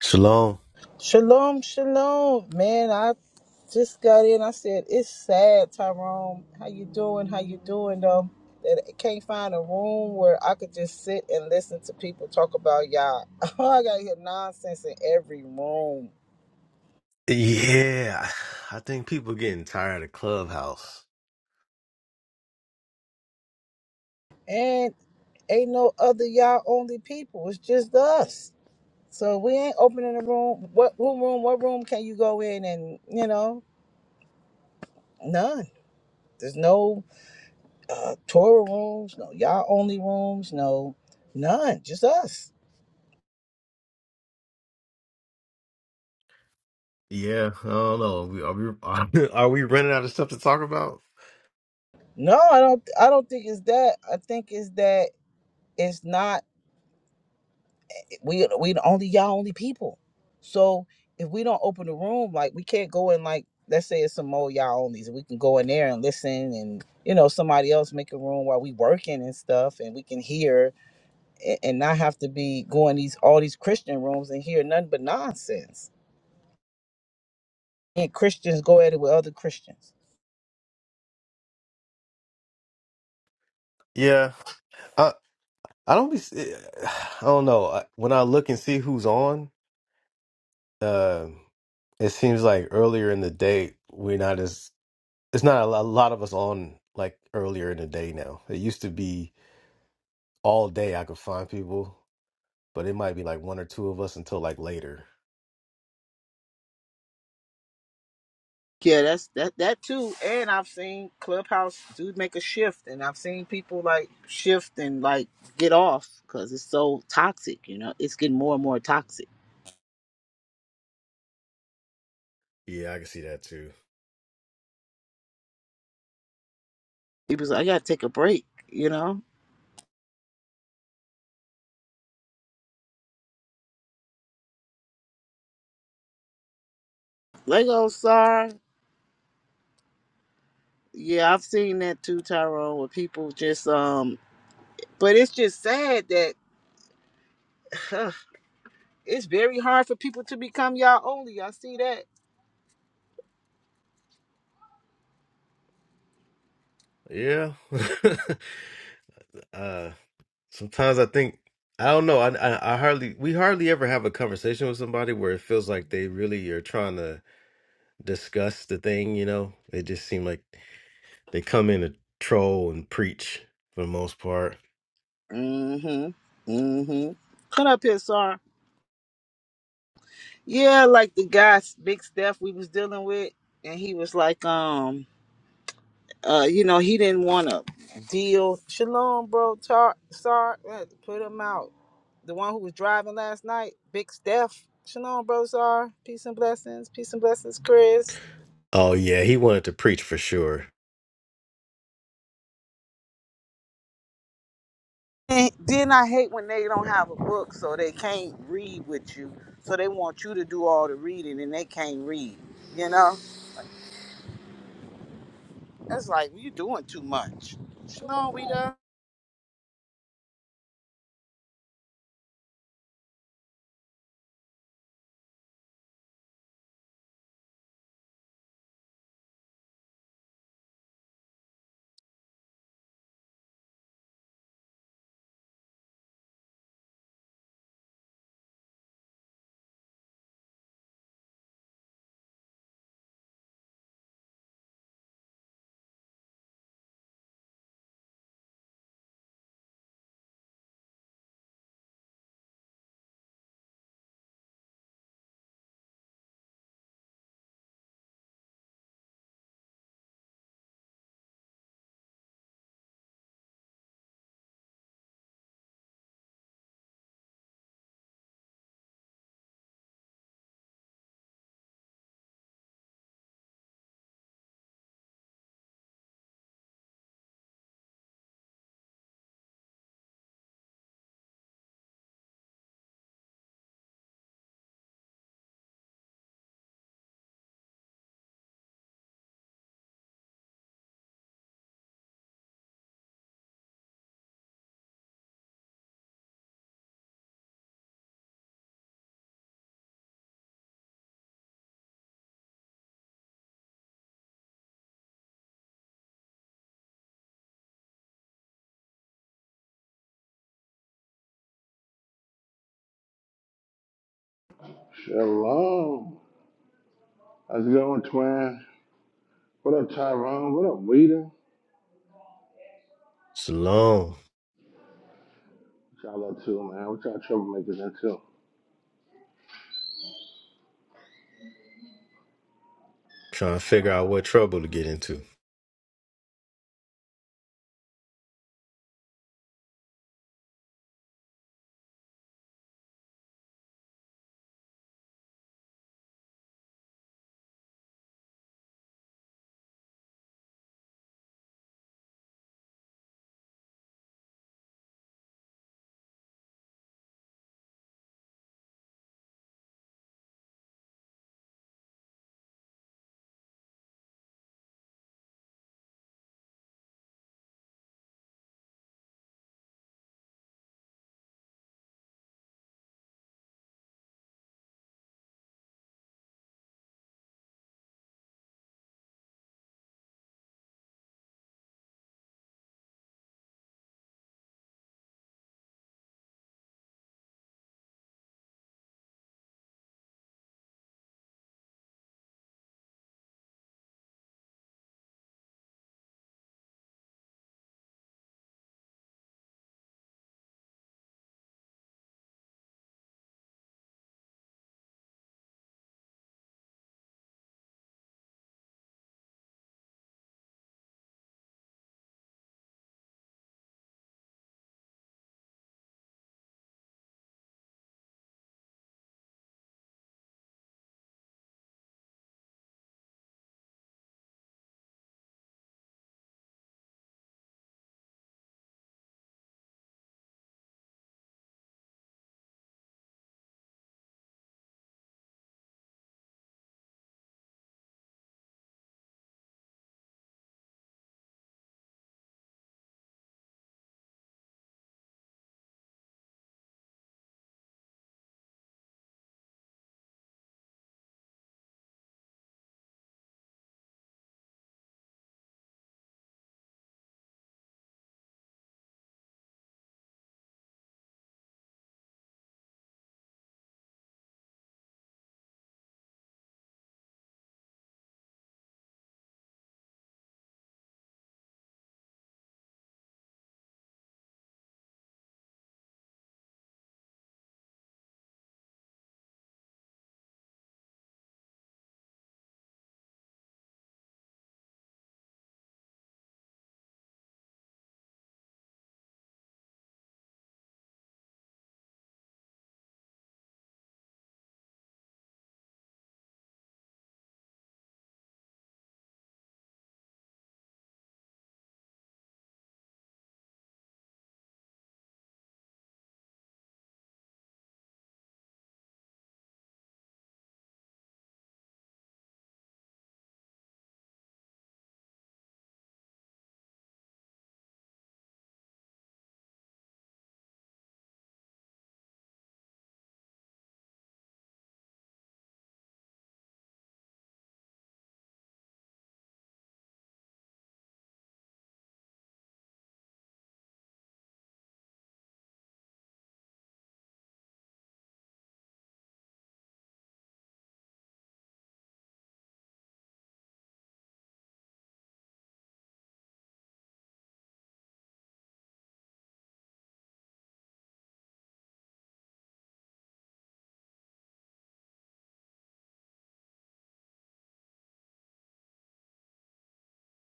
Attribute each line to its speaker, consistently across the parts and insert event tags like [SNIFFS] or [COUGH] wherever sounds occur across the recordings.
Speaker 1: Shalom.
Speaker 2: Shalom, shalom, man. I just got in. I said it's sad, Tyrone. How you doing? How you doing though? That I can't find a room where I could just sit and listen to people talk about y'all. [LAUGHS] I gotta hear nonsense in every room,
Speaker 1: Yeah, I think people getting tired of Clubhouse.
Speaker 2: and ain't no other y'all only people. It's just us. So we ain't opening a room. What, what room? What room can you go in? And you know, none. There's no. uh, Torah rooms, no Yah only rooms, no none, just us.
Speaker 1: Yeah, I don't know. We- Are we are, [LAUGHS] are we running out of stuff to talk about?
Speaker 2: No, I don't. I don't think it's that. I think it's that it's not. We we the only Yah only people. So if we don't open the room, like we can't go in like let's say it's some more Yah onlys. We can go in there and listen, and you know somebody else make a room while we working and stuff, and we can hear and, and not have to be going these all these Christian rooms and hear nothing but nonsense. And Christians go at it with other Christians.
Speaker 1: Yeah, I I don't be. I don't know. I- When I look and see who's on, uh, it seems like earlier in the day we're not as. It's not a lo- a lot of us on like earlier in the day now. It used to be all day I could find people, but it might be like one or two of us until like later.
Speaker 2: Yeah, that's that that too. And I've seen Clubhouse do make a shift, and I've seen people like shift and like get off because it's so toxic. You know, it's getting more and more toxic.
Speaker 1: Yeah, I can see that too.
Speaker 2: People's like, I gotta take a break. You know, Lego Star. Yeah, I've seen that too, Tyrone, where people just um. But it's just sad that [SIGHS] it's very hard for people to become y'all only. I see that.
Speaker 1: Yeah. [LAUGHS] uh sometimes I think I don't know. I, I I hardly we hardly ever have a conversation with somebody where it feels like they really are trying to discuss the thing, you know. They just seem like they come in to troll and preach for the most part.
Speaker 2: Mm-hmm. Mm-hmm. Come up here, Sar. Yeah, like the guy's big Steph we was dealing with, and he was like, um, uh, you know, he didn't want to deal. Shalom, bro. Tar, Sar, uh, put him out. The one who was driving last night, Big Steph. Shalom, bro. Sar, peace and blessings. Peace and blessings, Chris.
Speaker 1: Oh yeah, he wanted to preach for sure.
Speaker 2: And then I hate when they don't have a book, so they can't read with you. So they want you to do all the reading, and they can't read. You know, that's like you doing too much. Shalom, we done.
Speaker 3: Shalom. How's it going, twin? What up, Tyrone? What up, Rita?
Speaker 1: Salome
Speaker 3: What y'all up to, man? What y'all troublemakers into?
Speaker 1: trying to figure out what trouble to get into.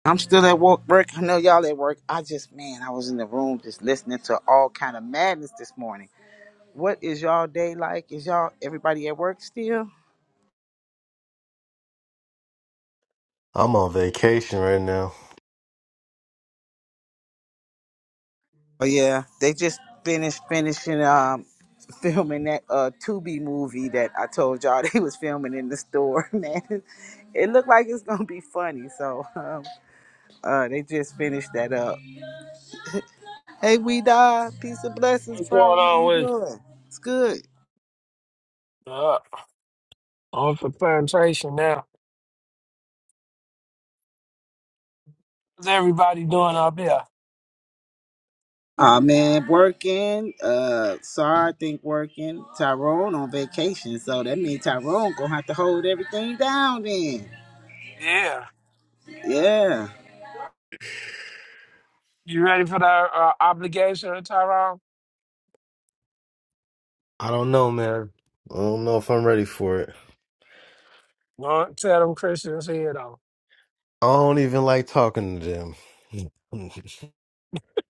Speaker 2: I'm still at work, work. I know y'all at work. I just, man, I was in the room just listening to all kind of madness this morning. What is y'all day like? Is y'all everybody at work still?
Speaker 1: I'm on vacation right now.
Speaker 2: Oh yeah, they just finished finishing um [LAUGHS] filming that uh Tubi movie that I told y'all [LAUGHS] they was filming in the store. [LAUGHS] Man, it looked like it's gonna be funny. So um, uh, they just finished that up. Hey, we die. Peace and blessings,
Speaker 4: What's going
Speaker 2: bro. How
Speaker 4: on
Speaker 2: you
Speaker 4: with
Speaker 2: doing? It's good.
Speaker 4: you? Uh, on for plantation now. How's everybody doing up here?
Speaker 2: Aw man, working. Uh, Sar, I think working. Tyrone on vacation, so that means Tyrone gonna have to hold everything down then.
Speaker 4: Yeah.
Speaker 2: Yeah.
Speaker 4: You ready for that uh, obligation, Tyrone?
Speaker 1: I don't know, man. I don't know if I'm ready for it.
Speaker 4: Don't tell them Christians here, though.
Speaker 1: I don't even like talking to them. [LAUGHS]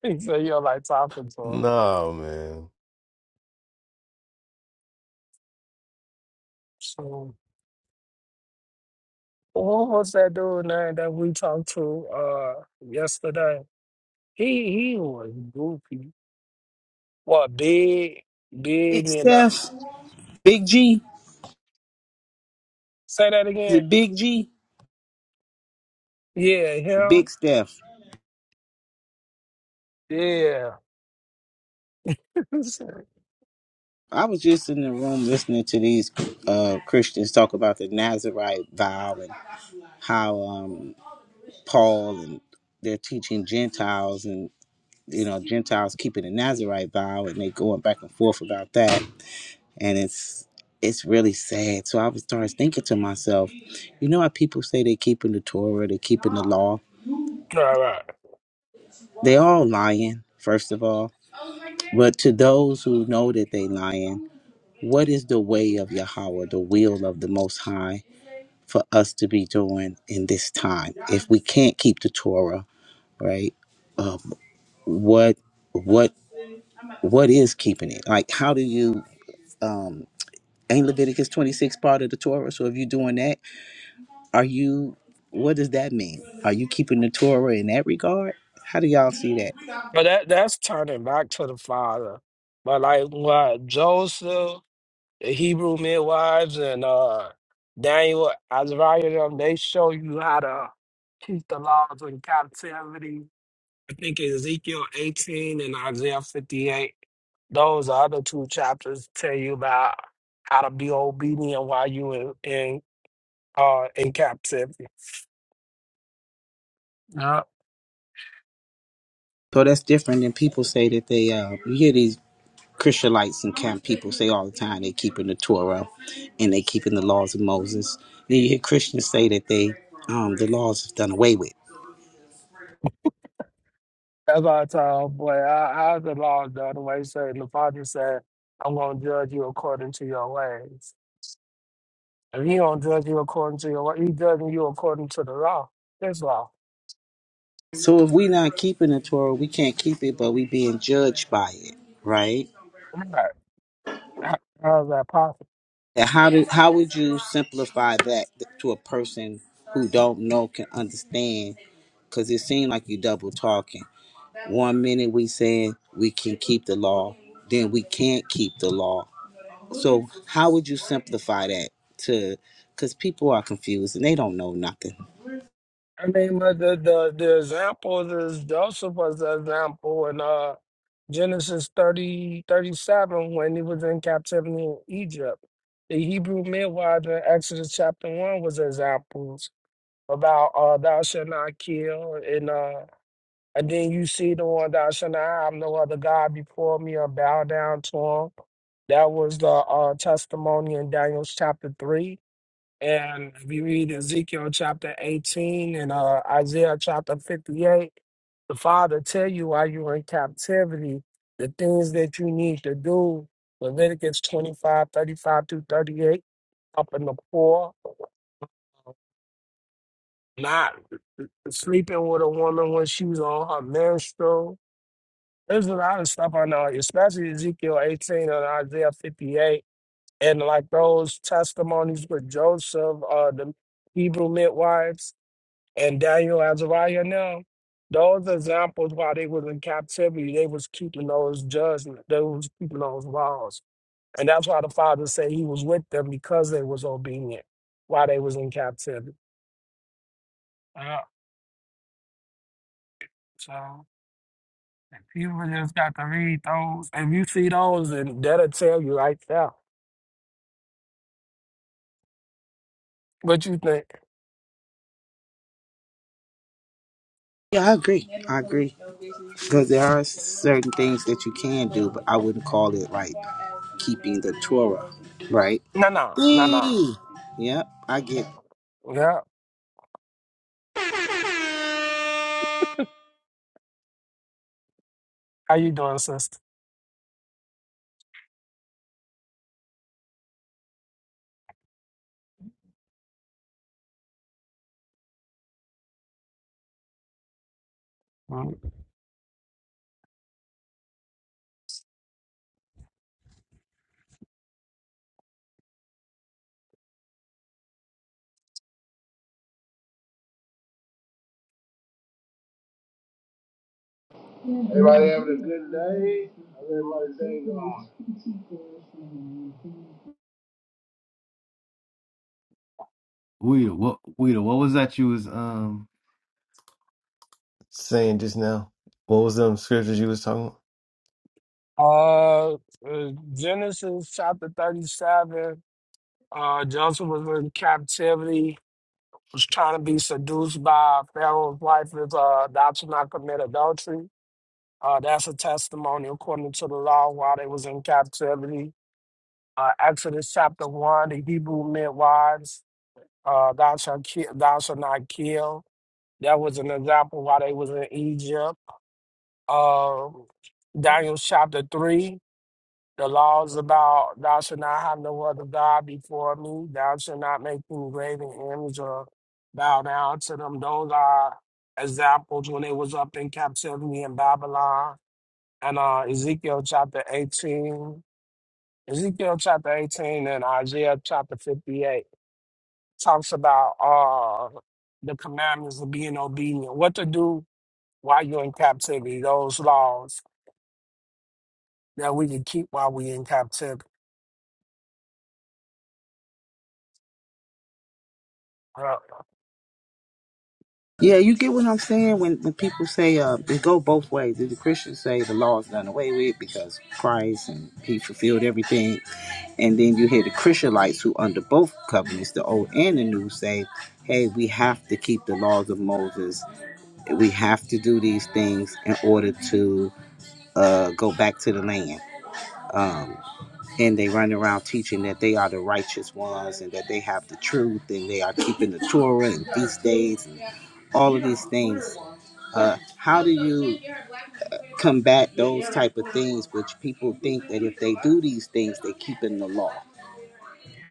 Speaker 4: [LAUGHS] so you're like talking to them.
Speaker 1: No, man.
Speaker 4: So, what was that dude name that we talked to uh, yesterday? He he was goofy. What, big?
Speaker 2: Big
Speaker 4: Big and uh,
Speaker 2: Steph, Big G,
Speaker 4: say that
Speaker 2: is
Speaker 4: again?
Speaker 2: it Big G?
Speaker 4: Yeah,
Speaker 2: Big
Speaker 4: him?
Speaker 2: Steph.
Speaker 4: Yeah. [LAUGHS]
Speaker 2: I was just in the room listening to these uh, Christians talk about the Nazarite vow and how um, Paul and they're teaching Gentiles and you know Gentiles keeping the Nazarite vow and they going back and forth about that and it's it's really sad. So I was started thinking to myself, you know how people say they keeping the Torah, they keeping the law.
Speaker 4: All right.
Speaker 2: They all lying, first of all. But to those who know that they lying, what is the way of Yahweh, the will of the Most High, for us to be doing in this time? If we can't keep the Torah, right? Uh, what what what is keeping it? Like, how do you? Um, ain't Leviticus twenty six part of the Torah? So if you're doing that Are you? What does that mean? Are you keeping the Torah in that regard? How do y'all see that?
Speaker 4: But that that's turning back to the father. But like what Joseph, the Hebrew midwives, and uh Daniel, Azariah, them, they show you how to keep the laws in captivity. I think Ezekiel 18 and Isaiah 58. Those other two chapters tell you about how to be obedient while you in in, uh, in captivity.
Speaker 2: So that's different than people say that they. Uh, you hear these Christianites and camp people say all the time they keeping the Torah, and they keeping the laws of Moses. Then you hear Christians say that they um, the laws is done away with.
Speaker 4: That's why I told boy, I, I the law though, the other way So the father said, I'm gonna judge you according to your ways. If he don't judge you according to your way, he judging you according to the law. His law.
Speaker 2: So if we not keeping the Torah, we can't keep it, but we being judged by it, right?
Speaker 4: Right. How, how's that possible?
Speaker 2: And how do how would you simplify that to a person who don't know can understand? Because it seemed like you double talking. One minute we saying we can keep the law, then we can't keep the law. So how would you simplify that to? Because people are confused and they don't know nothing.
Speaker 4: I mean but the, the the example is Joseph was the example in uh Genesis 30 37 when he was in captivity in Egypt. The Hebrew midwives in Exodus chapter one was examples about uh, thou shalt not kill, and uh, and then you see the one thou shalt not have no other god before me or bow down to him. That was the uh, testimony in Daniel chapter three, and if you read Ezekiel chapter eighteen and uh, Isaiah chapter fifty-eight, the Father tell you while you're in captivity the things that you need to do. Leviticus twenty-five, thirty-five 35 through 38, up in the poor, not sleeping with a woman when she was on her menstrual. There's a lot of stuff I know, especially Ezekiel 18 and Isaiah 58, and like those testimonies with Joseph, uh, the Hebrew midwives, and Daniel Azariah now. Those examples while they was in captivity, they was keeping those judgments, they was keeping those laws. And that's why the father said he was with them because they was obedient while they was in captivity. Yeah, so. People just got to read those. If you see those, and that'll tell you right there what you think.
Speaker 2: Yeah, I agree. I agree. Because there are certain things that you can do, but I wouldn't call it like keeping the Torah, right?
Speaker 4: No, no, no, no.
Speaker 2: Yee! Yep, I get
Speaker 4: Yeah. How you doing, sister? Mm.
Speaker 3: Everybody having a good day? How's everybody's day going?
Speaker 1: Weeda, what Weeda, what was that you was um Saying just now, what was them scriptures you was talking about?
Speaker 4: Uh, uh, Genesis chapter thirty-seven. Uh, Joseph was in captivity. Was trying to be seduced by Pharaoh's wife. Is uh, thou shalt not commit adultery. Uh, that's a testimony according to the law while they was in captivity. Uh, Exodus chapter one. The Hebrew midwives uh, thou shalt kill, thou shalt not kill. That was an example why they was in Egypt. Um, Daniel chapter three, the laws about thou shalt not have no other god before me. Thou shalt not make any graven image or bow down to them. Those are examples when they was up in captivity in Babylon. And uh, Ezekiel chapter eighteen, Ezekiel chapter eighteen, and Isaiah chapter fifty-eight. talks about uh, the commandments of being obedient, what to do while you're in captivity, those laws that we can keep while we're in captivity. Uh,
Speaker 2: Yeah, you get what I'm saying when, when people say uh, it go both ways. The Christians say the law is done away with because Christ and He fulfilled everything, and then you hear the Christianites who under both covenants, the old and the new, say, "Hey, we have to keep the laws of Moses. We have to do these things in order to uh, go back to the land." and they run around teaching that they are the righteous ones and that they have the truth and they are keeping the Torah and feast days and all of these things. Uh, how do you combat those type of things, which people think that if they do these things, they keep in the law?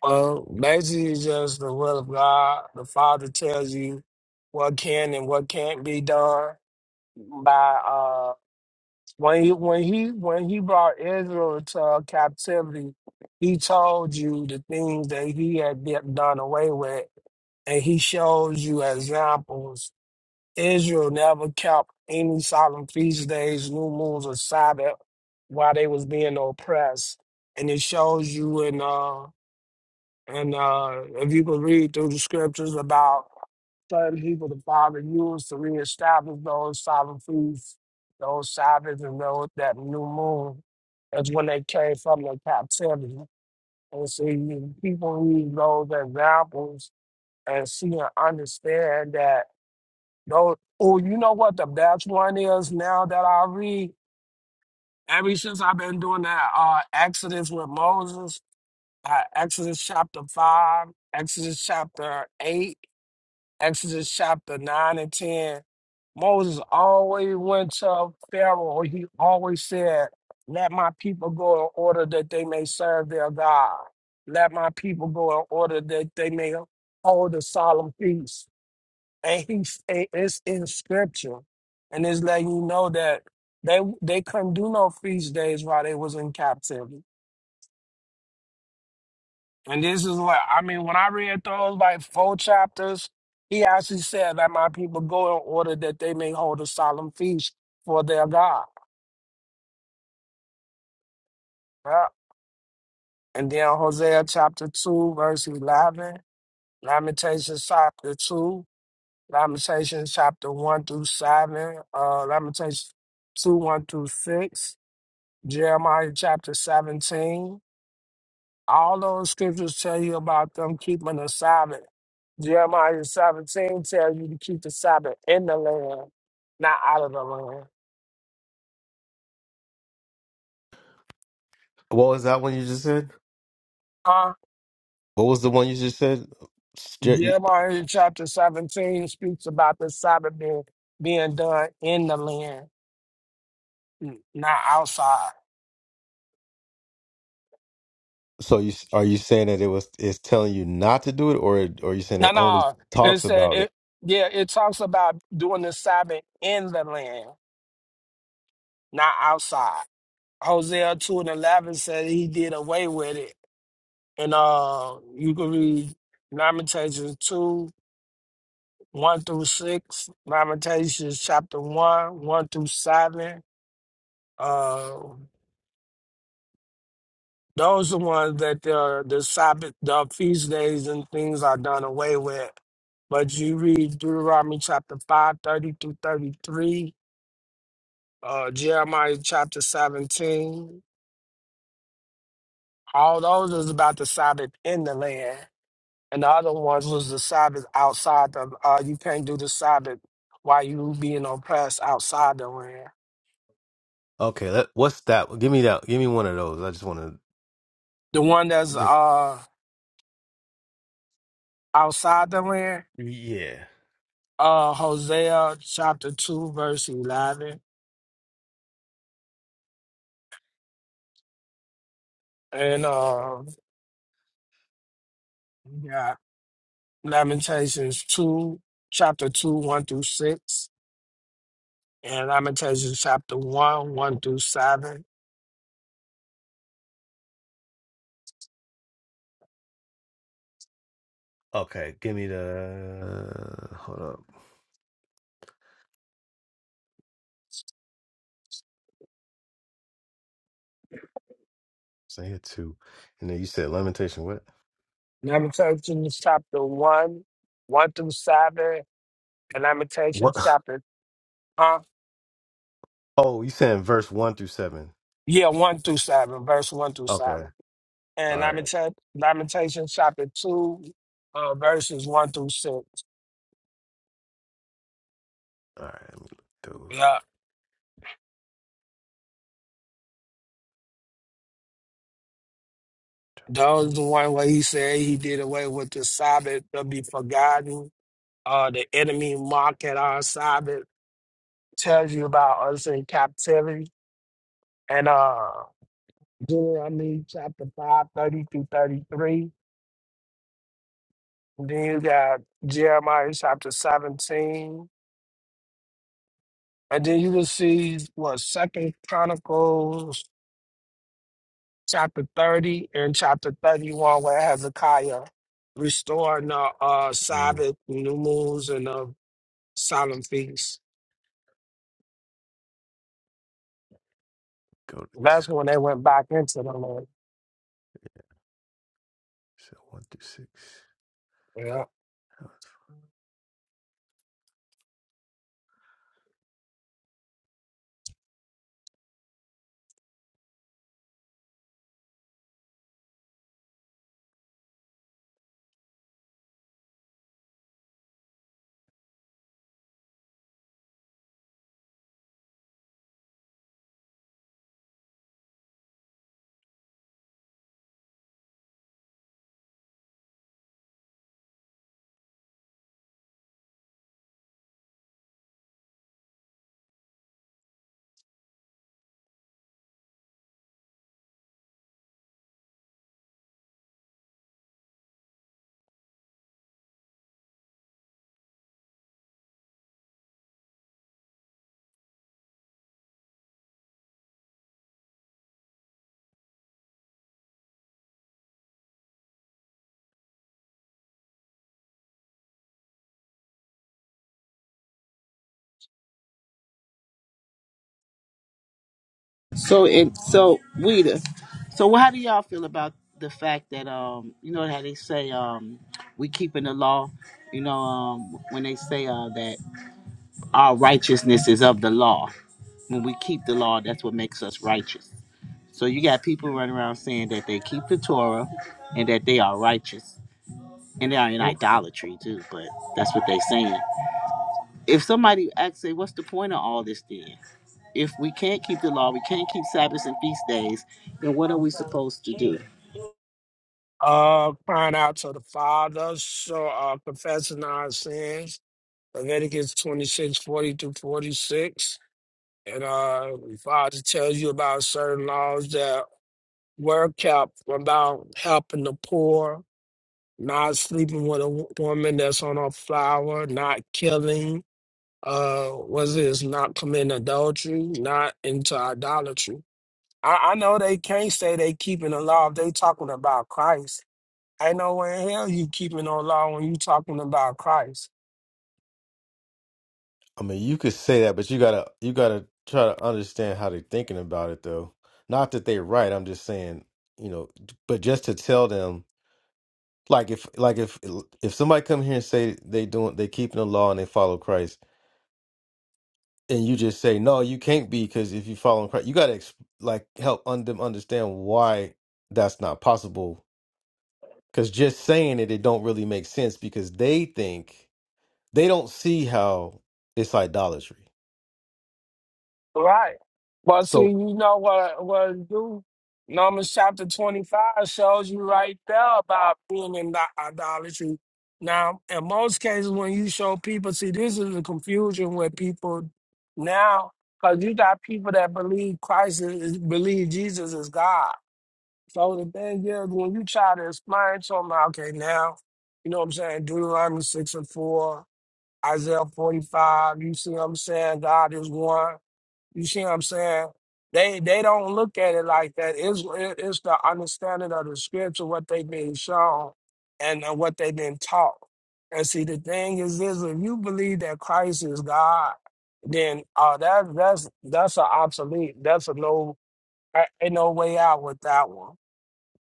Speaker 4: well, basically, it's just the will of God. The Father tells you what can and what can't be done by uh, when he when he when he brought Israel to captivity. He told you the things that he had de- done away with, and he shows you examples Israel never kept any solemn feast days, new moons, or Sabbath while they was being oppressed. And it shows you in uh and uh if you could read through the scriptures about certain people the Father used to reestablish those solemn feasts, those Sabbaths and those that new moon. That's when they came from the captivity. And so you people use those examples and see and understand that no, oh, you know what the best one is now that I read? Ever since I've been doing that uh Exodus with Moses, uh, Exodus chapter five, Exodus chapter eight, Exodus chapter nine and ten. Moses always went to Pharaoh, or he always said, Let my people go in order that they may serve their God. Let my people go in order that they may hold a solemn feast and he it- it's in scripture, and it's letting you know that they they couldn't do no feast days while they was in captivity. And this is what I mean when I read those like four chapters, he actually said that my people go in order that they may hold a solemn feast for their God. Yeah. And then Hosea chapter two verse eleven, Lamentations chapter two, Lamentations chapter one through seven, uh, Lamentations two one through six. Jeremiah chapter 17. All those scriptures tell you about them keeping the Sabbath. Jeremiah 17 tells you to keep the Sabbath in the land, not out of the land.
Speaker 1: What was that one you just said?
Speaker 4: Huh?
Speaker 1: What was the one you just said? Stra- you-
Speaker 4: Jeremiah chapter 17 speaks about the Sabbath being, being done in the land, n- not outside.
Speaker 1: So you are you saying that it was it's telling you not to do it, or it- or you saying
Speaker 4: No,
Speaker 1: it only
Speaker 4: no. It
Speaker 1: talks
Speaker 4: said,
Speaker 1: about it?
Speaker 4: it, yeah, it talks about doing the Sabbath in the land, not outside. Hosea 2 and 11 said he did away with it And uh, you can read Lamentations 2, 1 through 6, Lamentations chapter 1, 1 through 7. Uh, those are ones that the, the Sabbath, the feast days and things are done away with. But you read Deuteronomy chapter 5 30 through 33, uh, Jeremiah chapter 17. All those is about the Sabbath in the land. And the other ones was the Sabbath outside the uh you can't do the Sabbath while you being oppressed outside the land.
Speaker 1: Okay, let what's that? Give me that. Give me one of those. I just want
Speaker 4: The one that's
Speaker 1: to.
Speaker 4: uh outside the land,
Speaker 1: Yeah.
Speaker 4: uh Hosea chapter two verse eleven and uh yeah Lamentations two chapter two one through six and Lamentations chapter one one through seven.
Speaker 1: Okay. Give me the. Uh, hold up. So I had two, and then you said lamentation. What?
Speaker 4: Lamentations chapter one one through seven and Lamentations
Speaker 1: What?
Speaker 4: chapter
Speaker 1: Oh, you saying verse one through seven?
Speaker 4: Yeah, one through seven, verse one through
Speaker 1: Okay.
Speaker 4: seven. And
Speaker 1: All right.
Speaker 4: Lamenta- Lamentations chapter two, uh, verses one through six.
Speaker 1: All right. Let me look at those.
Speaker 4: Yeah. Those
Speaker 1: One,
Speaker 4: the one where he said he did away with the Sabbath to be forgotten. Uh, the enemy mock at our Sabbath, tells you about us in captivity. And uh, Deuteronomy chapter five, thirty 30 through 33. And then you got Jeremiah chapter 17. And then you will see what Second Chronicles chapter 30 and chapter 31 where Hezekiah restoring the uh,
Speaker 1: mm,
Speaker 4: Sabbath, new moons, and the solemn feasts.
Speaker 1: go to two.
Speaker 4: That's when they went back into the Lord.
Speaker 1: So one through six.
Speaker 4: Yeah.
Speaker 2: So, and so, Weta, so how do y'all feel about the fact that um, you know how they say um, we keeping the law? You know, um, when they say uh, that our righteousness is of the law When we keep the law, that's what makes us righteous. So you got people running around saying that they keep the Torah and that they are righteous. And they are in idolatry too, but that's what they're saying. If somebody asks, say, what's the point of all this then? If we can't keep the law, we can't keep Sabbaths and feast days, then what are we supposed to do?
Speaker 4: Uh, crying out to the Father, so, uh, confessing our sins. Leviticus twenty six forty 40 through 46. And uh, the Father tells you about certain laws that were kept about helping the poor, not sleeping with a wo- woman that's on a flower, not killing, uh, was this not committing adultery, not into idolatry. I, I know they can't say they keeping the law if they talking about Christ. Ain't no way in hell you keeping no law when you talking about Christ.
Speaker 1: I mean, you could say that, but you gotta you gotta try to understand how they're thinking about it, though. Not that they're right. I'm just saying, you know, but just to tell them, like if like if if somebody come here and say they doing they keeping the law and they follow Christ. and you just say no you can't be because if you follow in christ you got to ex- like help un- them understand why that's not possible because just saying it it don't really make sense because they think they don't see how it's idolatry
Speaker 4: Right. Well, see,
Speaker 1: so
Speaker 4: you know what what it do? Numbers chapter twenty five shows you right there about being in the idolatry. Now, in most cases, when you show people, see, this is the confusion with people now, because you got people that believe Christ is is- believe Jesus is God. So the thing is, when you try to explain to them, okay, now, you know what I'm saying? Deuteronomy six and four. Isaiah 45, you see what I'm saying? God is one. You see what I'm saying? They they don't look at it like that. It's, it- it's the understanding of the scripture, what they've been shown and uh, what they've been taught. And see, the thing is this, if you believe that Christ is God, then uh, that, that's that's an obsolete, that's a no, a- ain't no way out with that one.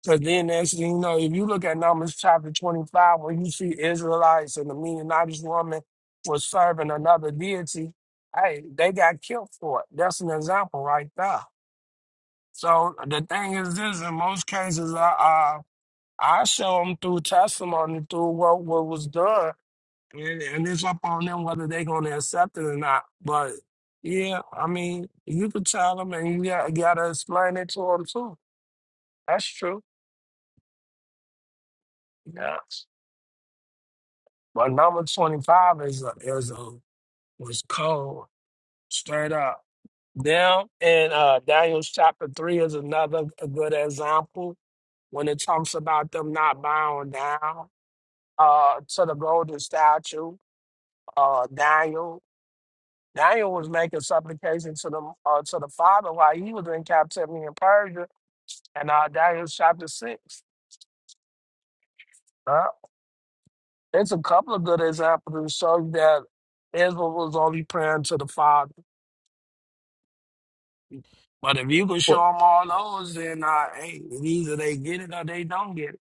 Speaker 4: Because then next thing you know, if you look at Numbers chapter 25, where you see Israelites and the Midianitish woman was serving another deity, hey, they got killed for it. That's an example right there. So the thing is this, in most cases, I, I, I show them through testimony, through what, what was done, and, and it's up on them whether they're going to accept it or not. But yeah, I mean, you could tell them and you got, got to explain it to them too. That's true. Yeah. But number 25 is a, is a, was cold, straight up. Now, in uh, Daniel chapter 3 is another a good example when it talks about them not bowing down uh, to the golden statue. Uh, Daniel Daniel was making supplication to the, uh, to the Father while he was in captivity in Persia, and uh, Daniel chapter 6. Uh, it's a couple of good examples to show you that Israel was only praying to the Father. But if you can show
Speaker 1: Well-
Speaker 4: them all those, then I ain't. Either they get it or they don't get it.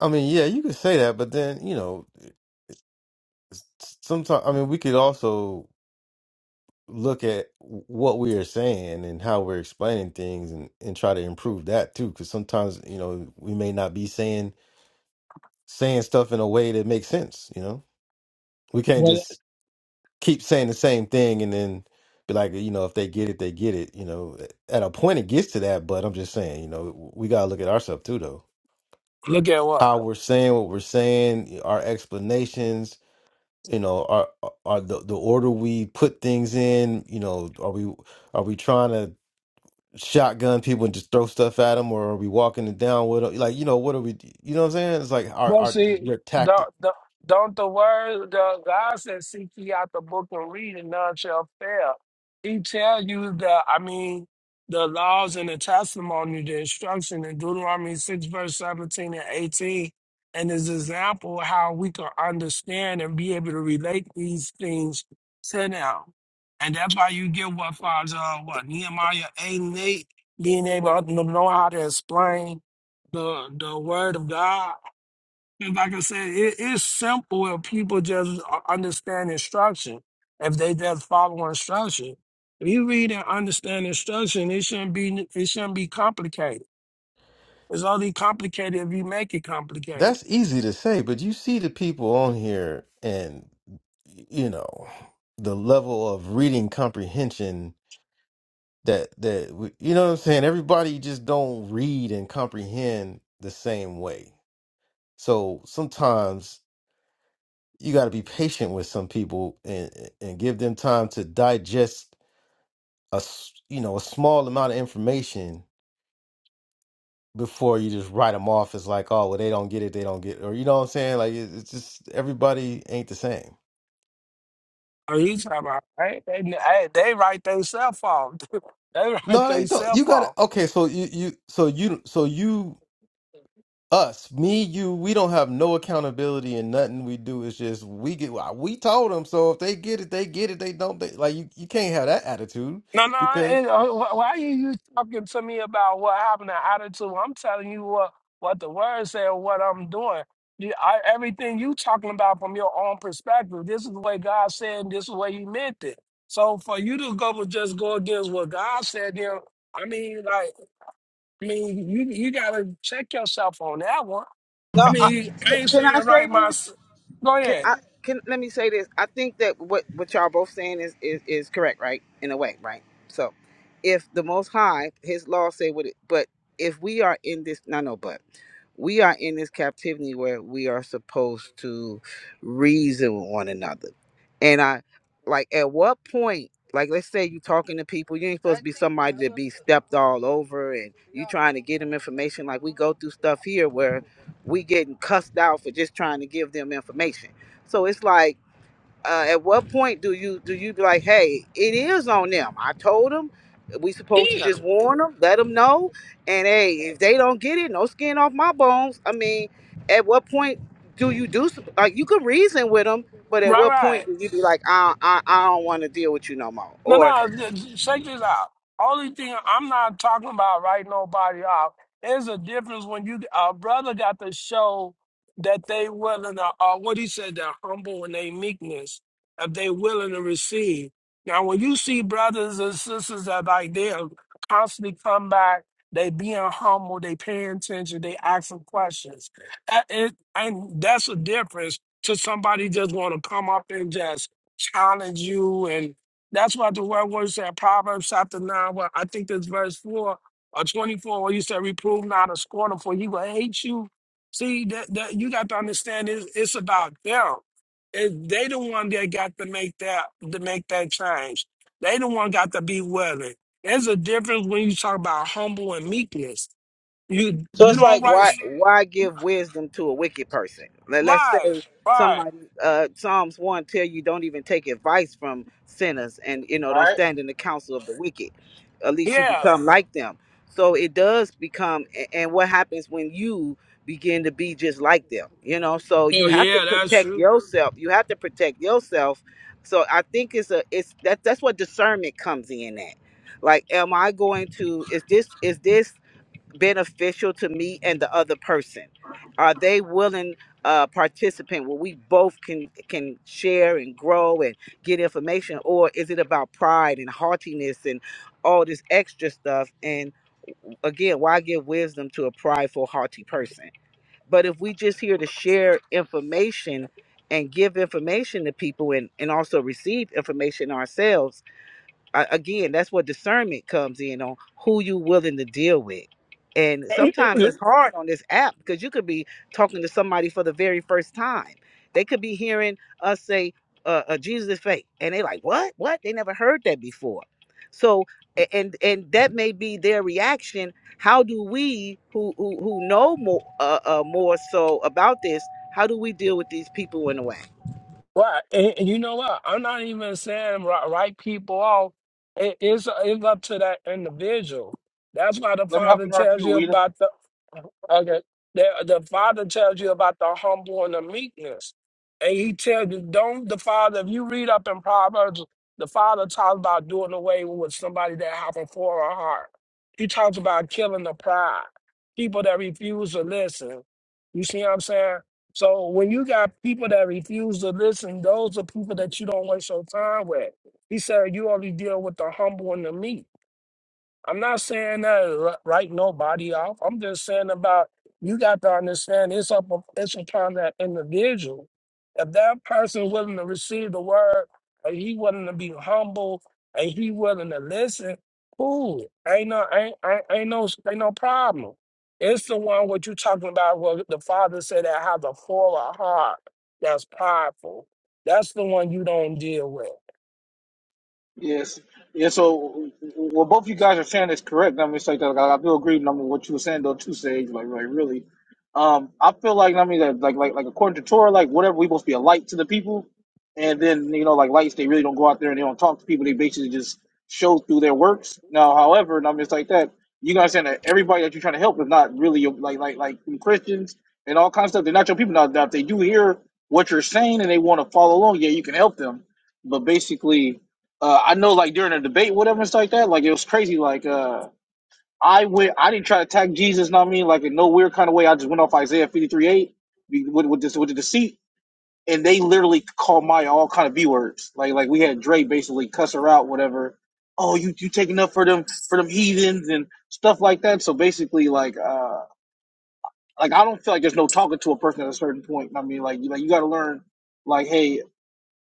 Speaker 1: i mean yeah you could say that but then you know sometimes i mean we could also look at what we are saying and how we're explaining things and, and try to improve that too because sometimes you know we may not be saying saying stuff in a way that makes sense you know We can't
Speaker 4: Well,
Speaker 1: just keep saying the same thing and then be like, you know, if they get it, they get it. You know, at a point it gets to that, but I'm just saying, you know, we gotta look at ourselves too, though.
Speaker 4: Look at what.
Speaker 1: How we're saying what we're saying, our explanations, you know, are are the the order we put things in. You know, are we are we trying to shotgun people and just throw stuff at them, or are we walking it down with 'em? Like, you know, what are we? You know what I'm saying? It's like our
Speaker 4: But
Speaker 1: our
Speaker 4: see,
Speaker 1: your tactics.
Speaker 4: don't, don't, don't the word the God says, "Seek ye out the book and read, and none shall fail." He tell you the, I mean, the laws and the testimony, the instruction in Deuteronomy six verse seventeen and eighteen, and his example how we can understand and be able to relate these things to now. And that's why you get what Father, uh, what Nehemiah eight and eight, being able to know how to explain the the word of God and like I said, it is simple if people just u- understand instruction. If they just follow instruction, if you read and understand instruction, it shouldn't be it shouldn't be complicated. It's only complicated if you make it complicated.
Speaker 1: That's easy to say, but you see the people on here and you know the level of reading comprehension that that we- you know what I'm saying everybody just don't read and comprehend the same way. So sometimes you got to be patient with some people and and give them time to digest a s- you know a small amount of information before you just write them off as like oh well they don't get it they don't get it. or you know what I'm saying like it- it's just everybody ain't the same.
Speaker 4: Are you talking about? Hey, they, hey, they write themselves off. [LAUGHS] they write
Speaker 1: No, they don't. You
Speaker 4: themselves
Speaker 1: got
Speaker 4: off.
Speaker 1: to Okay, so you you so you so you us me you we don't have no accountability and nothing we do. It's just we get well, we told them. So if they get it, they get it. They don't. They like you. You can't have that attitude
Speaker 4: No, no.
Speaker 1: because
Speaker 4: And, uh, wh- why are you talking to me about what happened to attitude? I'm telling you what what the word said, what I'm doing. You, I, everything you talking about from your own perspective. This is the way God said. and This is the way He meant it. So for you to go and just go against what God said, then I mean, like, I mean, you you gotta check yourself on that one. I
Speaker 2: No, I,
Speaker 4: mean,
Speaker 2: c-
Speaker 4: I ain't
Speaker 2: can I
Speaker 4: saying
Speaker 2: say
Speaker 4: right. My
Speaker 2: this?
Speaker 4: s- go
Speaker 2: Can
Speaker 4: ahead.
Speaker 2: I can let me say this? I think that what what y'all both saying is is is correct, right? In a way, right? So, if the Most High, His law say what it, but if we are in this, no, no, but we are in this captivity where we are supposed to reason with one another. And I like at what point, like let's say you talking to people, you ain't supposed to be somebody to be stepped all over and you trying to get them information. Like we go through stuff here where we getting cussed out for just trying to give them information. So it's like uh, at what point do you do you be like, hey, it is on them? I told them we supposed to
Speaker 4: Yeah.
Speaker 2: just warn them, let them know, and hey, if they don't get it, no skin off my bones. I mean, at what point do you do some- like you can reason with them, but at
Speaker 4: Right.
Speaker 2: what
Speaker 4: Right.
Speaker 2: point do you be like, I I, I don't want to deal with you no
Speaker 4: No,
Speaker 2: more,
Speaker 4: no, j- j- check this out. Only thing I'm not talking about writing nobody off. There's a difference when you a brother got to show that they willing to, uh, what he said, they're humble and they meekness, if they willing to receive. Now, when you see brothers and sisters that like they constantly come back, they being humble, they paying attention, they asking questions, that is, and that's a difference to somebody just want to come up and just challenge you that's what the word was said, Proverbs chapter 9, well, I think this verse 4 or 24, where you said, Reprove not a scorner, for he will hate you. See, that, that you got to understand it's, it's about them. It, they the one that got to make that to make that change. They the one got to be willing. There's a difference when you talk about humble and meekness. You
Speaker 2: So
Speaker 4: you
Speaker 2: it's
Speaker 4: don't
Speaker 2: like
Speaker 4: write
Speaker 2: why why give wisdom to a wicked person? Let, let's
Speaker 4: right,
Speaker 2: say
Speaker 4: right.
Speaker 2: somebody uh Psalms one tell you don't even take advice from sinners and you know don't
Speaker 5: right?
Speaker 2: stand in the counsel of the wicked. At least you
Speaker 4: Yeah.
Speaker 2: become like them. So it does become a- and what happens when you begin to be just like them, you know? So you
Speaker 4: Oh
Speaker 2: have to
Speaker 4: yeah, that's
Speaker 2: protect
Speaker 4: true.
Speaker 2: yourself. You have to protect yourself. So I think it's a it's that that's what discernment comes in at. Like am I going to is this is this beneficial to me and the other person? Are they willing uh, participant where we both can can share and grow and get information, or is it about pride and haughtiness and all this extra stuff? And again, why give wisdom to a prideful, haughty person? But if we just here to share information and give information to people and, and also receive information ourselves I, again, that's where discernment comes in on who you willing to deal with. And sometimes
Speaker 4: [LAUGHS]
Speaker 2: that's hard on this app because you could be talking to somebody for the very first time. They could be hearing us say uh, uh, Jesus is fake, and they like, "What? What? They never heard that before." So, a- and and that may be their reaction. How do we, who who, who know more uh, uh, more so about this, how do we deal with these people in a way?
Speaker 4: Right, and, and you know what? I'm not even saying write, write people off. It, it's it's up to that individual. That's why the
Speaker 5: Let me help
Speaker 4: Father
Speaker 5: you out if
Speaker 4: tells
Speaker 5: you,
Speaker 4: you
Speaker 5: Wheeler.
Speaker 4: about the okay. The, the Father tells you about the humble and the meekness, and He tells you don't. The Father, if you read up in Proverbs, the Father talks about doing away with somebody that have a foreign heart. He talks about killing the pride, people that refuse to listen. You see what I'm saying? So when you got people that refuse to listen, those are people that you don't waste your time with. He said you only deal with the humble and the meek. I'm not saying that write nobody off. I'm just saying about you got to understand it's up it's upon that individual. If that person willing to receive the word and he willing to be humble and he willing to listen, cool. Ain't no ain't ain't, ain't no ain't no problem. It's the one what you talking about what the father said that has a full of heart that's prideful. That's the one you don't deal with.
Speaker 5: Yes. Yeah, so well, both you guys are saying is correct. I mean, it's like that. I, I do agree. I mean, what you were saying though, too, Sage. Like, like really, um, I feel like I mean that, like, like, like according to Torah, like whatever we supposed to be a light to the people, and then you know, like lights, they really don't go out there and they don't talk to people. They basically just show through their works. Now, however, and I mean, it's like that. You guys saying that everybody that you're trying to help is not really your, like, like, like Christians and all kinds of stuff. They're not your people. Now, now if they do hear what you're saying and they want to follow along, yeah, you can help them. But basically uh, I know like during a debate, whatever it's like that, like it was crazy. Like uh, I went, I didn't try to attack Jesus. Know what I mean? Like in no weird kind of way. I just went off Isaiah fifty three eight with with this with the deceit, and they literally called Maya all kind of b words. Like like we had Dre basically cuss her out, whatever. Oh, you you taking up for them for them heathens and stuff like that. So basically, like uh, like I don't feel like there's no talking to a person at a certain point. know what I mean, like you like you got to learn. Like, hey,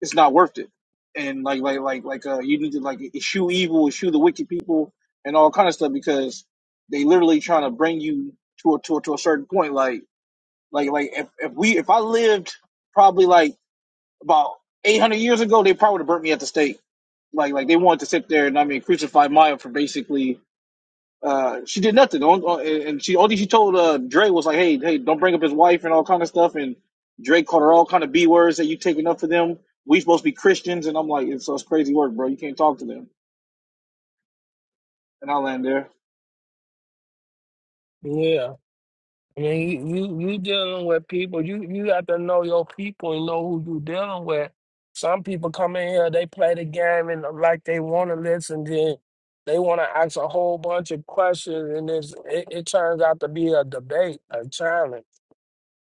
Speaker 5: it's not worth it. And like like like like uh, you need to like eschew evil, eschew the wicked people, and all kind of stuff because they literally trying to bring you to a to a, to a certain point. Like like like if, if we if I lived probably like about eight hundred years ago, they probably would have burnt me at the stake. Like like they wanted to sit there and I mean crucify Maya for basically uh, she did nothing. On, on, and she only she told uh, Dre was like, "Hey, hey, don't bring up his wife and all kind of stuff." And Dre called her all kind of b words that you taking up for them. We supposed to be Christians, and I'm like, it's, it's crazy work, bro. You can't talk to them. And I land there.
Speaker 4: Yeah. I mean, you, you you dealing with people. You you got to know your people and know who you dealing with. Some people come in here, they play the game and like they want to listen. Then they want to ask a whole bunch of questions, and it's, it it turns out to be a debate, a challenge.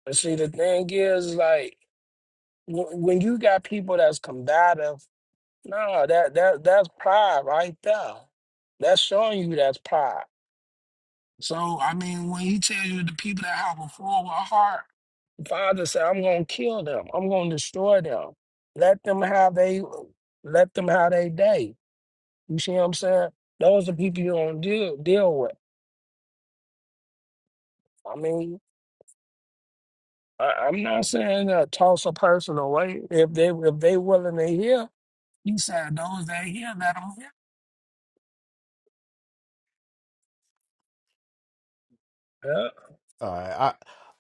Speaker 4: But see, the thing is, like w- when you got people that's combative, no, that that that's pride right there. That's showing you that's pride. So I mean, when he tells you the people that have a forward heart Father said, I'm gonna kill them. I'm gonna destroy them. Let them have they let them have their day. You see what I'm saying? Those are people you don't deal deal with. I mean, I, I'm not saying uh, toss a person away. If they if they willing to hear, you said those that hear, let them hear. Yeah.
Speaker 1: all right,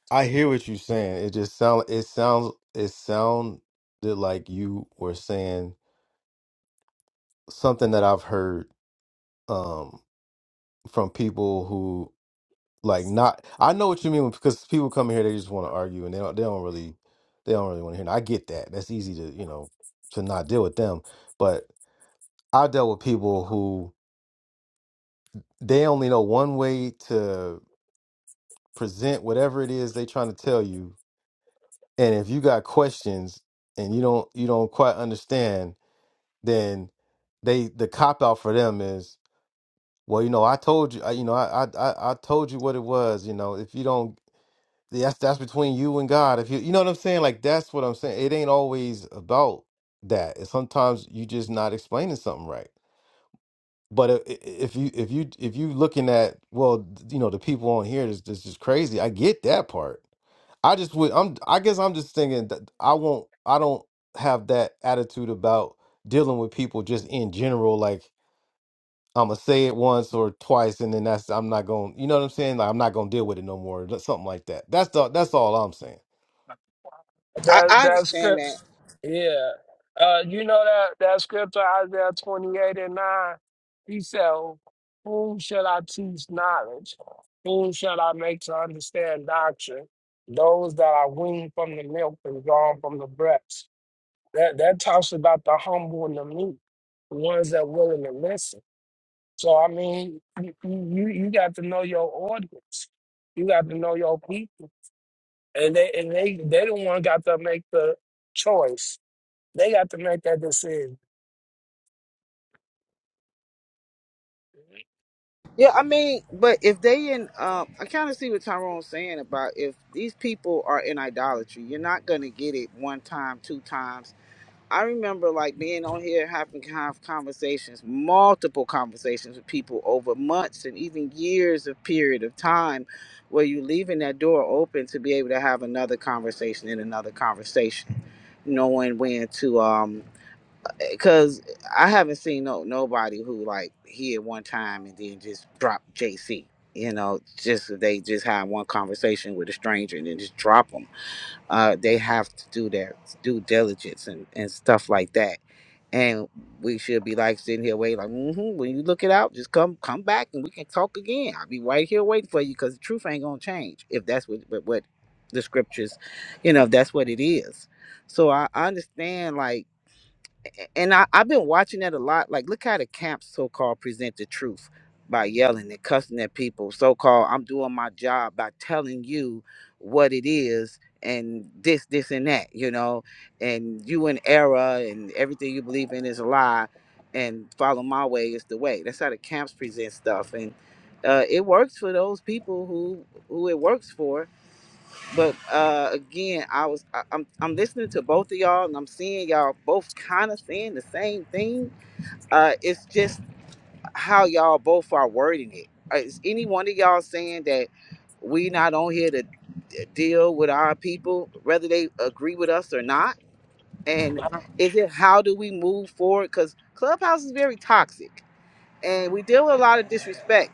Speaker 1: I I hear what you're saying. It just sound it sounds it sounded like you were saying something that I've heard um from people like not I know what you mean because people come here they just want to argue and they don't they don't really they don't really want to hear. And I get that. That's easy to, you know, to not deal with them. But I dealt with people who they only know one way to present whatever it is they they're trying to tell you. And if you got questions and you don't you don't quite understand, then they the cop out for them is well, you know, I told you, I, you know, I, I I I told you what it was. You know, if you don't that's that's between you and God. If you you know what I'm saying, like that's what I'm saying. It ain't always about that. It's sometimes you just not explaining something right. But i- i- if you if you if you looking at well, you know the people on here is this is crazy. I get that part. I just would I'm I guess I'm just thinking that I won't I don't have that attitude about dealing with people just in general like I'm gonna say it once or twice and then that's I'm not going to you know what I'm saying like I'm not going to deal with it no more something like that. That's the, that's all I'm saying.
Speaker 2: I,
Speaker 4: That
Speaker 2: I
Speaker 4: that
Speaker 2: understand that.
Speaker 4: script, yeah. Uh, you know that that scripture Isaiah twenty eight and nine. He said, "Whom shall I teach knowledge? Whom shall I make to understand doctrine? Those that are weaned from the milk and drawn from the breast." That that talks about the humble and the meek, the ones that willing to listen. So I mean, you you, you got to know your audience. You got to know your people and they and they they the one got to make the choice. They got to make that decision.
Speaker 2: Yeah, I mean, but if they in, um, I kind of see what Tyrone's saying about if these people are in idolatry, you're not gonna get it one time, two times. I remember like being on here having have conversations, multiple conversations with people over months and even years of period of time where you leaving that door open to be able to have another conversation and another conversation, knowing when to um because I haven't seen no nobody who like here one time and then just drop JC. You know, just they just had one conversation with a stranger and then just drop them. Uh, they have to do their due diligence and, and stuff like that and we should be like sitting here waiting like mm-hmm, when you look it out just come come back and we can talk again i'll be right here waiting for you because the truth ain't gonna change if that's what what, what the scriptures you know if that's what it is so I, I understand like, and I, I've been watching that a lot. Like, look how the camps so called present the truth by yelling and cussing at people. So called, I'm doing my job by telling you what it is and this, this, and that, you know, and you in error and everything you believe in is a lie and follow my way is the way. That's how the camps present stuff. And uh, it works for those people who who it works for but uh, again, I was I, I'm I'm listening to both of y'all, and I'm seeing y'all both kind of saying the same thing. Uh, it's just how y'all both are wording it. Uh, Is any one of y'all saying that we not on here to d- deal with our people, whether they agree with us or not? And
Speaker 4: I don't-
Speaker 2: is it how do we move forward? Because Clubhouse is very toxic and we deal with a lot of disrespect.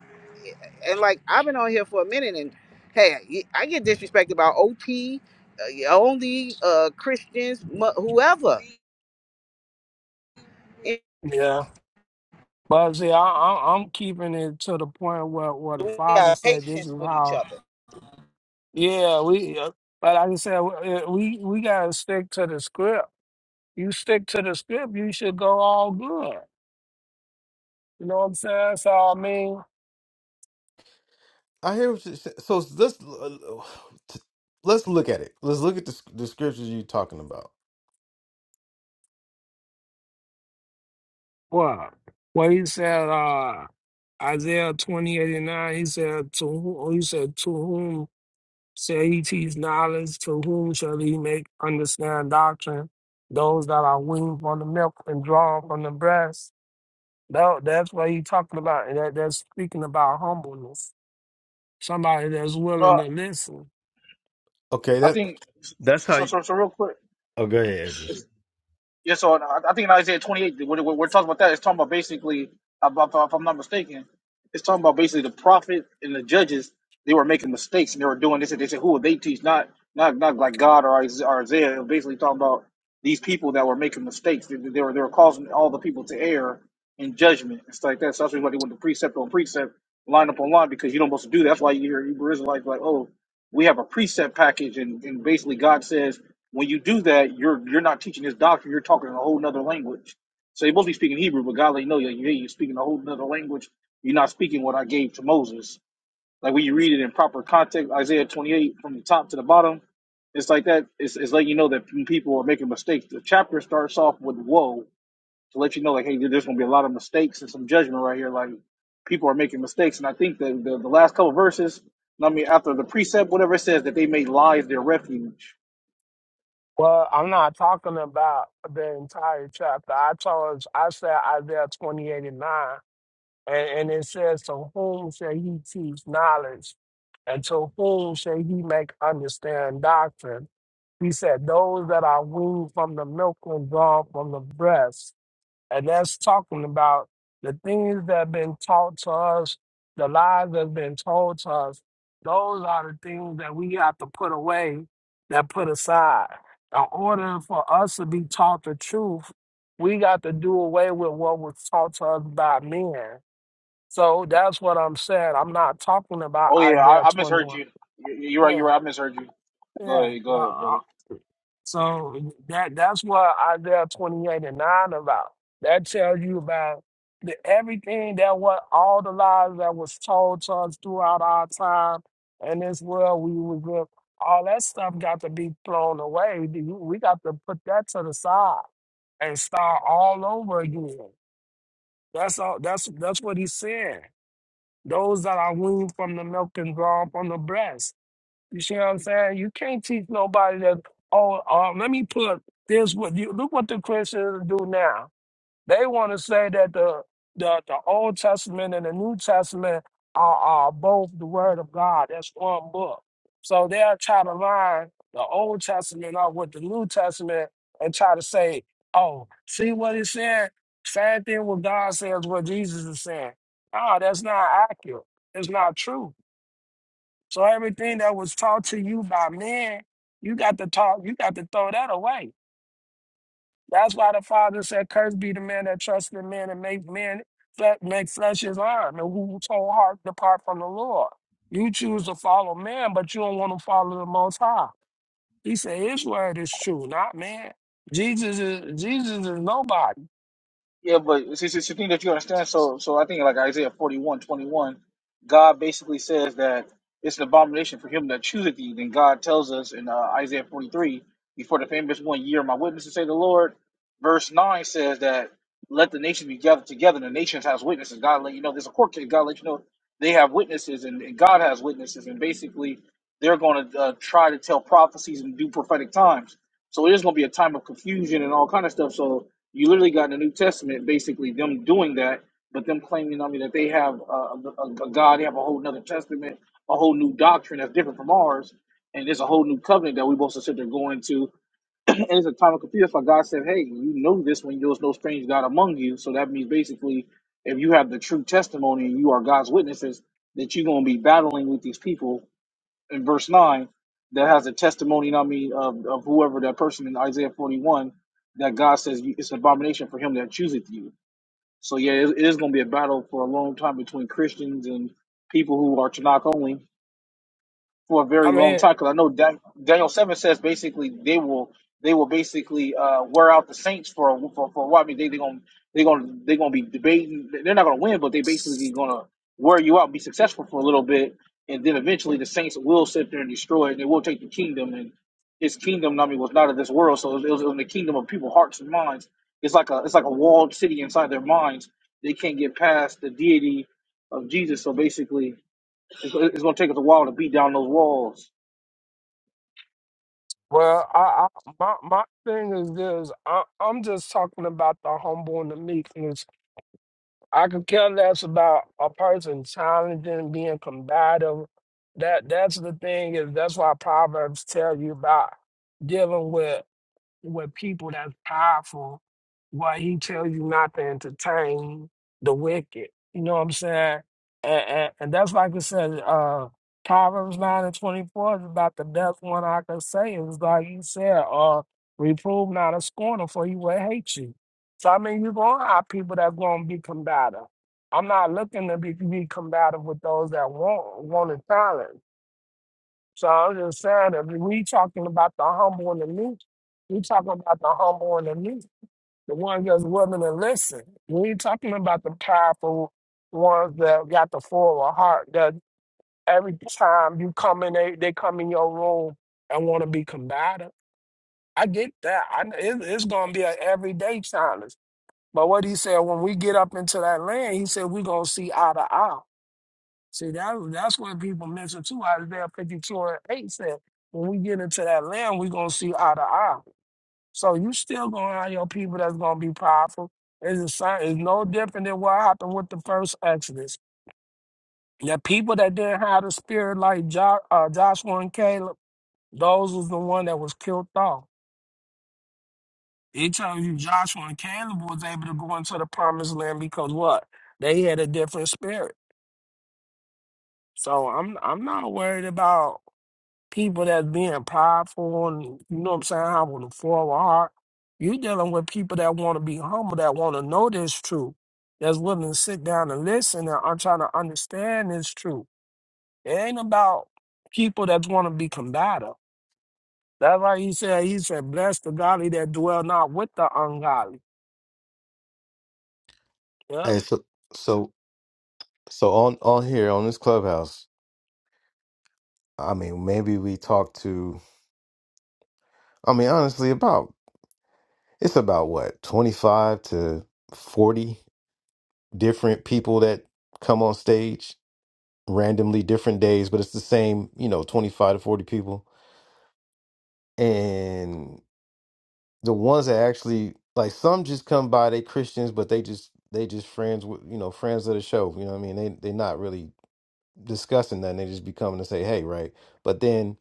Speaker 2: And like I've been on here for a minute, and hey, I get disrespected about OT, uh, only uh, Christians, mu- whoever. It-
Speaker 4: Yeah, but see, I, I, I'm keeping it to the point where where the
Speaker 2: We
Speaker 4: father
Speaker 2: have
Speaker 4: said, "This is
Speaker 2: patience with each
Speaker 4: how."
Speaker 2: other.
Speaker 4: Yeah, we. uh, But like I said, w- uh, we we gotta stick to the script. You stick to the script, you should go all good. You know what I'm saying? So I mean,
Speaker 1: I hear what you say. So let's let's look at it. Let's look at the, the scriptures you're talking about.
Speaker 4: what what he said, uh, Isaiah twenty eighty nine. He said to who? He said to whom shall he teach knowledge? To whom shall he make understand doctrine? Those that are weaned from the milk and drawn from the breast. That, that's what he's talking about. And that, that's speaking about humbleness. Somebody that's willing
Speaker 5: No,
Speaker 4: to listen.
Speaker 1: Okay,
Speaker 5: I
Speaker 1: that
Speaker 5: think
Speaker 1: That's how.
Speaker 5: so.
Speaker 1: You,
Speaker 5: So, so real quick.
Speaker 1: oh, go ahead, Edris.
Speaker 5: Yeah, so I I think in Isaiah 28, we're, we're we're talking about that. It's talking about basically, about, if I'm not mistaken, it's talking about basically the prophet and the judges. They were making mistakes and they were doing this. And they said, "Who would they teach?" Not, not, not like God or Is- or Isaiah. It was basically talking about these people that were making mistakes. They, they were they were causing all the people to err in judgment and stuff like that. So that's why they went to precept on precept, line up on line, because you don't supposed to do that. That's why you hear Hebrew Israelites like, "Oh." we have a preset package and, and basically god says when you do that you're you're not teaching his doctrine you're talking a whole nother language so you're supposed to be speaking hebrew but god let you know like, hey, you're speaking a whole nother language you're not speaking what i gave to moses like when you read it in proper context isaiah 28 from the top to the bottom it's like that it's, it's letting you know that people are making mistakes the chapter starts off with woe to let you know, like, hey, there's going to be a lot of mistakes and some judgment right here. Like, people are making mistakes. And I think that the, the last couple of verses, I mean, after the precept, whatever it says, that they made lies their refuge.
Speaker 4: Well, I'm not talking about the entire chapter. I told, I said Isaiah 28 and 9. And, and it says, To whom shall he teach knowledge? And to whom shall he make understand doctrine? He said, Those that are weaned from the milk and drawn from the breast. And that's talking about the things that have been taught to us, the lies that have been told to us. Those are the things that we have to put away, that put aside. In order for us to be taught the truth, we got to do away with what was taught to us by men so that's what I'm saying. I'm not talking about
Speaker 5: Oh, yeah,
Speaker 4: Isaiah
Speaker 5: I, I misheard
Speaker 4: 21.
Speaker 5: you. You- You're right, you're
Speaker 4: Yeah,
Speaker 5: right, I misheard you. Go
Speaker 4: yeah.
Speaker 5: ahead,
Speaker 4: yeah.
Speaker 5: go ahead, brother.
Speaker 4: uh, So that that's what Isaiah 28 and 9 about. That tells you about the, everything that what all the lies that was told to us throughout our time and this world we was with. All that stuff got to be thrown away. We we got to put that to the side and start all over again. That's all. That's that's what he's saying. Those that are weaned from the milk and drawn from the breast. You see what I'm saying? You can't teach nobody that, oh, uh, let me put this with you. Look what the Christians do now. They want to say that the, the the Old Testament and the New Testament are, are both the Word of God. That's one book. So they'll try to line the Old Testament up with the New Testament and try to say, "Oh, see what it said? Same thing what God says, what Jesus is saying." No, that's not accurate. It's not true. So everything that was taught to you by men, you got to talk. You got to throw that away. That's why the Father said, "Cursed be the man that trusts in man and make man fle- make flesh his arm, and who whole heart depart from the Lord." You choose to follow man, but you don't want to follow the Most High. He said, "His word is true, not man." Jesus is Jesus is nobody.
Speaker 5: Yeah, but see, see, see, the thing that you understand. So, so I think like Isaiah forty-one, twenty-one, God basically says that it's an abomination for him that chooseth thee. Then God tells us in uh, Isaiah 43, before the famous one year, my witnesses say the Lord. Verse 9 says that let the nations be gathered together, and the nations has witnesses. God let you know there's a court case. God let you know they have witnesses and, and God has witnesses, and basically they're going to uh, try to tell prophecies and do prophetic times. So it is going to be a time of confusion and all kind of stuff. So you literally got in the New Testament basically them doing that, but them claiming, I mean, that they have a, a, a God, they have a whole another testament, a whole new doctrine that's different from ours, and there's a whole new covenant that we're supposed to sit there going to. [CLEARS THROAT] And it's a time of confusion for God said, Hey, you know this when there was no strange God among you. So that means basically, if you have the true testimony and you are God's witnesses, that you're going to be battling with these people in verse 9 that has a testimony, you know what I mean, of, of whoever that person in Isaiah 41 that God says you, it's an abomination for him that chooseth you. So yeah, it, it is going to be a battle for a long time between Christians and people who are Tanakh only for a
Speaker 4: I
Speaker 5: very long
Speaker 4: mean,
Speaker 5: time because I know Dan- Daniel Seven says basically they will they will basically uh, wear out the Saints for a, for, for a while. I mean they they gonna they gonna they gonna be debating. They're not gonna win, but they basically gonna wear you out, be successful for a little bit, and then eventually the Saints will sit there and destroy, it, and they will take the kingdom. And his kingdom, I mean, was not of this world, so it was, it was in the kingdom of people's hearts and minds. It's like a it's like a walled city inside their minds. They can't get past the deity of Jesus. So basically, it's, it's gonna take us a while to beat down those walls.
Speaker 4: well, I, I my my thing is this: I, I'm just talking about the humble and the meek. and I could care less about a person challenging, being combative. That that's the thing is that's why Proverbs tell you about dealing with with people that's powerful where he tells you not to entertain the wicked. You know what I'm saying? And, and, and that's like I said, uh, Proverbs 9 and 24 is about the best one I could say. It was like you said, uh, reprove not a scorner, for he will hate you. So, I mean, you're going to have people that's going to be combative. I'm not looking to be, be combative with those that want, want a challenge. So I'm just saying, if we talking about the humble and the meek, we talking about the humble and the meek, the ones that's willing to listen. We ain't talking about the powerful ones that got the full of heart. That every time you come in, they, they come in your room and want to be combative. I get that. I, it, it's gonna be an everyday challenge. But what he said, when we get up into that land, he said we gonna see eye to eye. See, that that's what people mention too. Isaiah 52 and 8 said, when we get into that land, we're gonna see eye to eye. So you still gonna have your people that's gonna be powerful. It's the same, it's no different than what happened with the first Exodus. The people that didn't have the spirit like jo- uh, Joshua and Caleb, those was the one that was killed off. It tells you Joshua and Caleb was able to go into the promised land because what? They had a different spirit. So I'm I'm not worried about people that's being prideful and you know what I'm saying, have a forward heart. you dealing with people that want to be humble, that want to know this truth, that's willing to sit down and listen and are trying to understand this truth. It ain't about people that want to be combative. That's why he said, he said, bless the godly that dwell not with the ungodly. Yeah,
Speaker 1: and so so so on on here on this clubhouse. I mean, maybe we talk to. I mean, honestly, about it's about what twenty five to forty different people that come on stage randomly different days, but it's the same. You know, twenty five to forty people, and. the ones that actually like some just come by they christians but they just they just friends with you know friends of the show you know what i mean they they're not really discussing that and they just be coming to say hey right but then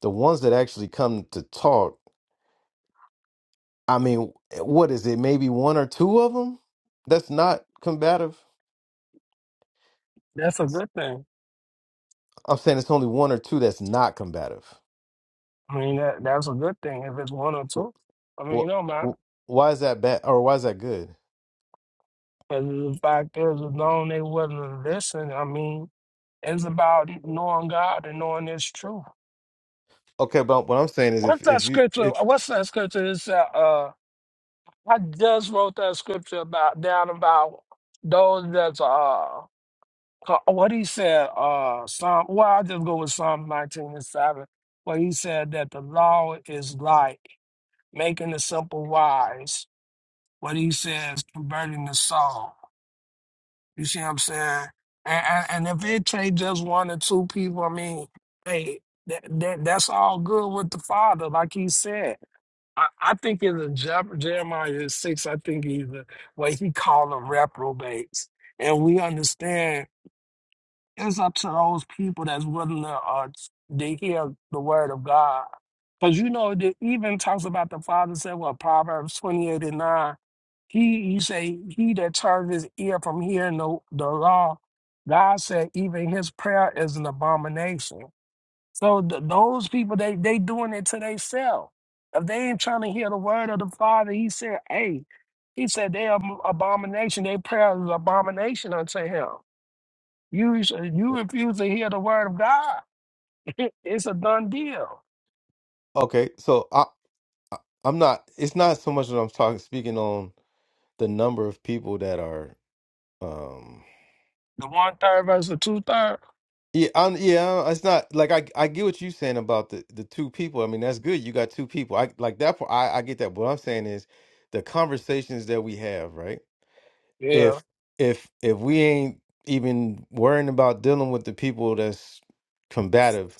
Speaker 1: the ones that actually come to talk i mean eh, what is it maybe one or two of them that's not combative
Speaker 4: that's a good thing.
Speaker 1: i'm saying it's only one or two that's not combative
Speaker 4: I mean, that that's a good thing if it's one or two. I mean, you
Speaker 1: what
Speaker 4: know, man.
Speaker 1: why is that bad or why is that good
Speaker 4: But the fact is, as long as they willing to listen, I mean, It's about knowing God and knowing His truth.
Speaker 1: okay but what i'm saying is if
Speaker 4: What's that
Speaker 1: if you
Speaker 4: scripture?
Speaker 1: it,
Speaker 4: What's that scripture? It's, uh, uh, I just wrote that scripture about down about those that's uh co- what he said uh Psalm. Well, I just go with Psalm nineteen and seven, where he said that the law is light, making the simple wise. What he says, converting the soul. You see what I'm saying? And, and, and if it takes just one or two people, I mean, hey, that, that that's all good with the father, like he said. I, I think in the Je- Jeremiah six, I think he's the way he called them reprobates. And we understand it's up to those people that's willing to uh, to hear the word of God. Because you know, it even talks about the Father said, well, Proverbs 28 and 9, he you say, he that turns his ear from hearing the, the law, God said, even his prayer is an abomination. So th- those people, they they doing it to themselves. If they ain't trying to hear the word of the Father, he said, hey, he said, they are abomination, their prayer is abomination unto him. You you refuse to hear the word of God. [LAUGHS] It's a done deal.
Speaker 1: okay so I, I- I'm not. It's not so much that I'm talking speaking on the number of people that are. um
Speaker 4: The one third versus the two third.
Speaker 1: Yeah, I'm, yeah. It's not like I. I get what you're saying about the the two people. I mean, that's good. You got two people. I like that. part, I I get that. What I'm saying is the conversations that we have, right?
Speaker 4: Yeah.
Speaker 1: If if if we ain't even worrying about dealing with the people that's combative,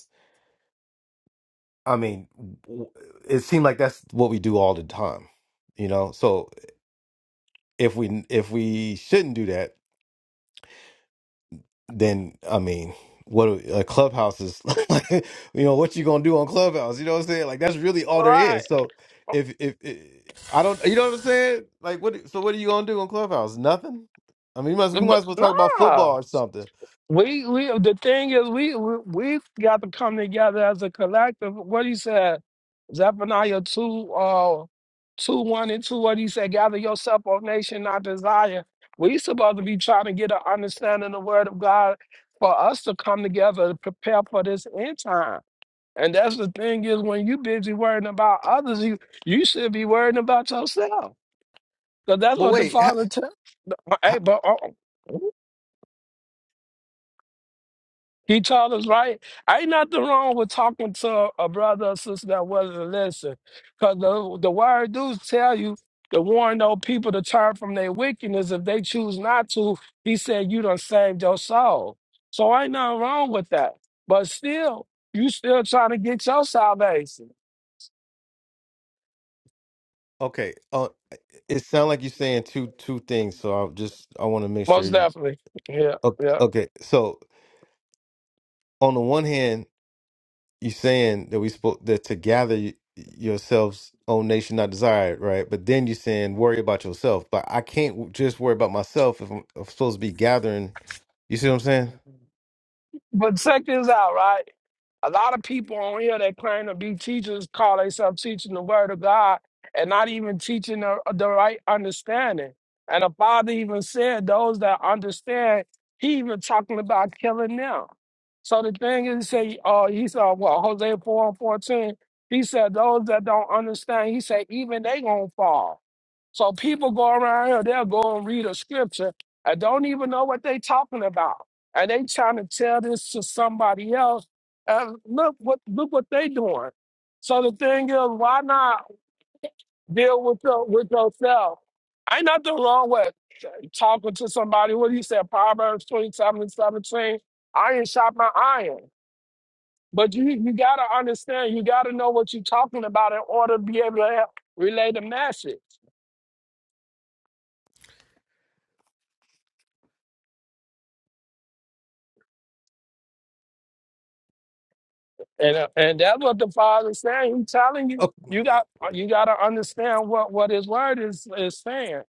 Speaker 1: I mean, w- it seems like that's what we do all the time, you know. So if we if we shouldn't do that then I mean, what a clubhouse is [LAUGHS] like, you know, what you gonna do on clubhouse? You know what I'm saying? Like that's really all
Speaker 4: All
Speaker 1: there is.
Speaker 4: right.
Speaker 1: So if if, if I don't, you know what I'm saying? Like what? So what are you gonna do on clubhouse? Nothing. I mean, you might, we might as
Speaker 4: But
Speaker 1: well talk about football
Speaker 4: nah.
Speaker 1: or something.
Speaker 4: We we the thing is we we we got to come together as a collective. What he said, Zephaniah two uh two one and two. What he said, gather yourself, O nation, not desire. We supposed to be trying to get an understanding of the word of God for us to come together to prepare for this end time. And that's the thing is when you busy worrying about others, you you should be worrying about yourself. Because that's
Speaker 1: But
Speaker 4: what the
Speaker 1: wait, ha,
Speaker 4: father tell. Hey,
Speaker 1: ha,
Speaker 4: but uh, he told us, right? Ain't nothing wrong with talking to a brother or sister that wasn't listening. Because the, the word do tell you to warn those people to turn from their wickedness. If they choose not to, he said, you done saved your soul. So ain't nothing wrong with that. But still, you still trying to get your salvation.
Speaker 1: okay. Uh, it sounds like you're saying two two things. So I just I want to make sure
Speaker 4: Most
Speaker 1: you.
Speaker 4: definitely. Yeah,
Speaker 1: Okay,
Speaker 4: yeah.
Speaker 1: okay. So on the one hand. you saying that we spoke that to gather y- yourselves own nation not desired right but then you saying worry about yourself but i can't w- just worry about myself if i'm, I'm supposed to be gathering you see what i'm saying
Speaker 4: But check this out, right? A lot of people on here that claim to be teachers call themselves teaching the word of God and not even teaching the, the right understanding. And the father even said those that understand, he even talking about killing them. So the thing is, say, uh, he said, well, Hosea 4 and 14, he said, those that don't understand, he said, even they gonna fall. So people go around here, they'll go and read a scripture and don't even know what they talking about. And they trying to tell this to somebody else and look what look what they doing. So the thing is, why not deal with your, with yourself? Ain't nothing wrong with talking to somebody. What do you say, Proverbs 27 and 17? Iron shot my iron. But you you gotta understand, you gotta know what you're talking about in order to be able to help relay the message. And uh, and that's what the father's saying. He's telling you,
Speaker 1: Oh,
Speaker 4: you got you gotta understand what, what his word is is saying.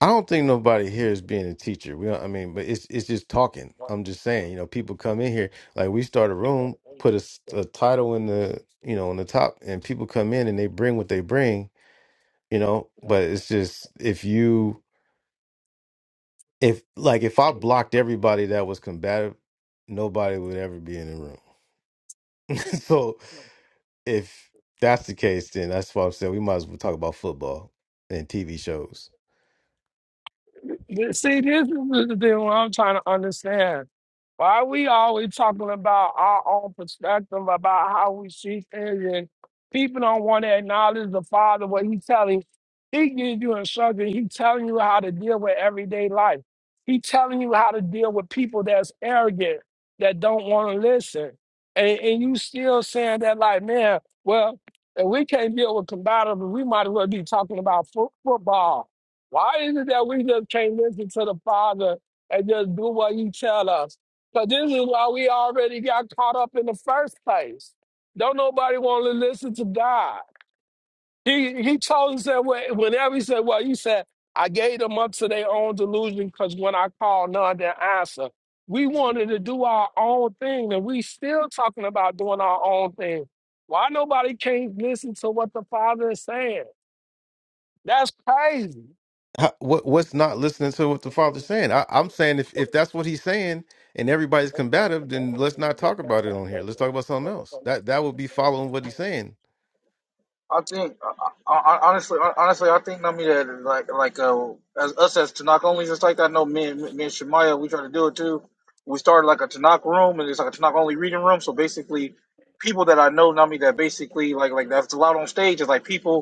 Speaker 1: i don't think nobody here is being a teacher we don't, i mean but it's it's just talking i'm just saying you know people come in here like we start a room put a, s- a title in the you know on the top and people come in and they bring what they bring you know but it's just if you if like if I blocked everybody that was combative, nobody would ever be in the room. [LAUGHS] so if that's the case, then that's why I'm saying we might as well talk about football and TV shows.
Speaker 4: Yeah, See, this is the thing what I'm trying to understand. Why we always talking about our own perspective about how we see things, and people don't want to acknowledge the Father what He telling. He gives you instruction. He telling you how to deal with everyday life. He telling you how to deal with people that's arrogant that don't want to listen, and, and you still saying that like, man, well, if we can't deal with combatives, we might as well be talking about fo- football Why is it that we just can't listen to the Father and just do what He tell us? Because this is why we already got caught up in the first place. Don't nobody want to listen to God. He He told us that when- whenever He said, "Well," He said, "I gave them up to their own delusion," because when I called, none did answer. We wanted to do our own thing, and we still talking about doing our own thing. Why nobody can't listen to what the Father is saying? That's crazy.
Speaker 1: How, what what's not listening to what the father's saying? I, I'm saying if if that's what he's saying and everybody's combative, then let's not talk about it on here. Let's talk about something else. That that would be following what he's saying.
Speaker 5: I think, I, I, honestly, honestly, I think Nami that like like uh, as us as Tanakh only just like that. I know me and me and Shemaya, we try to do it too. We started like a Tanakh room, and it's like a Tanakh only reading room. So basically, people that I know Nami that basically like like that's allowed on stage is like people.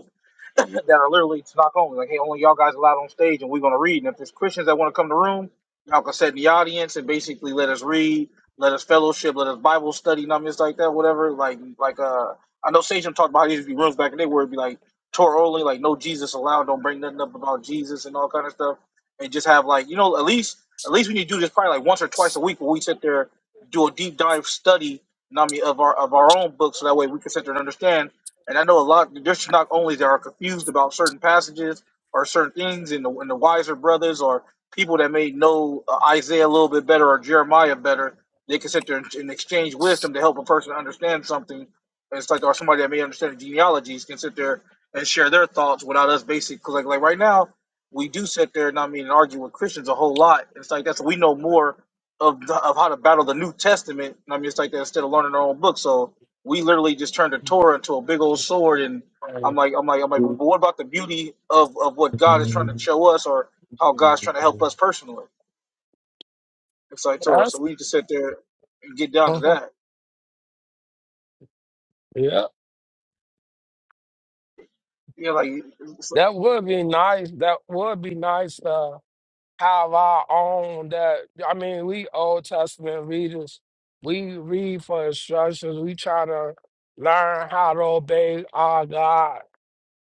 Speaker 5: [LAUGHS] that are literally stock only. Like, hey, only y'all guys allowed on stage, and we're gonna read. And if there's Christians that want to come in the room, y'all can sit in the audience and basically let us read, let us fellowship, let us Bible study, numbers like that, whatever. Like, like uh, I know Sage talked about how there used to be rooms back in the day where it'd be like Torah only, like no Jesus allowed, don't bring nothing up about Jesus and all kind of stuff, and just have like you know at least at least when you do this probably like once or twice a week where we sit there do a deep dive study. you know what I mean, of our of our own book, so that way we can sit there and understand and I know a lot there's not only that are confused about certain passages or certain things, and the, and the wiser brothers or people that may know uh, Isaiah a little bit better or Jeremiah better, they can sit there and, and exchange wisdom to help a person understand something. And it's like, or somebody that may understand the genealogies can sit there and share their thoughts without us basic. Because like, like right now, we do sit there and I mean and argue with Christians a whole lot. It's like that's we know more of the, of how to battle the New Testament. And I mean, it's like that instead of learning our own book. So we literally just turned the Torah into a big old sword. And I'm like, I'm like, I'm like, but what about the beauty of, of what God is trying to show us or how God's trying to help us personally? It's like Torah. So
Speaker 4: That's
Speaker 5: we need to sit there and get down to
Speaker 4: [LAUGHS]
Speaker 5: that.
Speaker 4: yeah.
Speaker 5: You know, like,
Speaker 4: That would be nice. That would be nice to have our own. That I mean, we Old Testament readers. We read for instructions. We try to learn how to obey our God,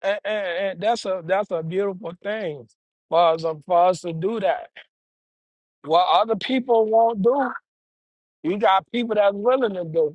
Speaker 4: and, and, and that's a that's a beautiful thing for us for us to do that. What other people won't do, you got people that's willing to do.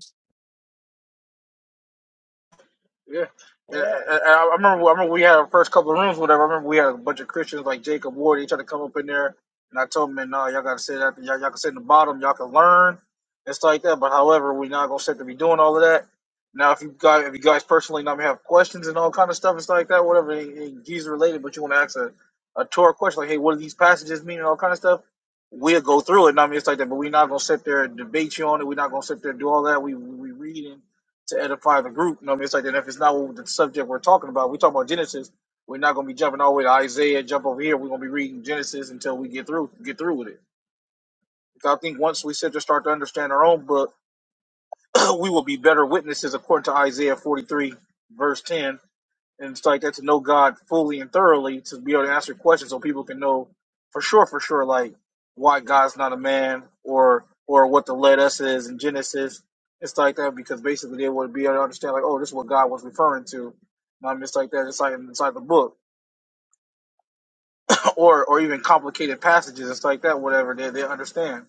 Speaker 5: Yeah, yeah. I, I I remember. I remember we had our first couple of rooms, whatever. I remember we had a bunch of Christians like Jacob Ward. He tried to come up in there, and I told him, "Man, no, y'all gotta sit at y'all, y'all can sit in the bottom. Y'all can learn and stuff like that. But however, we're not gonna sit to be doing all of that. Now, if you guys, if you guys personally not have questions and all kind of stuff and stuff like that, whatever, ain't- ain't Jesus related, but you want to ask a a Torah question like, "Hey, what do these passages mean?" and all kind of stuff. We'll go through it. And I mean, it's like that, but we're not gonna sit there and debate you on it. We're not gonna sit there and do all that. We we reading to edify the group. You know what I mean? It's like then if it's not what the subject we're talking about, we talk about Genesis. We're not gonna be jumping all the way to Isaiah, jump over here. We're gonna be reading Genesis until we get through get through with it. Because I think once we sit to start to understand our own book, [CLEARS THROAT] we will be better witnesses according to Isaiah 43, verse 10 and it's like that to know God fully and thoroughly to be able to answer questions so people can know for sure, for sure, like why God's not a man or or what the let us is in Genesis It's like that because basically they would be able to understand like oh this is what God was referring to. And I'm just like that inside inside the book [LAUGHS] or or even complicated passages It's like that whatever they they understand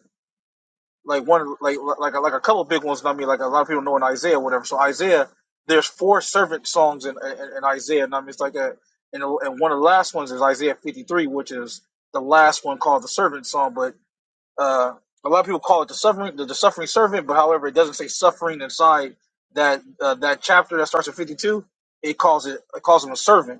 Speaker 5: like one like like like a couple big ones. I mean, like a lot of people know in Isaiah, or whatever. So Isaiah, there's four servant songs in in, in Isaiah, and I mean, it's like a and and one of the last ones is Isaiah 53, which is the last one called the servant song. But uh, a lot of people call it the suffering the, the suffering servant, but however, it doesn't say suffering inside that uh, that chapter that starts at 52. It calls it it calls him a servant.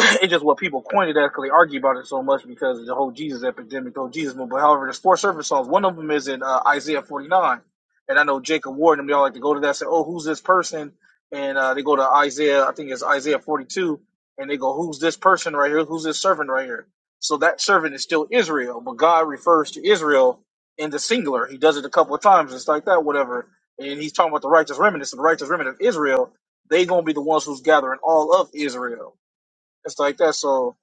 Speaker 5: [LAUGHS] [CLEARS THROAT] it's just what people coined it at 'cause they argue about it so much because of the whole Jesus epidemic, the whole Jesus movement. However, there's four servant songs. One of them is in uh, Isaiah 49. And I know Jacob Ward and them, they all like to go to that and say, oh, who's this person? And uh, they go to Isaiah, I think it's Isaiah 42, and they go, who's this person right here? Who's this servant right here? So that servant is still Israel, but God refers to Israel in the singular. He does it a couple of times, just like that, whatever. And he's talking about the righteous remnant. So the righteous remnant of Israel, they going to be the ones who's gathering all of Israel and stuff like that. So,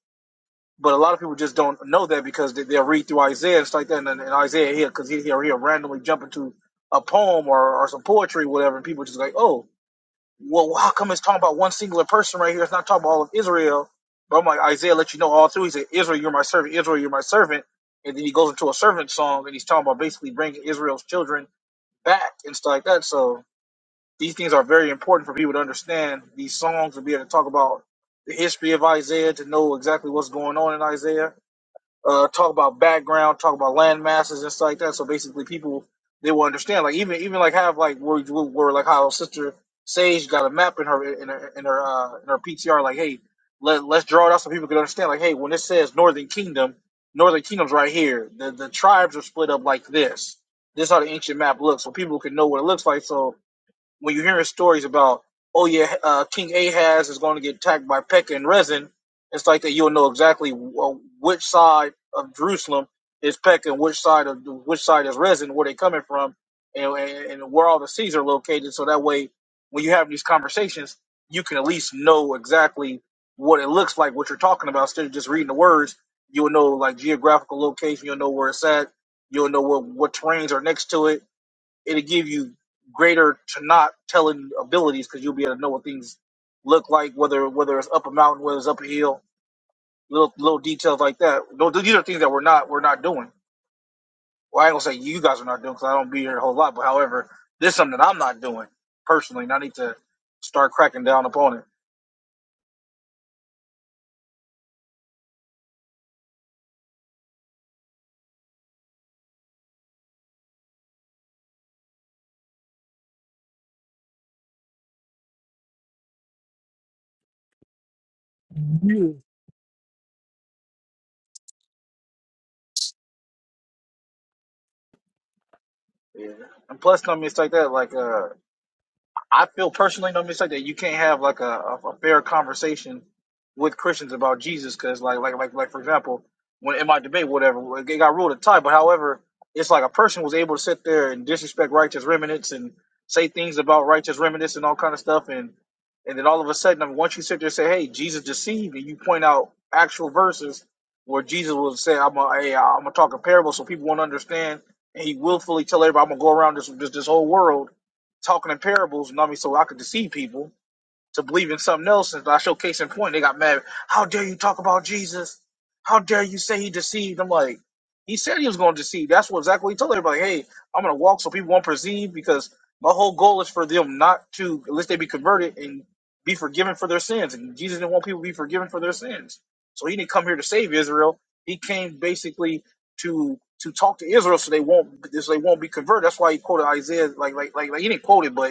Speaker 5: but a lot of people just don't know that because they, they'll read through Isaiah and stuff like that, and, and Isaiah here because he, he'll, he'll randomly jump into a poem or, or some poetry, or whatever, and people just like, oh, well, how come it's talking about one singular person right here? It's not talking about all of Israel. But I'm like, Isaiah let you know all through. He said, Israel, you're my servant. Israel, you're my servant. And then he goes into a servant song, and he's talking about basically bringing Israel's children back and stuff like that. So these things are very important for people to understand these songs and be able to talk about the history of Isaiah, to know exactly what's going on in Isaiah, uh, talk about background, talk about land masses and stuff like that. So basically, people they will understand. Like even even like have like where where like how sister Sage got a map in her in her in her uh, in her PTR. Like hey, let let's draw it out so people can understand. Like hey, when it says Northern Kingdom, Northern Kingdom's right here. The the tribes are split up like this. This is how the ancient map looks, so people can know what it looks like. So when you're hearing stories about, oh yeah, uh, King Ahaz is going to get attacked by Pekah and Rezin, it's like that you'll know exactly uh, which side of Jerusalem is Pekah and which side of which side is Rezin, where they're coming from, and, and, and where all the cities are located. So that way, when you have these conversations, you can at least know exactly what it looks like, what you're talking about, instead of just reading the words. You'll know like geographical location. You'll know where it's at. You'll know what what terrains are next to it it'll give you greater to not telling abilities because you'll be able to know what things look like, whether whether it's up a mountain, whether it's up a hill, little little details like that. Those these are things that we're not we're not doing. Well, I ain't gonna say you guys are not doing because I don't be here a whole lot. But however, this is something that I'm not doing personally, and I need to start cracking down upon it.
Speaker 4: Yeah.
Speaker 5: Yeah. And plus, I mean, it's like that, like uh. I feel personally, no mistake, that you can't have like a, a, a fair conversation with Christians about Jesus, because like like like like for example, when in my debate, whatever, it got ruled a tie. But however, it's like a person was able to sit there and disrespect righteous remnants and say things about righteous remnants and all kind of stuff, and and then all of a sudden, I mean, once you sit there and say, "Hey, Jesus deceived," and you point out actual verses where Jesus will say, "I'm a, hey, I'm gonna talk a parable so people won't understand," and he willfully tell everybody, "I'm gonna go around this this, this whole world." talking in parables, you know what I mean, so I could deceive people to believe in something else. And I show case in point, they got mad. How dare you talk about Jesus? How dare you say he deceived? I'm like, he said he was going to deceive. That's what exactly he told everybody. Hey, I'm going to walk so people won't perceive because my whole goal is for them not to, unless they be converted and be forgiven for their sins. And Jesus didn't want people to be forgiven for their sins. So he didn't come here to save Israel. He came basically to to talk to Israel so they won't so they won't be converted. That's why he quoted Isaiah like like like, like he didn't quote it, but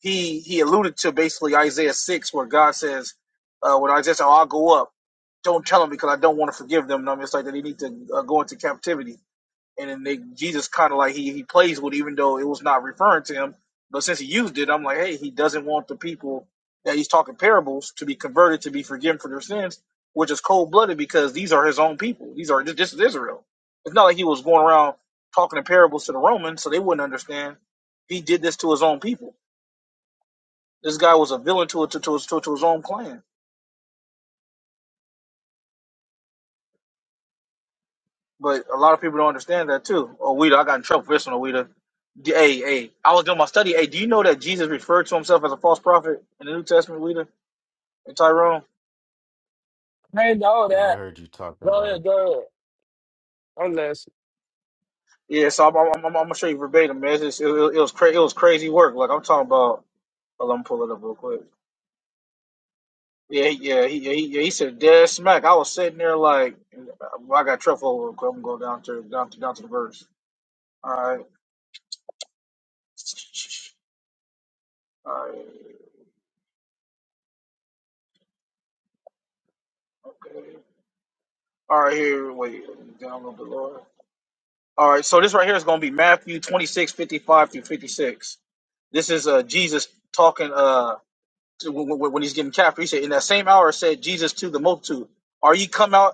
Speaker 5: he he alluded to basically Isaiah six, where God says, uh, "When Isaiah said, oh, I'll go up, don't tell them because I don't want to forgive them." And I'm just like that they need to uh, go into captivity, and then they, Jesus kind of like he he plays with, it, even though it was not referring to him, but since he used it, I'm like, hey, he doesn't want the people that he's talking parables to be converted to be forgiven for their sins, which is cold blooded because these are his own people. These are this, is Israel. It's not like he was going around talking in parables to the Romans, so they wouldn't understand. He did this to his own people this guy was a villain to, to, to, his- to, to his own clan. But a lot of people don't understand that too. Oh, I got in trouble for this one, Weeda. D- Hey, hey, I was doing my study. Hey, do you know that Jesus referred to himself as a false prophet in the New Testament, Weeda and Tyrone?
Speaker 4: Hey, know
Speaker 1: Yeah, I
Speaker 4: that.
Speaker 1: heard you talking
Speaker 4: Go
Speaker 1: about
Speaker 4: ahead,
Speaker 1: it.
Speaker 4: go ahead. Unless
Speaker 5: Yeah, so I'm, I'm, I'm, I'm gonna show you verbatim, man. It's just, it, it, it was cra- it was crazy work. Like I'm talking about. Well, let me pull it up real quick. Yeah, he- yeah, he, yeah, he, yeah, he said dead smack. I was sitting there like, I got truffle. real quick. I'm gonna go down to down to down to the verse. All right, all right. okay. All right, here. Wait, let me download the Lord. All right, so this right here is going to be Matthew 26:55 through 56. This is uh, Jesus talking uh, to, when, when when he's getting captured. He said, In that same hour said Jesus to the multitude, Are ye come out?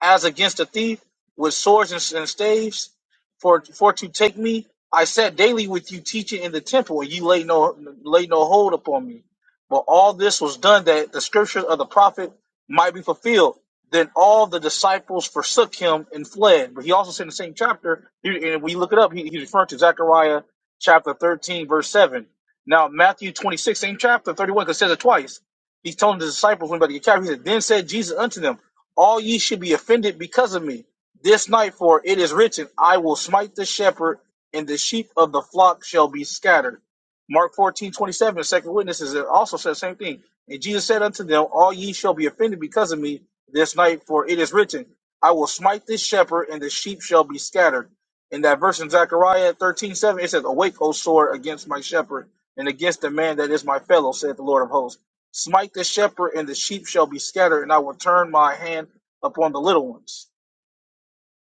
Speaker 5: as against a thief with swords and, and staves for for to take me i sat daily with you teaching in the temple and you laid no laid no hold upon me but all this was done that the scriptures of the prophet might be fulfilled then all the disciples forsook him and fled but he also said in the same chapter he- and we look it up he, he's referring to zechariah chapter 13 verse 7 now matthew 26 same chapter 31 because it says it twice he told the disciples when he was about to get captured, he said, Then said Jesus unto them, All ye should be offended because of me. This night, for it is written, I will smite the shepherd, and the sheep of the flock shall be scattered. Mark 14 27, the second witnesses it also says the same thing. And Jesus said unto them, All ye shall be offended because of me this night, for it is written, I will smite this shepherd, and the sheep shall be scattered. In that verse in Zechariah 13 7, it says, Awake, O sword, against my shepherd, and against the man that is my fellow, saith the Lord of hosts. Smite the shepherd, and the sheep shall be scattered, and I will turn my hand upon the little ones.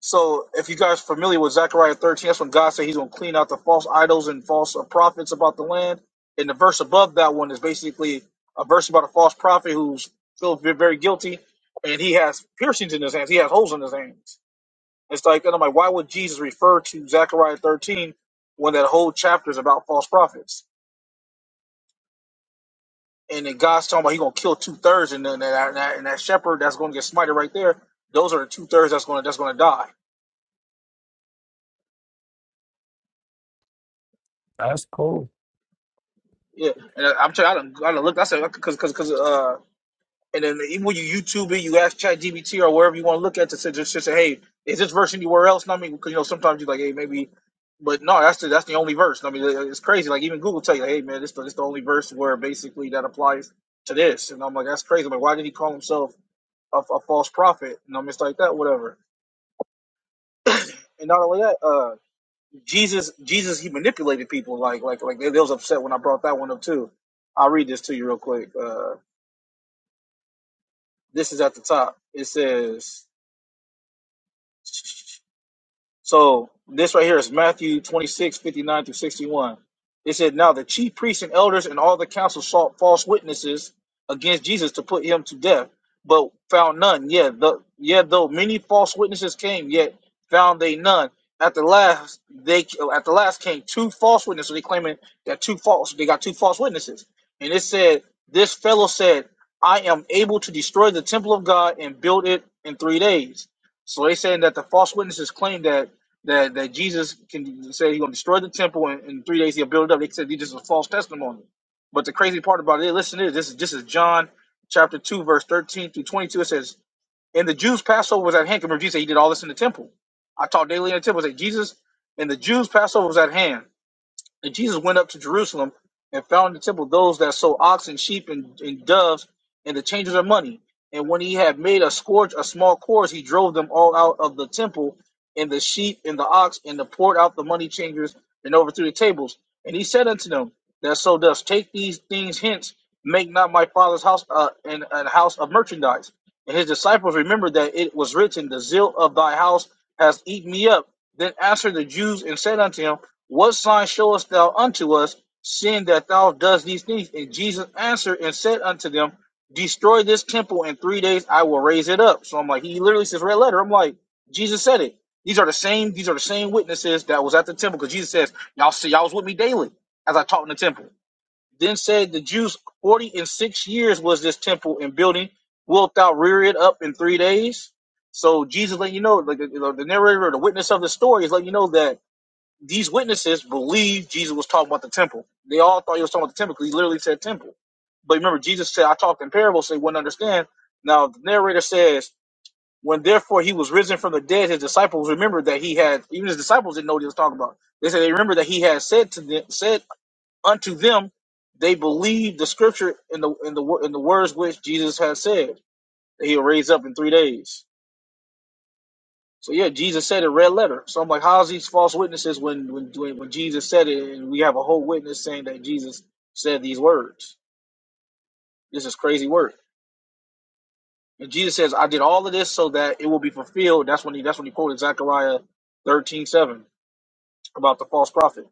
Speaker 5: So, if you guys are familiar with Zechariah 13, that's when God said He's going to clean out the false idols and false uh, prophets about the land. And the verse above that one is basically a verse about a false prophet who's still ve- very guilty, and he has piercings in his hands, he has holes in his hands. It's like, and I'm like, why would Jesus refer to Zechariah 13 when that whole chapter is about false prophets? and then God's talking about he gonna kill two thirds, and then that, and that and that shepherd that's gonna get smited right there. Those are the two thirds that's gonna that's gonna die.
Speaker 4: that's cool.
Speaker 5: Yeah, and I- I'm telling you, I done, I done looked. I said because because because uh, and then even when you YouTube it, you ask ChatGPT or wherever you want to look at to say just, just say, hey, is this verse anywhere else? And I mean, because you know sometimes you're like, hey, maybe, but no, that's the that's the only verse. And I mean, it's crazy. Like even Google tell you, hey, man, this the- this the only verse where basically that applies to this. And I'm like, that's crazy. I'm like, why did he call himself a, a false prophet? And I'm just like that, whatever. And not only that, uh. Jesus, Jesus, he manipulated people. Like, like, like they, they was upset when I brought that one up too. I'll read this to you real quick. Uh, this is at the top. It says. So this right here is Matthew 26 59 through 61. It said, Now the chief priests and elders and all the council sought false witnesses against Jesus to put him to death, but found none. Yet, the, yet though many false witnesses came, yet found they none. At the last, they at the last came two false witnesses. So They claiming that two false, they got two false witnesses. And it said, This fellow said, I am able to destroy the temple of God and build it in three days so they saying that the false witnesses claim that that, that Jesus can say he's gonna destroy the temple and in three days he'll build it up. They said this is a false testimony. But the crazy part about it, listen to this. This is this is John chapter two, verse thirteen through twenty-two. It says, And the Jews Passover was at hand. Remember, Jesus said he did all this in the temple. I taught daily in the temple. It said Jesus and the Jews Passover was at hand. And Jesus went up to Jerusalem and found in the temple those that sold oxen, sheep, and, and doves, and the changers of money. And when he had made a scourge, a small course, he drove them all out of the temple, and the sheep, and the ox, and the poured out the money changers, and overthrew the tables. And he said unto them that so does, Take these things hence, make not my father's house uh, an, an house of merchandise. And his disciples remembered that it was written, The zeal of thy house has eaten me up. Then answered the Jews and said unto him, what sign showest thou unto us, seeing that thou dost these things? And Jesus answered and said unto them, Destroy this temple in three days, I will raise it up. So I'm like, he literally says red letter. I'm like, Jesus said it. These are the same. These are the same witnesses that was at the temple because Jesus says, y'all see, y'all was with me daily as I taught in the temple. Then said the Jews, forty and six years was this temple in building. Wilt thou rear it up in three days? So Jesus letting you know, like the, the narrator, the witness of the story is letting you know that these witnesses believed Jesus was talking about the temple. They all thought he was talking about the temple because he literally said temple. But remember, Jesus said, I talked in parables, so they wouldn't understand. Now, the narrator says, when therefore he was risen from the dead, his disciples remembered that he had, even his disciples didn't know what he was talking about. They said they remember that he had said to them, said unto them, they believed the scripture in the in the wo- in the words which Jesus had said that he'll raise up in three days. So yeah, Jesus said it red letter. So I'm like, how's these false witnesses when when when when Jesus said it, and we have a whole witness saying that Jesus said these words? This is crazy work. And Jesus says, I did all of this so that it will be fulfilled. That's when he that's when he quoted Zechariah 13 7 about the false prophet.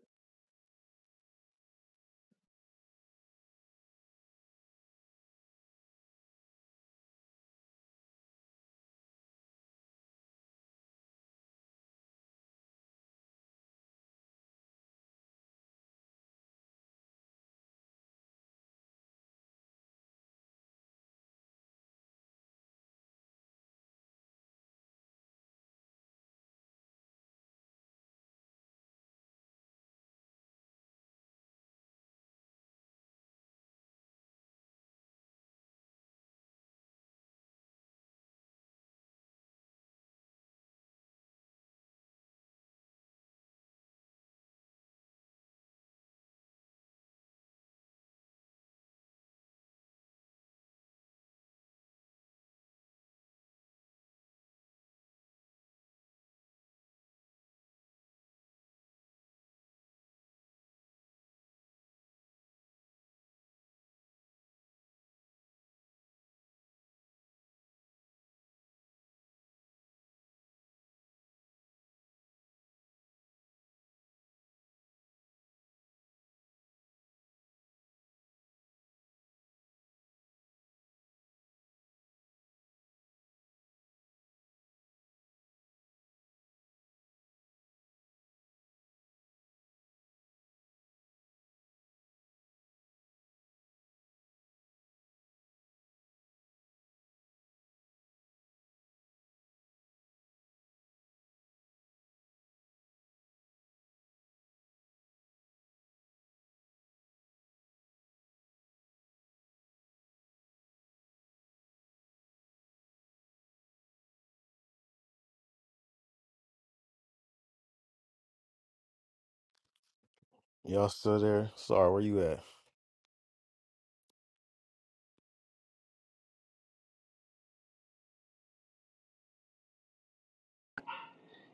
Speaker 1: Y'all still there? Sorry, where you at?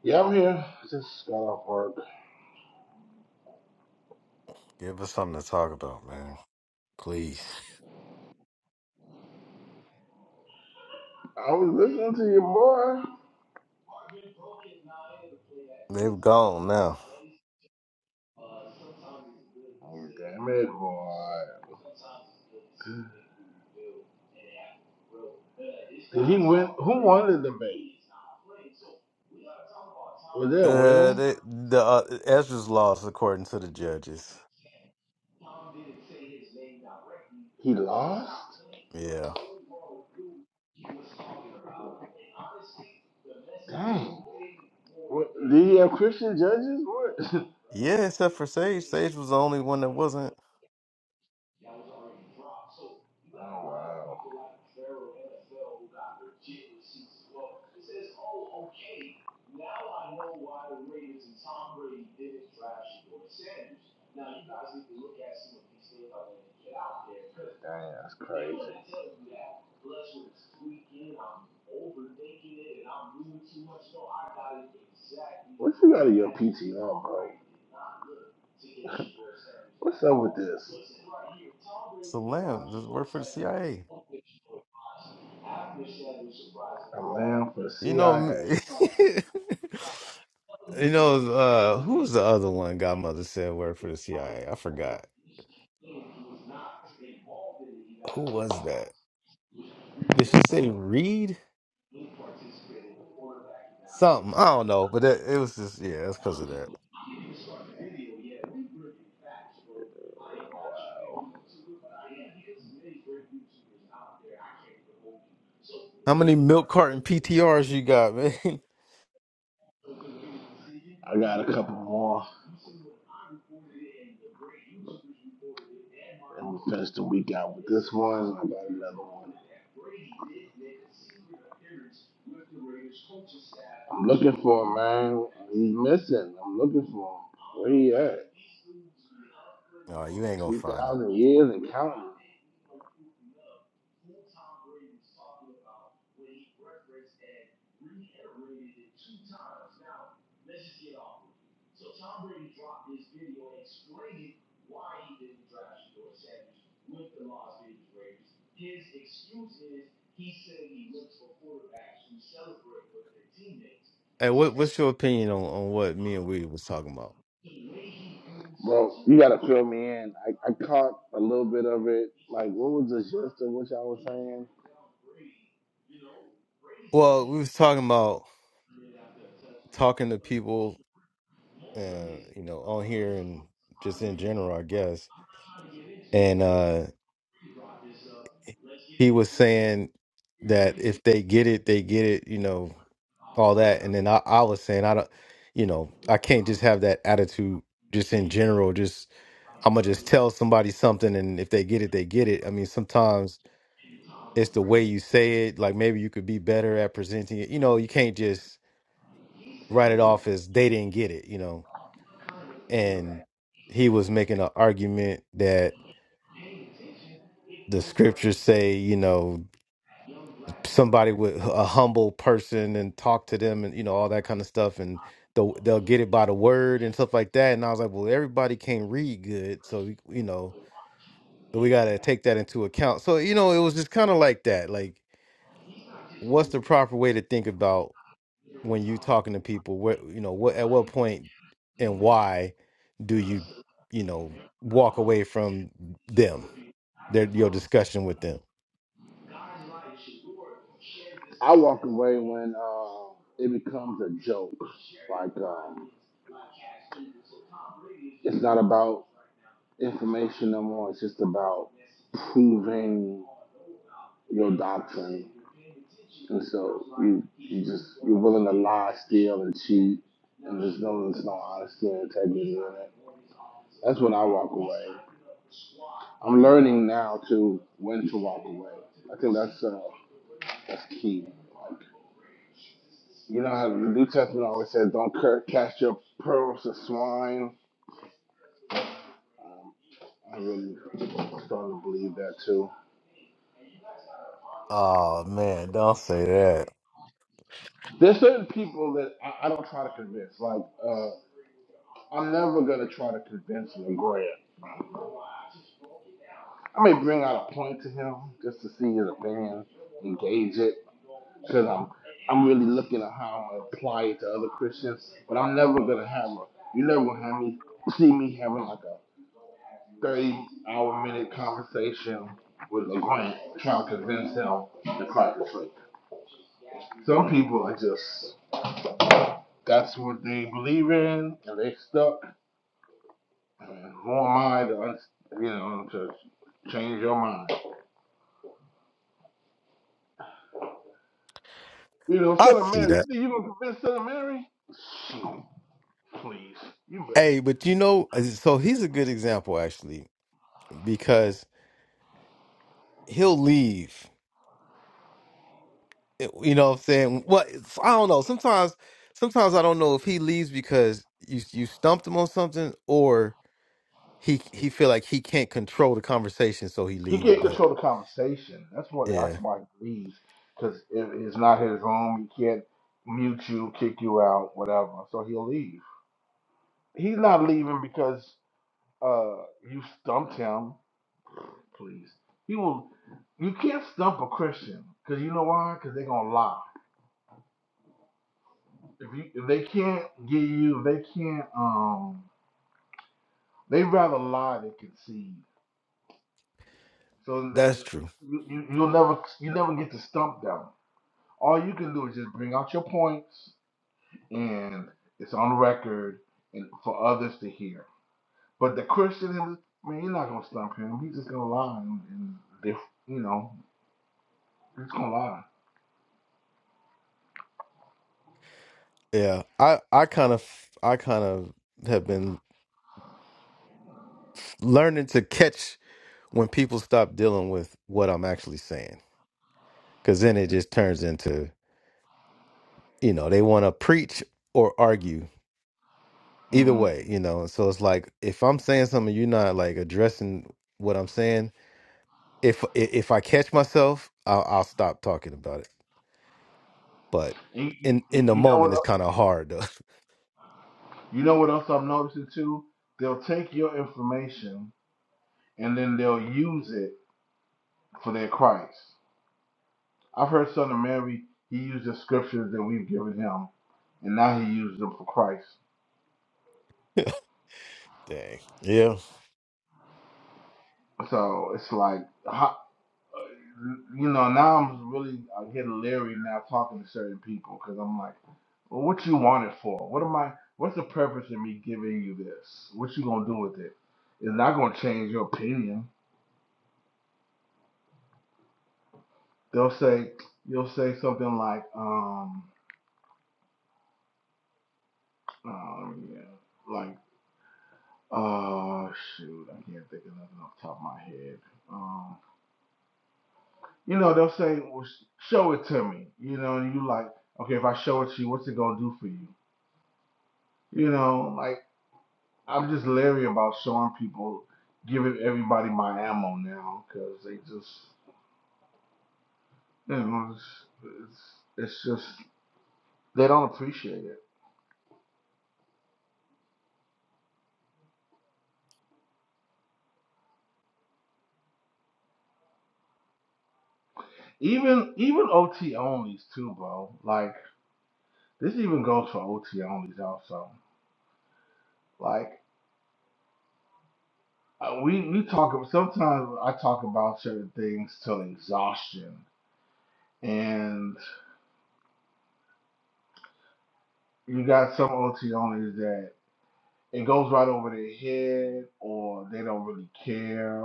Speaker 3: Yeah, I'm here. Just got off work.
Speaker 1: Give us something to talk about, man. Please.
Speaker 3: I was listening to you, boy.
Speaker 1: They've gone now.
Speaker 3: Oh, damn it, boy. Did he win? Who won the debate? Was there a
Speaker 1: Uh,
Speaker 3: winner?
Speaker 1: they, the uh, Ezra's lost according to the judges.
Speaker 3: He lost?
Speaker 1: Yeah,
Speaker 3: Dang. What, did he have Christian judges? What?
Speaker 1: yeah. Except for Sage. Sage was the only one that wasn't.
Speaker 3: [LAUGHS] oh, wow. Damn, that's crazy. What you got in your PTR, bro? [LAUGHS] What's up with this?
Speaker 1: It's a lamb. This work for the CIA.
Speaker 3: A man for
Speaker 1: You know, me-
Speaker 3: CIA.
Speaker 1: [LAUGHS] you know, uh, who was the other one? Godmother said worked for the CIA. I A? I forgot who was that. Did she say Reed? Something I don't know, but that, it was just yeah, that's because of that. How many milk carton PTRs you got, man? [LAUGHS]
Speaker 3: I got a couple more. And we finished the week out with this one. and I got another one. I'm looking for him, man. He's missing. I'm looking for him. Where he at?
Speaker 1: Oh, you ain't gonna find them.
Speaker 3: 2,000 years and counting.
Speaker 1: Hey, what what's your opinion on on what me and we was talking about?
Speaker 3: Bro, you gotta fill me in. I, I caught a little bit of it. Like, what was the gist of what y'all was saying?
Speaker 1: Well, we was talking about talking to people, uh, you know, on here and just in general, I guess. And uh he was saying that if they get it, they get it, you know, all that. And then I, I was saying, I don't, you know, I can't just have that attitude just in general. Just, I'm going to just tell somebody something and if they get it, they get it. I mean, sometimes it's the way you say it. Like maybe you could be better at presenting it. You know, you can't just write it off as they didn't get it, you know. And he was making an argument that the scriptures say, you know, somebody with a humble person and talk to them and you know all that kind of stuff and they'll they'll get it by the word and stuff like that and I was like well everybody can't read good so we- you know so we got to take that into account so you know it was just kind of like that like what's the proper way to think about when you talking to people what you know what at what point and why do you you know walk away from them their your discussion with them
Speaker 3: I walk away when uh, it becomes a joke. Like um, it's not about information no more. It's just about proving your doctrine. And so you you just you're willing to lie, steal, and cheat, and there's no there's no honesty and integrity in it. That's when I walk away. I'm learning now to when to walk away. I think that's uh, that's key. Like you know, how the New Testament always says, "Don't cur- cast your pearls to swine." I really am starting to believe that too.
Speaker 1: Oh man, don't say that.
Speaker 3: There's certain people that I, I don't try to convince. Like, uh, I'm never gonna try to convince Lagrange. I may bring out a point to him just to see his opinion, engage it, because I'm I'm really looking at how I'm gonna apply it to other Christians. But I'm never gonna have a. You never gonna have me see me having like a 30 hour minute conversation with Lagrange trying to convince him to Christ is free. Some people are just That's what they believe in, and they stuck. Who am I to, you know, to change your mind? You know,
Speaker 1: I
Speaker 3: Son
Speaker 1: see
Speaker 3: Mary.
Speaker 1: that.
Speaker 3: You think you gonna convince Son Mary? [SNIFFS] Shoot, Please, you better.
Speaker 1: Hey, but you know, so he's a good example actually because he'll leave. eh, You know what I'm saying? Well, it's- I don't know. Sometimes, sometimes I don't know if he leaves because you you stumped him on something or he he feel like he can't control the conversation, so he
Speaker 3: He
Speaker 1: leaves.
Speaker 3: can't
Speaker 1: But
Speaker 3: control the conversation. That's why. That's
Speaker 1: yeah,
Speaker 3: why he leaves, because it, it's not his home. He can't mute you, kick you out, whatever. So he'll leave. He's not leaving because uh you stumped him. Please, he will. You can't stump a Christian, because you know why? Because they're gonna lie. if you if they can't get you, if they can't um they rather lie than concede. So that
Speaker 1: that's true.
Speaker 3: you, you you'll never you never get to stump them. All you can do is just bring out your points and it's on record and for others to hear. But the Christian man, you're not gonna stump him. He's just gonna lie and, and you know, he's gonna lie.
Speaker 1: Yeah, I I kind of I kind of have been learning to catch when people stop dealing with what I'm actually saying because then it just turns into you know they want to preach or argue either
Speaker 3: hmm
Speaker 1: way you know so it's like if i'm saying something you're not like addressing what i'm saying if if i catch myself i'll, I'll stop talking about it but
Speaker 3: And you,
Speaker 1: in
Speaker 3: you,
Speaker 1: in the
Speaker 3: you know what
Speaker 1: moment it's
Speaker 3: else-
Speaker 1: kind of hard though
Speaker 3: you know what else I'm noticing too? They'll take your information and then they'll use it for their Christ. I've heard Son of Mary, he used the scriptures that we've given him, and now he used them for Christ.
Speaker 1: [LAUGHS] dang yeah
Speaker 3: So it's like, how, you know, now I'm really I get leery now talking to certain people because I'm like, well, what you want it for? What am I? What's the purpose of me giving you this? What you gonna do with it? It's not gonna change your opinion. They'll say, you'll say something like, um, um yeah, like Oh shoot, I can't think of nothing off the top of my head. Um, you know, they'll say, "Well, show it to me." You know, and you like, okay, if I show it to you, what's it gonna do for you? You know, like I'm just leery about showing people, giving everybody my ammo now because they just, you know, it's, it's it's just they don't appreciate it. Even even OT onlys too, bro. Like this even goes for OT onlys also. Like Uh, we we talk sometimes I talk about certain things till exhaustion, and you got some OT onlys that it goes right over their head, or they don't really care,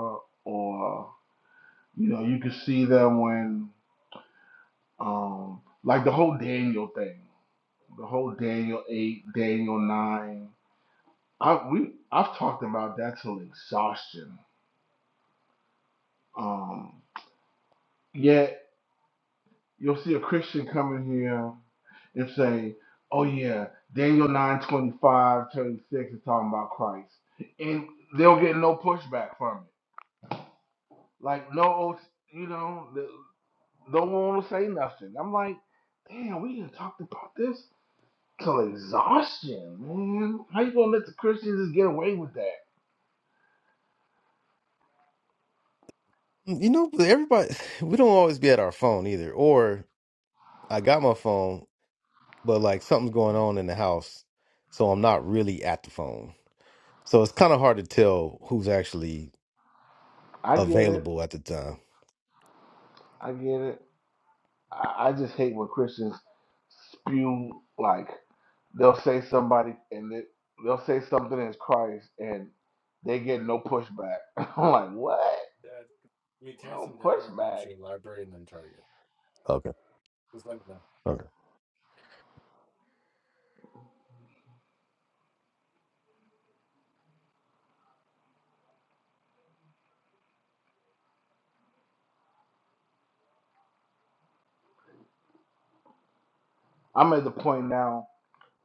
Speaker 3: or you know you can see them when um like the whole Daniel thing, the whole Daniel eight, Daniel nine. I we I've talked about that till exhaustion. Um, yet You'll see a Christian coming here and say, "Oh yeah, Daniel 9, twenty-five, thirty-six is talking about Christ," and they'll get no pushback from it. Like no, you know, no one will say nothing. I'm like, damn, we done talked about this till exhaustion, man. How you gonna let the Christians just get away with that?
Speaker 1: you know but everybody [SIGHS] we don't always be at our phone either or i got my phone but like something's going on in the house so i'm not really at the phone so it's kind of hard to tell who's actually
Speaker 3: I get it.
Speaker 1: available at the time
Speaker 3: I get it. I, I just hate when Christians spew like they'll say somebody and they, they'll say something as Christ and they get no pushback. [LAUGHS] I'm like, what? No pushback.
Speaker 1: okay Okay.
Speaker 3: I'm at the point now.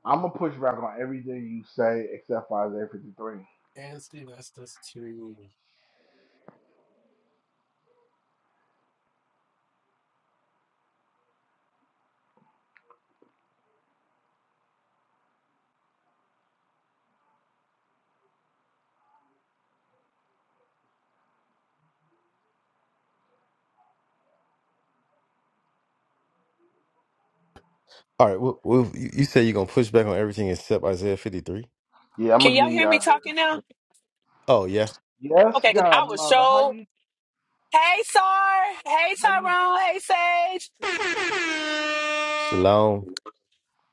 Speaker 3: I'm gonna push back on everything you say except for Isaiah 53.
Speaker 1: Anthony, that's that's TV movie. All right. Well, well you, you said you're gonna push back on everything except Isaiah 53.
Speaker 3: Yeah, I'm
Speaker 6: Can
Speaker 3: gonna give
Speaker 6: y'all
Speaker 3: you
Speaker 6: hear me
Speaker 3: Isaiah.
Speaker 6: talking now?
Speaker 1: Oh yeah.
Speaker 3: 53. Yes,
Speaker 6: Okay, because I
Speaker 3: God,
Speaker 6: was
Speaker 3: mother, how
Speaker 6: so.
Speaker 3: you?
Speaker 6: Hey, Sar. Hey,
Speaker 3: How you?
Speaker 6: Tyrone. Hey, Sage.
Speaker 1: Shalom.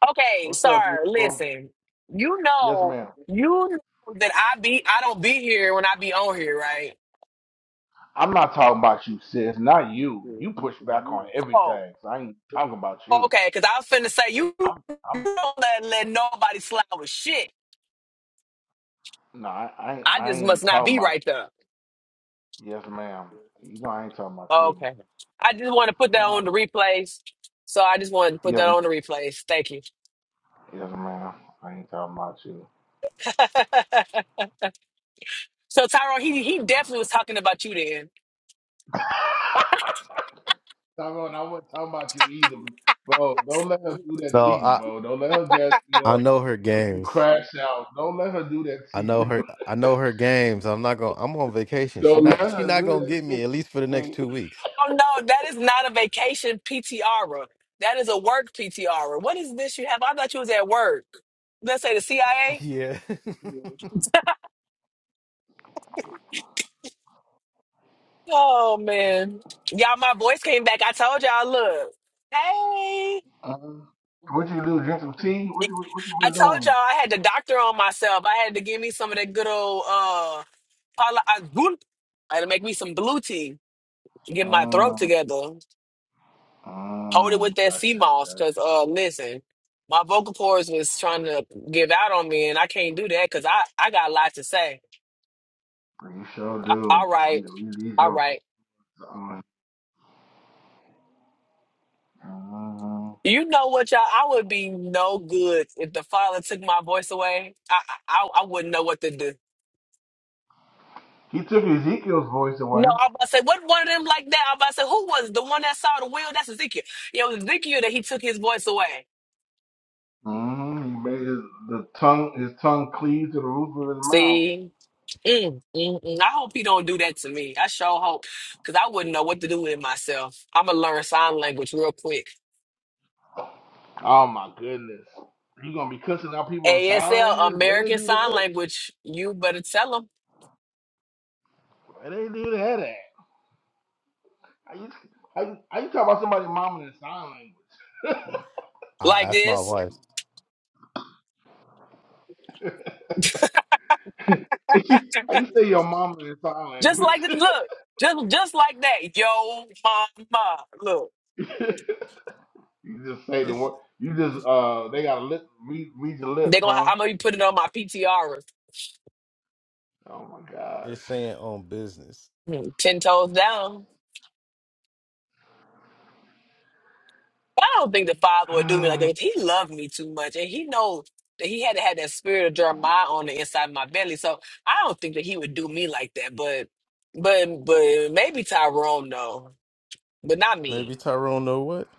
Speaker 6: Okay,
Speaker 3: What's up,
Speaker 6: Sar,
Speaker 3: beautiful?
Speaker 6: listen. You
Speaker 3: Yes,
Speaker 6: know,
Speaker 3: ma'am.
Speaker 6: you know that I be, I don't be here when I be on here, right?
Speaker 3: I'm not talking about you, sis. Not you. You push back on
Speaker 6: Oh,
Speaker 3: everything. So I ain't talking about
Speaker 6: oh,
Speaker 3: you.
Speaker 6: okay, because I was finna say, you
Speaker 3: I'm, I'm
Speaker 6: don't let, let nobody slide with shit.
Speaker 3: No, I, I, ain't-
Speaker 6: I
Speaker 3: I
Speaker 6: just must
Speaker 3: ain't
Speaker 6: not
Speaker 3: talking
Speaker 6: be
Speaker 3: about.
Speaker 6: right there.
Speaker 3: Yes, ma'am. You know I ain't talking about you.
Speaker 6: Okay. I just want to put that
Speaker 3: No.
Speaker 6: on the replays. So I just wanted to put
Speaker 3: Yes,
Speaker 6: that on the replays. Thank you.
Speaker 3: yes, ma'am. I ain't talking about you.
Speaker 6: [LAUGHS] so Tyrone, he he definitely was talking about you then.
Speaker 3: Tyrone, I wasn't talking about you either, bro. Don't let her do that to
Speaker 1: No,
Speaker 3: you,
Speaker 1: I
Speaker 3: bro. Don't let her gas you
Speaker 1: I
Speaker 3: up.
Speaker 1: know her
Speaker 3: You
Speaker 1: games.
Speaker 3: crash out. Don't let her do that to
Speaker 1: I know
Speaker 3: you.
Speaker 1: her. I know her games. I'm not gonna. I'm on
Speaker 3: [LAUGHS]
Speaker 1: vacation. She
Speaker 3: Don't let
Speaker 1: not. She
Speaker 3: her
Speaker 1: not
Speaker 3: do
Speaker 1: gonna
Speaker 3: that
Speaker 1: get
Speaker 3: to you.
Speaker 1: me at least for the next two
Speaker 3: See?
Speaker 1: weeks.
Speaker 6: Oh no, that is not a vacation PTR. That is a work PTR. What is this you have? I thought you was at work. Let's say the CIA.
Speaker 1: Yeah. [LAUGHS]
Speaker 6: Oh man, y'all, my voice came back. I told y'all, look, hey,
Speaker 3: Um, what you do? Drink some tea? What you What you
Speaker 6: I
Speaker 3: been
Speaker 6: told y'all
Speaker 3: doing?
Speaker 6: I had the doctor on myself. I had to give me some of that good old uh, Paula Abdul. I had to make me some blue tea, get my throat
Speaker 3: Mm,
Speaker 6: together. Hold it
Speaker 3: mm,
Speaker 6: with that sea
Speaker 3: gotcha,
Speaker 6: moss, cause
Speaker 3: gotcha.
Speaker 6: uh, listen, my vocal cords was trying to give out on me, and I can't do that, cause I I got a lot to say.
Speaker 3: You sure
Speaker 6: All
Speaker 3: do.
Speaker 6: right,
Speaker 3: We, we need
Speaker 6: all
Speaker 3: your
Speaker 6: right.
Speaker 3: vote. Mm-hmm.
Speaker 6: You know what, y'all? I would be no good if the father took my voice away. I I, I I wouldn't know what to do.
Speaker 3: He took Ezekiel's voice
Speaker 6: No,
Speaker 3: away.
Speaker 6: I'm about to say, what one of them like that? I'm about to say, who was it? the one that saw the wheel? That's Ezekiel. Yeah, it was Ezekiel that he took his voice away.
Speaker 3: hmm He made his the tongue his tongue cleave to the roof of his mouth.
Speaker 6: See? Mm, mm, mm. I hope he don't do that to me. I sure hope, because I wouldn't know what to do with myself. I'm gonna learn sign language real quick.
Speaker 3: Oh my goodness! You gonna be cussing out people in sign
Speaker 6: ASL,
Speaker 3: language? Where they
Speaker 6: American
Speaker 3: do
Speaker 6: Sign
Speaker 3: that?
Speaker 6: Language. You better tell him
Speaker 3: Where they do that at? How you how you, how you talk about somebody mama in sign language?
Speaker 1: I'll
Speaker 6: like
Speaker 1: ask my
Speaker 6: this,
Speaker 1: wife.
Speaker 3: [LAUGHS] how you say your mama in sign
Speaker 6: just
Speaker 3: language?
Speaker 6: like this. Look, just just like that. Yo, mama, look.
Speaker 3: [LAUGHS] you just say the
Speaker 1: It's
Speaker 3: word. You just
Speaker 1: it's,
Speaker 3: uh they got to lip read, read your lips,
Speaker 6: They gonna.
Speaker 3: huh?
Speaker 6: I'm gonna be putting on my PTR.
Speaker 3: Oh
Speaker 1: it's
Speaker 3: my
Speaker 1: saying on business.
Speaker 6: mm, Ten toes down. I don't think the father would do me like
Speaker 3: gosh.
Speaker 6: that. He loved me too much, and he knows that he had to have that spirit of Jeremiah on the inside of my belly. So I don't think that he would do me like that. But, but, but maybe Tyrone though, but not me.
Speaker 1: Maybe Tyrone know what?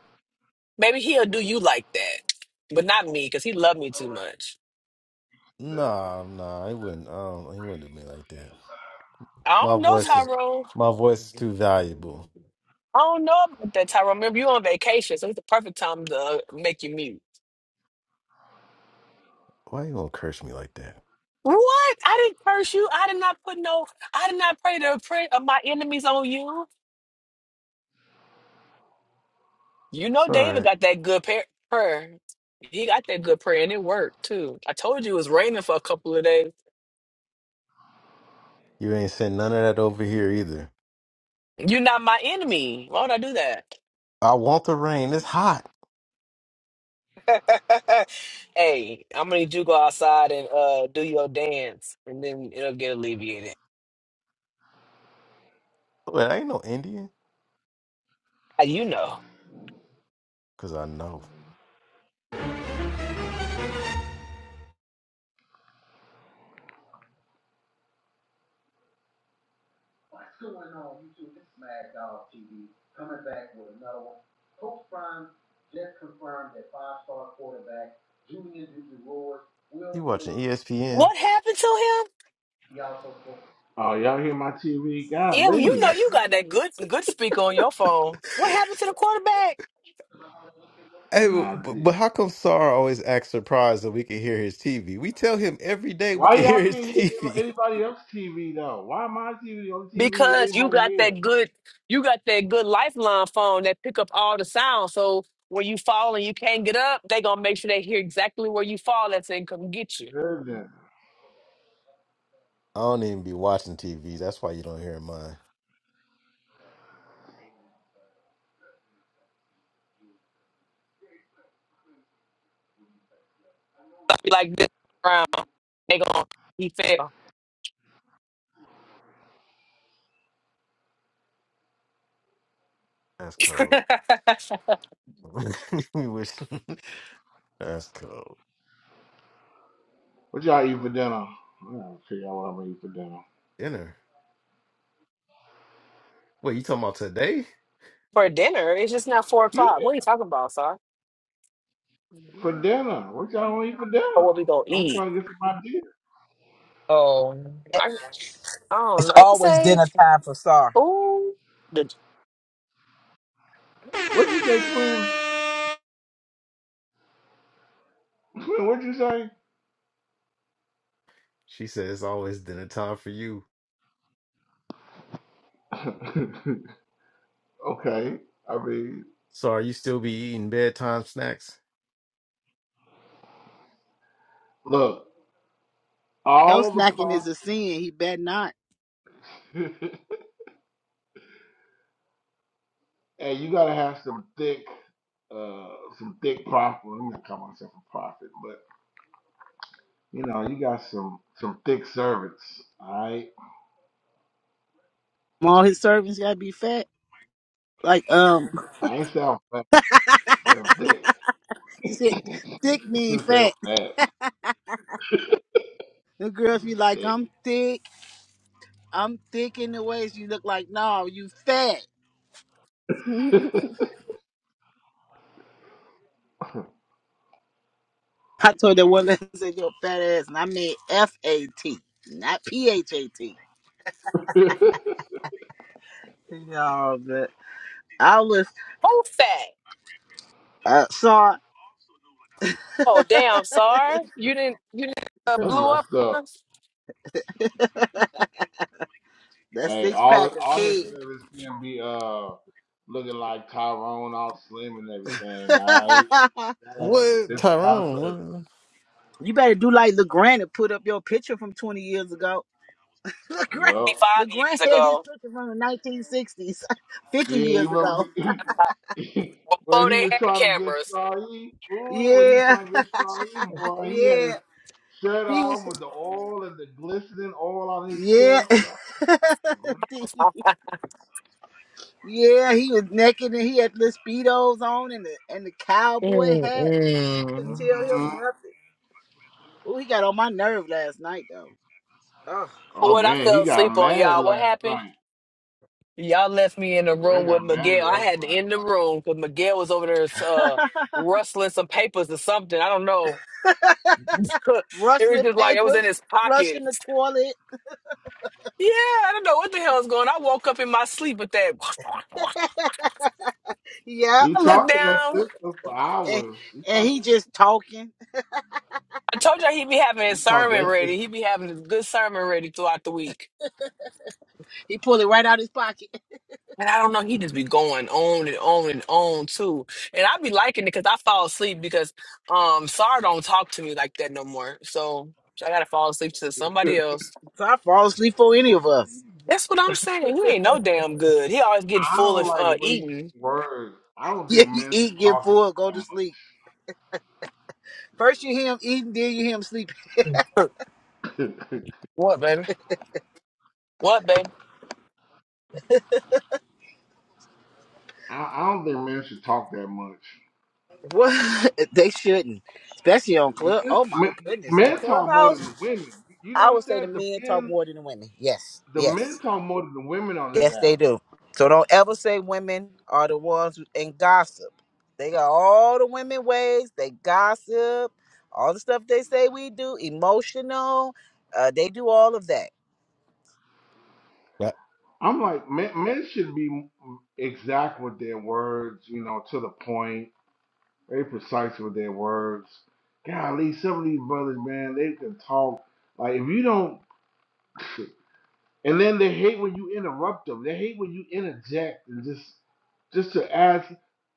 Speaker 6: Maybe he'll do you like that, but not me because he loved me too much.
Speaker 1: Nah, nah. He wouldn't. Um, he wouldn't do me like that.
Speaker 6: I
Speaker 1: My
Speaker 6: don't know
Speaker 1: voice is
Speaker 3: [SIGHS]
Speaker 6: Tyrone.
Speaker 1: my voice is too valuable.
Speaker 6: I don't know about that Tyrone. Remember you on vacation, so it's the perfect time to uh, make you mute.
Speaker 1: Why you gonna curse me like that?
Speaker 6: What? I didn't curse you. I did not put no. I did not pray the prayer of my enemies on you. You
Speaker 1: It's
Speaker 6: know,
Speaker 1: all
Speaker 6: David
Speaker 1: right.
Speaker 6: got that good par- prayer. He got that good prayer, and it worked too. I told you it was raining for a couple of days.
Speaker 1: You ain't sent none of that over here either.
Speaker 6: You're not my enemy. Why would I do that?
Speaker 1: I want the rain. It's hot.
Speaker 6: [LAUGHS] hey, I'm gonna need you to go outside and uh, do your dance, and then it'll get alleviated.
Speaker 1: Wait, I ain't no Indian.
Speaker 6: How You know
Speaker 1: Cause I know. You watching ESPN.
Speaker 6: what happened to him?
Speaker 3: Oh, y'all hear my TV?
Speaker 6: Yeah, well, you
Speaker 3: Golly.
Speaker 6: know you got that good good speaker on your phone. What happened to the quarterback?
Speaker 1: Hey,
Speaker 3: Nah,
Speaker 1: but,
Speaker 3: d-
Speaker 1: but how come Sar always acts surprised that we can hear his TV? We tell him every day we
Speaker 3: why
Speaker 1: can [LAUGHS]
Speaker 3: y'all
Speaker 1: hear his
Speaker 3: can't hear anybody
Speaker 1: TV.
Speaker 3: anybody else's TV though? Why my TV on TV
Speaker 6: because you
Speaker 3: anybody
Speaker 6: got
Speaker 3: hears?
Speaker 6: that good you got that good lifeline phone that pick up all the sound so when you fall and you can't get up they gonna make sure they hear exactly where you fall at so they can come get you
Speaker 3: Goodness.
Speaker 1: I don't even be watching TV. That's why you don't hear mine.
Speaker 6: like this round they gonna he fell
Speaker 1: That's cold.
Speaker 6: [LAUGHS]
Speaker 1: [LAUGHS] we wish. That's cold.
Speaker 3: What y'all eat for dinner? I'm gonna tell y'all what I'm gonna eat for dinner.
Speaker 1: Dinner. Wait, you talking about today?
Speaker 6: for dinner it's just now four o'clock
Speaker 3: Yeah,
Speaker 6: what are you talking about sir
Speaker 3: for dinner. What y'all gonna eat for
Speaker 6: or
Speaker 3: dinner?
Speaker 6: what we gonna
Speaker 3: I'm
Speaker 6: eat
Speaker 3: trying to get some ideas.
Speaker 6: oh i, I don't
Speaker 2: It's
Speaker 6: know i
Speaker 2: always
Speaker 6: say
Speaker 2: dinner time for Sar.
Speaker 6: oh the
Speaker 3: What'd you say, twin? Twin, what'd you say?
Speaker 1: She says it's always dinner time for you.
Speaker 3: [LAUGHS] okay. I mean,
Speaker 1: So are you still be eating bedtime snacks?
Speaker 3: look,
Speaker 2: No
Speaker 3: all the
Speaker 2: snacking is a sin. He bet not.
Speaker 3: process. [LAUGHS] Hey, you gotta have some thick, uh, some thick prophet. I'm gonna call myself a prophet, but you know, you got some some thick servants. All right,
Speaker 2: All his servants gotta be fat. Like um,
Speaker 3: I ain't say I'm fat, I said I'm thick.
Speaker 2: [LAUGHS] he said,
Speaker 3: [LAUGHS]
Speaker 2: thick mean
Speaker 3: you say
Speaker 2: fat.
Speaker 3: I'm fat,
Speaker 2: The girls
Speaker 3: I'm
Speaker 2: be like, I'm thick. I'm thick in the waist. You look like no, you fat.
Speaker 3: thick.
Speaker 2: [LAUGHS]
Speaker 3: [LAUGHS]
Speaker 2: I told that one that [LAUGHS] said your fat ass, and I mean F A T, not P H A T. No, but I was
Speaker 6: whole fat
Speaker 2: uh, saw [LAUGHS]
Speaker 6: Oh
Speaker 2: that
Speaker 6: damn, Sar, you didn't you didn't uh,
Speaker 3: That's
Speaker 6: blew up
Speaker 3: messed up.
Speaker 6: us?
Speaker 3: Hey,
Speaker 2: six
Speaker 3: all
Speaker 2: pack of
Speaker 3: all his
Speaker 2: cake.
Speaker 3: servants can be uh looking like Tyrone, all slim and everything. All right,
Speaker 2: [LAUGHS]
Speaker 3: gotta have some
Speaker 1: What
Speaker 3: different kind of service.
Speaker 1: Tyrone?
Speaker 2: you better do like LeGrand and put up your picture from 20 years ago. [LAUGHS] LeGrand,
Speaker 3: Yup.
Speaker 6: five
Speaker 2: LeGrand
Speaker 6: years
Speaker 2: had his
Speaker 6: ago
Speaker 2: picture from the 1960s, [LAUGHS] 50
Speaker 3: Yeah, you
Speaker 2: years
Speaker 3: remember
Speaker 2: ago.
Speaker 3: he, [CLEARS THROAT] [LAUGHS]
Speaker 6: before
Speaker 3: When he
Speaker 6: they
Speaker 3: was
Speaker 6: had
Speaker 3: trying to get
Speaker 6: cameras.
Speaker 3: Strahi, ooh, when he was
Speaker 2: Yeah,
Speaker 3: trying to get Strahi,
Speaker 2: [LAUGHS]
Speaker 3: boy, he had his
Speaker 2: yeah.
Speaker 3: shirt
Speaker 2: He
Speaker 3: off
Speaker 2: was,
Speaker 3: with the oil and the glistening oil on his
Speaker 2: yeah.
Speaker 3: chest.
Speaker 2: [LAUGHS] [LAUGHS] Yeah, he was naked and he had the speedos on and the and the cowboy hat. You couldn't
Speaker 6: Mm-mm.
Speaker 2: tell him
Speaker 3: hmm
Speaker 2: nothing. Oh, he got on my nerve last night though.
Speaker 3: Oh
Speaker 6: What I
Speaker 3: man, he
Speaker 6: fell
Speaker 3: got
Speaker 6: asleep on,
Speaker 3: mad
Speaker 6: y'all. What
Speaker 3: last
Speaker 6: happened?
Speaker 3: night.
Speaker 6: Y'all left me in the room
Speaker 3: McGregor got
Speaker 6: with
Speaker 3: mad at
Speaker 6: Miguel. I
Speaker 3: us
Speaker 6: had to
Speaker 3: last
Speaker 6: end the
Speaker 3: night.
Speaker 6: room because Miguel was over there uh,
Speaker 2: Oh,
Speaker 6: rustling some papers or something. I don't know. [LAUGHS] it was
Speaker 2: rustling
Speaker 6: just
Speaker 2: [LAUGHS]
Speaker 6: like it was in
Speaker 2: papers,
Speaker 6: his pocket.
Speaker 2: flushing the toilet.
Speaker 6: Yeah, I don't know what the hell is going. on. I woke up in my sleep with that.
Speaker 2: [LAUGHS] yeah,
Speaker 6: [LAUGHS]
Speaker 3: He
Speaker 6: I looked
Speaker 3: talked to that
Speaker 6: down.
Speaker 3: sister for
Speaker 2: and,
Speaker 3: hours. He
Speaker 2: and
Speaker 3: talked.
Speaker 2: he just talking.
Speaker 6: I told you he be having
Speaker 3: He
Speaker 6: his
Speaker 3: talked.
Speaker 6: sermon
Speaker 3: That's
Speaker 6: ready.
Speaker 3: just.
Speaker 6: He be having his good sermon ready throughout the week.
Speaker 2: He pulled it right out his pocket. [LAUGHS]
Speaker 6: And I don't know, he just be going on and on and on too. And I be liking it because I fall asleep because um Sar don't talk to me like that no more. So I gotta fall asleep to somebody else.
Speaker 2: So I fall asleep for any of us.
Speaker 6: That's what I'm saying. You ain't no damn good. He always getting
Speaker 3: I
Speaker 6: full
Speaker 3: don't
Speaker 6: of uh
Speaker 3: like wasting
Speaker 6: eating.
Speaker 3: words. I
Speaker 2: [LAUGHS]
Speaker 3: don't
Speaker 2: Yeah,
Speaker 3: think
Speaker 2: you
Speaker 3: men should
Speaker 2: eat, get
Speaker 3: talk
Speaker 2: full, go
Speaker 3: that
Speaker 2: to sleep. First you hear him eating, then you hear him sleeping.
Speaker 3: much.
Speaker 6: What, baby? What, baby?
Speaker 3: [LAUGHS] I, I don't think men should talk that much.
Speaker 2: What? [LAUGHS] They shouldn't, especially on club.
Speaker 3: Men,
Speaker 2: Oh my
Speaker 3: men,
Speaker 2: goodness, on
Speaker 3: men talk more
Speaker 2: clubhouse.
Speaker 3: than the women. You
Speaker 2: I
Speaker 3: notice
Speaker 2: would say the
Speaker 3: that the
Speaker 2: men talk
Speaker 3: men,
Speaker 2: more than the women. Yes,
Speaker 3: the men
Speaker 2: yes,
Speaker 3: talk more than the women on this
Speaker 2: yes,
Speaker 3: app.
Speaker 2: they do. So don't ever say women are the ones who and gossip. They got all the women ways. They gossip, all the stuff they say we do, emotional. Uh, they do all of that,
Speaker 1: What?
Speaker 3: I'm like, men, men should be exact with their words, you know, to the point, very precise with their words. Golly, some of these brothers, man, they can talk. Like, if you don't, and then they hate when you interrupt them. They hate when you interject and just, just to ask,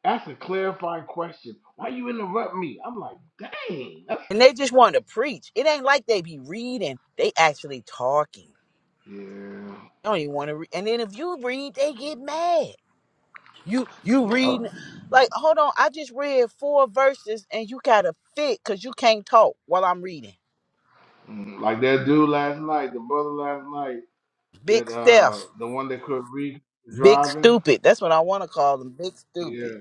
Speaker 3: ask a clarifying question. Why you interrupt me? I'm like, dang, that's
Speaker 2: and they just want to preach. It ain't like they be reading. They actually talking.
Speaker 3: yeah.
Speaker 2: They don't even want to read. And then if you read, they get mad. You you
Speaker 3: Yeah.
Speaker 2: reading like hold on? I just read four verses, and you got to fit because you can't talk while I'm reading.
Speaker 3: Mm, Like that dude last night, the brother last night,
Speaker 2: Big
Speaker 3: that uh
Speaker 2: Steph,
Speaker 3: the one that could read
Speaker 2: Big
Speaker 3: driving.
Speaker 2: Stupid. That's what I want to call them, Big Stupid.
Speaker 3: Yeah.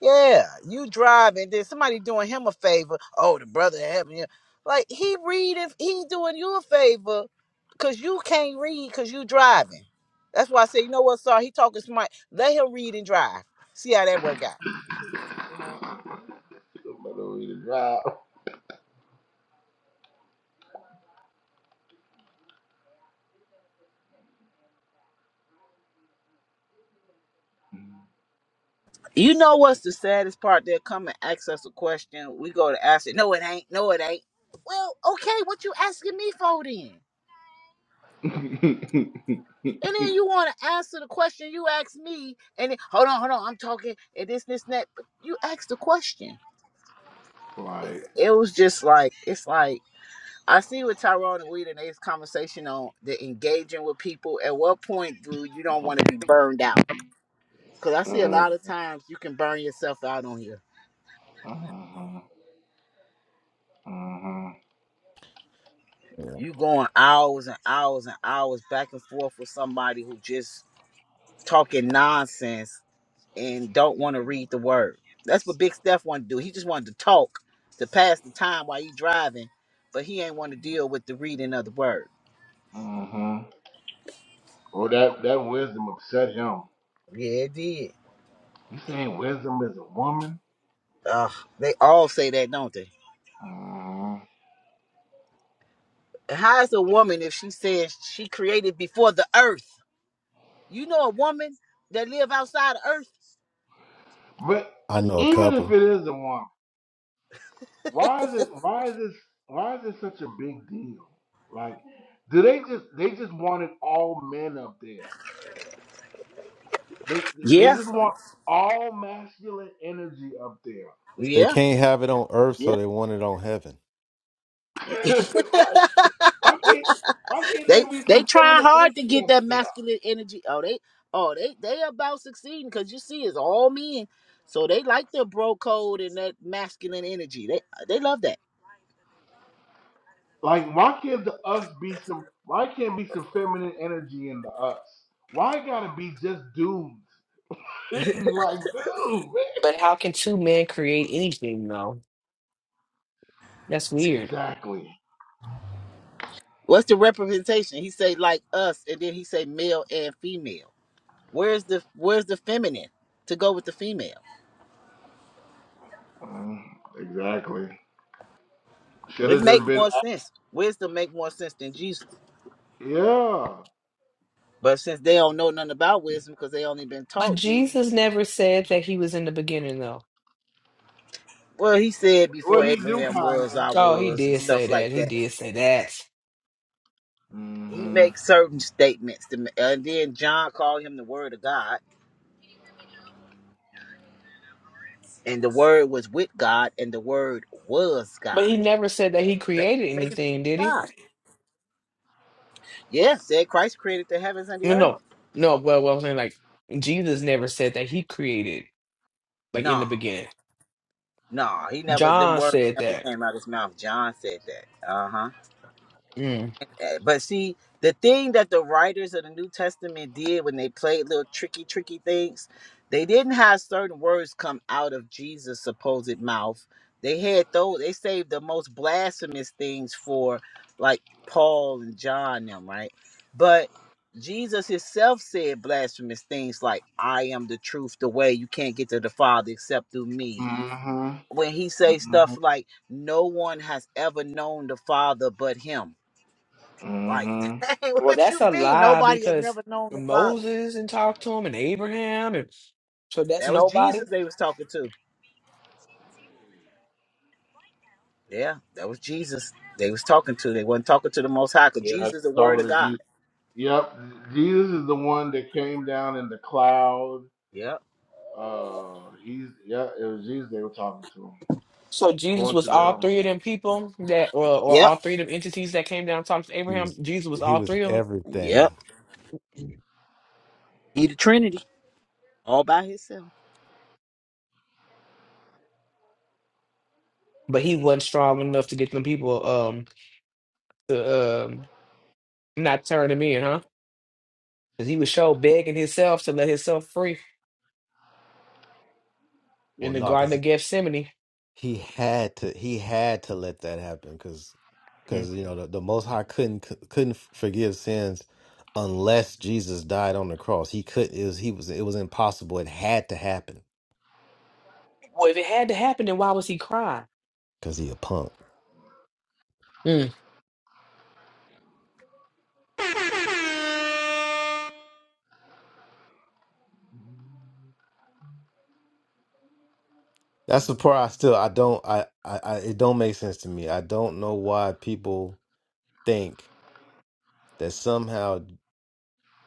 Speaker 2: Yeah, you driving, then somebody doing him a favor. Oh, the brother helping you. Like he reading, he doing you a favor because you can't read because you driving. That's why I say, you know what, sir? He talking smart. Let him read and drive. See how that work out.
Speaker 3: Somebody over here
Speaker 2: You know what's the saddest part? They'll come and ask us a question. We go to ask it. No, it ain't. No, it ain't. Well, okay, what you asking me for then?
Speaker 3: to drive. [LAUGHS]
Speaker 2: And then you want to answer the question you asked me, and then, hold on, hold on, I'm talking, and this, this, and that. But you asked the question.
Speaker 3: like
Speaker 2: It was just like, it's like, I see with Tyrone and Weed and his conversation on the engaging with people. At what point do you don't want to be burned out? Because I see a
Speaker 3: uh
Speaker 2: lot of times you can burn yourself out on here.
Speaker 3: huh. Uh-huh.
Speaker 1: I,
Speaker 2: You going hours and hours and hours back and forth with somebody who just talking nonsense and don't want to read the word. That's what Big Steph wanted to do. He just wanted to talk to pass the time while he driving, but he ain't want to deal with the reading of the word.
Speaker 3: Uh-huh. Well that that wisdom upset him.
Speaker 2: Yeah, it did.
Speaker 3: You saying wisdom is a woman?
Speaker 2: Ugh, they all say that, don't they?
Speaker 3: Uh-huh.
Speaker 2: How is a woman if she says she created before the earth? You know a woman that live outside of earth?
Speaker 3: But
Speaker 1: I know a
Speaker 3: even if
Speaker 1: couple.
Speaker 3: it is a woman. Why is it? Why is this? Why is this such a big deal? Like, do they just they just wanted all men up there? They they
Speaker 2: Yeah.
Speaker 3: just want all masculine energy up
Speaker 1: They
Speaker 2: Yeah.
Speaker 1: can't have it on earth,
Speaker 2: Yeah.
Speaker 1: so they want it on heaven.
Speaker 3: there. [LAUGHS] like,
Speaker 2: [LAUGHS]
Speaker 3: why can't why can't there
Speaker 2: They
Speaker 3: be
Speaker 2: they
Speaker 3: some
Speaker 2: trying
Speaker 3: feminine
Speaker 2: hard to
Speaker 3: energy
Speaker 2: get
Speaker 3: up
Speaker 2: that
Speaker 3: there?
Speaker 2: masculine energy. Oh, they oh they they about succeeding because you see, it's all men, so they like their bro code and that masculine energy. They they love that.
Speaker 3: Like, why can't the us be some? Why can't be some feminine energy in the us? Why it gotta be just dudes? [LAUGHS] like, dude, man.
Speaker 6: But how can two men create anything though? That's weird.
Speaker 3: Exactly.
Speaker 2: What's the representation? He say like us, and then he say male and female. Where's the where's the feminine to go with the female?
Speaker 3: Mm, Exactly. Should
Speaker 2: It
Speaker 3: have
Speaker 2: make
Speaker 3: just been
Speaker 2: more sense. Wisdom make more sense than Jesus,
Speaker 3: Yeah.
Speaker 2: but since they don't know nothing about wisdom because they only been
Speaker 6: But
Speaker 2: taught Jesus.
Speaker 6: Jesus never said that he was in the beginning though.
Speaker 2: Well, he said before
Speaker 3: Well, he do
Speaker 2: Abraham
Speaker 3: kind
Speaker 2: was,
Speaker 3: of.
Speaker 2: I
Speaker 6: Oh, he
Speaker 2: was, and
Speaker 6: did
Speaker 3: hmm
Speaker 6: say
Speaker 2: stuff like
Speaker 6: that. He
Speaker 2: that.
Speaker 6: did say that.
Speaker 2: he
Speaker 3: hmm
Speaker 2: makes certain statements to, ma- and then john called him the word of god and the word was with god and the word was
Speaker 6: But he
Speaker 2: god
Speaker 6: never said that he
Speaker 2: they
Speaker 6: created
Speaker 2: make it
Speaker 6: anything, did he?
Speaker 2: god yeah said christ created the heavens and the
Speaker 6: No,
Speaker 2: earth
Speaker 6: no. No, well, what I'm saying, like, Jesus never said that he created, like, in the
Speaker 2: no
Speaker 6: beginning.
Speaker 2: no he never them
Speaker 6: John
Speaker 2: words
Speaker 6: said
Speaker 2: never
Speaker 6: that.
Speaker 2: came out of his mouth john said that uh-huh
Speaker 6: Mm.
Speaker 2: Uh, But see, the thing that the writers of the New Testament did when they played little tricky, tricky things, they didn't have certain words come out of Jesus' supposed mouth. They had those. They saved the most blasphemous things for, like Paul and John, them right. But Jesus himself said blasphemous things like, "I am the truth, the way. You can't get to the Father except through me."
Speaker 3: hmm
Speaker 2: When he say
Speaker 3: hmm
Speaker 2: stuff like, "No one has ever known the Father but Him." Like,
Speaker 3: mhm.
Speaker 2: [LAUGHS] hey,
Speaker 6: Well,
Speaker 2: what
Speaker 6: that's
Speaker 2: you
Speaker 6: a
Speaker 2: mean?
Speaker 6: lie
Speaker 2: Nobody has
Speaker 6: because
Speaker 2: never known the Father.
Speaker 6: Moses and talked to him and Abraham. And, so that's
Speaker 2: That was
Speaker 6: nobody.
Speaker 2: Jesus they was talking to. Yeah, that was Jesus they was talking to. They wasn't talking to the Most High because
Speaker 3: Yeah, they
Speaker 2: Jesus is
Speaker 3: were
Speaker 2: the Word of
Speaker 3: talking to
Speaker 2: God.
Speaker 3: Jesus. Yep, Jesus is the one that came down in the cloud.
Speaker 2: Yep.
Speaker 3: Uh, he's yeah, it was Jesus they were talking to.
Speaker 6: So Jesus
Speaker 3: According
Speaker 6: was
Speaker 3: to
Speaker 6: all
Speaker 3: them,
Speaker 6: three of them people that, or, or
Speaker 2: Yep.
Speaker 6: all three of them entities that came down and talked to
Speaker 1: He
Speaker 6: Abraham.
Speaker 1: was
Speaker 6: Jesus was
Speaker 1: he
Speaker 6: all
Speaker 1: was
Speaker 6: three of them,
Speaker 2: Yep.
Speaker 1: everything.
Speaker 2: He the Trinity all by himself.
Speaker 6: but he wasn't strong enough to get them people um, to. um Not turning me in, huh? Because he was so begging himself to let himself free in
Speaker 1: Well,
Speaker 6: the
Speaker 1: no,
Speaker 6: Garden
Speaker 1: because
Speaker 6: of Gethsemane.
Speaker 1: he had to he had to let that happen because
Speaker 6: Mm.
Speaker 1: because you know the, the Most High couldn't couldn't forgive sins unless Jesus died on the cross. He could it was he was it was impossible. It had to happen
Speaker 6: Well, if it had to happen, then why was he crying?
Speaker 1: because he a punk.
Speaker 6: Mm. But
Speaker 1: That's the part I still I don't I, I I it don't make sense to me. I don't know why people think that somehow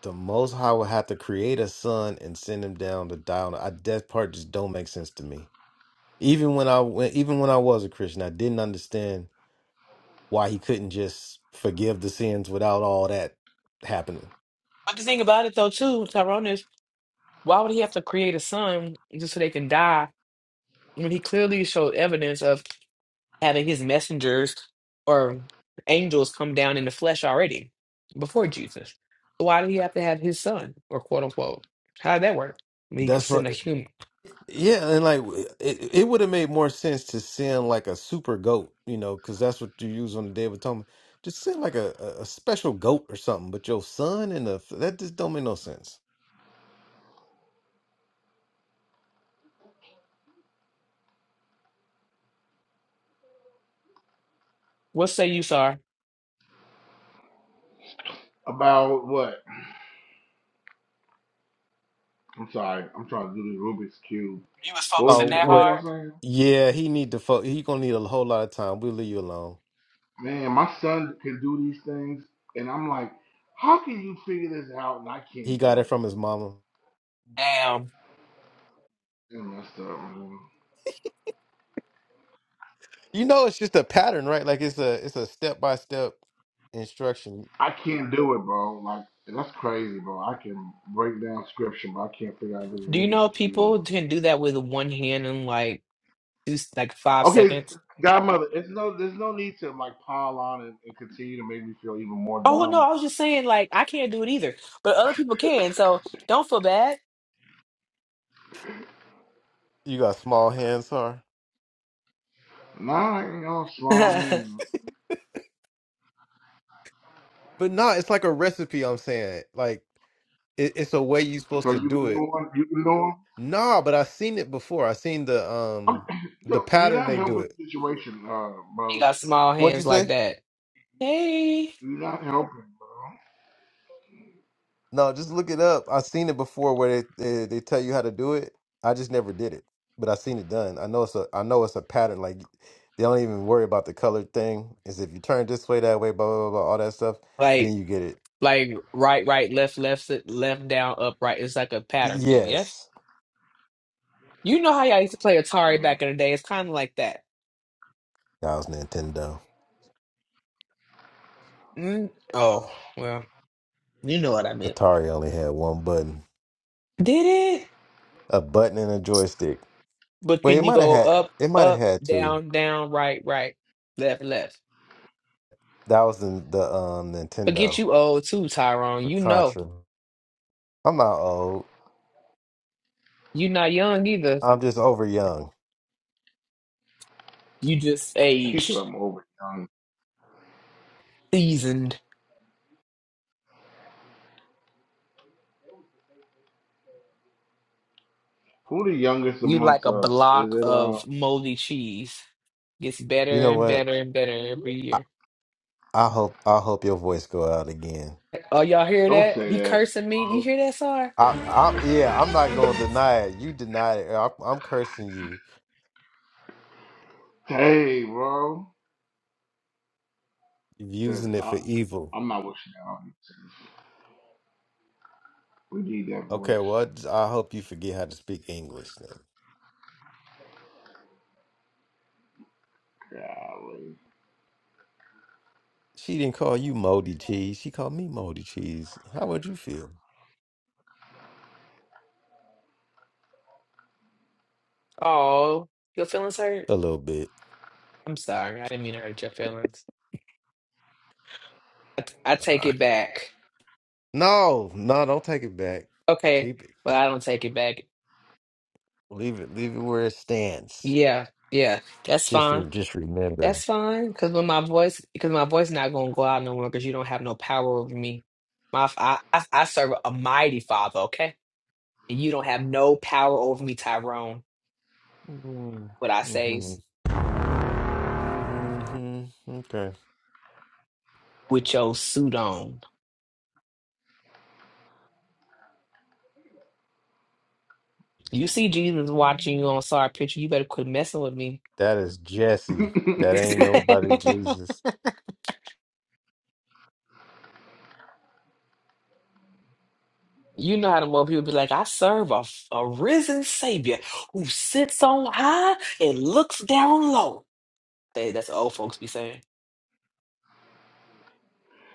Speaker 1: the Most High will have to create a son and send him down to die on. I, that part just don't make sense to me. Even when I went, even when I was a Christian, I didn't understand why he couldn't just forgive the sins without all that happening.
Speaker 6: the thing about it, though, too, Tyrone, is why would he have to create a son just so they can die when he clearly showed evidence of having his messengers or angels come down in the flesh already before Jesus. So why did he have to have his son or quote unquote? How did that work? I mean, he could
Speaker 1: That's what.
Speaker 6: send a human.
Speaker 1: Yeah, and like it, it would have made more sense to send like a super goat, you know, because that's what you use on the Day of Atonement. Just send like a, a a special goat or something. But your son and the that just don't make no sense.
Speaker 6: What say you, Sar?
Speaker 3: about what? I'm sorry, I'm trying to do the Rubik's cube.
Speaker 6: You was
Speaker 3: What was
Speaker 6: focusing
Speaker 1: Oh,
Speaker 3: you?
Speaker 6: that
Speaker 3: What was
Speaker 1: what?
Speaker 6: hard?
Speaker 3: y'all saying?
Speaker 1: Yeah, he need to. Fo- he gonna need a whole lot of time. We'll leave you alone.
Speaker 3: Man, my son can do these things, and I'm like, how can you figure this out and I
Speaker 1: He
Speaker 3: can't
Speaker 1: got it
Speaker 3: do
Speaker 1: from
Speaker 3: it?
Speaker 1: his mama.
Speaker 6: Damn.
Speaker 3: And messed up.
Speaker 1: You know, it's just a pattern, right? Like it's a it's a step by step instruction.
Speaker 3: I can't do it, bro. Like that's crazy, bro. I can break down scripture, but I can't figure out this
Speaker 6: Do you
Speaker 3: Rubik's
Speaker 6: know
Speaker 3: cube.
Speaker 6: people can do that with one hand in like two, like five
Speaker 3: Okay,
Speaker 6: seconds?
Speaker 3: Godmother, it's no, there's no need to like pile on and, and continue to make me feel even more
Speaker 6: Oh no,
Speaker 3: dumb.
Speaker 6: I was just saying like I can't do it either, but other people can. So don't feel bad.
Speaker 1: You got small hands, huh?
Speaker 3: Nah, you know,
Speaker 6: [LAUGHS]
Speaker 3: slow
Speaker 6: he
Speaker 3: hands.
Speaker 1: But no, it's like a recipe. I'm saying, like it, it's a way you're supposed
Speaker 3: So
Speaker 1: to
Speaker 3: you
Speaker 1: do
Speaker 3: can
Speaker 1: it.
Speaker 3: do one. You can do one.
Speaker 1: Nah, but I seen it before. I seen the um
Speaker 3: Okay, [COUGHS] [CLEARS THROAT]
Speaker 1: the
Speaker 3: Yo, you're
Speaker 1: pattern
Speaker 3: not
Speaker 1: they do
Speaker 3: helping
Speaker 1: it.
Speaker 3: the situation, uh, brother.
Speaker 6: got small
Speaker 1: What'd you
Speaker 6: hands
Speaker 1: say?
Speaker 6: like that. Hey,
Speaker 3: You're not helping,
Speaker 1: No, just look it up. I seen it before where they, they they tell you how to do it. I just never did it, but I seen it done. I know it's a I know it's a pattern. Like they don't even worry about the color thing. Is if you turn this way, that way, blah blah blah, blah all that stuff,
Speaker 6: like.
Speaker 1: then you get it.
Speaker 6: Like right, right, left, left, sit- left, down, up, right. It's like a pattern thing. Yes,
Speaker 1: Yes,
Speaker 6: you know how y'all used to play
Speaker 3: bro.
Speaker 6: Atari back
Speaker 3: Uh,
Speaker 6: in the day. It's kind of like that.
Speaker 1: that was Nintendo.
Speaker 6: Mm. Oh well, you know what I meant.
Speaker 1: Atari only had one button,
Speaker 6: Did it?
Speaker 1: a button and a joystick.
Speaker 6: But
Speaker 1: Wait, it
Speaker 6: can you
Speaker 1: might have
Speaker 6: go
Speaker 1: had
Speaker 6: up,
Speaker 1: it might have
Speaker 6: up,
Speaker 1: had two.
Speaker 6: down, down, right, right, left, left?
Speaker 1: That was the the um
Speaker 6: Forget
Speaker 1: Nintendo.
Speaker 6: you old too, Tyrone.
Speaker 1: for
Speaker 6: You know
Speaker 1: Contra. I'm not old.
Speaker 6: you not young either.
Speaker 1: I'm just over young.
Speaker 6: You just
Speaker 3: [LAUGHS] he said
Speaker 6: aged,
Speaker 3: I'm over young.
Speaker 6: seasoned.
Speaker 3: Who the youngest
Speaker 6: You like
Speaker 3: amongst
Speaker 6: a
Speaker 3: us? Is
Speaker 6: block
Speaker 3: it uh?
Speaker 6: of moldy cheese. Gets
Speaker 1: You
Speaker 6: better
Speaker 1: know
Speaker 6: and
Speaker 1: what?
Speaker 6: better and better every
Speaker 1: I,
Speaker 6: year.
Speaker 1: I hope I hope your voice go out again.
Speaker 6: Oh, y'all hear
Speaker 3: Don't
Speaker 6: that?
Speaker 3: say
Speaker 6: He
Speaker 3: that,
Speaker 6: cursing me. You
Speaker 3: bro.
Speaker 6: hear that, Sar?
Speaker 1: I, I yeah, I'm not gonna deny it. You denied it. I, I'm cursing you,
Speaker 3: Hey, bro. Says,
Speaker 1: using it
Speaker 3: I,
Speaker 1: for evil.
Speaker 3: I'm not wishing that on you. Says, we need that voice.
Speaker 1: Okay, well, I hope you forget how to speak English then.
Speaker 3: Golly.
Speaker 1: She didn't call you moldy cheese. She called me moldy cheese. How would you feel?
Speaker 6: Oh, your feelings hurt?
Speaker 1: A little bit.
Speaker 6: I'm sorry. I didn't mean to hurt your feelings. I, t- I take
Speaker 1: Ah.
Speaker 6: it back.
Speaker 1: no, no, don't take it back.
Speaker 6: Okay.
Speaker 1: Keep it.
Speaker 6: Well, I don't take it back.
Speaker 1: Leave it. Leave it where it stands.
Speaker 6: Yeah. Yeah. That's
Speaker 1: Just,
Speaker 6: fine.
Speaker 1: re- just remember.
Speaker 6: That's fine. Because when my voice, because my voice not going to go out no more because you don't have no power over me. My, f- I, I, I serve a mighty father, okay? And you don't have no power over me, Tyrone. What I
Speaker 1: Mm-hmm.
Speaker 6: says
Speaker 1: Mm-hmm. Okay.
Speaker 6: with your suit on. You see Jesus watching you on Sar picture. You better quit messing with me.
Speaker 1: That is Jesse. That ain't
Speaker 3: Mhm.
Speaker 1: nobody
Speaker 6: [LAUGHS]
Speaker 1: Jesus.
Speaker 6: You know how the more people be like, I serve a, a risen Savior who sits on high and looks down low. They, that's what old folks be saying.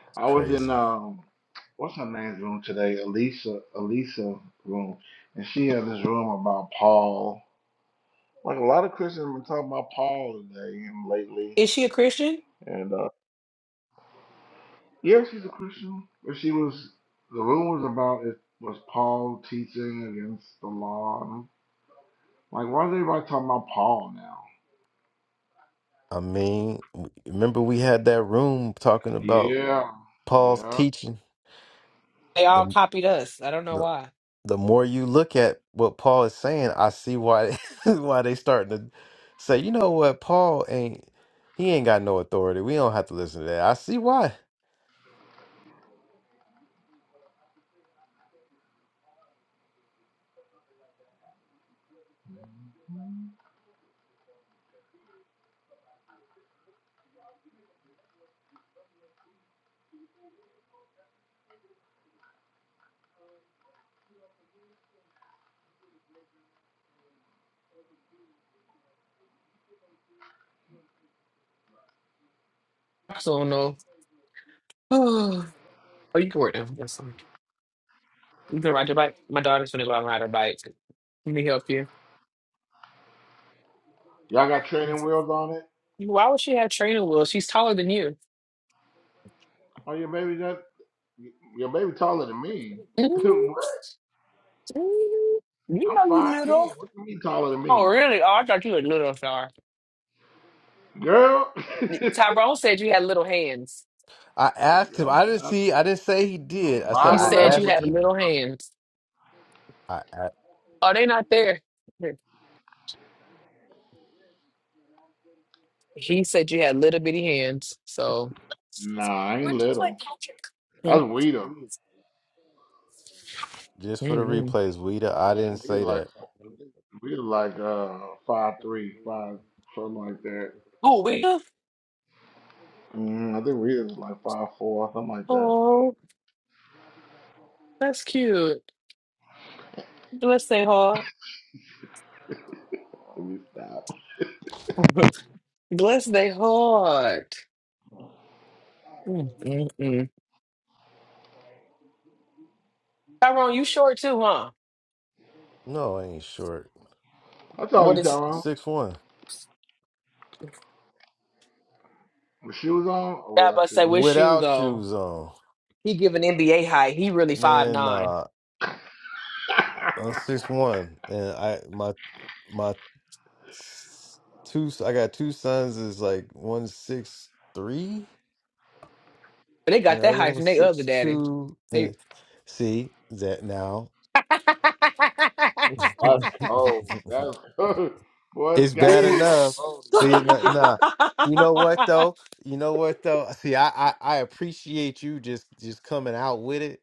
Speaker 3: [LAUGHS]
Speaker 1: It's
Speaker 3: I was in,
Speaker 1: crazy.
Speaker 3: um, what's her name's room today? Elisa, Elisa room. And she had this room about Paul. Like a lot of Christians have been talking about Paul today and lately.
Speaker 6: Is she a Christian?
Speaker 3: And, uh, yeah, she's a Christian. But she was, the room was about it was Paul teaching against the law. And I'm like, why is everybody talking about Paul now?
Speaker 1: I mean, w- remember we had that room talking about
Speaker 3: Yeah.
Speaker 1: Paul's
Speaker 3: Yeah.
Speaker 1: teaching.
Speaker 6: They all
Speaker 1: The
Speaker 6: copied us. I don't know
Speaker 1: the
Speaker 6: why.
Speaker 1: the more you look at what Paul is saying, I see why [LAUGHS] why they starting to say, you know what, Paul ain't he ain't got no authority. We don't have to listen to that. I see why.
Speaker 6: I still don't know. [SIGHS] Oh, you can work now. That's fine. You can ride your bike. My daughter's gonna go out and ride her bike. Let me help you.
Speaker 3: Y'all got training wheels on it?
Speaker 6: Why would she have training wheels? She's taller than you. [LAUGHS]
Speaker 3: Oh, your baby got your baby taller than me. [LAUGHS]
Speaker 6: You
Speaker 3: what? I'm
Speaker 6: know you
Speaker 3: five ten.
Speaker 6: little.
Speaker 3: What you mean taller than
Speaker 6: Oh,
Speaker 3: me,
Speaker 6: really? Oh, I thought you were little, sir.
Speaker 3: girl? [LAUGHS]
Speaker 6: Tyrone said you had little hands.
Speaker 1: I asked him.
Speaker 3: girl,
Speaker 1: I didn't
Speaker 3: I'm
Speaker 1: see I didn't say he did. I said
Speaker 6: He
Speaker 3: five
Speaker 1: I
Speaker 6: said
Speaker 3: eleven
Speaker 6: you
Speaker 3: with
Speaker 1: asked
Speaker 6: had
Speaker 3: you.
Speaker 1: him.
Speaker 6: little hands.
Speaker 1: I. asked.
Speaker 6: Are they not there? He said you had little bitty hands. So.
Speaker 3: Nah, I ain't little.
Speaker 6: Mm,
Speaker 3: That's Weeder.
Speaker 1: Just for the
Speaker 6: mm, mm.
Speaker 1: replays, Weeda, I didn't
Speaker 3: Weeder
Speaker 1: say
Speaker 3: like
Speaker 1: that.
Speaker 3: Weeder like uh five three, five something like that.
Speaker 6: Oh wait.
Speaker 3: Mm, I think Weeder's like five four, something like that.
Speaker 6: Oh, that's cute. Bless their heart.
Speaker 3: Let me stop.
Speaker 6: [LAUGHS] Bless their heart. Mm, mm, mm. Tyrone, you short too, huh?
Speaker 1: No, I ain't short.
Speaker 3: I told
Speaker 6: What
Speaker 3: you,
Speaker 6: is
Speaker 3: Tyrone.
Speaker 1: Six one
Speaker 3: With shoes on or
Speaker 6: that about
Speaker 3: without
Speaker 6: to say
Speaker 3: shoes?
Speaker 6: with you
Speaker 1: without
Speaker 6: though?
Speaker 1: shoes on,
Speaker 6: He give an NBA height. He really five
Speaker 1: man.
Speaker 6: nine,
Speaker 1: Nah, I'm
Speaker 3: [LAUGHS]
Speaker 1: six one, and I my my s- two I got two sons is like one six three,
Speaker 6: but they
Speaker 1: and
Speaker 6: got
Speaker 1: the
Speaker 6: that
Speaker 1: other
Speaker 6: height
Speaker 1: one
Speaker 6: from their other
Speaker 1: six
Speaker 6: daddy.
Speaker 1: two. And
Speaker 6: They.
Speaker 1: it- see that now.
Speaker 3: That's
Speaker 6: [LAUGHS]
Speaker 3: cold.
Speaker 1: [LAUGHS]
Speaker 3: That's cold. [LAUGHS] Boy,
Speaker 1: It's bad
Speaker 3: godmother on
Speaker 1: enough.
Speaker 3: the roll
Speaker 1: See,
Speaker 3: today.
Speaker 1: nah,
Speaker 3: [LAUGHS]
Speaker 1: nah. You know what though? You know what though? See, I, I I appreciate you just just coming out with it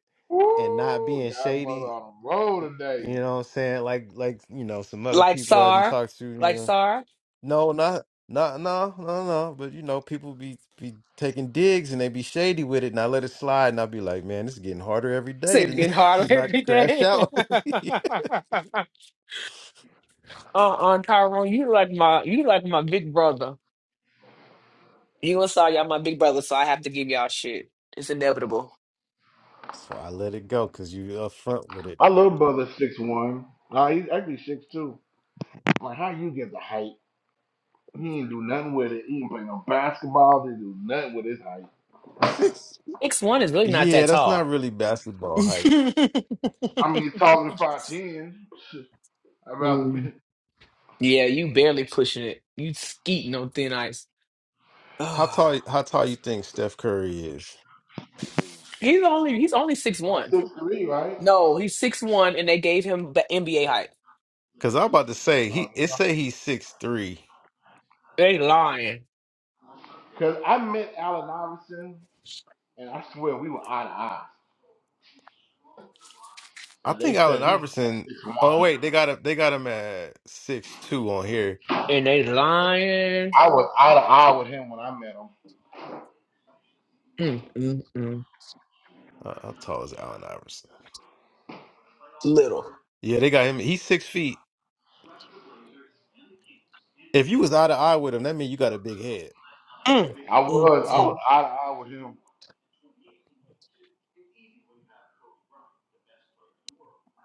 Speaker 1: and not
Speaker 3: Woo!
Speaker 1: being
Speaker 3: Godmother
Speaker 1: shady.
Speaker 3: on a roll today.
Speaker 1: You know what I'm saying? Like like you know some other
Speaker 6: like
Speaker 1: people I didn't
Speaker 6: Sar,
Speaker 1: talk to. You
Speaker 6: like
Speaker 1: know,
Speaker 6: Sar,
Speaker 1: no, not not no no no. But you know people be be taking digs and they be shady with it, and I let it slide, and I be like, man, this is getting harder every day
Speaker 6: said
Speaker 1: to
Speaker 6: getting
Speaker 1: [LAUGHS]
Speaker 6: harder
Speaker 1: to not
Speaker 6: every
Speaker 1: crash
Speaker 6: day. [LAUGHS] uh,
Speaker 1: out. [LAUGHS]
Speaker 6: uh, Tyrone, you like my, you like my big brother. You and Sar, y'all my big brother, so I have to give y'all shit. It's inevitable.
Speaker 1: so I let it go because you up front with
Speaker 3: My little brother six one. Nah, he's actually six two. Like how you get the height? He ain't do nothing with it. He ain't play no basketball. He do nothing with his height.
Speaker 1: it. [LAUGHS]
Speaker 6: X one is really not
Speaker 1: Yeah,
Speaker 6: that
Speaker 1: that's not
Speaker 6: tall.
Speaker 1: really
Speaker 6: [LAUGHS]
Speaker 1: basketball height.
Speaker 3: I mean, he's taller than five ten. [LAUGHS] I'd rather
Speaker 6: Mm.
Speaker 3: be [LAUGHS]
Speaker 6: Yeah, you barely pushing it. You skeeting on thin ice.
Speaker 1: How
Speaker 6: Ah,
Speaker 1: tall? How tall you think Steph Curry is?
Speaker 6: he's only he's only six
Speaker 3: like
Speaker 6: one.
Speaker 3: six three, right?
Speaker 6: No, he's six one, and they gave him the NBA height.
Speaker 1: Because I'm about to say
Speaker 3: Oh
Speaker 1: he. It
Speaker 3: yeah.
Speaker 1: say he's six three.
Speaker 6: They lying
Speaker 3: Cause I met Allen Iverson, and I swear we were eye to eye,
Speaker 1: I
Speaker 3: and
Speaker 1: think
Speaker 3: they said
Speaker 1: Allen
Speaker 3: he was like
Speaker 1: Iverson.
Speaker 3: six
Speaker 1: Oh
Speaker 3: one.
Speaker 1: wait, they got him. They got him at six two on here.
Speaker 6: and they lying.
Speaker 3: I was eye to eye with him when I met him.
Speaker 6: Mm, mm, mm.
Speaker 1: Uh, how tall is Allen Iverson?
Speaker 6: Little.
Speaker 1: Yeah, they got him. He's six feet. If you was eye to eye with him, that means you got a big head.
Speaker 6: Mm,
Speaker 3: I
Speaker 6: mm,
Speaker 3: was, I
Speaker 6: mm,
Speaker 3: was eye to eye with him.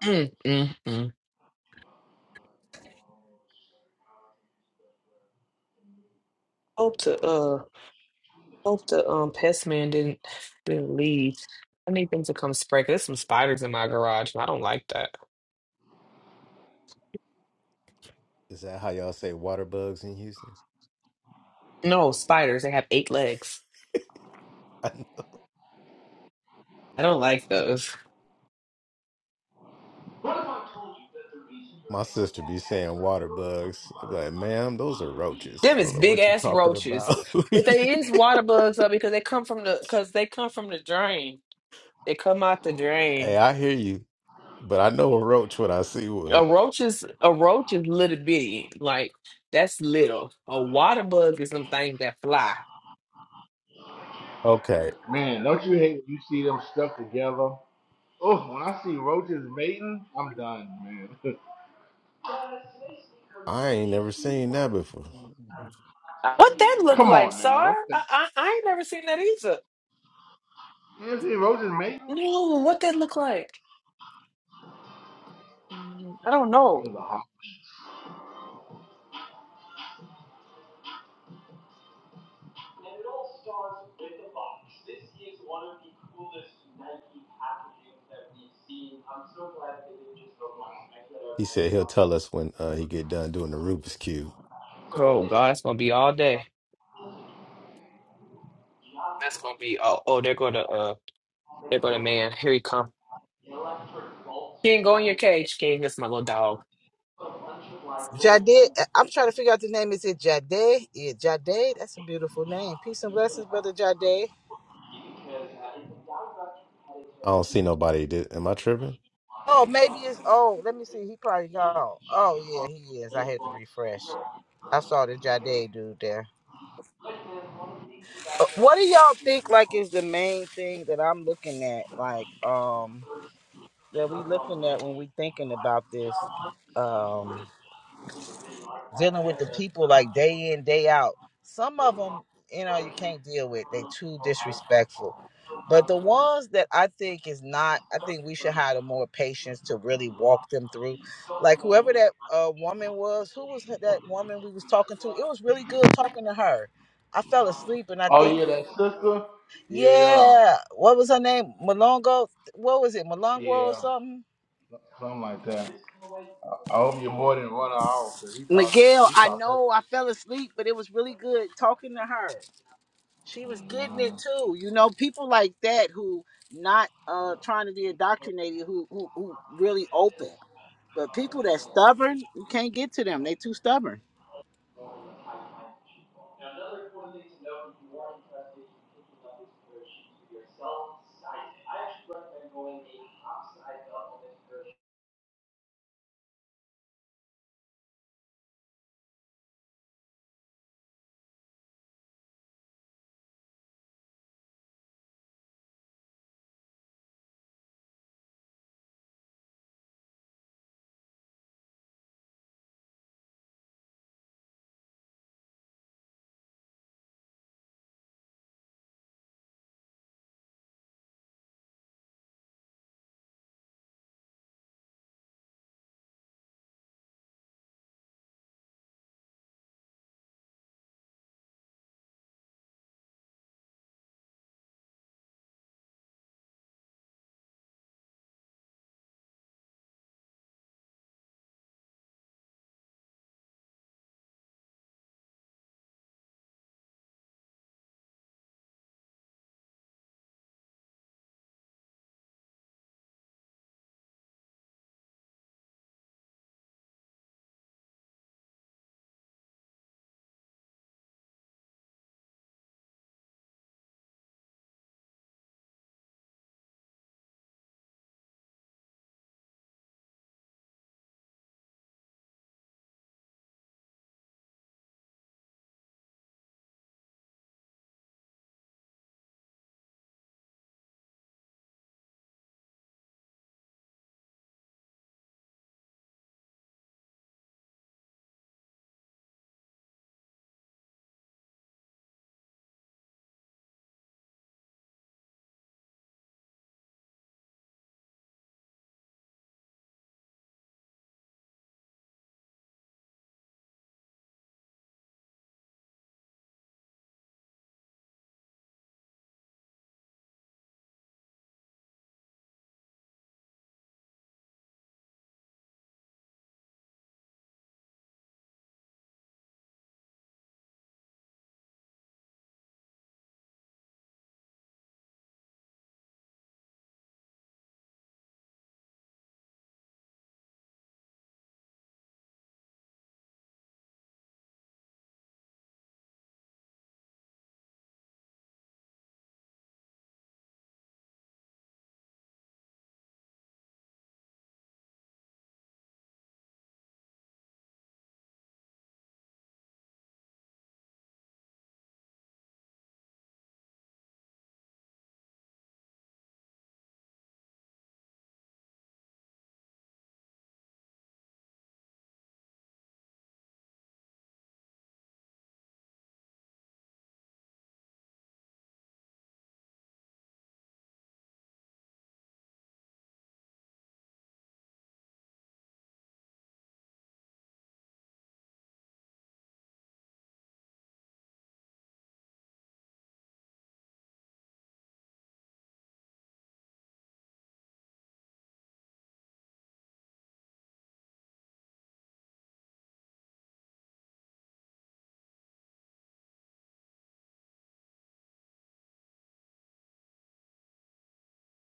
Speaker 6: mm, mm, mm. Hope to uh hope the um pest man didn't didn't leave. I need them to come spray. 'cause There's some spiders in my garage, and I don't like that.
Speaker 1: Is that how y'all say water bugs in Houston?
Speaker 6: No spiders. They have eight legs.
Speaker 1: [LAUGHS] I know.
Speaker 6: I don't like those.
Speaker 1: My sister be saying water bugs. I'm like, ma'am, those are roaches.
Speaker 6: Them
Speaker 1: I don't
Speaker 6: is
Speaker 1: know
Speaker 6: big
Speaker 1: what you're
Speaker 6: ass
Speaker 1: talking
Speaker 6: roaches,
Speaker 1: about. [LAUGHS]
Speaker 6: but they is water bugs though because they come from the because they come from the drain. They come out the
Speaker 1: Hey,
Speaker 6: drain.
Speaker 1: I hear you. But I know a roach when I see one.
Speaker 6: A roach is a roach is little bitty, like that's little. A water bug is some things that fly.
Speaker 1: Okay,
Speaker 3: Man, don't you hate when you see them stuck together? Oh, when I see roaches mating, I'm done, man. [LAUGHS]
Speaker 1: I ain't never seen that before.
Speaker 6: What that look
Speaker 3: Come
Speaker 6: like,
Speaker 3: on now,
Speaker 6: Sar?
Speaker 3: don't say.
Speaker 6: I, I I ain't never seen that either.
Speaker 3: You ever see roaches mating?
Speaker 6: No, what that look like? Mm, I don't know.
Speaker 3: It's a hot.
Speaker 1: He said he'll tell us when uh, he get done doing the Rubik's cube.
Speaker 6: Oh God, it's gonna be all day. That's gonna be oh oh they're gonna uh they're gonna man here he come. King, go in your cage, King. That's my little dog.
Speaker 2: Jade, I'm trying to figure out the name. Is it Jade? Yeah, Jade. That's a beautiful name. Peace and blessings, brother Jade.
Speaker 1: I don't see nobody. Did, am I tripping?
Speaker 2: Oh, maybe it's. Oh, let me see. He probably gone. Oh yeah, he is. I had to refresh. I saw the Jade dude there. Uh, what do y'all think like is the main thing that I'm looking at like um that we looking at when we thinking about this um dealing with the people like day in day out some of them you know you can't deal with they too disrespectful but the ones that I think is not I think we should have the more patience to really walk them through like whoever that uh, woman was who was that woman we was talking to it was really good talking to her I fell asleep and I think
Speaker 3: Oh yeah, that sister. Yeah,
Speaker 2: Yeah. What was her name? Malongo. What was it? Malongo or
Speaker 3: yeah,
Speaker 2: something?
Speaker 3: something like that. I, I hope your boy didn't run her off because he talked,
Speaker 2: Miguel,
Speaker 3: he
Speaker 2: I
Speaker 3: talked that
Speaker 2: know I fell
Speaker 3: shit.
Speaker 2: asleep, but it was really good talking to her. She was getting it
Speaker 3: Mhm.
Speaker 2: too. You know, people like that who not uh trying to be indoctrinated, who who, who really open. But people that stubborn, you can't get to them. They too stubborn.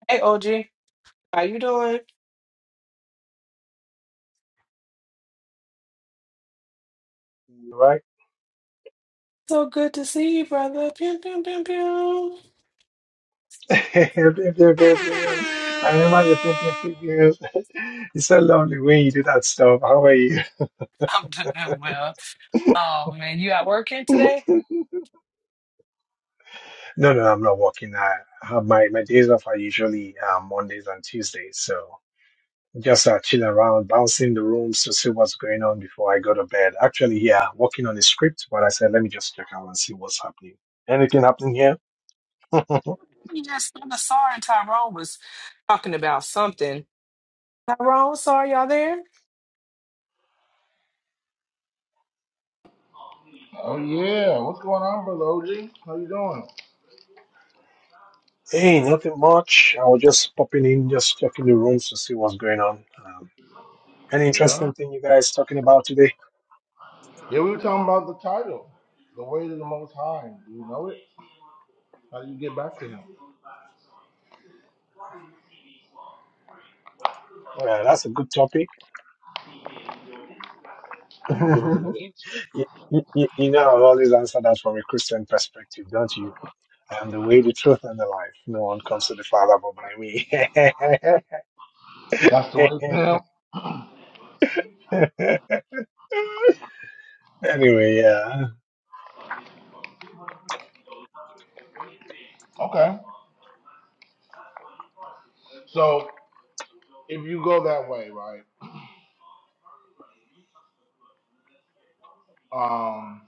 Speaker 6: Hey, OG, how you doing?
Speaker 7: right?
Speaker 6: So good to see you, brother. Pew, pew, pew, pew.
Speaker 7: [LAUGHS] Pew, pew, pew,
Speaker 6: [LAUGHS]
Speaker 7: pew, pew. I remember your pimping figures. [LAUGHS] It's so lovely when you do that stuff. How are you?
Speaker 6: I'm doing well. Oh man, you out working today?
Speaker 7: [LAUGHS] No, no, I'm not working. I have my, my days off are usually uh, Mondays and Tuesdays. So just uh, chilling around, bouncing the rooms to see what's going on before I go to bed. Actually, yeah, working on the script, but I said, let me just check out and see what's happening. Anything happening here? [LAUGHS]
Speaker 6: You just I just saw her and Tyrone was talking about something. Tyrone, sorry y'all there?
Speaker 3: Oh yeah, what's going on, brother OG? How you doing?
Speaker 7: hey, nothing much. I was just popping in, just checking the rooms to see what's going on. Um, An
Speaker 3: Yeah.
Speaker 7: interesting thing you guys talking about today.
Speaker 3: Yeah, we were talking about the title, the way to the Most High. Do you know it? How do you get back to Him?
Speaker 7: Well, that's a good topic. [LAUGHS]
Speaker 3: Come on, give us a good
Speaker 7: you,
Speaker 3: answer.
Speaker 7: you, you know, i always answer that from a Christian perspective, don't you? I am the way, the truth, and the life. No one comes to the Father but by me.
Speaker 3: That's the way to Him.
Speaker 7: [LAUGHS] anyway, yeah.
Speaker 3: Okay. So if you go that way, right? Um.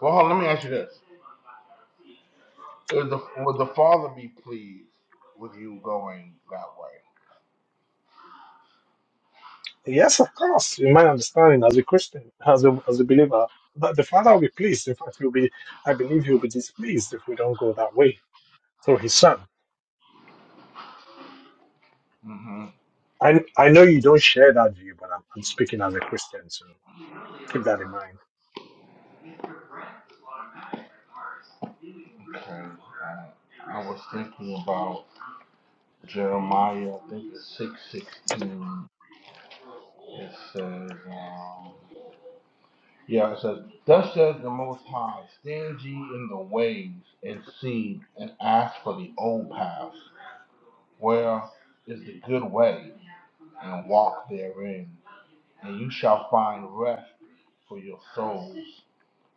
Speaker 3: Well, hold on, let me ask you this: Is the would the Father be pleased with you going that way?
Speaker 7: Yes, of course. In my understanding, as a Christian, as a, as a believer, that the Father will be pleased. In fact, he'll be, I believe he'll be displeased if we don't go that way through his Son.
Speaker 3: Mm-hmm.
Speaker 7: I, I know you don't share that view, but I'm, I'm speaking as a Christian. so. Keep that in mind.
Speaker 3: Okay. I, I was thinking about Jeremiah. I think it's six sixteen. It says. um, Yeah, it says, Thus says the Most High, stand ye in the ways and see and ask for the old paths, where is the good way, and walk therein, and you shall find rest for your souls.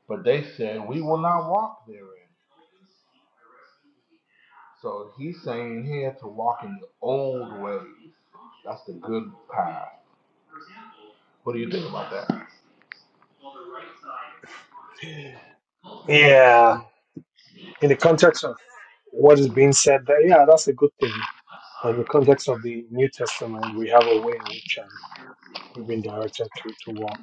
Speaker 3: But they said, We will not walk therein. So he's saying here to walk in the old ways. That's the good path. What do you think about that?
Speaker 7: Yeah, in the context of what is being said there, yeah, that's a good thing. But in the context of the New Testament, we have a way in which um, we've been directed to to walk.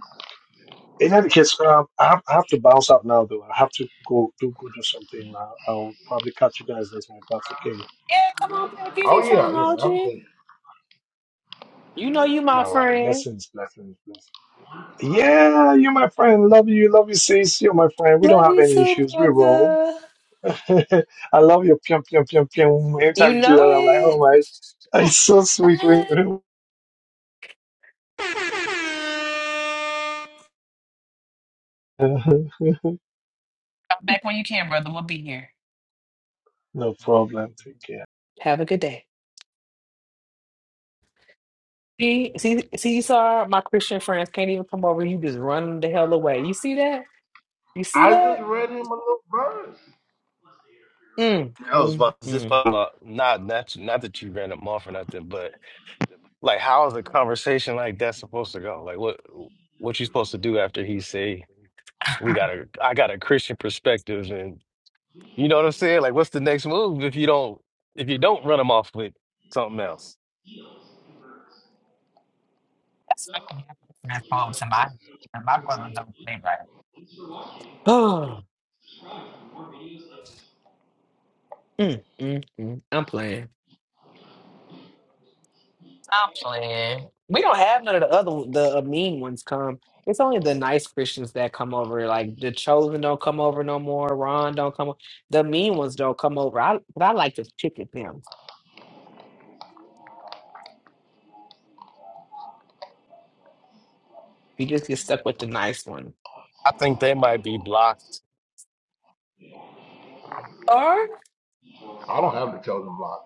Speaker 7: In any case, um, I, have, I have to bounce out now, though. I have to go do go do something. I'll, I'll probably catch you guys later if that's okay.
Speaker 6: Yeah, come on back
Speaker 3: Oh yeah,
Speaker 6: anytime, OG.
Speaker 3: yeah. Absolutely.
Speaker 6: You know you my
Speaker 7: All right,
Speaker 6: friend.
Speaker 7: blessings, blessings, blessings. Yeah, you are my friend. Love you, love you, sis. You're my friend. We don't
Speaker 6: Love
Speaker 7: have
Speaker 6: you
Speaker 7: any
Speaker 6: too,
Speaker 7: issues. We roll.
Speaker 6: brother.
Speaker 7: [LAUGHS] I love your pium pium pium pium. Every
Speaker 6: You
Speaker 7: time you do that,
Speaker 6: know
Speaker 7: I'm like, oh
Speaker 6: it.
Speaker 7: my, it's so
Speaker 6: [LAUGHS]
Speaker 7: sweet when
Speaker 6: Bye.
Speaker 7: you. [LAUGHS]
Speaker 6: Come back when you can, brother. We'll be here.
Speaker 7: no problem. Take care.
Speaker 6: Have a good day. See, see, see, You saw my Christian friends can't even come over. You just run the hell away. You see that? You see
Speaker 3: I
Speaker 6: that?
Speaker 3: just read him a little verse.
Speaker 6: Mm,
Speaker 1: I was
Speaker 6: mm,
Speaker 1: about to just
Speaker 6: mm.
Speaker 1: follow up. Not, not, not that you ran them off or nothing, but like, how is a conversation like that supposed to go? Like, what, what you supposed to do after he say, "We got a, I got a Christian perspective," and you know what I'm saying? Like, what's the next move if you don't, if you don't run them off with something else?
Speaker 6: That's what can happen when I call somebody. You my brother don't play right. [GASPS] Oh, mm, mm, mm. I'm playing. Stop playing. We don't have none of the other the mean ones come. It's only the nice Christians that come over. Like the chosen don't come over no more. Ron don't come. o- The mean ones don't come over. I but I like to pick at them. You just get stuck with the nice one.
Speaker 1: I think they might.
Speaker 6: Or
Speaker 3: I don't have the chosen block.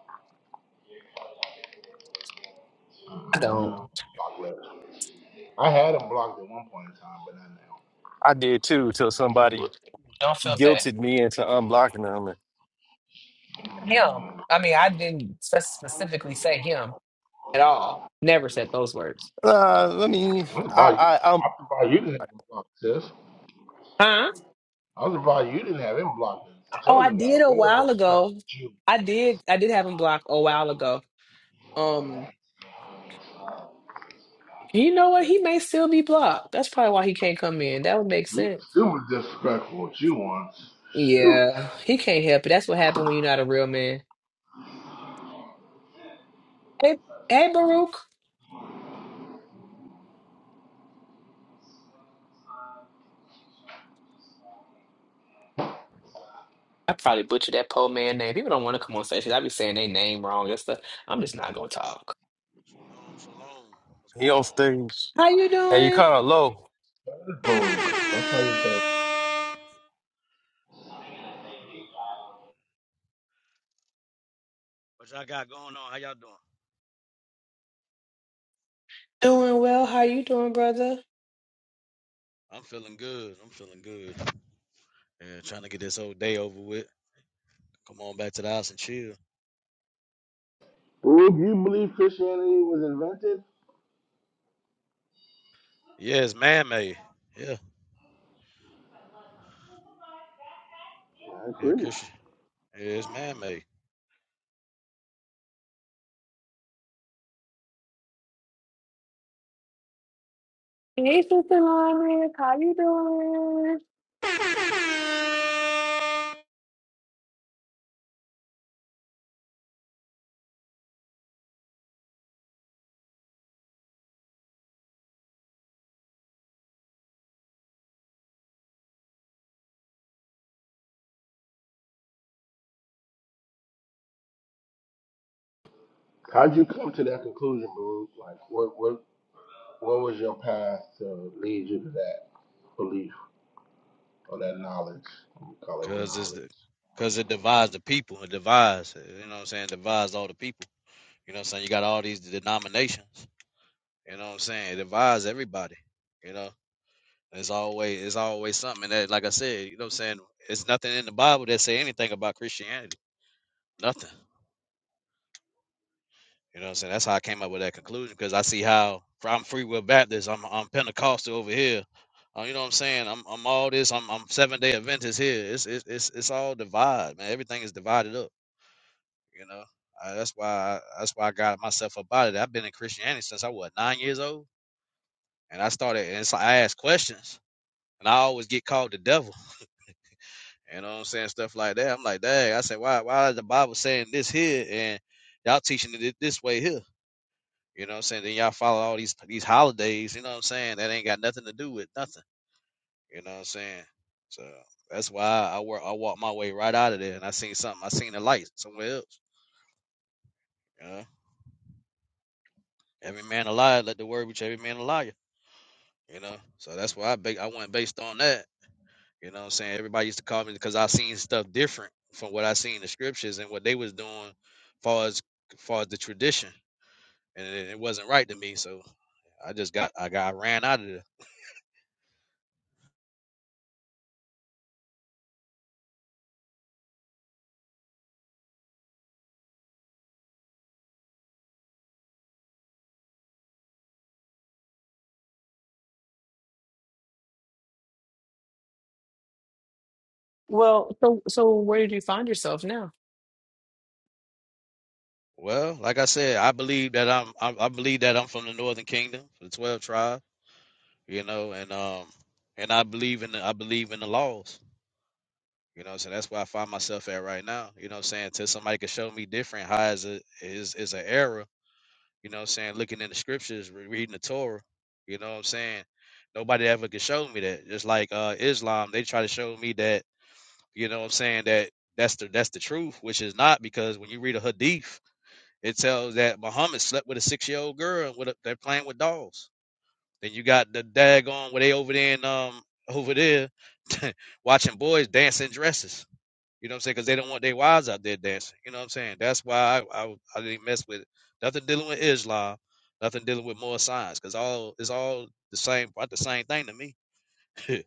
Speaker 6: I
Speaker 3: You
Speaker 6: don't.
Speaker 3: know, block letters. I had them blocked at one point in time, but not
Speaker 6: Don't feel bad. Him. I mean, I didn't spe- specifically say him at all. Never said those words.
Speaker 1: Uh, I mean,
Speaker 3: now. I'm
Speaker 1: I,
Speaker 3: surprised you.
Speaker 1: I, I'm
Speaker 3: I'm surprised you didn't have them blocked, sis.
Speaker 6: Huh?
Speaker 3: I'm surprised you didn't have him blocked. The
Speaker 6: oh, I
Speaker 3: chosen guy,
Speaker 6: did a
Speaker 3: real
Speaker 6: while
Speaker 3: disrespectful
Speaker 6: ago.
Speaker 3: with you.
Speaker 6: I did I did have him blocked a while ago. You know what? He may still be blocked. That's probably why he can't come in. That would make
Speaker 3: He was
Speaker 6: sense.
Speaker 3: super disrespectful with you once. Shoot,
Speaker 6: Yeah, he can't help it. That's what happened when you're not a real man. Hey, hey, Baruch. I probably butchered that poor man name. People don't want to come on stage. I be saying their name wrong and stuff. I'm just not gonna talk.
Speaker 8: Shalom, shalom. What's
Speaker 1: he
Speaker 8: going
Speaker 1: on
Speaker 8: on?
Speaker 1: stage,
Speaker 6: How you
Speaker 1: and you
Speaker 6: doing?
Speaker 1: kind of low.
Speaker 3: that is bold.
Speaker 8: I'm doing
Speaker 3: That's how
Speaker 8: good.
Speaker 3: you
Speaker 8: What's
Speaker 3: said.
Speaker 8: going on? What y'all got going on? How y'all doing?
Speaker 6: Doing well. How you doing, brother?
Speaker 8: I'm feeling good. I'm feeling good. Yeah, trying to get this whole day over with. Come on back to the house and chill.
Speaker 3: Baruch, you believe Christianity was invented?
Speaker 8: Yeah, it's man made. Yeah,
Speaker 3: I
Speaker 8: yeah,
Speaker 3: agree.
Speaker 8: Christian. Yeah, it's man made.
Speaker 6: Hey, sister Lyman. How you doing?
Speaker 3: How'd you come to that conclusion, Baruch? Like, what, what, what was your path to lead you to that belief or that knowledge? We call it
Speaker 8: Cause it's the,
Speaker 3: knowledge.
Speaker 8: cause it divides the people. It divides. You know what I'm saying? It divides all the people. You know what I'm saying? You got all these denominations. You know what I'm saying? It divides everybody. You know. what I'm It's always it's always something that, like I said, you know what I'm saying? It's nothing in the Bible that say anything about Christianity. Nothing. You know what I'm saying? That's how I came up with that conclusion because I see how fr- I'm free will Baptist, I'm I'm Pentecostal over here. Uh, you know what I'm saying? I'm I'm all this, I'm I'm seven day Adventist here. It's it's it's it's all divide, man. Everything is divided up, you know. Uh, that's why I, that's why I got myself up out of it. I've been in Christianity since I was nine years old, and I started. And so I asked questions, and I always get called the devil. You know what I'm saying? Stuff like that. I'm like, dang, I said, why why is the Bible saying this here and y'all teaching it this way here? You know what I'm saying? Then y'all follow all these these holidays, you know what I'm saying? That ain't got nothing to do with nothing. You know what I'm saying? So that's why I work I walked my way right out of there and I seen something, I seen a light somewhere else. You know? Every man a liar, let the word reach every man a liar. You know? So that's why I ba- I went based on that. You know what I'm saying? Everybody used to call me because I seen stuff different from what I seen in the scriptures and what they was doing far as far as the tradition. And it, it wasn't right to me. So I just got I got I ran out of there.
Speaker 6: Well, so so where did you find yourself now?
Speaker 8: Well, like I said, I believe that I'm I, I believe that I'm from the northern kingdom, the twelve tribe, you know, and um and I believe in the I believe in the laws. You know, so that's where I find myself at right now. You know what I'm saying? Till somebody can show me different how is it is is an error you know what I'm saying, looking in the scriptures, re- reading the Torah, you know what I'm saying? Nobody ever could show me that. Just like uh Islam, they try to show me that, you know what I'm saying, that that's the that's the truth, which is not because when you read a hadith, it tells that Muhammad slept with a six year old girl and with a, they're playing with dolls. Then you got the daggone where they over there in um over there [LAUGHS] watching boys dancing dresses. You know what I'm saying? Because they don't want their wives out there dancing. You know what I'm saying? That's why I, I, I didn't mess with nothing dealing with Islam, nothing dealing with more science, because all it's all the same, about the same thing to me. [LAUGHS]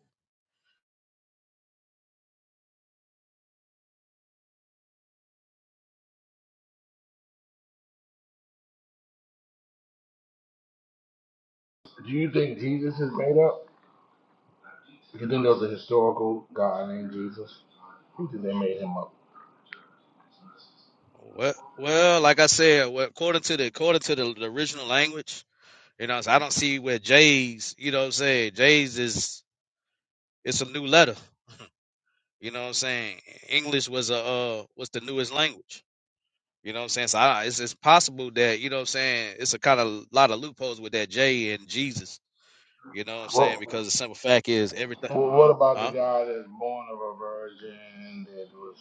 Speaker 3: Do you think Jesus is made up? You think there was a historical guy named Jesus? You think they made him up?
Speaker 8: well, well, like I said, well, according to the according to the, the original language, you know, so I don't see where J's. You know what I'm saying? J's is it's a new letter. You know what I'm saying? English was a uh, was the newest language. You know what I'm saying? So I, it's it's possible that you know what I'm saying. It's a kind of lot of loopholes with that J and Jesus You know what I'm saying?
Speaker 3: Well,
Speaker 8: Because the simple fact is everything,
Speaker 3: well, what about the
Speaker 8: huh?
Speaker 3: guy that's born of a virgin that was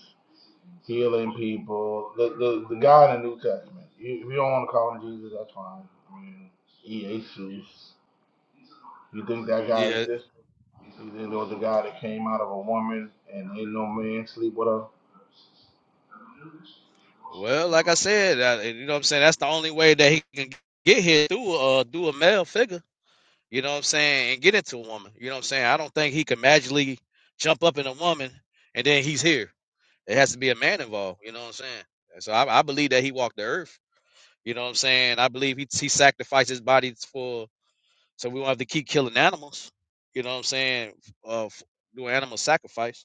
Speaker 3: healing people? The the, the guy in the New Testament. You, if you don't want to call him Jesus, that's fine. I mean, Jesus. You think that guy
Speaker 8: Yeah.
Speaker 3: existed? You think there was a guy that came out of a woman and ain't no man sleep with her?
Speaker 8: Well, like I said, uh, you know what I'm saying. That's the only way that he can get here through uh through a male figure. You know what I'm saying, and get into a woman. You know what I'm saying. I don't think he can magically jump up in a woman and then he's here. It has to be a man involved. You know what I'm saying. And so I, I believe that he walked the earth. You know what I'm saying. I believe he he sacrificed his body for so we won't have to keep killing animals. You know what I'm saying? Uh, f- do animal sacrifice.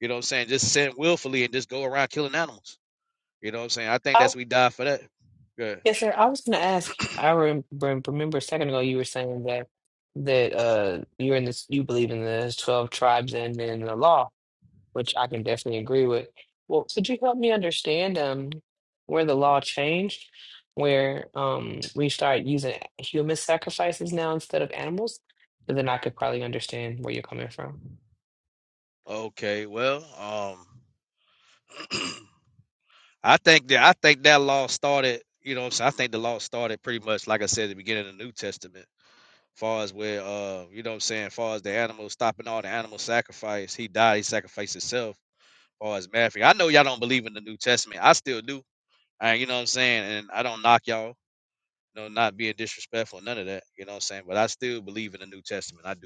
Speaker 8: You know what I'm saying? Just sin willfully and just go around killing animals. You know what I'm saying? I think that's we die for that. Good.
Speaker 6: Yes, sir. I was going to ask. I rem rem- remember a second ago you were saying that that uh you're in this you believe in the 12 tribes and in the law, which I can definitely agree with. Well, could you help me understand um where the law changed, where um we start using human sacrifices now instead of animals? And then I could probably understand where you're coming from.
Speaker 8: Okay. Well, um, [CLEARS THROAT] I think that I think that law started. You know what I'm saying? I think the law started pretty much like I said at the beginning of the New Testament. Far as where, uh, you know what I'm saying? Far as the animals stopping all the animal sacrifice, he died. He sacrificed himself. Far as Matthew, I know y'all don't believe in the New Testament. I still do. Uh, you know what I'm saying? And I don't knock y'all. No, not being disrespectful, none of that. You know what I'm saying? But I still believe in the New Testament. I do.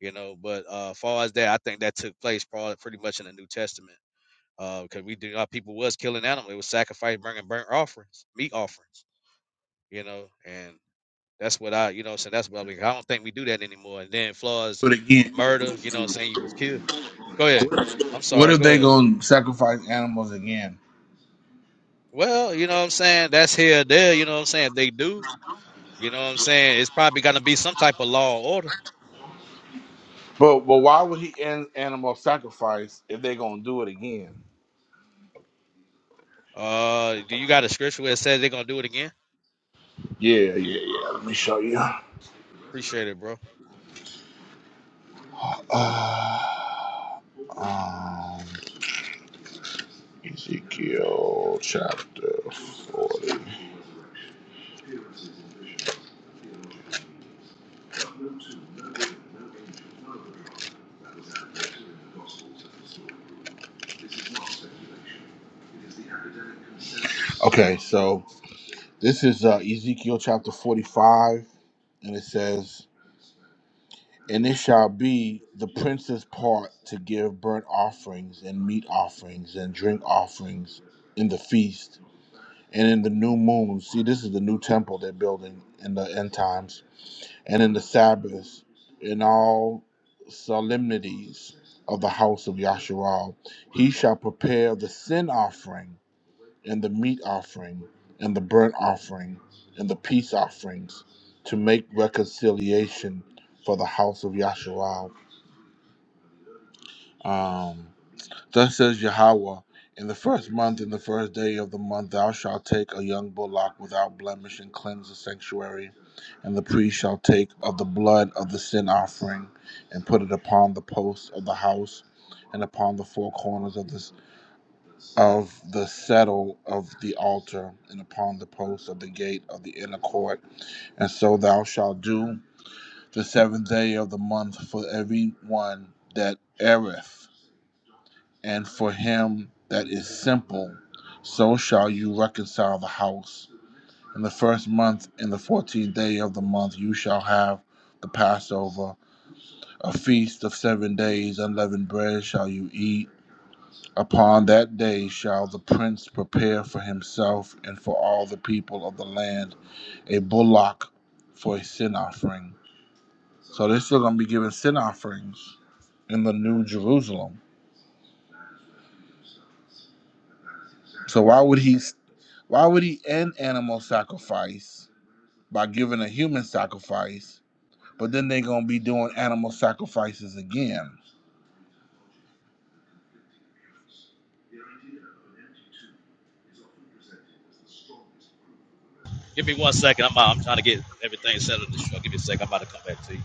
Speaker 8: you know. But uh, far as that, I think that took place probably pretty much in the New Testament, because we do our people was killing animals, it was sacrifice, bringing burnt offerings, meat offerings, you know, and that's what I, you know, so that's what I, mean. I don't think we do that anymore. And then far as
Speaker 3: But again,
Speaker 8: murder, you know, what I'm saying you was killed. Go ahead. I'm
Speaker 3: what
Speaker 8: sorry.
Speaker 3: if
Speaker 8: Go
Speaker 3: they
Speaker 8: ahead.
Speaker 3: gonna sacrifice animals again?
Speaker 8: Well, you know what I'm saying? That's here, there. You know what I'm saying? They do. You know what I'm saying? It's probably going to be some type of law or order.
Speaker 3: But but why would he end animal sacrifice if they're gonna do it again?
Speaker 8: Uh, do you got a scripture where it says they're going to do it again?
Speaker 3: Yeah, yeah, yeah. Let me show you.
Speaker 8: Appreciate it, bro.
Speaker 3: Uh, um, Ezekiel chapter forty. Okay, so this is uh, Ezekiel chapter forty-five, and it says, "And it shall be the prince's part to give burnt offerings and meat offerings and drink offerings in the feast." And in the new moon, see, this is the new temple they're building in the end times and in the Sabbaths, in all solemnities of the house of Yasharal. He shall prepare the sin offering, and the meat offering, and the burnt offering, and the peace offerings to make reconciliation for the house of Yasharal. Thus says Yahweh, in the first month, in the first day of the month, thou shalt take a young bullock without blemish and cleanse the sanctuary. And the priest shall take of the blood of the sin offering and put it upon the posts of the house and upon the four corners of the, of the settle of the altar and upon the posts of the gate of the inner court. And so thou shalt do the seventh day of the month for every one that erreth and for him that is simple, so shall you reconcile the house. In the first month, in the fourteenth day of the month, you shall have the Passover, a feast of seven days, unleavened bread shall you eat. Upon that day shall the prince prepare for himself and for all the people of the land a bullock for a sin offering. So they're still going to be giving sin offerings in the New Jerusalem. So why would he Why would he end animal sacrifice by giving a human sacrifice, but then they're gonna be doing animal sacrifices again?
Speaker 8: Give me one second. I'm out. I'm trying to get everything settled in the show. Give me a second. I'm about to come back to you.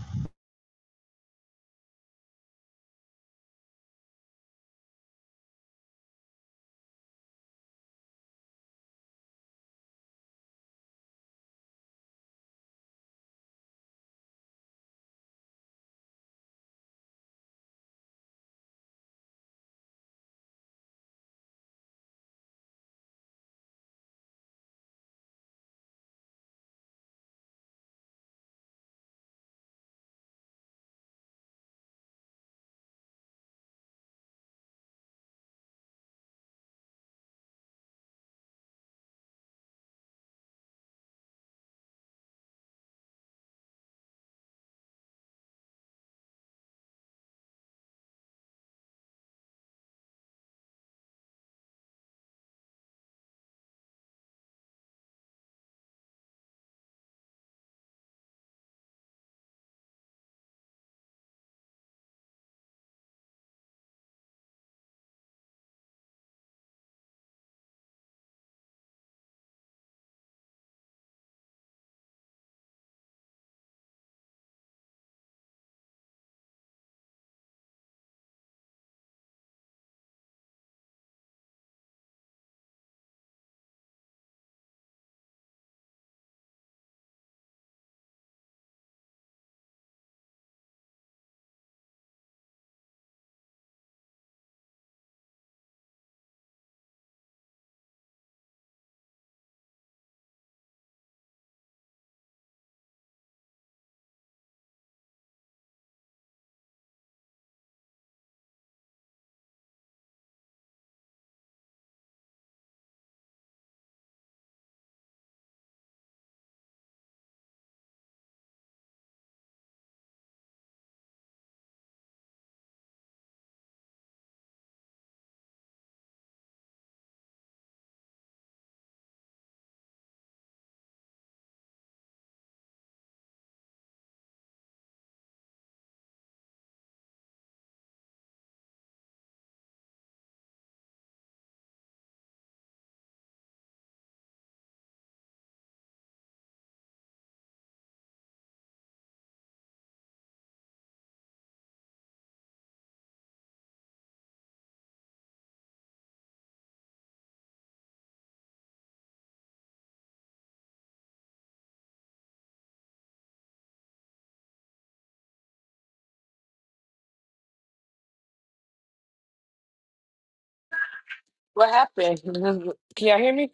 Speaker 6: What happened? [LAUGHS] Can y'all hear me?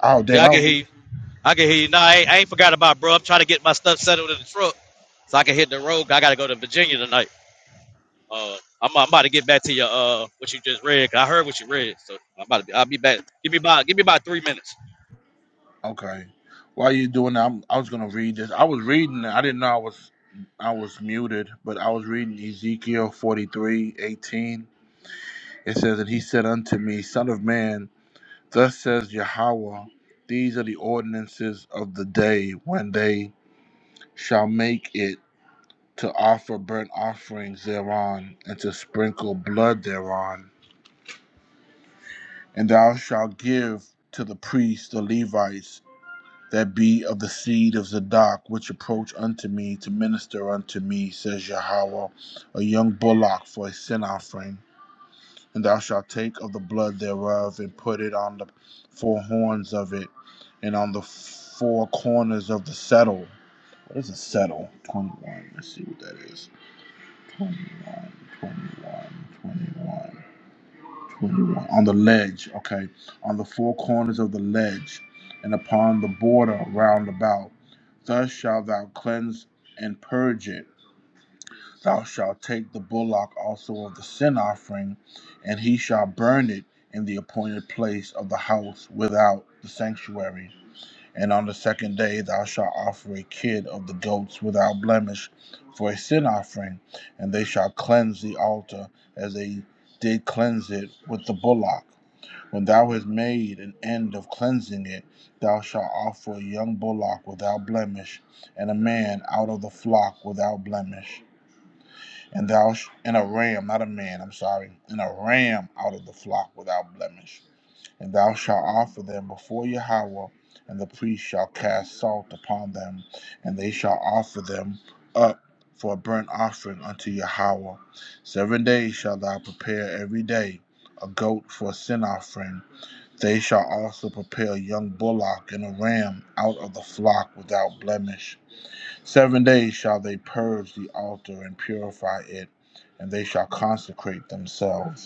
Speaker 3: Oh
Speaker 8: Yeah,
Speaker 3: damn! I
Speaker 8: I can hear
Speaker 3: was,
Speaker 8: you. I can hear you. No, I ain't, I ain't forgot about it, bro. I'm trying to get my stuff settled in the truck so I can hit the road. I got to go to Virginia tonight. Uh, I'm, I'm about to get back to your uh what you just read. 'cause I heard what you read, so I'm about to be. I'll be back. Give me about give me about three minutes.
Speaker 3: okay. While you doing that, I'm, I was gonna read this. I was reading. it. I didn't know I was I was muted, but I was reading Ezekiel forty three eighteen. It says, "And he said unto me, Son of man, thus says Yahweh." These are the ordinances of the day when they shall make it to offer burnt offerings thereon, and to sprinkle blood thereon. And thou shalt give to the priests, the Levites, that be of the seed of Zadok, which approach unto me to minister unto me, says Yahweh, a young bullock for a sin offering. And thou shalt take of the blood thereof, and put it on the four horns of it, and on the four corners of the settle. What is a settle? 21. Let's see what that is. 21, 21, 21, 21. On the ledge, okay, on the four corners of the ledge, and upon the border round about. Thus shalt thou cleanse and purge it. Thou shalt take the bullock also of the sin offering, and he shall burn it in the appointed place of the house without the sanctuary. And on the second day thou shalt offer a kid of the goats without blemish for a sin offering, and they shall cleanse the altar as they did cleanse it with the bullock. When thou hast made an end of cleansing it, thou shalt offer a young bullock without blemish, and a man out of the flock without blemish, and thou sh- and a ram, not a man, I'm sorry, and a ram out of the flock without blemish and thou shalt offer them before Yahweh, and the priest shall cast salt upon them, and they shall offer them up for a burnt offering unto Yahweh. Seven days shalt thou prepare every day a goat for a sin offering. They shall also prepare a young bullock and a ram out of the flock without blemish. Seven days shall they purge the altar and purify it, and they shall consecrate themselves.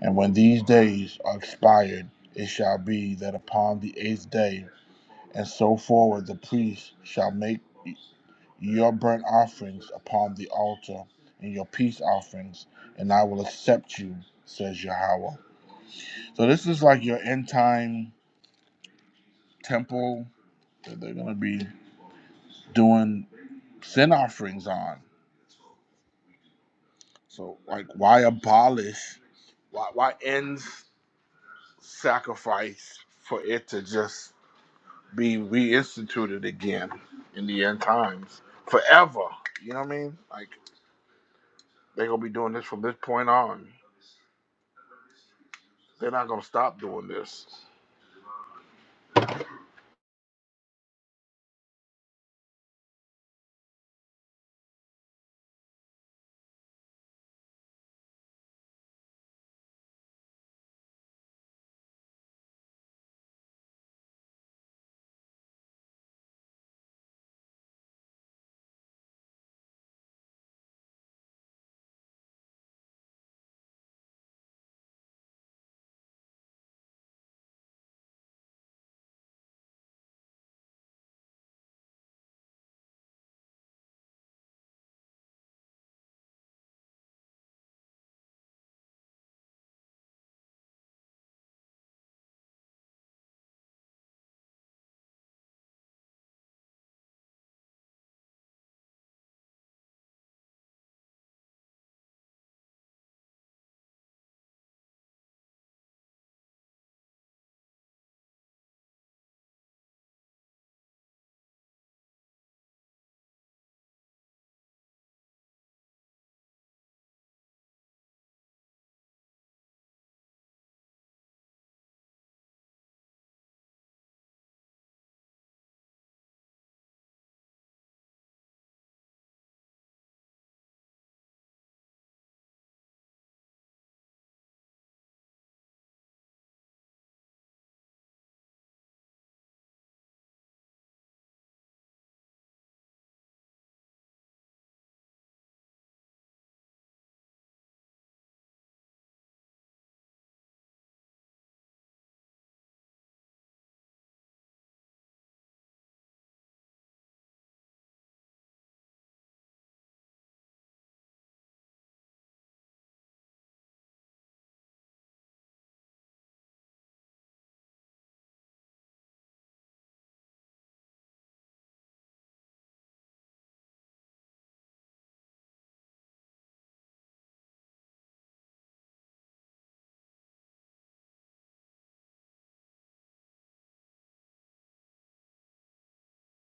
Speaker 3: And when these days are expired, it shall be that upon the eighth day and so forward the priest shall make your burnt offerings upon the altar and your peace offerings, and I will accept you, says Yahweh. So this is like your end time temple that they're gonna be doing sin offerings on. So like why abolish why why end sacrifice for it to just be reinstituted again in the end times forever. You know what I mean? Like they're gonna be doing this from this point on. They're not gonna stop doing this.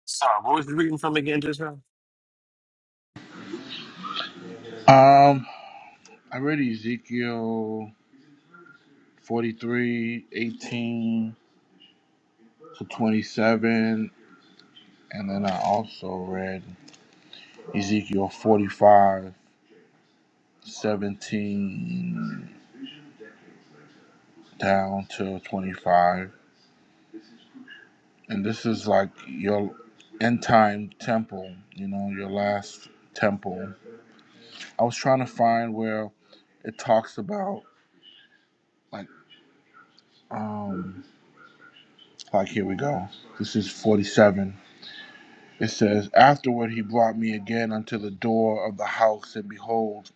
Speaker 1: Sorry, what was you reading from again just now?
Speaker 3: Um, I read Ezekiel 43 18 to 27, and then I also read Ezekiel 45 17 down to 25. And this is like your end time temple, you know, your last temple. I was trying to find where it talks about like um like here we go. This is 47. It says, Afterward he brought me again unto the door of the house, and behold,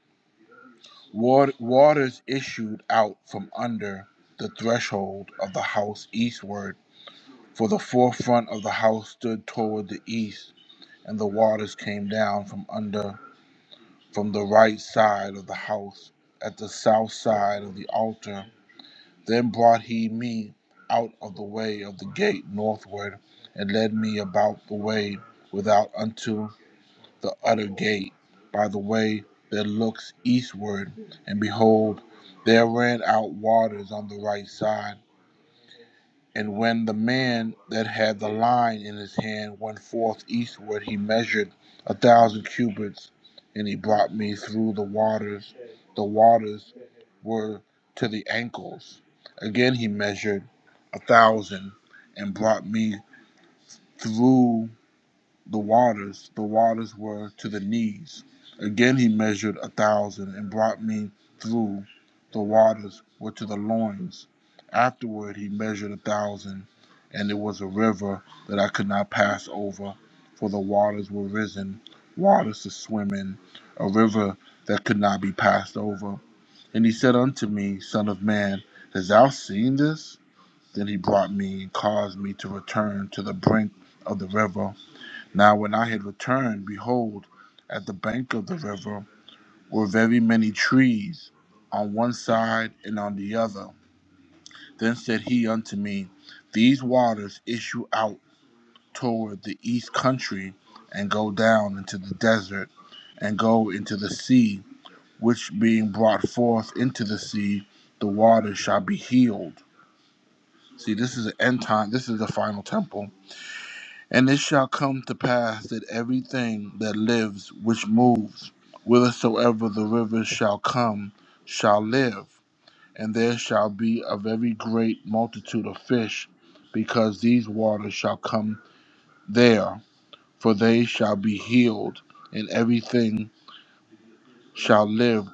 Speaker 3: waters issued out from under the threshold of the house eastward. For the forefront of the house stood toward the east, and the waters came down from under from the right side of the house at the south side of the altar Then brought he me out of the way of the gate northward, and led me about the way without unto the utter gate, by the way that looks eastward. And behold, there ran out waters on the right side and when the man that had the line in his hand went forth eastward, he measured a thousand cubits, and he brought me through the waters. The waters were to the ankles. Again he measured a thousand, and brought me through. The waters, the waters were to the knees. Again he measured a thousand and brought me through. The waters were to the loins. Afterward he measured a thousand, and it was a river that I could not pass over, for the waters were risen, waters to swim in, a river that could not be passed over. And he said unto me, Son of man, hast thou seen this? Then he brought me and caused me to return to the brink of the river now, when I had returned, behold, at the bank of the river were very many trees on one side and on the other. Then said he unto me, These waters issue out toward the east country, and go down into the desert, and go into the sea, which being brought forth into the sea, the waters shall be healed. See, this is the end time. This is the final temple And it shall come to pass that everything that lives which moves, whithersoever the rivers shall come, shall live. And there shall be a very great multitude of fish, because these waters shall come there, for they shall be healed, and everything shall live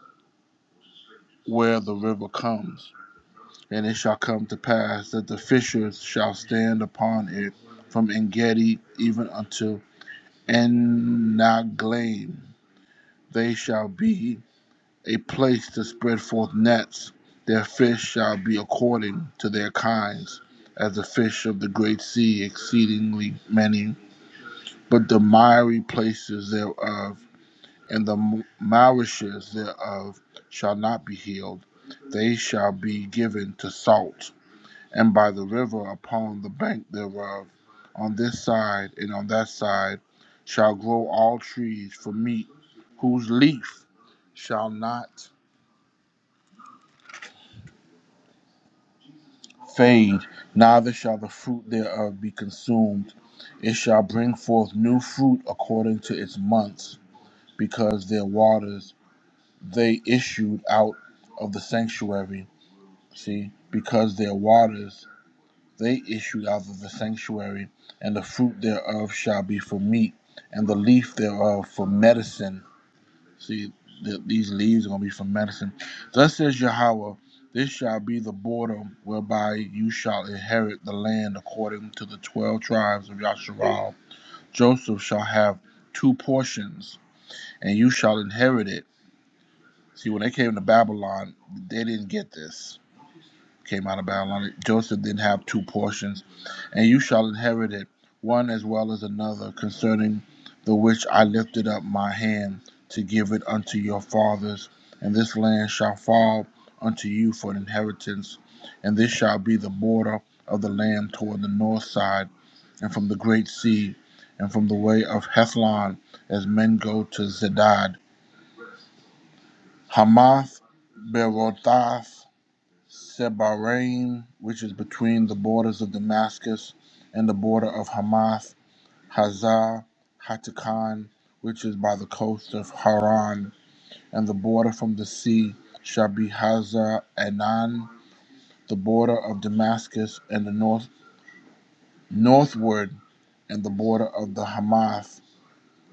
Speaker 3: where the river comes. And it shall come to pass that the fishers shall stand upon it from Engedi even unto Enaglaim They shall be a place to spread forth nets. Their fish shall be according to their kinds, as the fish of the great sea, exceedingly many. But the miry places thereof and the m- marishes thereof shall not be healed. They shall be given to salt and by the river upon the bank thereof, on this side and on that side, shall grow all trees for meat, whose leaf shall not fade, neither shall the fruit thereof be consumed. It shall bring forth new fruit according to its months, because their waters they issued out of the sanctuary. See, because their waters they issued out of the sanctuary, and the fruit thereof shall be for meat, and the leaf thereof for medicine. See, th- these leaves are going to be for medicine. Thus says Yahweh, this shall be the border whereby you shall inherit the land according to the twelve tribes of Yasharal. Joseph shall have two portions, and you shall inherit it. See, when they came to Babylon, they didn't get this came out of Babylon. Joseph did have two portions, and you shall inherit it, one as well as another, concerning the which I lifted up my hand to give it unto your fathers. And this land shall fall unto you for an inheritance, and this shall be the border of the land toward the north side, and from the great sea, and from the way of Hethlon, as men go to Zedad. Hamath Berothah Sebarim, which is between the borders of Damascus and the border of Hamath, Hazar Hatakan, which is by the coast of Haran, and the border from the sea shall be Hazar Enan, the border of Damascus and the north northward, and the border of the Hamath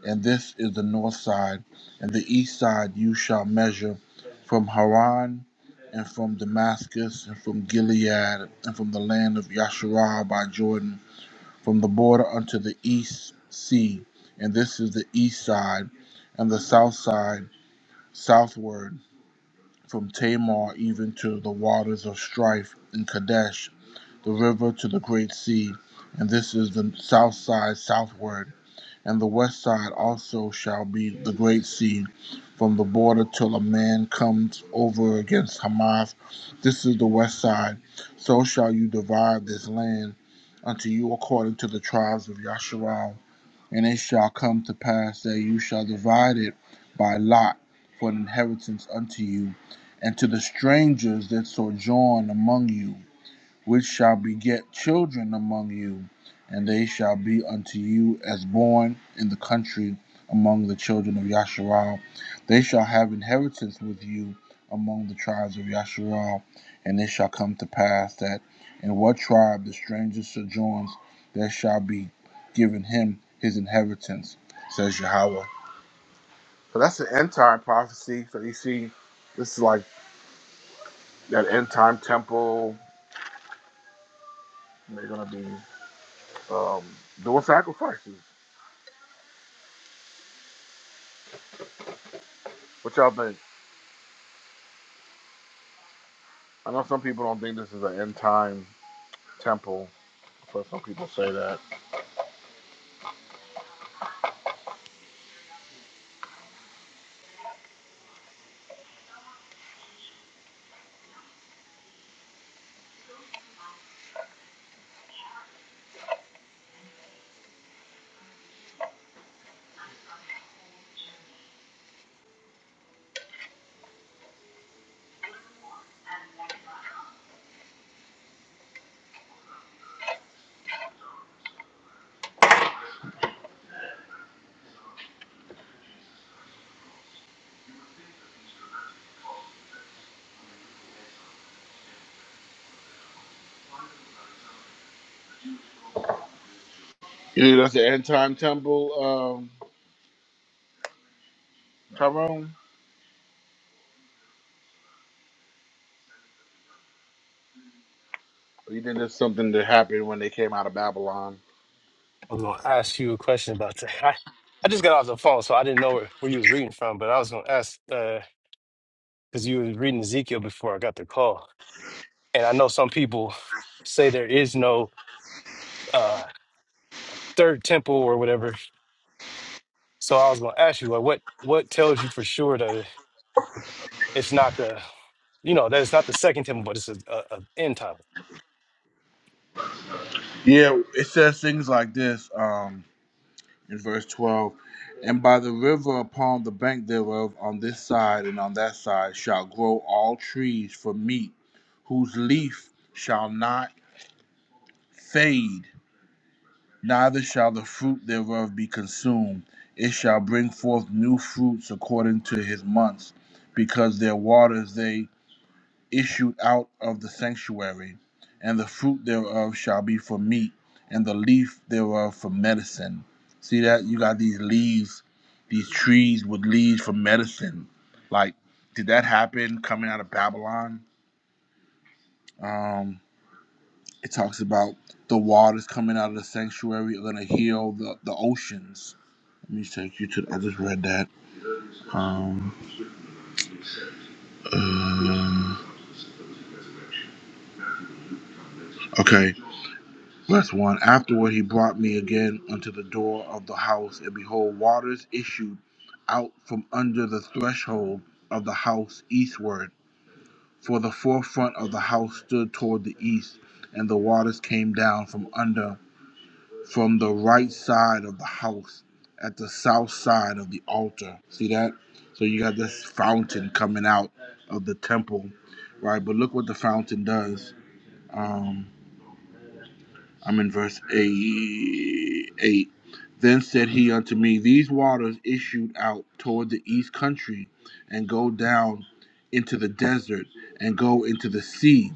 Speaker 3: and this is the north side, and the east side you shall measure from Haran, and from Damascus, and from Gilead, and from the land of Yasharah by Jordan, from the border unto the east sea, and this is the east side, and the south side southward, from Tamar even to the waters of strife in Kadesh, the river to the great sea, and this is the south side southward and the west side also shall be the great sea from the border till a man comes over against Hamath. This is the west side. So shall you divide this land unto you according to the tribes of Yasharal. And it shall come to pass that you shall divide it by lot for an inheritance unto you, and to the strangers that sojourn among you which shall beget children among you, and they shall be unto you as born in the country among the children of Yasharal. They shall have inheritance with you among the tribes of Yasharal, and it shall come to pass that in what tribe the stranger sojourns, there shall be given him his inheritance, says Yahweh. So that's the end time prophecy. So you see, this is like that end time temple. They're gonna be. um, doing sacrifices. What y'all think? I know some people don't think this is an end time temple, but some people say that. You think that's the end time temple, um, Tyrone? Or you think that's something that happened when they came out of Babylon?
Speaker 1: I was gonna ask you a question about that. [LAUGHS] I, I just got off the phone, so I didn't know where, where you was reading from, but I was gonna ask uh because you was reading Ezekiel before I got the call, and I know some people say there is no uh third temple or whatever. So I was gonna ask you, like, what what tells you for sure that it's not the you know that it's not the second temple, but it's a, a, a end time.
Speaker 3: Yeah, it says things like this um, in verse 12 And by the river upon the bank thereof, on this side and on that side, shall grow all trees for meat, whose leaf shall not fade, neither shall the fruit thereof be consumed. It shall bring forth new fruits according to his months, because their waters they issued out of the sanctuary. And the fruit thereof shall be for meat, and the leaf thereof for medicine. See that? You got these leaves, these trees with leaves for medicine. Like, did that happen coming out of Babylon? Um, it talks about the waters coming out of the sanctuary are going to heal the, the oceans Let me take you to. the, I just read that. Um. uh, okay. Last one. Afterward, he brought me again unto the door of the house, and behold, waters issued out from under the threshold of the house eastward. For the forefront of the house stood toward the east, and the waters came down from under. from the right side of the house at the south side of the altar. See that? So you got this fountain coming out of the temple, right? But look what the fountain does. Um, I'm in verse 8. 8. Then said he unto me, These waters issued out toward the east country and go down into the desert and go into the sea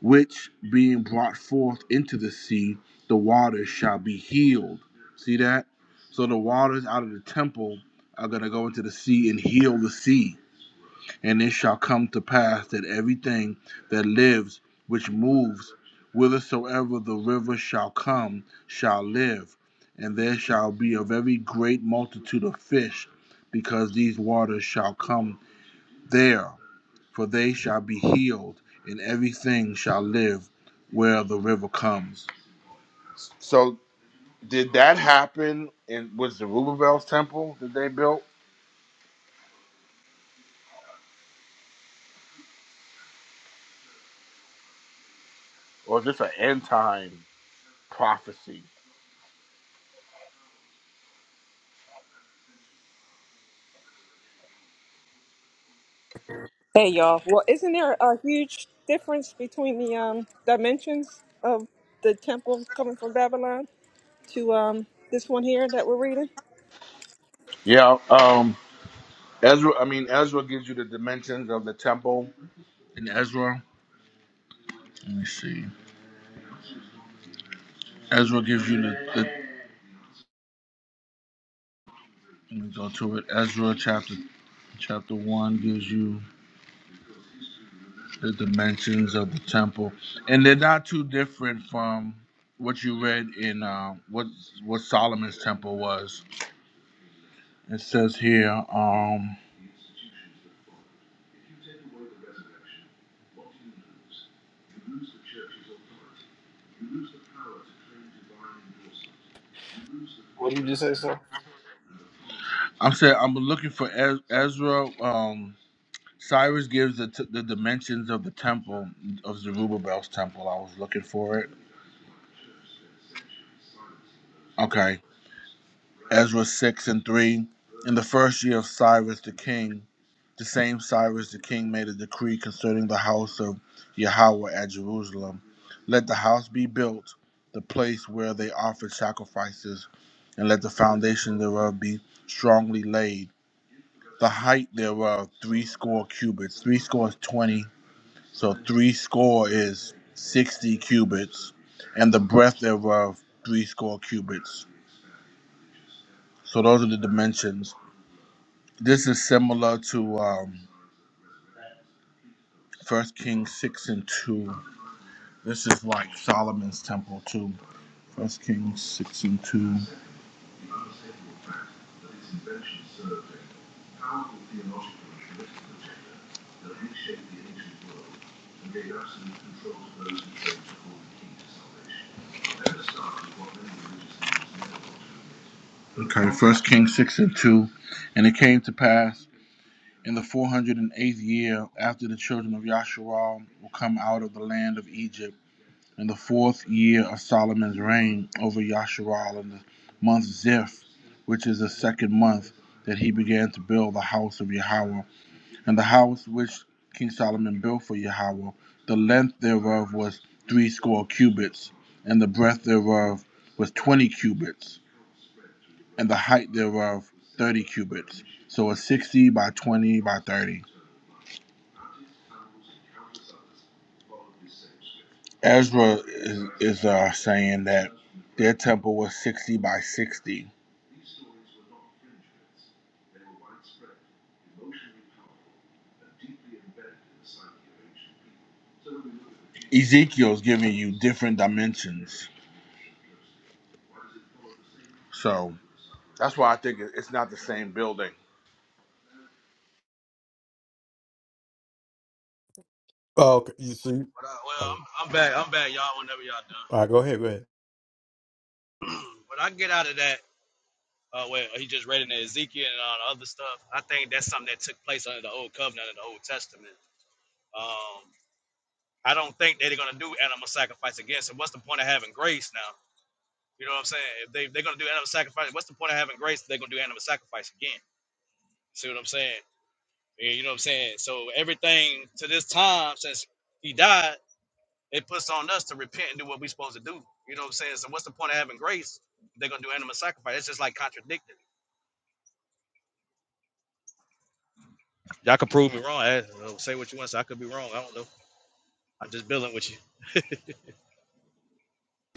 Speaker 3: which being brought forth into the sea, the waters shall be healed. See that? So the waters out of the temple are going to go into the sea and heal the sea. And it shall come to pass that everything that lives, which moves, whithersoever the river shall come, shall live. And there shall be a very great multitude of fish, because these waters shall come there for they shall be healed, and everything shall live where the river comes. So, did that happen? In, was the Rubel's temple that they built, or is this an end time prophecy?
Speaker 9: Hey y'all. Well, isn't there a huge difference between the um, dimensions of the temple coming from Babylon to um, this one here that we're reading?
Speaker 3: Yeah, um, Ezra. I mean, Ezra gives you the dimensions of the temple in Ezra. Let me see. Ezra gives you the. the let me go to it. Ezra chapter chapter one gives you. the dimensions of the temple, and they're not too different from what you read in uh, what what Solomon's temple was. It says here, um,
Speaker 1: What did you just say, son?
Speaker 3: I'm saying I'm looking for Ez- Ezra. Um, Cyrus gives the, t- the dimensions of the temple of Zerubbabel's temple. I was looking for it. Okay, Ezra 6 and 3. In the first year of Cyrus the king, the same Cyrus the king made a decree concerning the house of Yahweh at Jerusalem. Let the house be built, the place where they offered sacrifices, and let the foundation thereof be strongly laid. The height thereof three score cubits. Three score is twenty, so three score is sixty cubits, and the breadth thereof three score cubits. So those are the dimensions. This is similar to um, 1 Kings 6 and 2. This is like Solomon's temple too. First Kings 6 and 2. Okay, First Kings 6 and 2. And it came to pass in the 408th year after the children of Yasharal were come out of the land of Egypt, in the fourth year of Solomon's reign over Yasharal in the month Ziph, which is the second month, that he began to build the house of Yahweh And the house which King Solomon built for Yahweh, the length thereof was threescore cubits, and the breadth thereof was twenty cubits, and the height thereof thirty cubits. So it's sixty by twenty by thirty. Ezra is, is uh, saying that their temple was sixty by sixty. Ezekiel's giving you different dimensions, so that's why I think it- it's not the same building.
Speaker 1: Oh, okay. You see,
Speaker 8: But, uh, well,
Speaker 1: all
Speaker 8: I'm, I'm back. I'm back, y'all. Whenever y'all
Speaker 1: right. Go ahead. Go ahead.
Speaker 8: done. [CLEARS THROAT] but I can get out of that. Uh, well, he just read in the Ezekiel and all the other stuff. I think that's something that took place under the Old Covenant and the Old Testament. Um, I don't think they're going to do animal sacrifice again. So what's the point of having grace now? You know what I'm saying? If they, they're going to do animal sacrifice, what's the point of having grace? if They're going to do animal sacrifice again. See what I'm saying? Yeah, You know what I'm saying? So everything to this time since he died, it puts on us to repent and do what we're supposed to do. You know what I'm saying? So what's the point of having grace? if They're going to do animal sacrifice. It's just like contradicting. Y'all can prove me wrong. I, uh, say what you want. So I could be wrong. I don't know. I'm just building with you.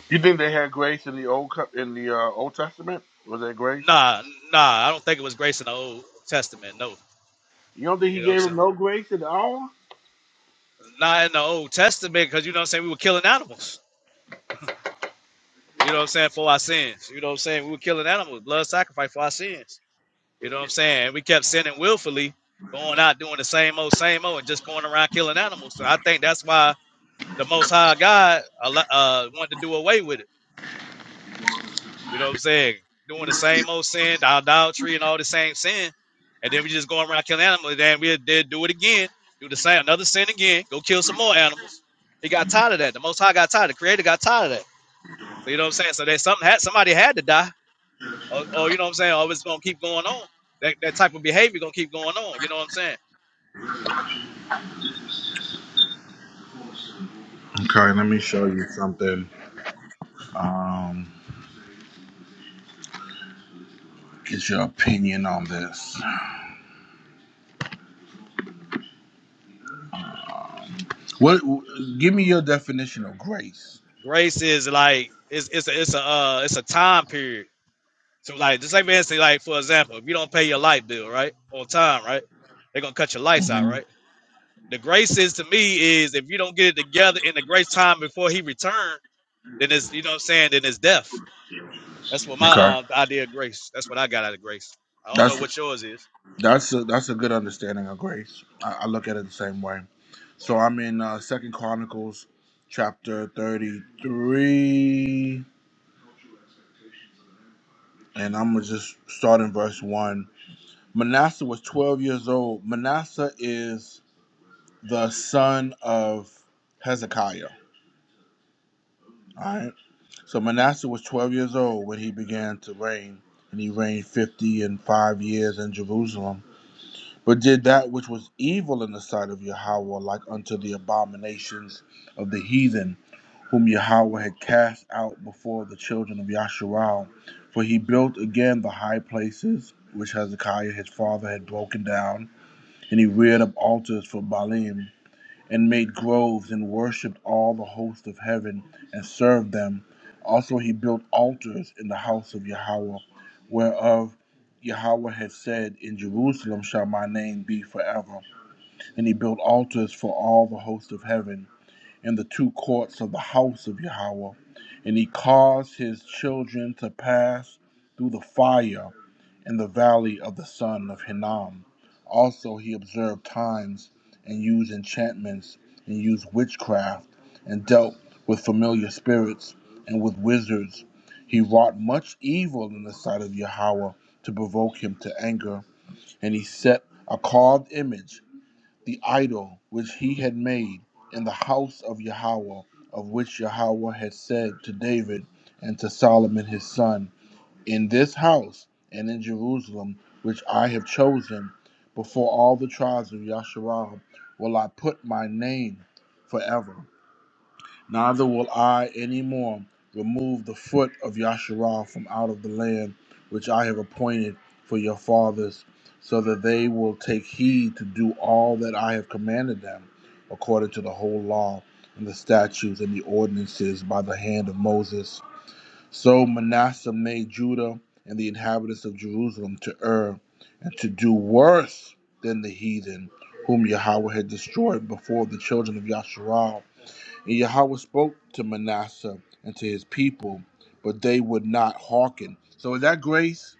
Speaker 3: You think they had grace in the old Co- in the uh, Old Testament? Was there grace?
Speaker 8: Nah, nah. I don't think it was grace in the Old Testament. No.
Speaker 3: You don't think
Speaker 8: You
Speaker 3: he
Speaker 8: know what I'm
Speaker 3: gave
Speaker 8: saying?
Speaker 3: him no grace at all?
Speaker 8: Not in the Old Testament, because you know what I'm saying, we were killing animals. You know what I'm saying, for our sins. You know what I'm saying? We were killing animals, blood sacrifice for our sins. You know what I'm saying? And we kept sinning willfully, going out doing the same old, same old, and just going around killing animals. So I think that's why the Most High God allo- uh, wanted to do away with it. You know what I'm saying? Doing the same old sin, the idolatry, and all the same sin. And then we just going around killing animals. Then we did do it again, do the same, another sin again, go kill some more animals. He got tired of that. The Most High got tired. The Creator got tired of that. So you know what I'm saying? So there's something had somebody had to die. Or, or you know what I'm saying? Or it's gonna keep going on. That that type of behavior gonna keep going on. You know what I'm saying?
Speaker 3: Okay, let me show you something. Um, get your opinion on this. What? Give me your definition of grace.
Speaker 8: Grace is like it's it's a it's a uh, it's a time period. So like just like man say like for example, if you don't pay your light bill, right? On time, right? They're gonna cut your lights out,
Speaker 3: hmm
Speaker 8: right? The grace is to me is if you don't get it together in the grace time before he returned, then it's you know what I'm saying, then it's death. That's what my
Speaker 3: Okay,
Speaker 8: uh, idea of grace. That's what I got out of grace. I don't know
Speaker 3: that's
Speaker 8: what yours is.
Speaker 3: that's a, that's a good understanding of grace. I, I look at it the same way. So I'm in uh, Second Chronicles, chapter thirty-three, and I'm gonna just start in verse one. Manasseh was twelve years old. Manasseh is the son of Hezekiah. All right. So Manasseh was 12 years old when he began to reign, and he reigned 50 and 5 years in Jerusalem, but did that which was evil in the sight of Yahweh, like unto the abominations of the heathen, whom Yahweh had cast out before the children of Yasharal. For he built again the high places which Hezekiah his father had broken down, and he reared up altars for Baalim and made groves and worshipped all the host of heaven and served them. Also, he built altars in the house of Yahweh, whereof Yahweh had said, In Jerusalem shall my name be forever. And he built altars for all the host of heaven in the two courts of the house of Yahweh. And he caused his children to pass through the fire in the valley of the son of Hinnom. Also, he observed times and used enchantments and used witchcraft and dealt with familiar spirits and with wizards. He wrought much evil in the sight of Yahweh to provoke him to anger, and he set a carved image, the idol which he had made, in the house of Yahweh, of which Yahweh had said to David and to Solomon his son in this house and in Jerusalem, which I have chosen, before all the tribes of Yasharal, will I put my name forever. Neither will I any more remove the foot of Yasharal from out of the land which I have appointed for your fathers, so that they will take heed to do all that I have commanded them, according to the whole law and the statutes and the ordinances by the hand of Moses so Manasseh made Judah and the inhabitants of Jerusalem to err and to do worse than the heathen whom Yahweh had destroyed before the children of Yasharal. And Yahweh spoke to Manasseh and to his people, but they would not hearken. So is that grace?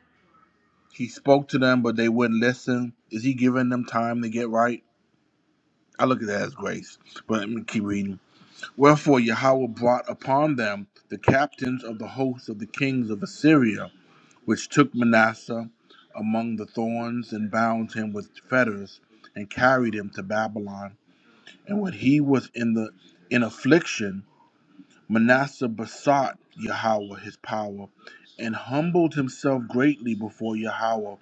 Speaker 3: He spoke to them, but they wouldn't listen. Is he giving them time to get right? I look at that as grace. But let me keep reading. Wherefore Yahweh brought upon them the captains of the hosts of the kings of Assyria which took Manasseh among the thorns and bound him with fetters and carried him to Babylon. And when he was in the in affliction, Manasseh besought Yahweh his power, and humbled himself greatly before Yahweh,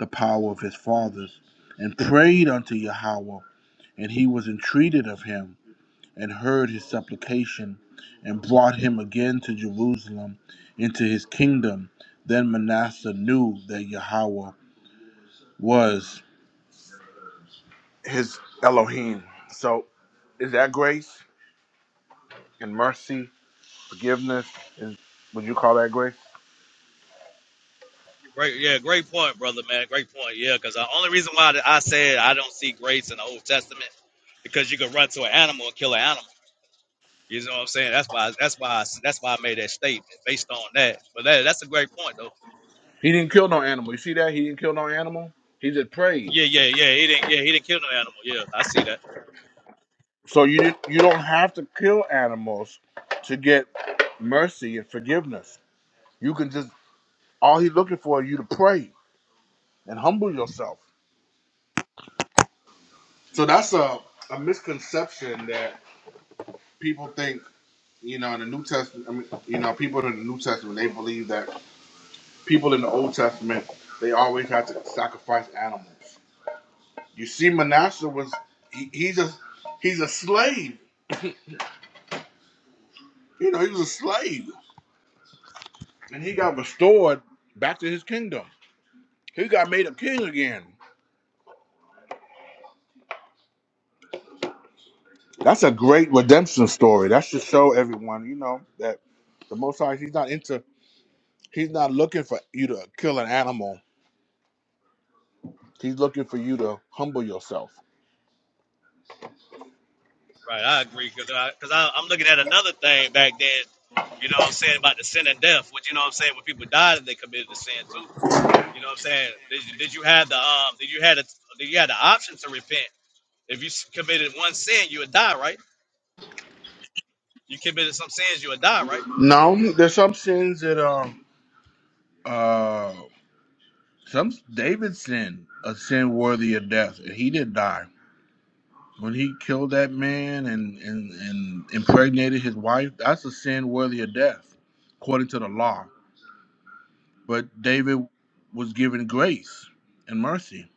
Speaker 3: the power of his fathers, and prayed unto Yahweh, and he was entreated of him and heard his supplication and brought him again to Jerusalem into his kingdom. Then Manasseh knew that Yahweh was his Elohim. So is that grace and mercy, forgiveness? Is, would you call that grace?
Speaker 8: Great, yeah, great point, brother, man. Great point, yeah. Because the only reason why that I said I don't see grace in the Old Testament because you could run to an animal and kill an animal. You know what I'm saying? That's why. That's why. I, that's why I made that statement based on that. But that, that's a great point, though.
Speaker 3: He didn't kill no animal. You see that? He didn't kill no animal. He just prayed.
Speaker 8: Yeah, yeah, yeah. He didn't. Yeah, he didn't kill no animal. Yeah, I see that.
Speaker 3: So you didn't, you don't have to kill animals to get mercy and forgiveness. You can just all he's looking for is you to pray and humble yourself. So that's a, a misconception that people think, you know, in the New Testament, I mean, you know, people in the New Testament, they believe that people in the Old Testament, they always had to sacrifice animals. You see, Manasseh was, he, he's, a, he's a slave. You know, he was a slave. And he got restored back to his kingdom. He got made a king again. That's a great redemption story. That should show everyone, you know, that the Most High, he's not into, he's not looking for you to kill an animal He's looking for you to humble yourself.
Speaker 8: Right, I agree. Because I, 'cause I, I'm looking at another thing back then. You know what I'm saying about the sin and death. Which you know what I'm saying when people died and they committed the sin too. You know what I'm saying? Did you, did you have the um? Did you had a? Did you had the option to repent? If you s- committed one sin, you would die, right? You committed some sins, you would die, right?
Speaker 3: No, there's some sins that are uh some David sin, a sin worthy of death. and He did die. When he killed that man and, and, and impregnated his wife, that's a sin worthy of death, according to the law. But David was given grace and mercy.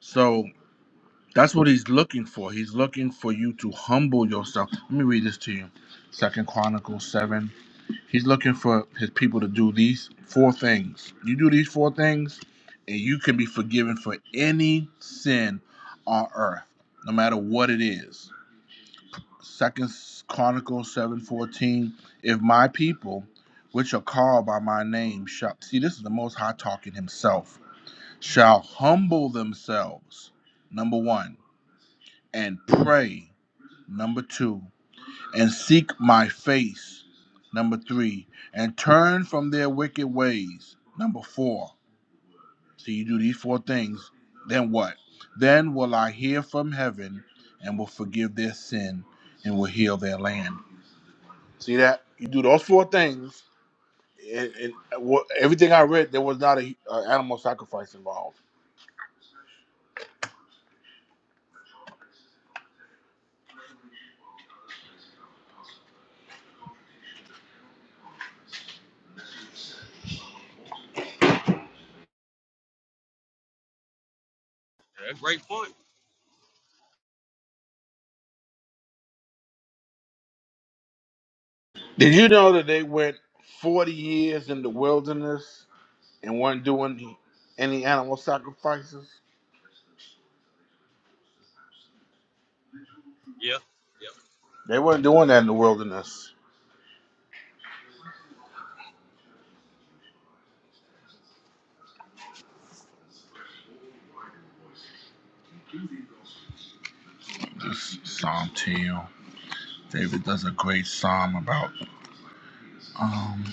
Speaker 3: So that's what he's looking for. He's looking for you to humble yourself. Let me read this to you. Second Chronicles 7 He's looking for his people to do these four things. You do these four things, and you can be forgiven for any sin on earth, no matter what it is. Second Chronicles seven fourteen. If my people, which are called by my name, shall see this is the Most High talking Himself, shall humble themselves. Number one, and pray. Number two, and seek my face. Number three, and turn from their wicked ways. Number four. So you do these four things, then what? Then will I hear from heaven and will forgive their sin and will heal their land. See that? You do those four things. And, and wha- everything I read, there was not a, a animal sacrifice involved.
Speaker 8: Yeah, great point.
Speaker 3: Did you know that they went 40 years in the wilderness and weren't doing any animal sacrifices?
Speaker 8: Yeah, yeah.
Speaker 3: They weren't doing that in the wilderness. This psalm to you. David does a great psalm about um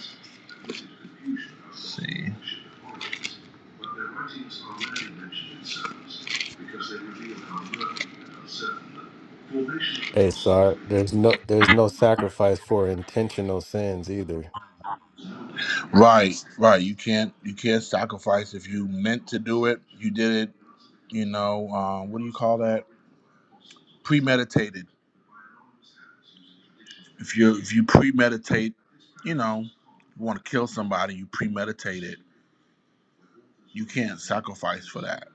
Speaker 3: let's see.
Speaker 1: Hey, sorry. There's no there's no sacrifice for intentional sins either.
Speaker 3: Right, right. You can't you can't sacrifice if you meant to do it. You did it, you know, uh, what do you call that? Premeditated. If you if you premeditate, you know, you want to kill somebody, you premeditate it. You can't sacrifice for that.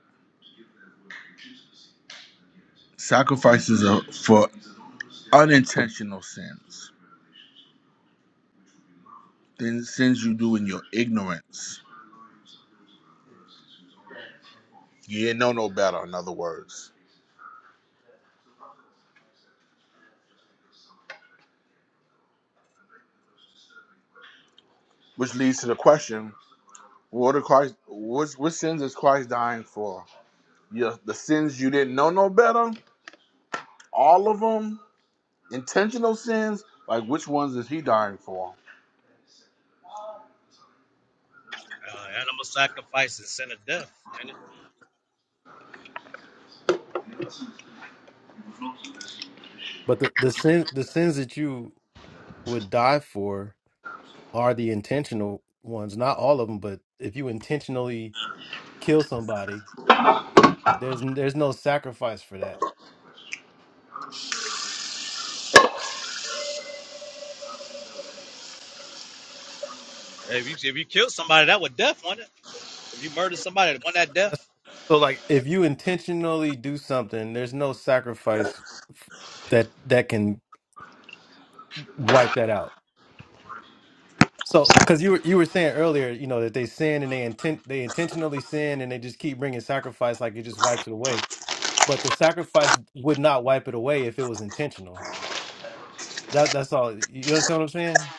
Speaker 3: Sacrifices are for unintentional sins. Then sins you do in your ignorance You didn't know no better, in other words. Which leads to the question: What are Christ? What, what sins is Christ dying for? Yeah, the sins you didn't know no better. All of them, intentional sins. Like which ones is he dying for?
Speaker 8: Uh, animal sacrifice is sin of death, ain't it?
Speaker 1: But the the sin the sins that you would die for are the intentional ones. Not all of them, but if you intentionally kill somebody, there's there's no sacrifice for that.
Speaker 8: If you if you killed somebody, that was death, wasn't it? If you murdered somebody, that wasn't that
Speaker 1: That's,
Speaker 8: death?
Speaker 1: so like if you intentionally do something, there's no sacrifice f- that that can wipe that out. So, because you were you were saying earlier, you know, that they sin and they intent they intentionally sin and they just keep bringing sacrifice like it just wipes it away. But the sacrifice would not wipe it away if it was intentional. That that's all. You understand what I'm saying?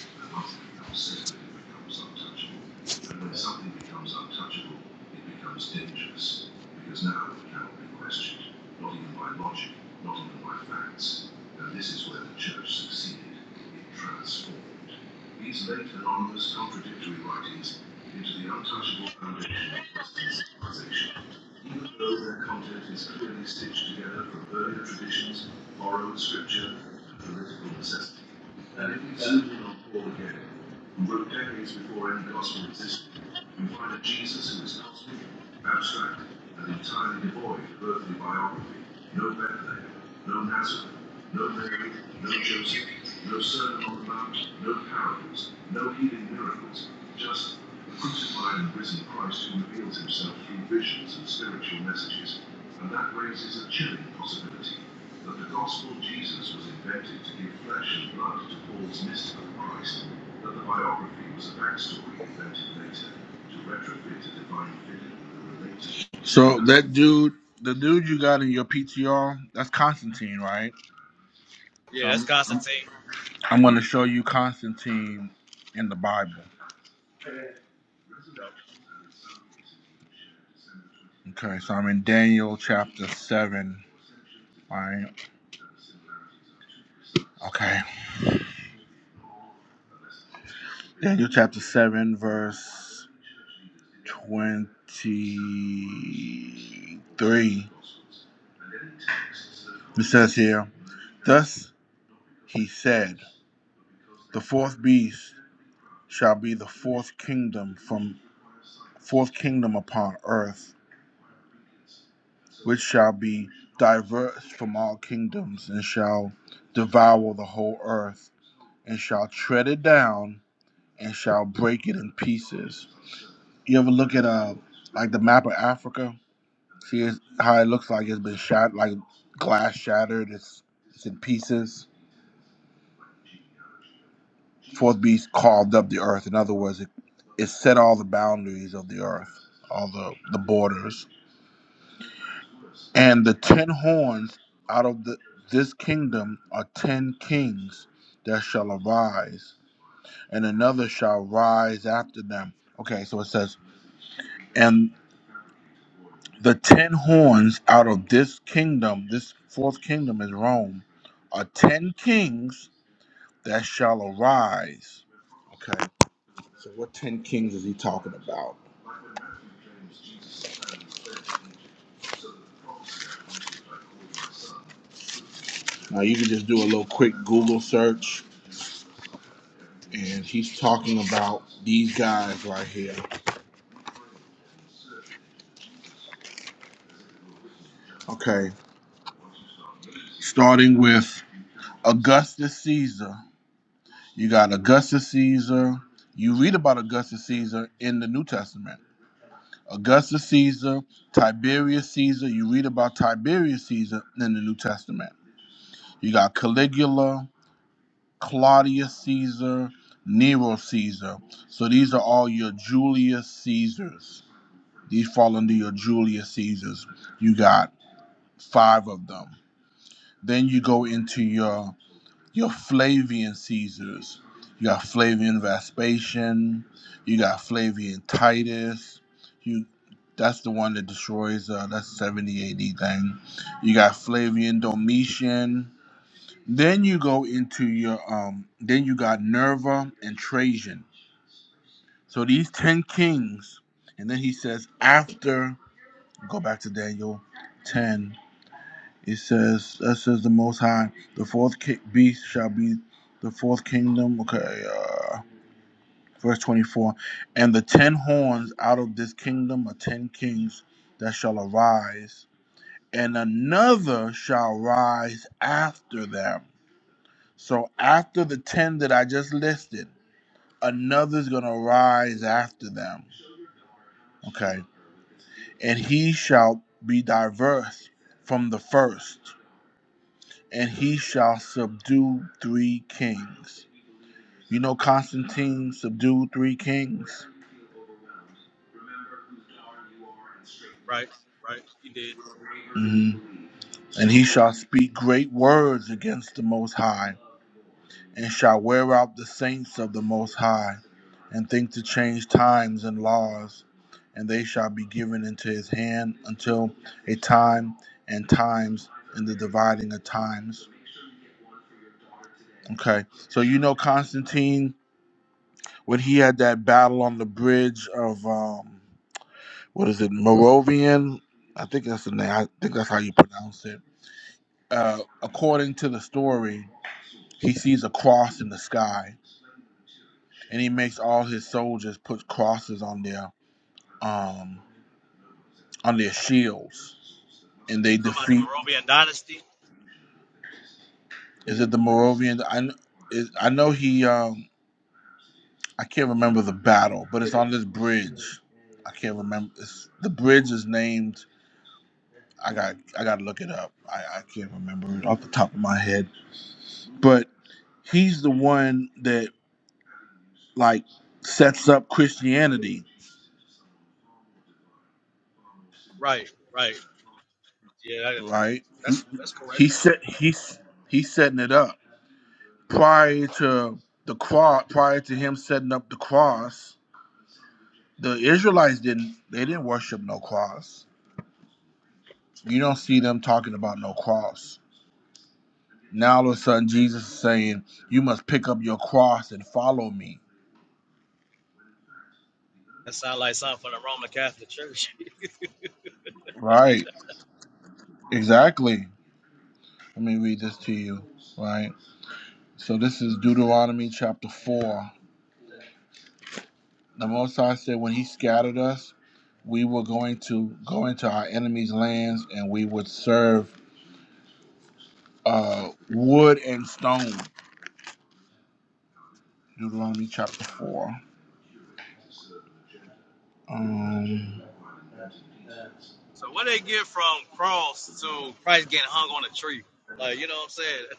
Speaker 3: When something becomes untouchable, it becomes dangerous, because now it cannot be questioned, not even by logic, not even by facts. And this is where the church succeeded. It transformed. These led anonymous contradictory writings into the untouchable foundation of Western civilization. Even though their content is clearly stitched together from earlier traditions, borrowed scripture, and political necessity, and if we zoom in on Paul again, who wrote decades before any gospel existed, we find a Jesus who is cosmic, abstract, and entirely devoid of earthly biography, no Bethlehem, no Nazareth, no Mary, no Joseph, no Sermon on the Mount, no parables, no healing miracles, just the crucified and risen Christ who reveals himself through visions and spiritual messages. And that raises a chilling possibility that the gospel Jesus was invented to give flesh and blood to Paul's mystical Christ, that the biography was a backstory invented later to retrofit a divine figure with a related. So that dude, the dude you got in your PTR, that's Constantine, right? So
Speaker 8: Yeah, that's
Speaker 3: I'm I'm,
Speaker 8: Constantine.
Speaker 3: I'm going to show you Constantine in the Bible.
Speaker 8: Yeah,
Speaker 3: Okay, so I'm in Daniel chapter seven. All right. Okay. Daniel chapter seven, verse twenty-three. It says here, "Thus he said, the fourth beast shall be the fourth kingdom from fourth kingdom upon earth." which shall be diverse from all kingdoms, and shall devour the whole earth, and shall tread it down, and shall break it in pieces. You ever look at uh like the map of Africa? See it's- how it looks like it's been shot, like glass shattered. It's it's in pieces. Fourth beast carved up the earth. In other words, it, it set all the boundaries of the earth, all the the borders. And the ten horns out of the, this kingdom are ten kings that shall arise, and another shall rise after them. Okay, so it says, and the ten horns out of this kingdom, this fourth kingdom is Rome, are ten kings that shall arise. Okay, so what ten kings is he talking about? Now you can just do a little quick Google search, and he's talking about these guys right here. Okay, starting with Augustus Caesar. You got Augustus Caesar. You read about Augustus Caesar in the New Testament. Augustus Caesar, Tiberius Caesar. You read about Tiberius Caesar in the New Testament. You got Caligula, Claudius Caesar, Nero Caesar. So these are all your Julius Caesars. These fall under your Julius Caesars. You got five of them. Then you go into your Your Flavian Caesars. You got Flavian Vespasian. You got Flavian Titus. You that's the one that destroys uh that's 70 AD thing. You got Flavian Domitian. Then you go into your um then you got Nerva and Trajan. So these 10 kings and then he says after go back to Daniel 10 it says, that says the Most High, the fourth ki- beast shall be the fourth kingdom. Okay, uh, verse 24. And the ten horns out of this kingdom are ten kings that shall arise, and another shall rise after them. So after the ten that I just listed, another's going to rise after them. Okay, and he shall be diverse from the first. and he shall subdue three kings. You know, Constantine subdued three kings,
Speaker 8: right, right. You did. You
Speaker 3: hmm and he shall speak great words against the Most High, and shall wear out the saints of the Most High, and think to change times and laws, and they shall be given into his hand until a time and times and the dividing of times. Okay, so you know Constantine when he had that battle on the bridge of um, what is it, Moravian? I think that's the name. I think that's how you pronounce it. Uh, according to the story, he sees a cross in the sky, and he makes all his soldiers put crosses on their um, on their shields, and they
Speaker 8: talking about the
Speaker 3: defeat.
Speaker 8: Moravian dynasty?
Speaker 3: Is it the Moravian? I kn- is, I know he. Um, I can't remember the battle, but it's on this bridge. I can't remember. It's, the bridge is named I got I got to look it up. I, I can't remember it off the top of my head. But he's the one that like sets up Christianity,
Speaker 8: Right, right. Yeah, that is cool.
Speaker 3: right?
Speaker 8: That's that's correct.
Speaker 3: He set he's he's setting it up prior to the cross. Prior to him setting up the cross, the Israelites didn't they didn't worship no cross. You don't see them talking about no cross. Now all of a sudden Jesus is saying, "You must pick up your cross and follow me."
Speaker 8: That sounds like something from the Roman Catholic Church. [LAUGHS]
Speaker 3: Right? Exactly. Let me read this to you, right? So this is Deuteronomy chapter 4. The Most High said, When He scattered us, we were going to go into our enemies' lands and we would serve uh, wood and stone. Deuteronomy chapter 4. Um,
Speaker 8: so what they get from cross to Christ getting hung on a tree? Like you know what I'm saying? [LAUGHS]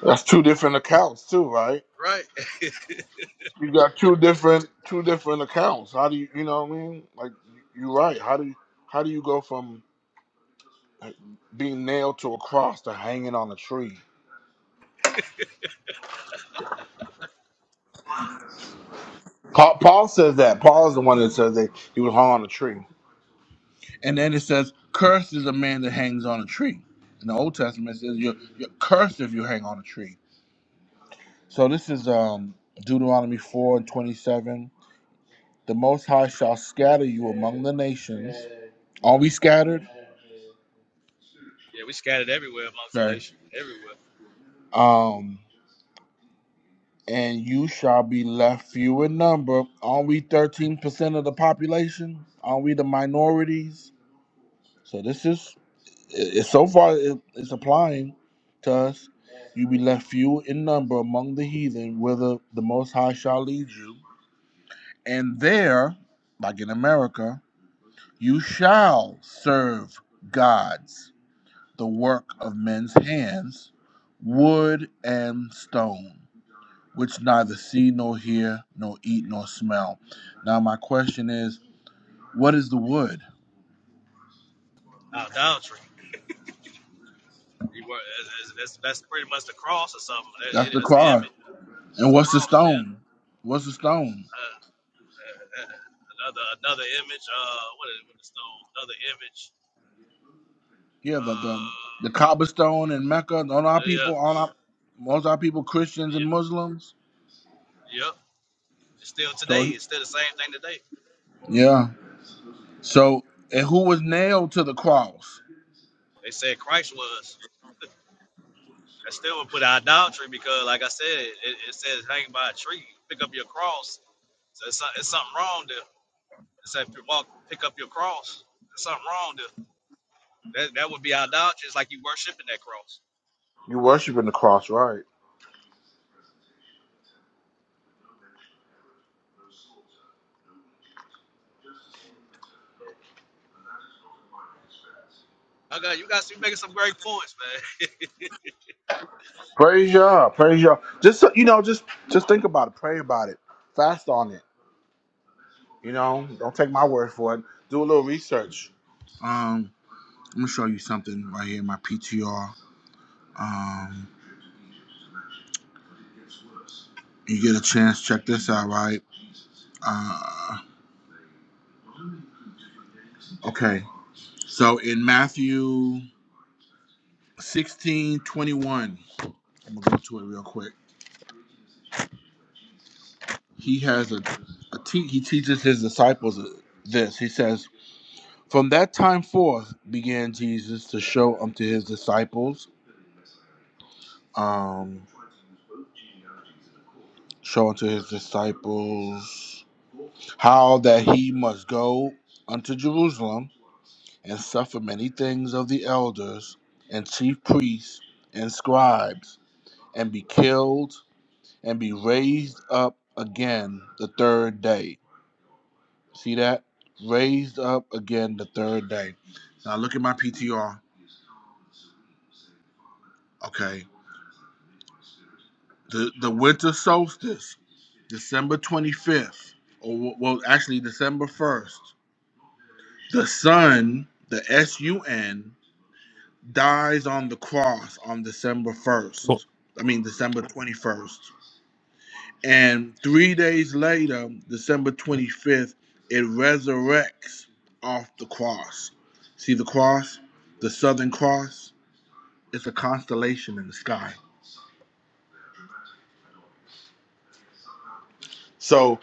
Speaker 3: that's two different accounts, too, right?
Speaker 8: Right. [LAUGHS]
Speaker 3: You got two different two different accounts. How do you you know what I mean? Like you're right. How do you how do you go from being nailed to a cross to hanging on a tree? Paul, Paul says that. Paul is the one that says that he was hung on a tree. And then it says, cursed is a man that hangs on a tree. In the Old Testament, it says you're, you're cursed if you hang on a tree. So this is um, Deuteronomy 4 and 27. The Most High shall scatter you among the nations. Are we scattered?
Speaker 8: Yeah, we scattered everywhere amongst the
Speaker 3: Okay.
Speaker 8: nation, everywhere.
Speaker 3: Um, and you shall be left few in number. Are we 13% of the population? Are we the minorities? So this is it, so far it, it's applying to us. You be left few in number among the heathen, whither the Most High shall lead you, and there, like in America, you shall serve gods, the work of men's hands, wood and stone, which neither see nor hear, nor eat nor smell. Now my question is, what is the wood?
Speaker 8: Idolatry. We were, that's, that's, that's pretty much the cross or something. That-
Speaker 3: That's
Speaker 8: it-
Speaker 3: the
Speaker 8: that's an
Speaker 3: cross.
Speaker 8: image.
Speaker 3: And
Speaker 8: That's a
Speaker 3: what's the
Speaker 8: cross, yeah.
Speaker 3: stone? What's the stone?
Speaker 8: Uh, uh, uh, another another image. Uh, what is with the stone? Another image.
Speaker 3: Yeah, the the,
Speaker 8: Uh,
Speaker 3: the cobblestone in Mecca. On our
Speaker 8: yeah,
Speaker 3: people, on our most our people Christians and
Speaker 8: yeah,
Speaker 3: Muslims.
Speaker 8: yeah. It's still
Speaker 3: So
Speaker 8: today.
Speaker 3: he,
Speaker 8: It's still the same thing today.
Speaker 3: yeah. So and who was nailed to the cross?
Speaker 8: They said Christ was. [LAUGHS] That still would put idolatry because, like I said, it, it says hang by a tree, pick up your cross. So it's, some- it's something wrong there. It said, walk, pick up your cross. There's something wrong there. That, that would be idolatry. It's like you worshiping that cross.
Speaker 3: You worshiping the cross, right?
Speaker 8: Okay, you guys be making some great points, man. [LAUGHS]
Speaker 3: Praise Yah, praise Yah. Just so- you know, just just think about it, pray about it, fast on it. You know, don't take my word for it. Do a little research. Um, I'm gonna show you something right here, my PTR. Um, you get a chance, check this out, right? Uh, okay. So in Matthew sixteen twenty-one, I'm gonna go to it real quick. He has a, a te- he teaches his disciples this. He says, From that time forth began Jesus to show unto his disciples, um, show unto his disciples how that he must go unto Jerusalem and suffer many things of the elders and chief priests and scribes and be killed and be raised up again the third day. See that? Raised up again the third day. Now look at my PTR. Okay. The the winter solstice, December 25th, or well, actually December 1st. The sun, the S U N, dies on the cross on December 1st. I mean December 21st. And three days later, December 25th, it resurrects off the cross. See the cross? The Southern Cross? It's a constellation in the sky. So,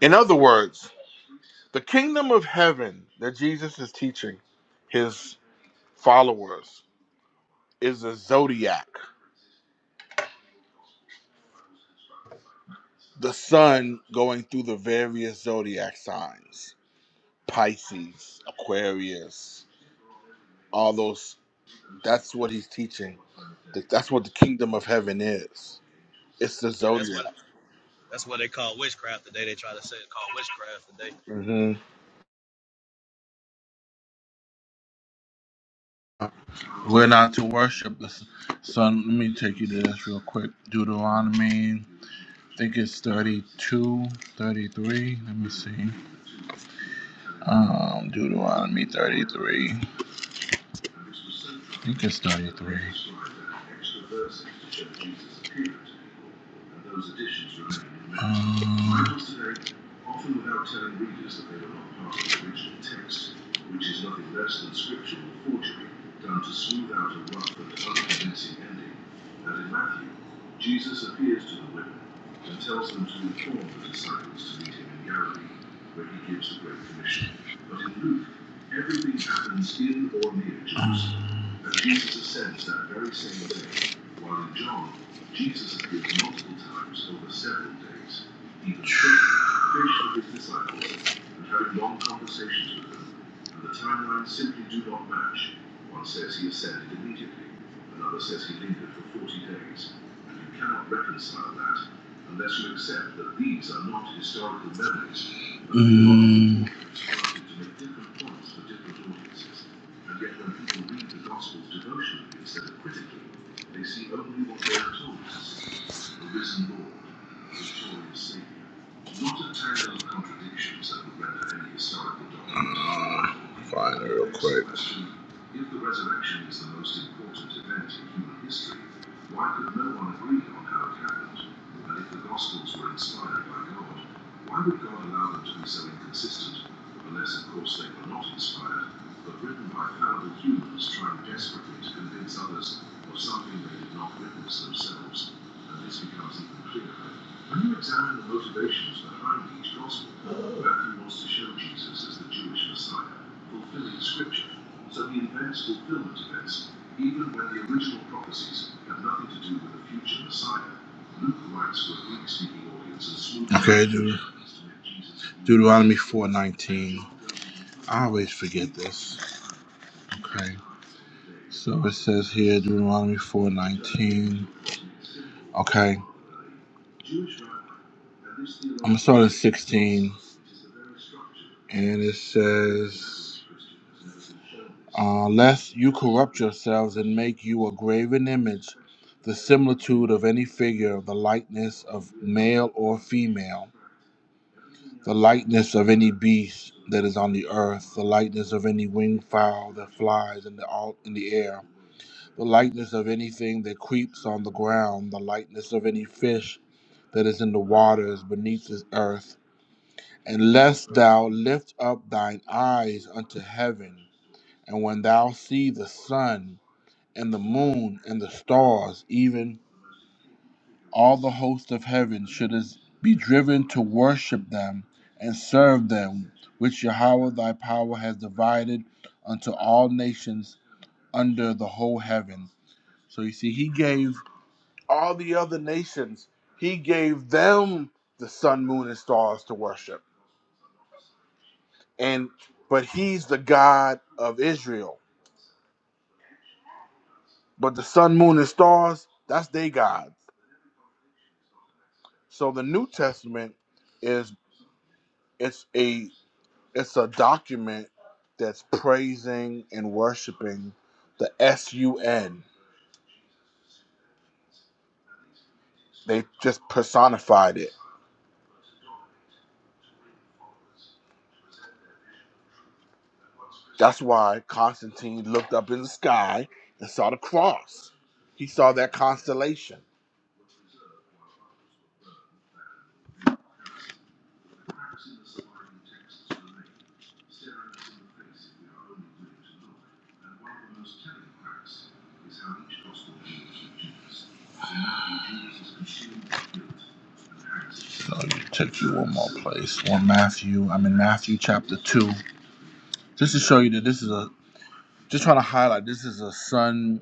Speaker 3: in other words, the kingdom of heaven that Jesus is teaching his followers is a zodiac, the sun going through the various zodiac signs Pisces, Aquarius, all those That's what he's teaching. That- That's what the kingdom of heaven is. It's the
Speaker 8: Yeah, that's
Speaker 3: zodiac.
Speaker 8: what that's what they call witchcraft today. They try to say it called witchcraft today.
Speaker 3: hmm We're not to worship the s- sun. Let me take you to this real quick. Deuteronomy, I think it's thirty-two, thirty-three. Let me see. Um, Deuteronomy 33. I think it's 33. and those additions remain. Um, Rivals today often without telling readers that they were not part of the original text, which is nothing less than scriptural forgery done to smooth out a rough and unconvincing ending. And in Matthew, Jesus appears to the women and tells them to inform the disciples to meet him in Galilee, where he gives the Great Commission. But in Luke, everything happens in or near Jerusalem. And Jesus ascends that very same day, while in John, Jesus appears multiple times over several days, eating fish, fish with his disciples, and having long conversations with them and the timelines simply do not match. One says he ascended immediately, another says he lingered for 40 days, and you cannot reconcile that unless you accept that these are not historical memories, but Mm. to make different points for different audiences. And yet when people read the Gospels devotionally instead of critically, they see only what they are told to see, the risen Lord, the victorious Saviour. Not a tangle of contradictions that would render any historical document. Find it real quick. If the resurrection is the most important event in human history, why could no one agree on how it happened? And if the Gospels were inspired by God, why would God allow them to be so inconsistent, unless, of course, they were not inspired, but written by fallible humans trying desperately to convince others of something they did not witness themselves? And this becomes even clearer when you examine the motivations behind each gospel, Matthew wants to show Jesus as the Jewish Messiah, fulfilling Scripture, so he invents fulfillment events, even when the original prophecies have nothing to do with the future Messiah. Luke writes for a Greek-speaking audience and smoothly Okay, Deut- Deuteronomy 4.19. I always forget this. Okay. So it says here, Deuteronomy 4.19. Okay. I'm starting 16, and it says, uh, Lest you corrupt yourselves and make you a graven image, the similitude of any figure, the likeness of male or female, the likeness of any beast that is on the earth, the likeness of any winged fowl that flies in the, au- in the air, the likeness of anything that creeps on the ground, the likeness of any fish that is in the waters beneath the earth And lest thou lift up thine eyes unto heaven, and when thou see the sun and the moon and the stars, even all the host of heaven, shouldest be driven to worship them and serve them, which Yahweh thy power has divided unto all nations under the whole heaven. So you see, he gave all the other nations, he gave them the sun, moon, and stars to worship and but he's the God of Israel. But the sun, moon, and stars, that's their gods. So the New Testament is it's a it's a document that's praising and worshiping the S U N. They just personified it. That's why Constantine looked up in the sky and saw the cross. He saw that constellation. Staring us in the face if we are only willing to look. And one of the most telling facts is how each gospel deals with Judas. In is consumed with guilt and hangs himself. So you take you one more place. One Matthew. I'm in Matthew chapter two. Just to show you that this is a just trying to highlight this is a son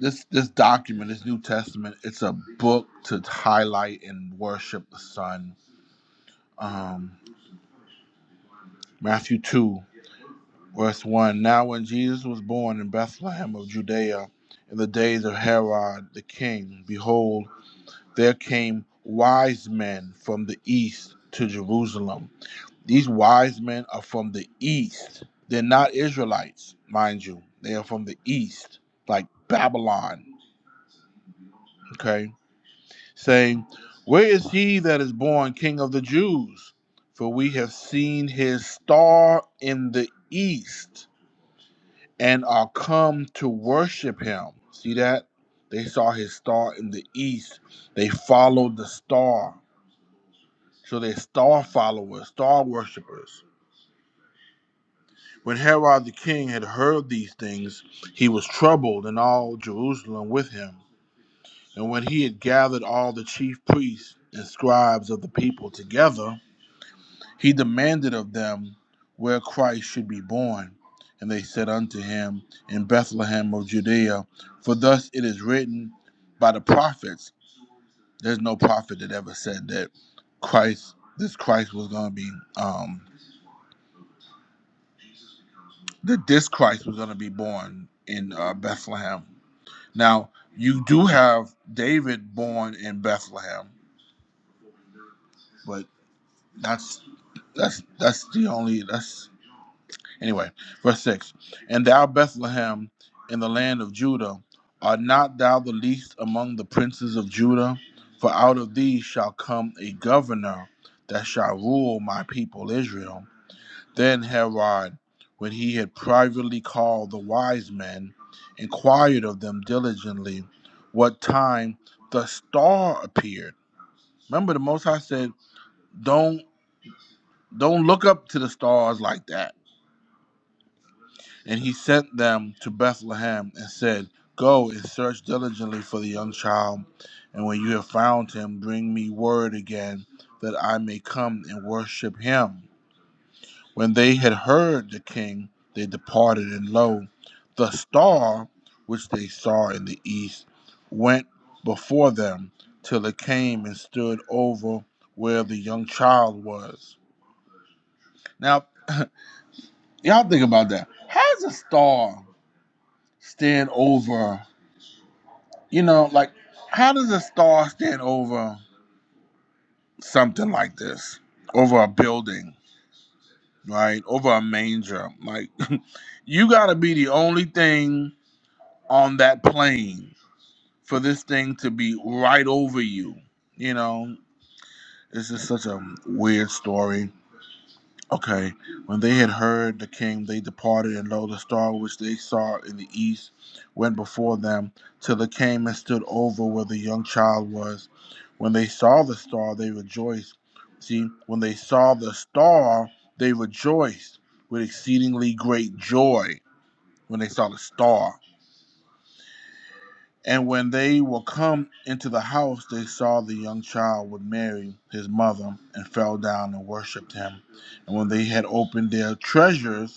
Speaker 3: this this document, this New Testament, it's a book to highlight and worship the Son. Um Matthew 2. Verse 1 Now, when Jesus was born in Bethlehem of Judea in the days of Herod the king, behold, there came wise men from the east to Jerusalem. These wise men are from the east. They're not Israelites, mind you. They are from the east, like Babylon, okay? Saying, Where is he that is born king of the Jews? For we have seen his star in the east and are come to worship him. See that? They saw his star in the east. They followed the star. So they're star followers, star worshippers. When Herod the king had heard these things, he was troubled, and all Jerusalem with him. And when he had gathered all the chief priests and scribes of the people together, He demanded of them where Christ should be born. And they said unto him, In Bethlehem of Judea, for thus it is written by the prophets. There's no prophet that ever said that Christ, this Christ was going to be, um, that this Christ was going to be born in uh, Bethlehem. Now, you do have David born in Bethlehem, but that's that's that's the only that's Anyway, verse 6 And thou, Bethlehem, in the land of Judah, art not thou the least among the princes of Judah? For out of thee shall come a governor that shall rule my people Israel. Then Herod, when he had privately called the wise men, inquired of them diligently what time the star appeared. Remember, the Most High said, Don't don't look up to the stars like that And he sent them to Bethlehem and said, Go and search diligently for the young child, and when you have found him, bring me word again that I may come and worship him. When they had heard the king, they departed, and lo, the star which they saw in the east went before them till it came and stood over where the young child was. Now, y'all think about that. Has a star stand over? You know, like how does a star stand over something like this? Over a building, right? Over a manger. Like [LAUGHS] you gotta be the only thing on that plane for this thing to be right over you. You know, this is such a weird story. Okay. When they had heard the king, they departed, and lo, the star which they saw in the east went before them, till it came and stood over where the young child was. When they saw the star, they rejoiced. See, when they saw the star, they rejoiced with exceedingly great joy when they saw the star. And when they were come into the house, they saw the young child with Mary, his mother, and fell down and worshipped him. And when they had opened their treasures,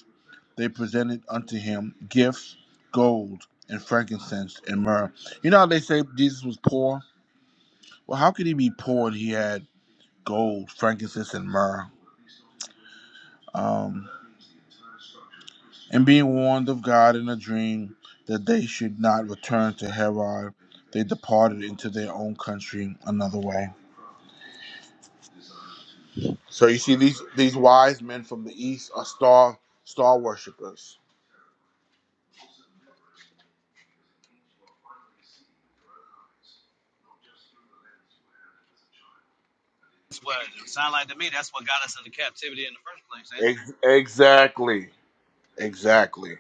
Speaker 3: they presented unto him gifts, gold, and frankincense, and myrrh. You know how they say Jesus was poor? Well, how could he be poor and he had gold, frankincense, and myrrh? Um, and being warned of God in a dream that they should not return to Herod, they departed into their own country another way. So you see, these these wise men from the east are star star worshippers.
Speaker 8: That's what it sound like to me. That's what got us into captivity in the first place. And
Speaker 3: Ex- exactly, exactly,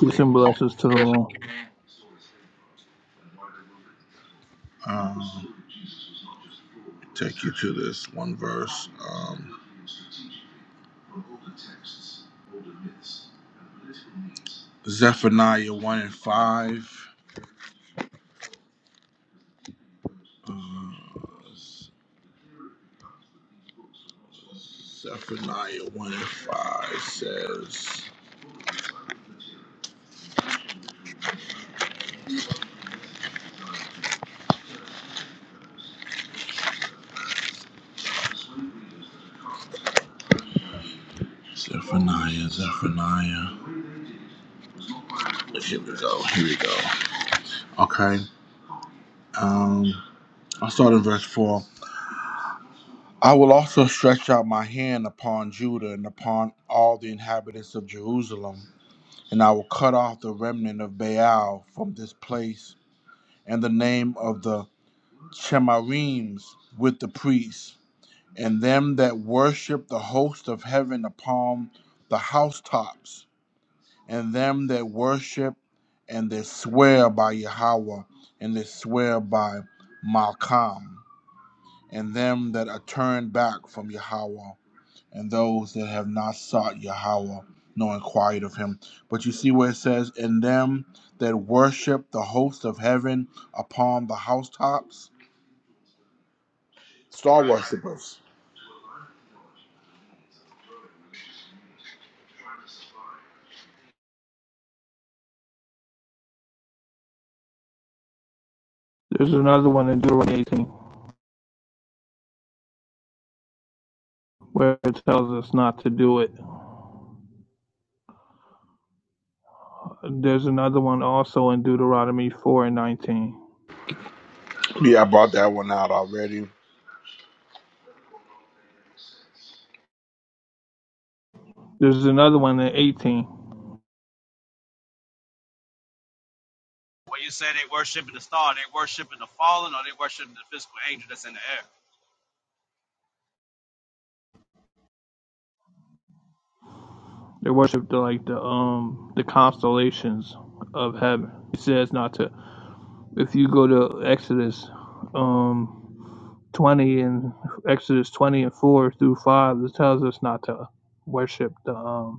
Speaker 10: Peace and blessings to the room.
Speaker 3: Um, take you to this one verse. Um, Zephaniah 1 and 5. Uh, Zephaniah 1 and 5 says, Zephaniah, Zephaniah. Here we go, here we go. Okay, um, I'll start in verse 4. I will also stretch out my hand upon Judah and upon all the inhabitants of Jerusalem, and I will cut off the remnant of Baal from this place, and the name of the Chemarims with the priests, and them that worship the host of heaven upon the housetops, and them that worship and that swear by Yahweh, and that swear by Malcham, and them that are turned back from Yahweh. and those that have not sought Yahweh, nor inquired of him. But you see where it says, And them that worship the host of heaven upon the housetops? Star
Speaker 8: right.
Speaker 3: worshippers.
Speaker 10: There's another one in Deuteronomy 18 where it tells us not to do it. There's another one also in Deuteronomy 4 and 19.
Speaker 3: Yeah, I brought that one out already.
Speaker 10: There's another one in 18.
Speaker 8: when you say they worshiping the star, they worshiping the fallen, or they worshiping the physical angel that's in the air.
Speaker 10: They worship the like the um the constellations of heaven. It says not to. If you go to Exodus um 20 and Exodus 20 and 4 through 5, it tells us not to worship the um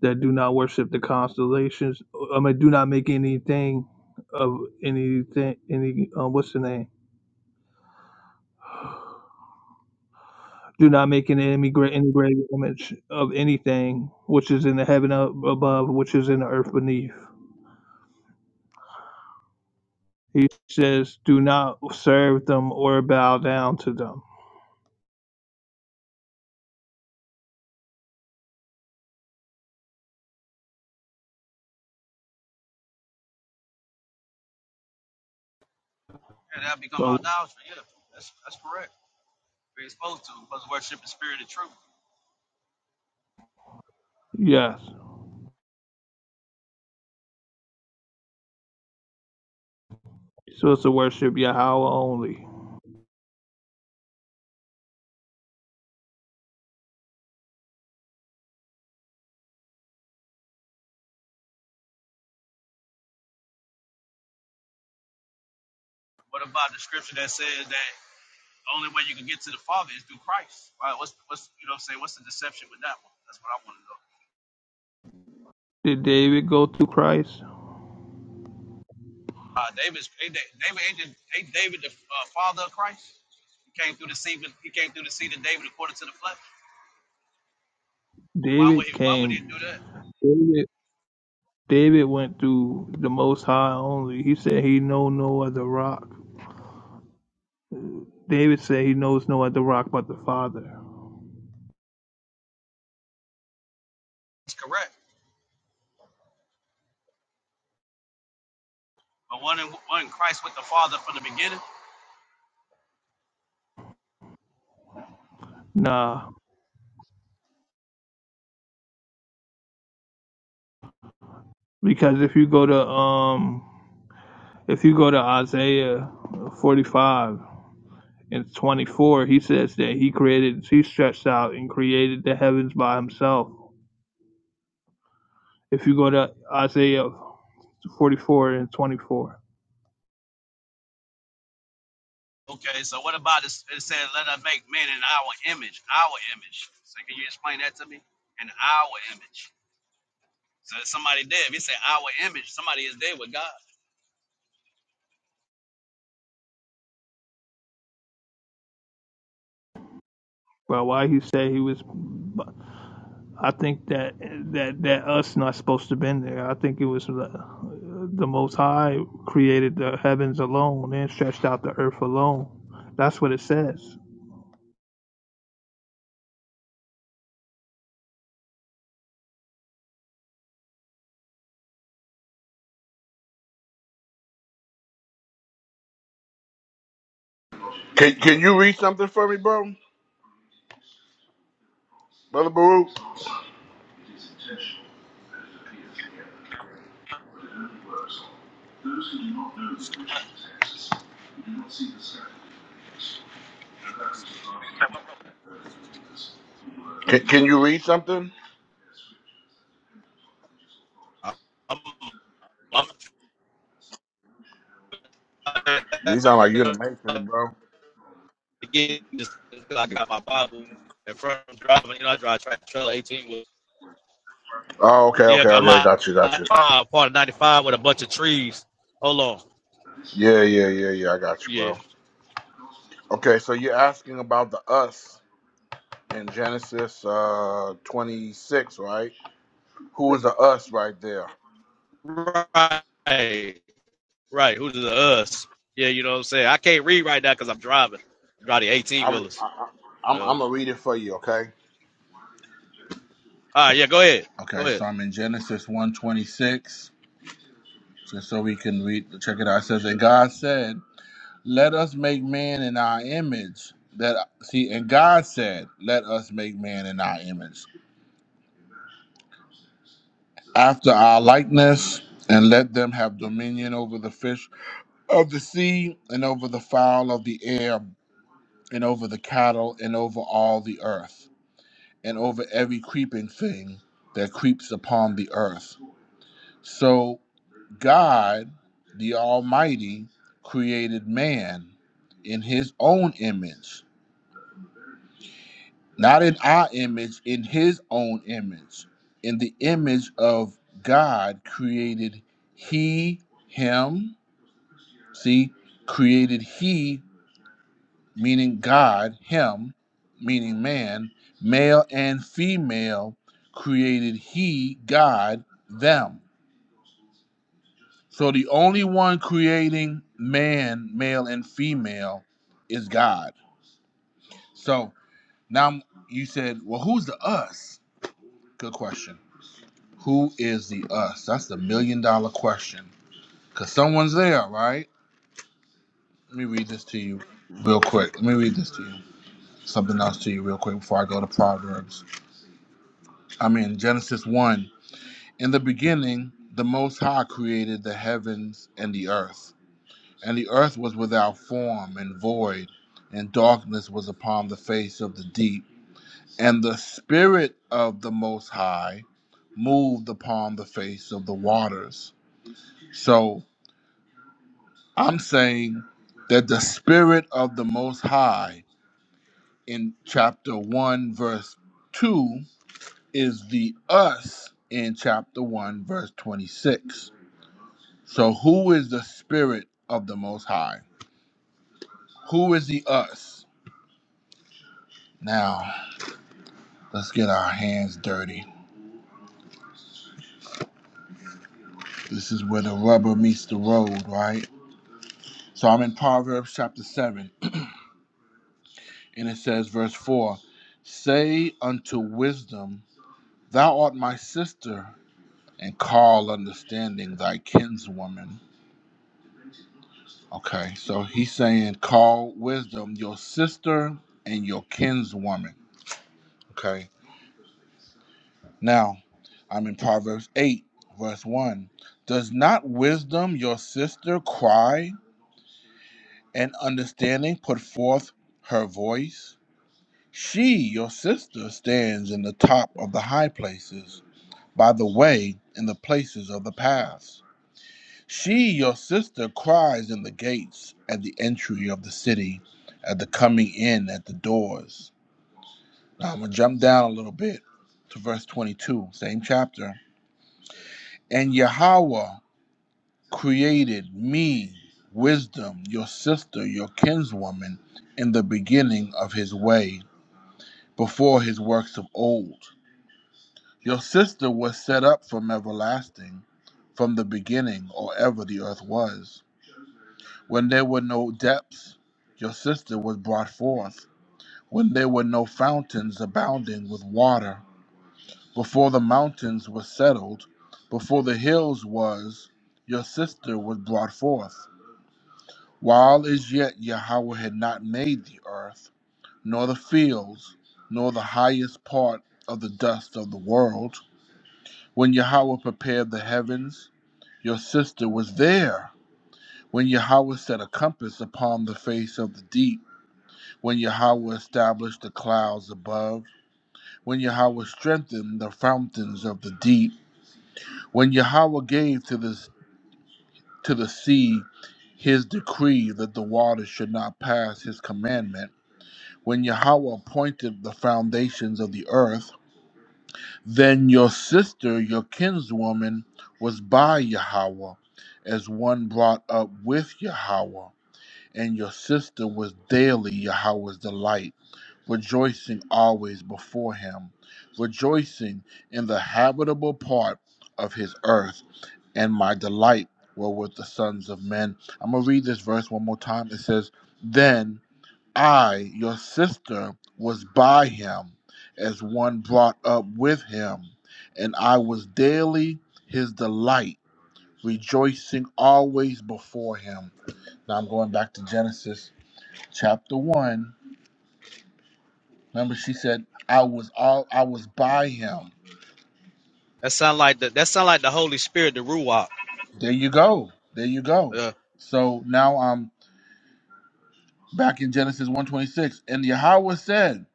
Speaker 10: that do not worship the constellations. I mean, do not make anything of anything. Any uh, what's the name? Do not make an any great any great image of anything which is in the heaven up above, which is in the earth beneath. He says, do not serve them or bow down to them.
Speaker 8: Yeah, that become
Speaker 10: But
Speaker 8: idolatry. Yeah, that's that's correct. We're supposed to, we're supposed to worship the spirit of truth.
Speaker 10: yes, so it's to worship Yahweh only.
Speaker 8: What about the scripture that says that? The only way you can get to the Father is through Christ. Right? What's what's you know what I'm saying? What's the deception with that one? That's what I want to know.
Speaker 10: Did David go through Christ?
Speaker 8: Uh, David's ain't Da- David ain't, ain't David the uh, father of Christ. He came through the seed. He came through the seed of David according to the flesh. Why would
Speaker 10: David
Speaker 8: he, why would he
Speaker 10: came.
Speaker 8: do that?
Speaker 10: David went through the Most High only. He said he know no other rock. David said he knows no other rock but the Father.
Speaker 8: It's correct. But wasn't wasn't Christ with the Father from the beginning.
Speaker 10: Nah, because if you go to um, if you go to Isaiah 45 and 24, he says that he created, he stretched out and created the heavens by himself. If you go to Isaiah 44 and 24,
Speaker 8: Okay, so what about this? It said, "Let us make man in our image, our image." So can you explain that to me? In our image. So if somebody dead. If he said our image, somebody is dead with God.
Speaker 10: well, why he said he was I think that that that us not supposed to been there. I think it was the, the Most High created the heavens alone and stretched out the earth alone. That's what it says.
Speaker 3: Can, can you read something for me, bro? Brother Baruch? Those who do not know the original text, who do not see the sky. Can, can you read something?
Speaker 8: I'm, I'm
Speaker 3: You sound like you are in the matrix, bro.
Speaker 8: again, just because I got my Bible in front of me driving. You know, I drive track trailer 18 with,
Speaker 3: Oh, okay,
Speaker 8: yeah,
Speaker 3: okay,
Speaker 8: I'm
Speaker 3: okay.
Speaker 8: out
Speaker 3: Got you, got you.
Speaker 8: uh, part of 95 with a bunch of trees. Hold on.
Speaker 3: Yeah, yeah, yeah, yeah. I got you,
Speaker 8: Yeah.
Speaker 3: bro. Okay, so you're asking about the us in Genesis uh 26, right? Who is the us right there?
Speaker 8: Right. Right. Who's the us? Yeah, you know what I'm saying? I can't read right now because I'm driving. I'm driving 18
Speaker 3: I'm
Speaker 8: wheelers.
Speaker 3: I, I'm
Speaker 8: Uh, all
Speaker 3: I'm gonna read it for you, okay?
Speaker 8: right. Yeah, go ahead.
Speaker 3: Okay,
Speaker 8: Go ahead.
Speaker 3: so I'm in Genesis 126, just so we can read. Check it out. It says that God said. let us make man in our image that see and god said let us make man in our image after our likeness and let them have dominion over the fish of the sea and over the fowl of the air and over the cattle and over all the earth and over every creeping thing that creeps upon the earth so god the almighty created man in his own image not in our image, in his own image. In the image of God created he him. See, created he, meaning God, him, meaning man, male and female, created he, God, them. So the only one creating man, male and female is God. So now you said, well, who's the us? Good question. Who is the us? That's the million dollar question. Because someone's there, right? Let me read this to you real quick. Let me read this to you. Something else to you real quick before I go to Proverbs. I'm in Genesis 1. In the beginning, the Most High created the heavens and the earth. And the earth was without form and void, and darkness was upon the face of the deep. And the Spirit of the Most High moved upon the face of the waters. So. I'm saying that the Spirit of the Most High in chapter 1, verse 2 is the us in chapter 1, verse 26. So, who is the Spirit of the Most High? Who is the us? Now, let's get our hands dirty. This is where the rubber meets the road, right? So, I'm in Proverbs chapter 7, and it says, verse 4 Say unto wisdom, Thou art my sister and call understanding thy kinswoman. Okay, so he's saying, call wisdom your sister and your kinswoman. Okay, now I'm in Proverbs 8, verse 1. Does not wisdom your sister cry and understanding put forth her voice? She, your sister, stands in the top of the high places, by the way, in the places of the paths. She, your sister, cries in the gates at the entry of the city, at the coming in at the doors. Now I'm going to jump down a little bit to verse 22, same chapter. And Yahweh created me, wisdom, your sister, your kinswoman, in the beginning of his way, before his works of old. Your sister was set up from everlasting, from the beginning, or ever the earth was. When there were no depths, your sister was brought forth. When there were no fountains abounding with water, before the mountains were settled, before the hills was, your sister was brought forth. While as yet Yahweh had not made the earth, nor the fields, nor the highest part of the dust of the world, when Yahweh prepared the heavens, your sister was there. When Yahweh set a compass upon the face of the deep, When Yahweh established the clouds above, when Yahweh strengthened the fountains of the deep, when Yahweh gave to the, to the sea his decree that the waters should not pass his commandment, when Yahweh appointed the foundations of the earth, then your sister, your kinswoman, was by Yahweh, as one brought up with Yahweh. and your sister was daily Yahweh's delight, rejoicing always before him, rejoicing in the habitable part of his earth, and my delight were with the sons of men. I'm gonna read this verse one more time. It says, Then I, your sister, was by him as one brought up with him, and I was daily his delight, rejoicing always before him. Now I'm going back to Genesis chapter one. Remember, she said, "I was all I was by him."
Speaker 8: That sound like the, that sound like the Holy Spirit, the Ruach.
Speaker 3: There you go. There you go.
Speaker 8: Uh,
Speaker 3: So now I'm back in Genesis 126. And Yahweh said,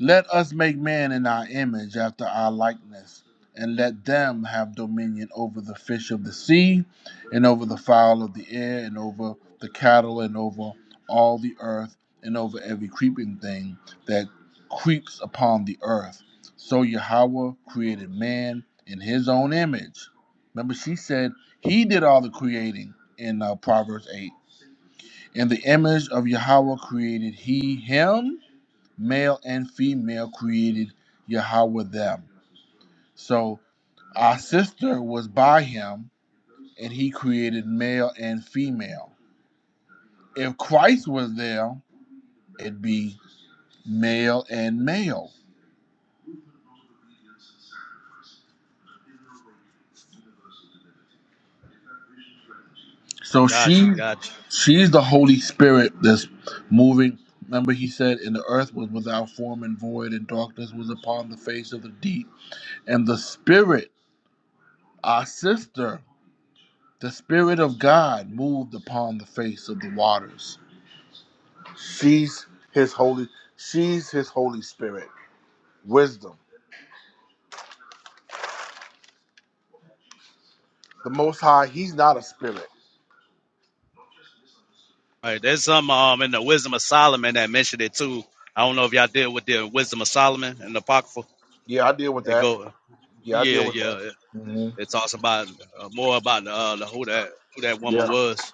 Speaker 3: Let us make man in our image after our likeness, and let them have dominion over the fish of the sea, and over the fowl of the air, and over the cattle, and over all the earth, and over every creeping thing that creeps upon the earth. So Yahweh created man in his own image. Remember, she said he did all the creating in uh, Proverbs 8 in the image of Yahweh created he him, male and female created Yahweh them. So our sister was by him, and he created male and female. If Christ was there, it'd be male and male. So
Speaker 8: gotcha.
Speaker 3: she
Speaker 8: Gotcha.
Speaker 3: she's the Holy Spirit that's moving. Remember he said and the earth was without form and void and darkness was upon the face of the deep. And the spirit, our sister, the spirit of God moved upon the face of the waters. She's his holy she's his holy spirit. Wisdom. The most high, he's not a spirit.
Speaker 8: Right, there's some um in the Wisdom of Solomon that mentioned it too. I don't know if y'all deal with the Wisdom of Solomon and the Apocrypha.
Speaker 3: Yeah, I deal with
Speaker 8: It
Speaker 3: that.
Speaker 8: go,
Speaker 3: Yeah, I
Speaker 8: yeah,
Speaker 3: deal with
Speaker 8: yeah.
Speaker 3: that.
Speaker 8: It, it talks about uh, more about uh, the, who that who that woman
Speaker 3: Yeah.
Speaker 8: was.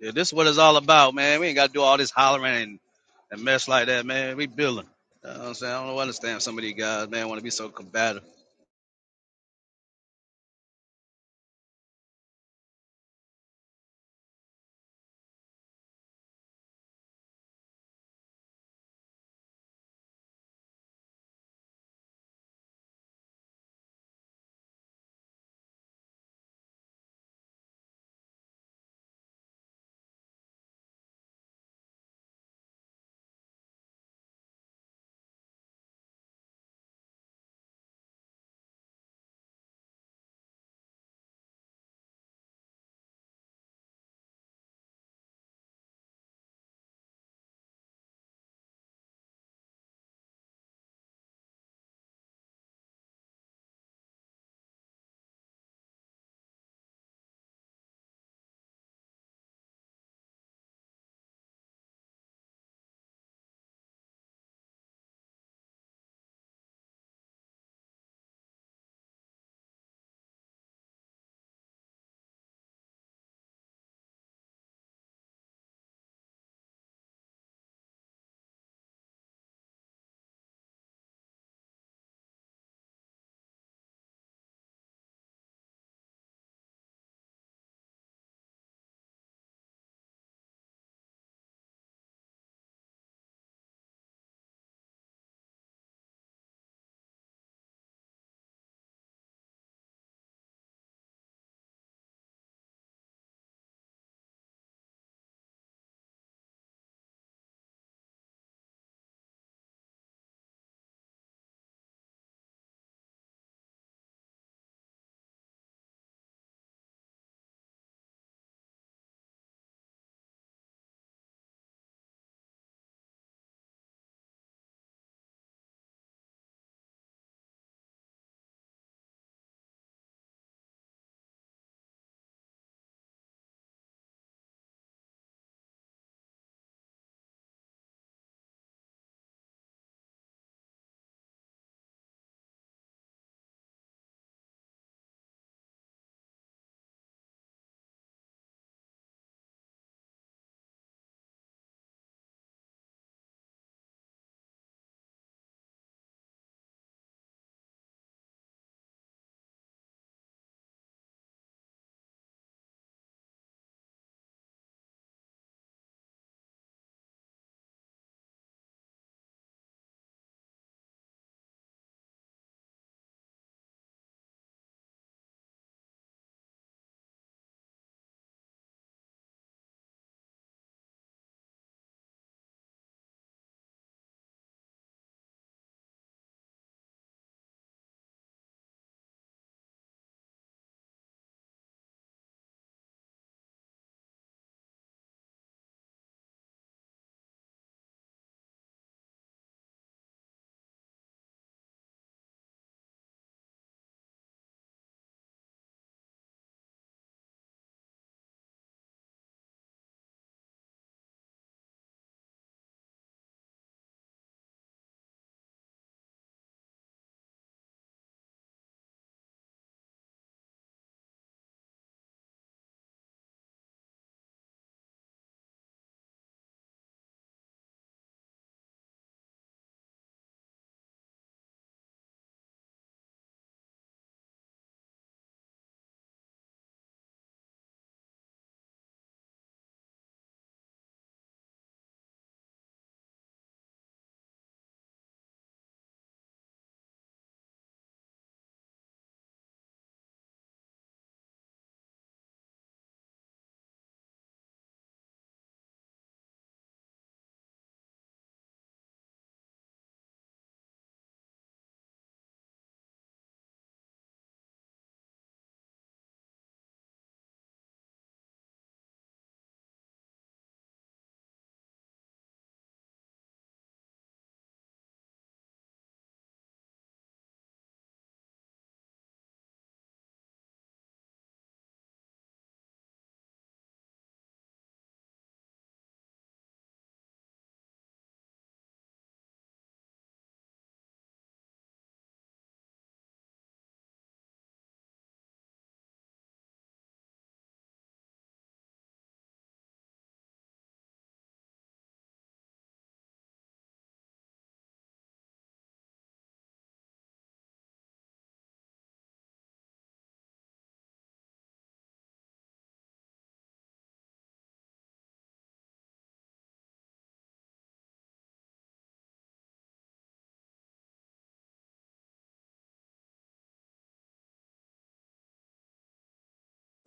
Speaker 8: Yeah, this is what it's all about, man. We ain't got to do all this hollering and, and mess like that, man. We building. You know what I'm saying I don't understand some of these guys, man. Want to be so combative.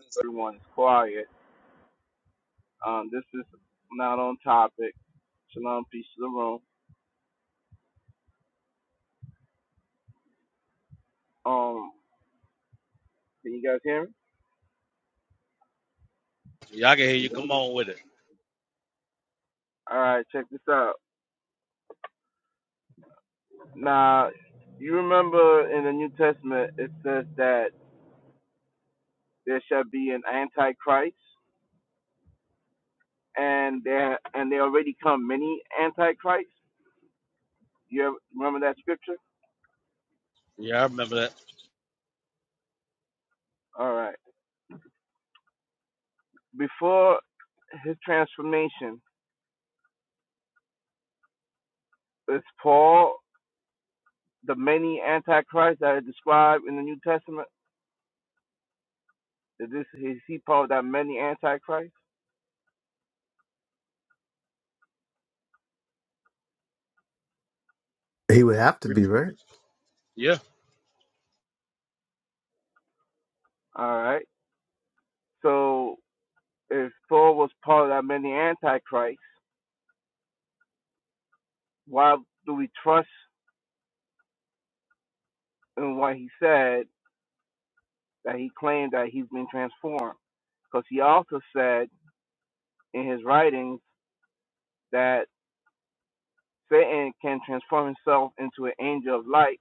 Speaker 11: since everyone's quiet. Um, this is not on topic. Shalom, peace to the room. Um, can you guys hear me?
Speaker 8: Yeah, I can hear you. Come
Speaker 11: Mm-hmm.
Speaker 8: on with it.
Speaker 11: All right, check this out. Now, you remember in the New Testament it says that there shall be an antichrist, and there and there already come many antichrists. You ever, remember that scripture?
Speaker 8: Yeah, I remember that.
Speaker 11: All right. Before his transformation, is Paul the many antichrists that are described in the New Testament? Is this is he part of that many antichrist?
Speaker 1: He would have to
Speaker 8: We,
Speaker 1: be, right?
Speaker 8: yeah,
Speaker 11: All right. So if Thor was part of that many antichrist, why do we trust in what he said that he claimed that he's been transformed? Because he also said in his writings that Satan can transform himself into an angel of light,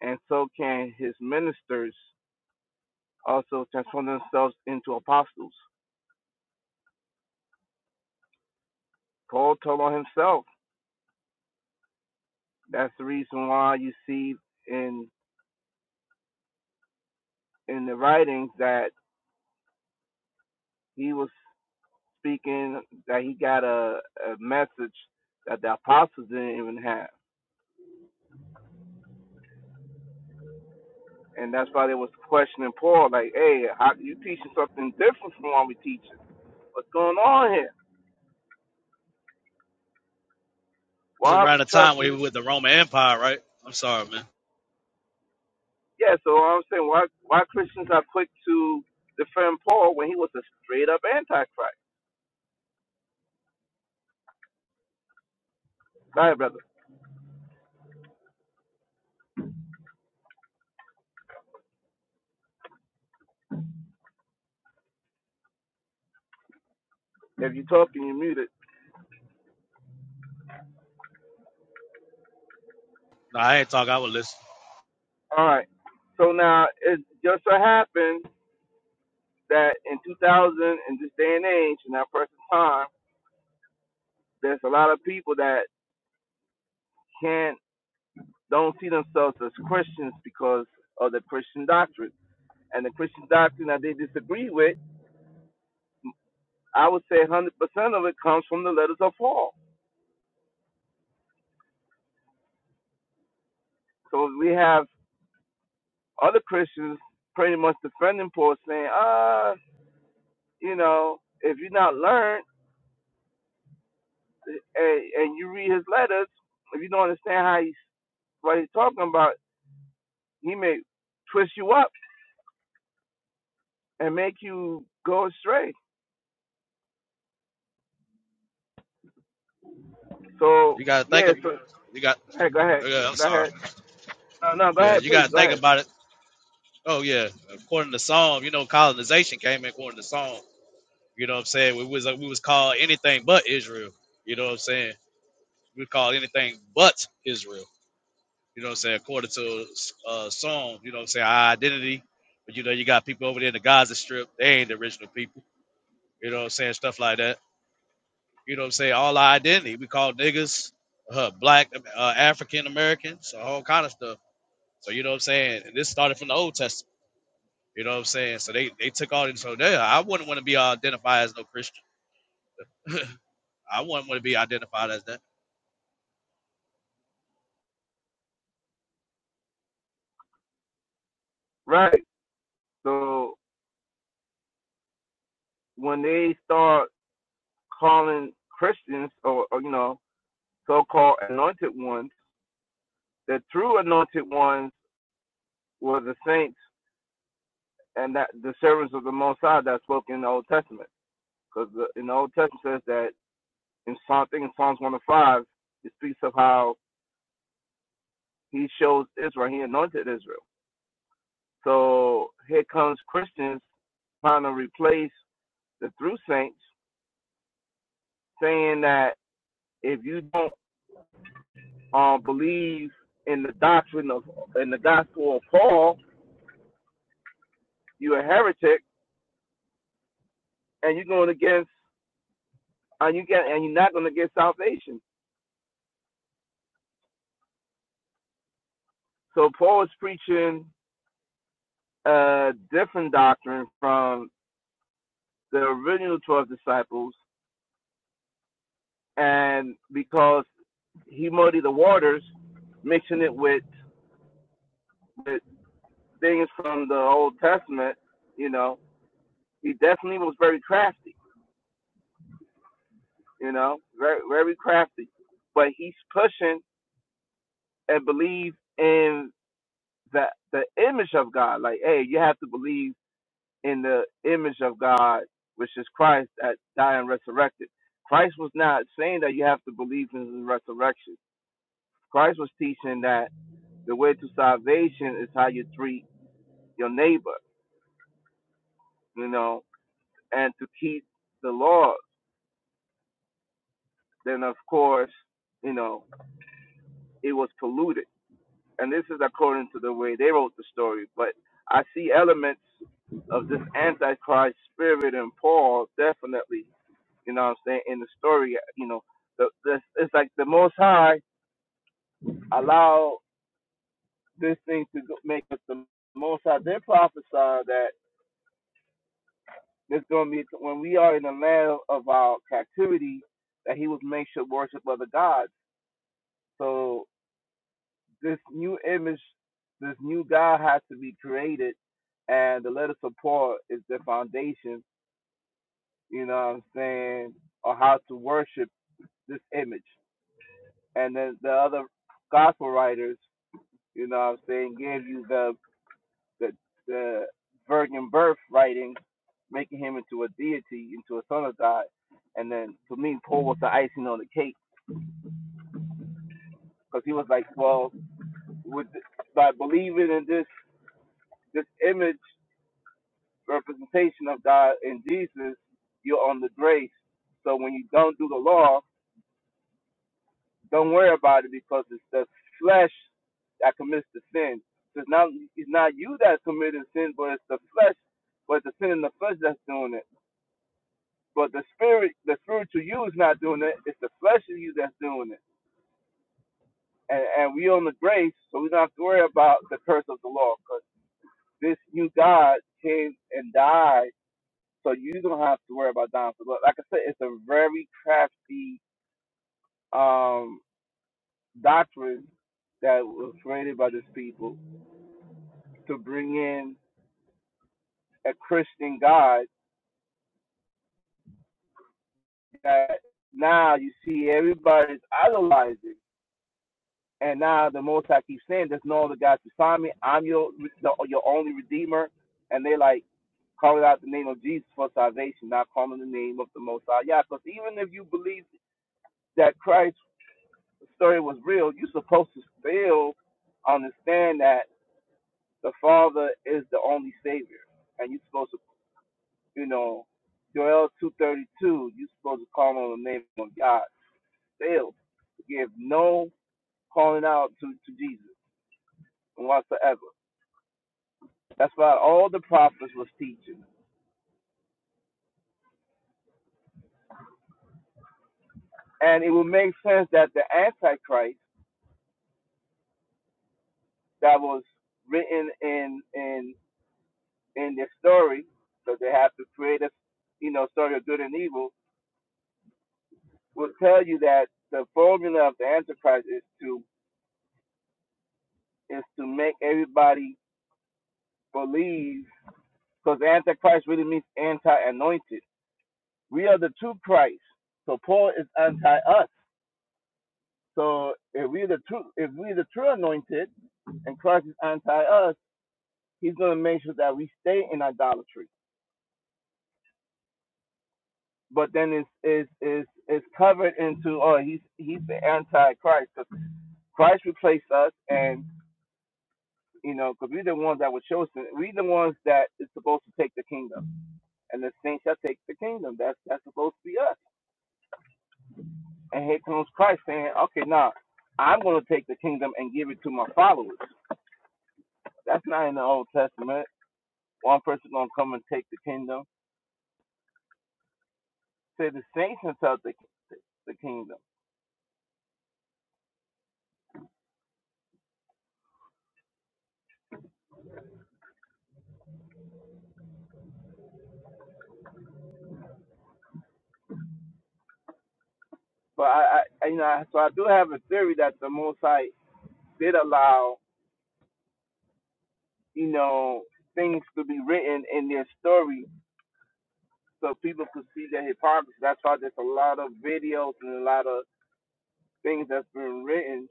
Speaker 11: and so can his ministers also transform themselves into apostles. Paul told on himself. That's the reason why you see in in the writings that he was speaking that he got a, a message that the apostles didn't even have. And that's why they was questioning Paul, like, hey, how, you teaching something different from what we teaching. What's going on here?
Speaker 8: this is
Speaker 11: Why are
Speaker 8: around
Speaker 11: we
Speaker 8: the time
Speaker 11: trusting
Speaker 8: where we
Speaker 11: this?
Speaker 8: were with the Roman Empire, right? I'm sorry, man.
Speaker 11: Yeah, so I'm saying why why Christians are quick to defend Paul when he was a straight up antichrist. Sorry, brother. If you're talking, you're muted.
Speaker 8: No, I ain't talk. I was listening.
Speaker 11: All right. So now it just so happened that in 2000 in this day and age in our present time there's a lot of people that can't don't see themselves as christians because of the christian doctrine and the christian doctrine that they disagree with i would say 100% of it comes from the letters of paul so we have other christians pretty much defending paul saying ah, uh you know if you're not learned and, and you read his letters if you don't understand how he's what he's talking about he may twist you up and make you go astray. So
Speaker 8: You gotta think
Speaker 11: yeah,
Speaker 8: of
Speaker 11: so
Speaker 8: you got
Speaker 11: hey, go ahead,
Speaker 8: oh, yeah, I'm
Speaker 11: go
Speaker 8: sorry.
Speaker 11: ahead. No, no, go
Speaker 8: Yeah,
Speaker 11: ahead,
Speaker 8: you
Speaker 11: please,
Speaker 8: gotta
Speaker 11: go
Speaker 8: think
Speaker 11: ahead.
Speaker 8: about it. Oh yeah. According to Psalm, you know, colonization came in according to Psalm. You know what I'm saying? We was we was called anything but Israel. You know what I'm saying? We was called anything but Israel. You know what I'm saying? According to uh Psalm, you know what I'm saying, our identity. But you know, you got people over there in the Gaza strip, they ain't the original people. You know what I'm saying? Stuff like that. You know what I'm saying? All our identity. We call niggas, uh, black uh, African Americans, a whole kind of stuff So you know what I'm saying? And this started from the Old Testament. You know what I'm saying? So they, they took all this. So they, I wouldn't want to be identified as no Christian. I wouldn't want to be identified as that.
Speaker 11: Right. So when they start calling Christians or, or you know so-called anointed ones, the true anointed ones were the saints and that the servants of the Most High that spoke in the Old Testament, because in the Old Testament says that in Psalm, I think in Psalms one to five, it speaks of how He shows Israel, He anointed Israel. So here comes Christians trying to replace the true saints, saying that if you don't uh, believe in the doctrine of in the gospel of Paul, you're a heretic, and you're going against and you get and you're not going to get salvation. So Paul is preaching a different doctrine from the original twelve disciples, and because he muddied the waters, mixing it with with things from the Old Testament, you know, he definitely was very crafty, you know, very very crafty. But he's pushing and believe in the the image of God. Like, hey, you have to believe in the image of God, which is Christ that died and resurrected. Christ was not saying that you have to believe in his resurrection. Christ was teaching that the way to salvation is how you treat your neighbor, you know, and to keep the laws. then of course, you know, it was polluted. And this is according to the way they wrote the story. But I see elements of this antichrist spirit in Paul, definitely, you know what I'm saying, in the story, you know, the, the, it's like the Most High allow this thing to go- make us the Most High. They prophesy that there's going to be, when we are in the land of our captivity, that he would make sure worship other gods. So. this new image, this new God has to be created, and the letter support is the foundation. You know what I'm saying, or how to worship this image. And then the other gospel writers, you know what I'm saying, gave you the the, the virgin birth writing, making him into a deity, into a son of God. And then to me, Paul was the icing on the cake because he was like, well, with by believing in this this image representation of God in Jesus, you're on the grace. So when you don't do the law, don't worry about it because it's the flesh that commits the sin. So it's not it's not you that's committing sin, but it's the flesh, but the sin in the flesh that's doing it. But the spirit, the spiritual you is not doing it. It's the flesh of you that's doing it. And and we on the grace, so we don't have to worry about the curse of the law, because this new God came and died So you don't have to worry about dinosaurs. But like I said, it's a very crafty um, doctrine that was created by these people to bring in a Christian God that now you see everybody's idolizing. And now the Most High keeps saying, there's no other God beside me. I'm your the, your only Redeemer. And they like calling out the name of Jesus for salvation, not calling the name of the Most High. Yeah, because even if you believe that Christ the story was real, you're supposed to still understand that the Father is the only Savior, and you're supposed to, you know, Joel 2:32, you're supposed to call on the name of God. Still, give no calling out to, to Jesus whatsoever. That's why all the prophets was teaching, and it would make sense that the Antichrist that was written in in in their story, because they have to create a you know story of good and evil will tell you that the formula of the Antichrist is to is to make everybody believe because Antichrist really means anti-anointed. We are the true Christ, so Paul is anti-us. So if we're the true if we're the true anointed and Christ is anti-us, he's going to make sure that we stay in idolatry. But then it's it's it's, it's covered into oh he's he's the anti-Christ because Christ replaced us and you know, because we're the ones that were chosen. We're the ones that is supposed to take the kingdom, and the saints shall take the kingdom. That's that's supposed to be us. And here comes Christ saying, "Okay, now I'm going to take the kingdom and give it to my followers." That's not in the Old Testament. One person going to come and take the kingdom. Say the saints shall take the kingdom. But I, I, you know, I- so I do have a theory that the Most High did allow, you know, things to be written in their story so people could see the hypocrisy. That's why there's a lot of videos and a lot of things that's been written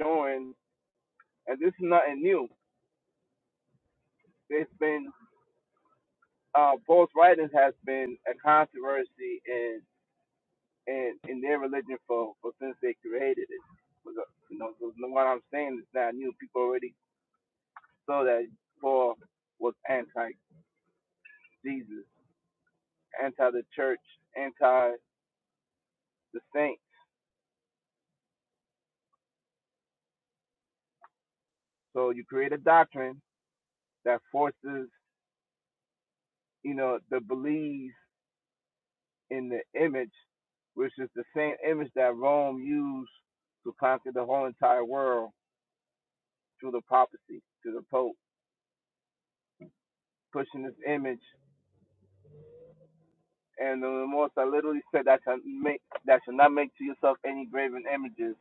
Speaker 11: showing, and this is nothing new. There's been uh, Paul's writings has been a controversy in in, in their religion for, for since they created it. uh, You know, so so what I'm saying is not new. People already saw that Paul was anti-Jesus, anti the church, anti the saints. So you create a doctrine that forces you know the beliefs in the image, which is the same image that Rome used to conquer the whole entire world through the papacy, through the Pope, pushing this image. And the most I literally said that shall make that shall not make to yourself any graven images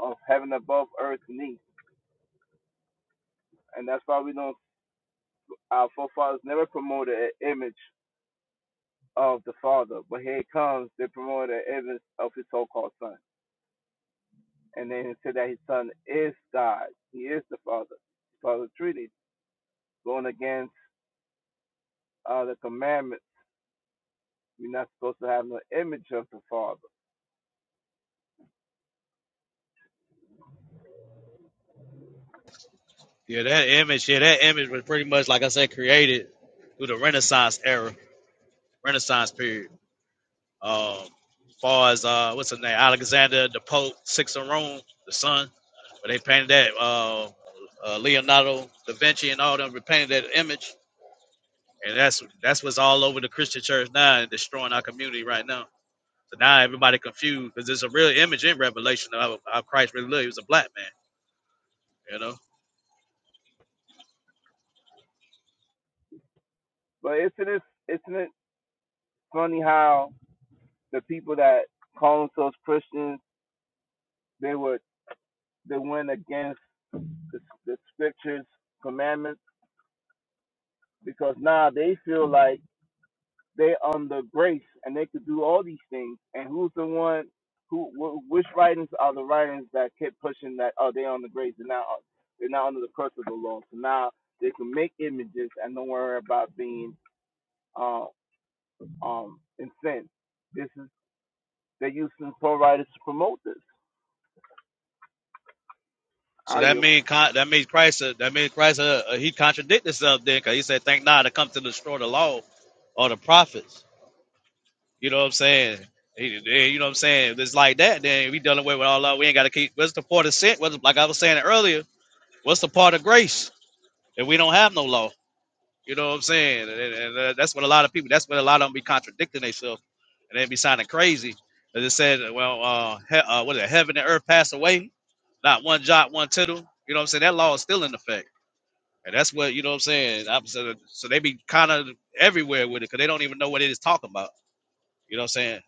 Speaker 11: of heaven above, earth beneath. And that's why we don't our forefathers never promoted an image of the father. But here it comes, they promoted an image of his so called son. And then he said that his son is God. He is the father. Father treaty. Going against uh, the commandments. We're not supposed to have no image of the Father.
Speaker 8: Yeah, that image, yeah, that image was pretty much, like I said, created through the Renaissance era, Renaissance period. Um, as far as, uh, what's his name? Alexander, the Pope, Six of Rome, the Sun. But they painted that, uh, uh, Leonardo da Vinci and all them they painted that image. And that's that's what's all over the Christian church now and destroying our community right now. So now everybody confused because there's a real image in Revelation of how how Christ really looked. He was a black man, you know.
Speaker 11: But isn't it isn't it funny how the people that call themselves Christians they would they went against the, the scriptures commandments because now they feel like they are under grace and they could do all these things. And who's the one? Who? Wh- which writings are the writings that kept pushing that? Oh, they're under grace. They're not. They're not under the curse of the law. So now they can make images and don't worry about being uh, um, and sin. This is they're using pro writers to promote this.
Speaker 8: So
Speaker 11: I
Speaker 8: that
Speaker 11: yield.
Speaker 8: mean that means Christ uh, that means Christ uh, uh, he contradicted himself then because he said, "Thank God to come to destroy the law or the prophets." You know what I'm saying? He, eh, you know what I'm saying? If it's like that, then we done away with all that. We ain't got to keep. What's the part of sin? What's, like I was saying earlier, what's the part of grace if we don't have no law? You know what I'm saying? And, and, uh, that's what a lot of people. That's what a lot of them be contradicting themselves, and they be sounding crazy. they it said, well, uh, he, uh, what is it? Heaven and earth pass away, not one jot, one tittle. You know what I'm saying? That law is still in effect, and that's what you know what I'm saying. I'm, so, so they be kind of everywhere with it because they don't even know what it is talking about. You know what I'm saying?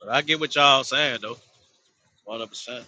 Speaker 8: But I get what y'all saying though, 100. percent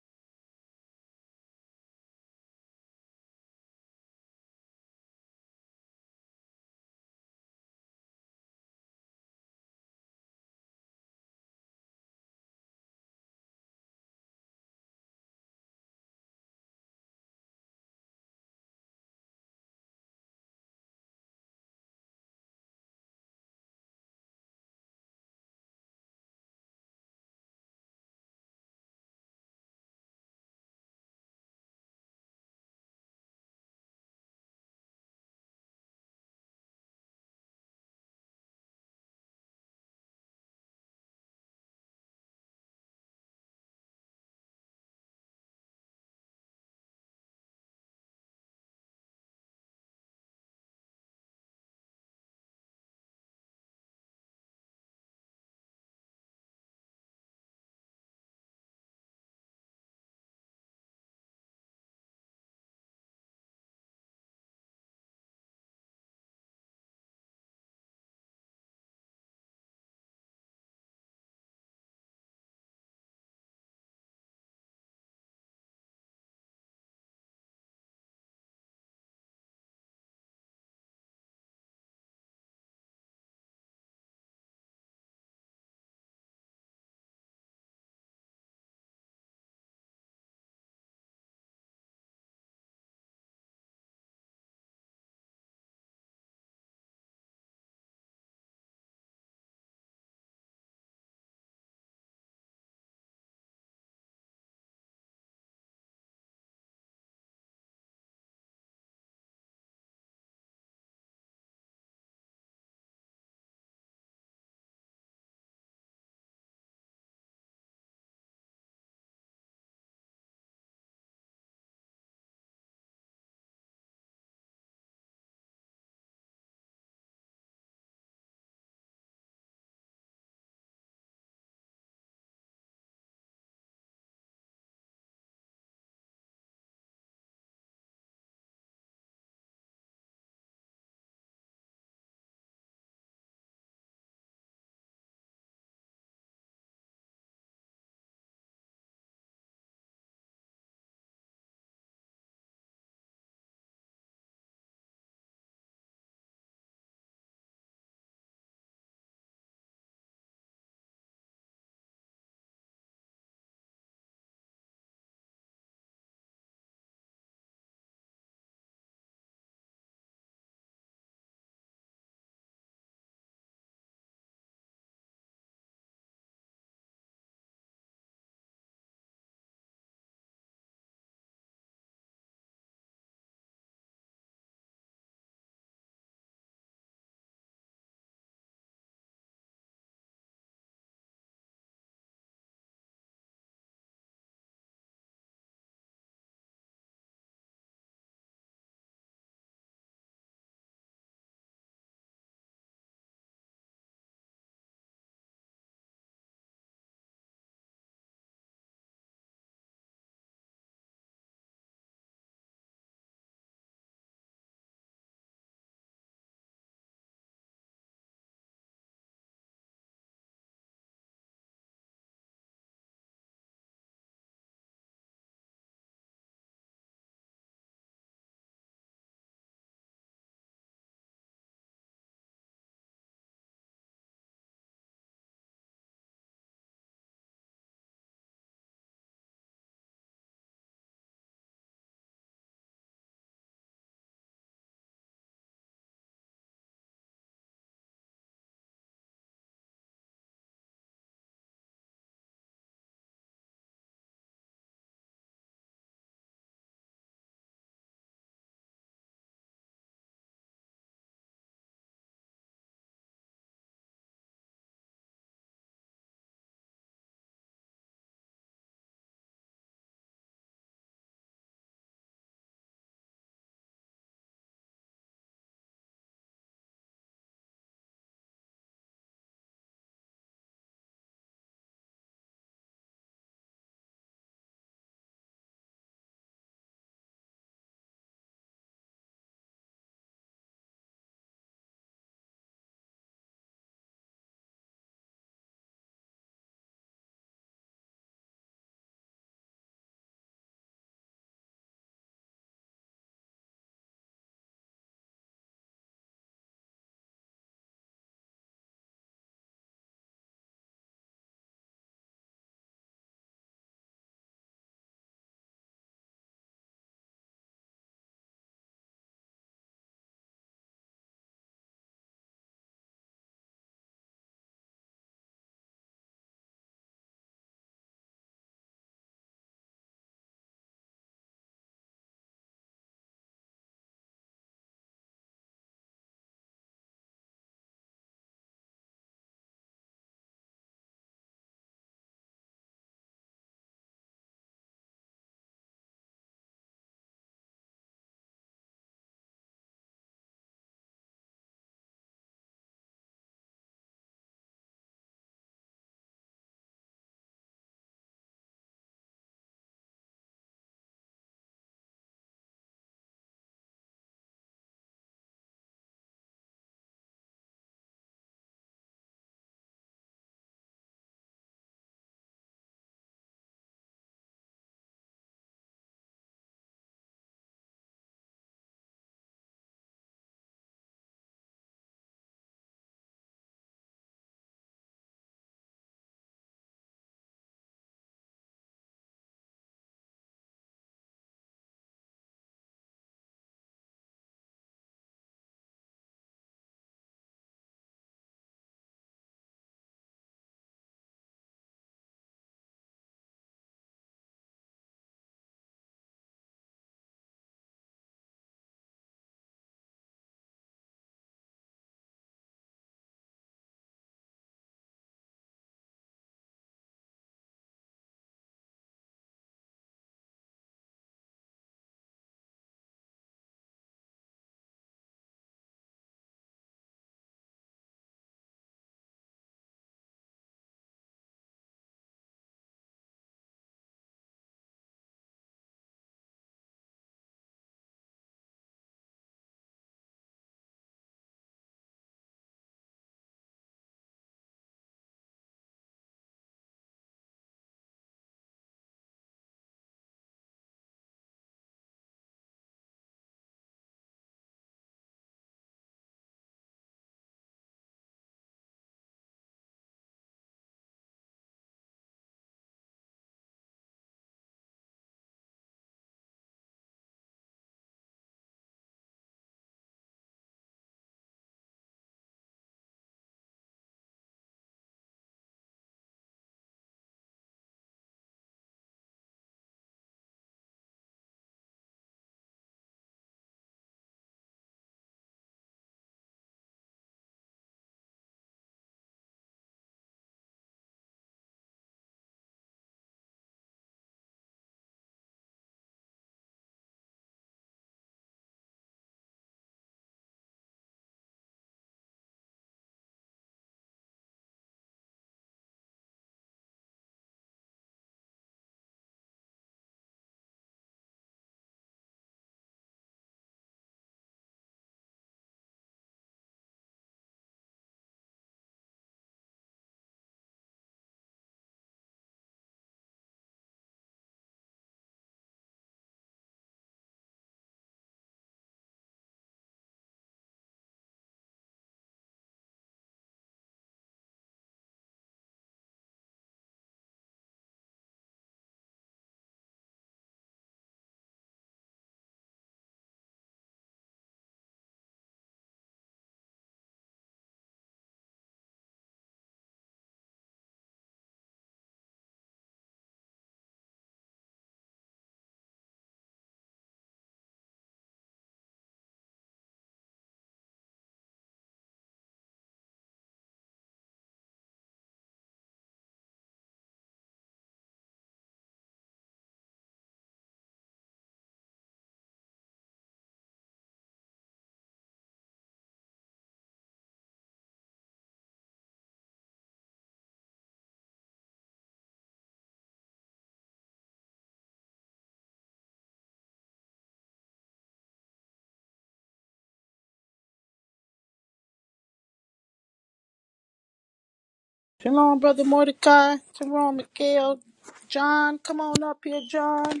Speaker 2: Shalom, brother Mordecai, Tyrone, Miguel, John, come on up here, John.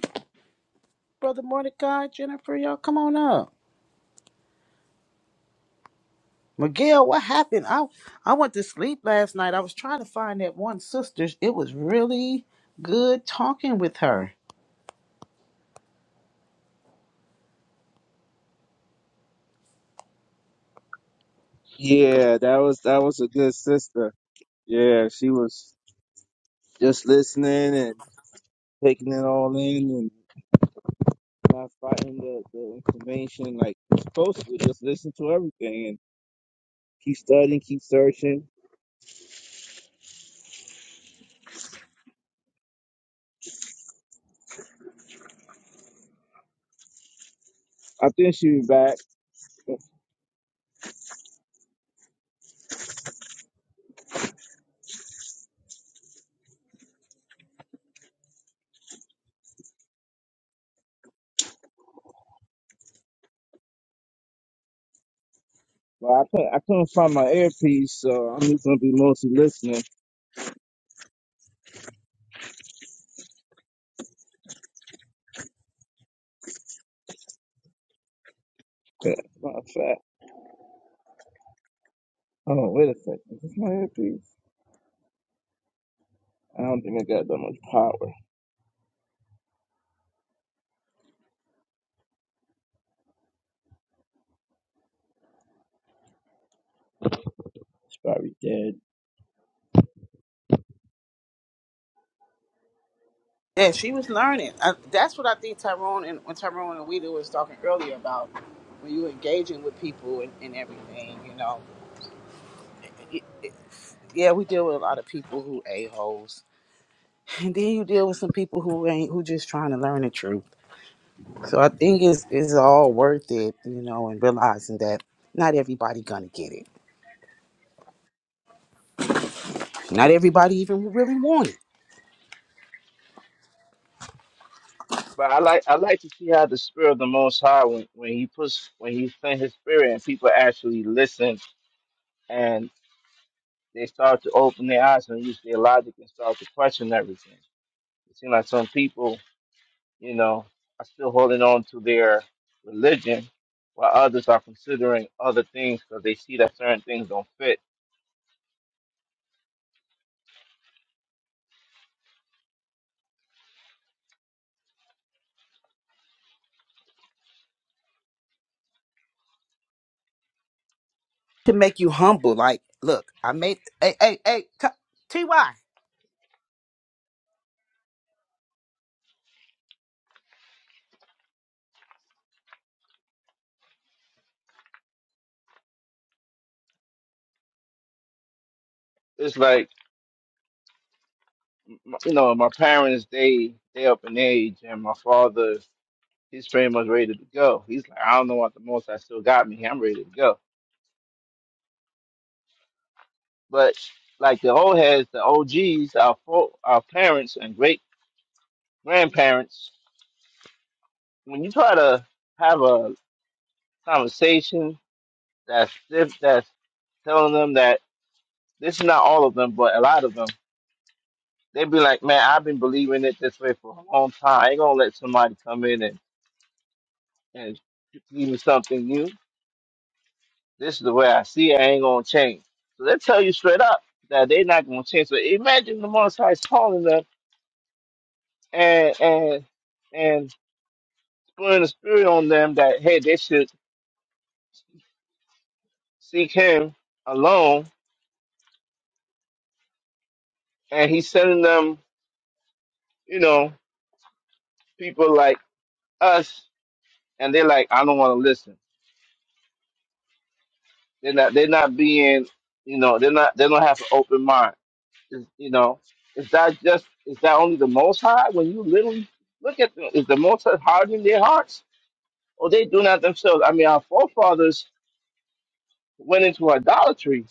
Speaker 2: Brother Mordecai, Jennifer, y'all come on up. Miguel, what happened? I I went to sleep last night. I was trying to find that one sister. It was really good talking with her.
Speaker 11: Yeah, that was that was a good sister. Yeah, she was just listening and taking it all in and not fighting the, the information like you're supposed to. Just listen to everything and keep studying, keep searching. I think she be back, but I couldn't, I couldn't find my earpiece, so I'm just gonna be mostly listening. Yeah, Matter of fact, oh wait a second, is this my earpiece? I don't think I got that much power. It's probably dead.
Speaker 2: Yeah, she was learning. Uh, that's what I think Tyrone and when Tyrone and Weeda was talking earlier about when you engaging with people and, and everything, you know. Yeah, we deal with a lot of people who a holes, [LAUGHS] and then you deal with some people who ain't who just trying to learn the truth. So I think it's it's all worth it, you know, and realizing that not everybody gonna get it. Not everybody even really want it
Speaker 11: people, you know. I swear. And
Speaker 2: to make you humble. Like, look, I made, hey, hey, hey, t- TY.
Speaker 11: it's like, m- you know, my parents, they they up in age, and my father, he's pretty much ready to go. He's like, I don't know what the most I still got me. I'm ready to go. But like the old heads, the OGs, our fo- our parents and great grandparents, when you try to have a conversation that's diff- that's telling them that this is not all of them, but a lot of them they be like, man, I've been believing it this way for a long time. I ain't gonna let somebody come in and, and give me something new. This is the way I see it. I ain't gonna change. So they tell you straight up that they're not gonna change. So imagine the Most High is calling them and and and putting a spirit on them that hey, they should seek Him alone, and He's sending them, you know, people like us, and they're like, I don't want to listen. They're not. They're not being, you know, they're not. They don't have an open mind Is you know, is that just is that only the Most High? When you literally look at them, is the Most High hardening their hearts, or they do not themselves? I mean, our forefathers went into idolatry,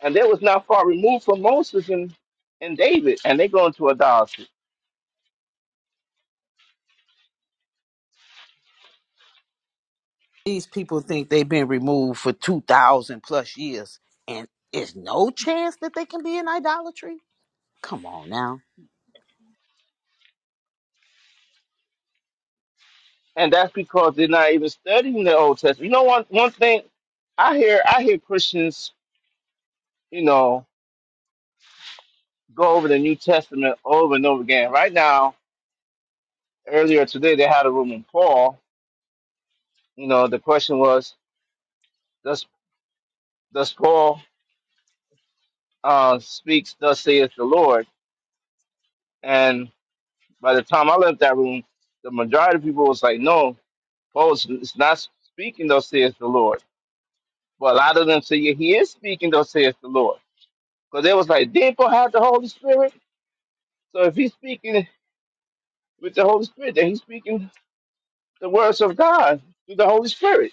Speaker 11: and they was not far removed from Moses and and David, and they go into idolatry,
Speaker 2: These people think they've been removed for 2,000 plus years and there's no chance that they can be in idolatry? Come on now.
Speaker 11: and that's because they're not even studying the Old Testament. You know, one one thing I hear I hear Christians, you know, go over the New Testament over and over again. Right now, earlier today, they had a room in Paul. You know, the question was. Thus Paul uh, speaks, thus saith the Lord. And by the time I left that room, the majority of people was like, no, Paul is is not speaking, thus saith the Lord. But a lot of them say, yeah, he is speaking, thus saith the Lord. Because they was like, didn't Paul have the Holy Spirit? So if he's speaking with the Holy Spirit, then he's speaking the words of God through the Holy Spirit.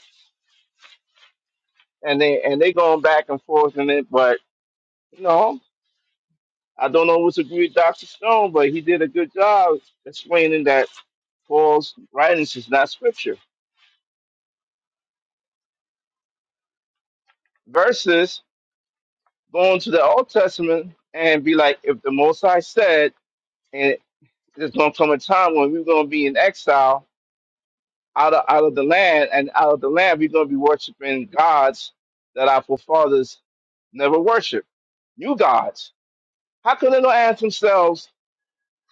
Speaker 11: And they and they going back and forth in it, but you know, I don't know what's agree with Dr. Stone, but he did a good job explaining that Paul's writings is not scripture. Versus going to the Old Testament and be like, if the Most High said, and there's going to come a time when we're going to be in exile out of, out of the land, and out of the land, we're going to be worshiping gods that our forefathers never worshiped. New gods. How could they not ask themselves,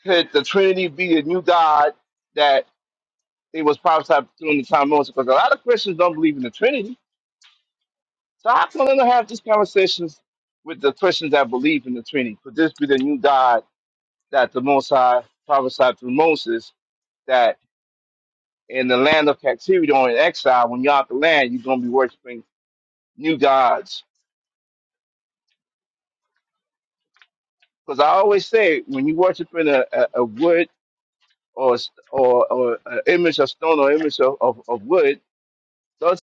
Speaker 11: could the Trinity be a new God that it was prophesied during the time of Moses? Because a lot of Christians don't believe in the Trinity So I'm gonna have these conversations with the Christians that believe in the Trinity? Could this be the new God that the Most High prophesied through Moses that in the land of captivity or in exile, when you're out the land, you're going to be worshiping new gods? Because I always say, when you worshiping a, a, a wood or s- or or an image of stone or image of, of, of wood, does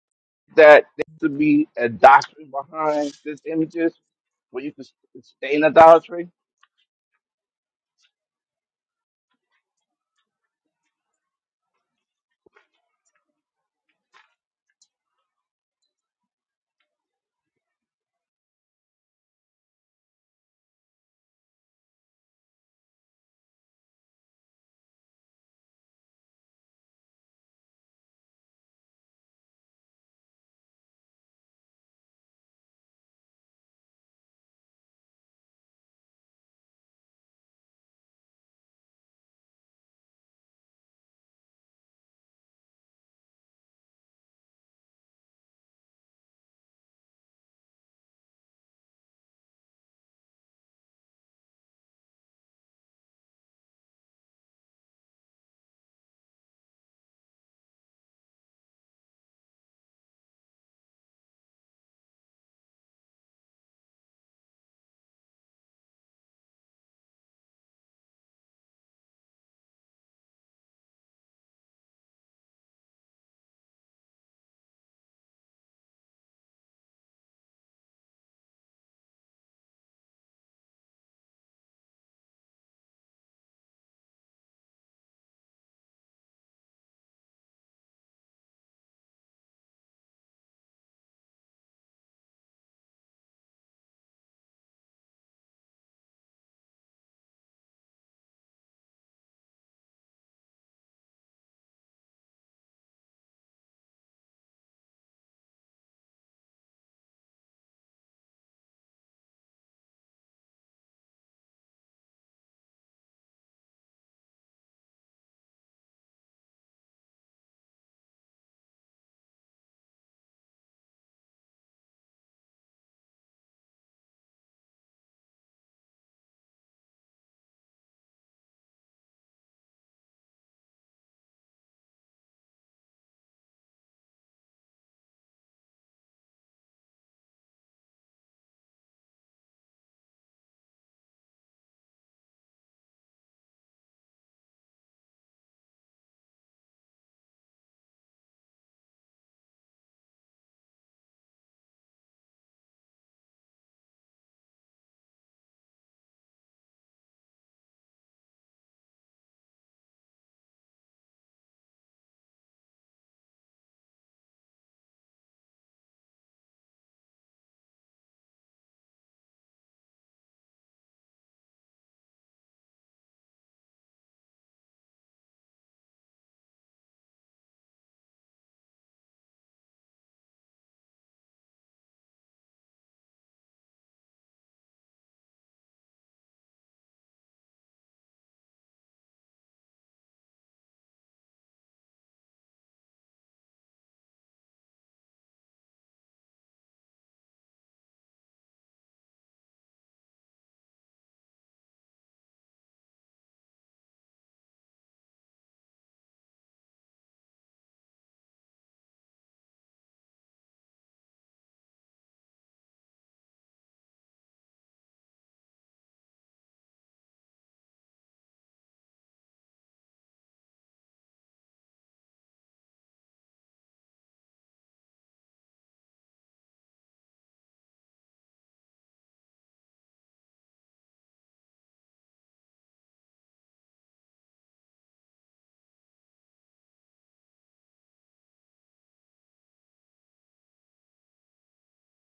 Speaker 11: that there to be a doctrine behind these images where you can sustain idolatry?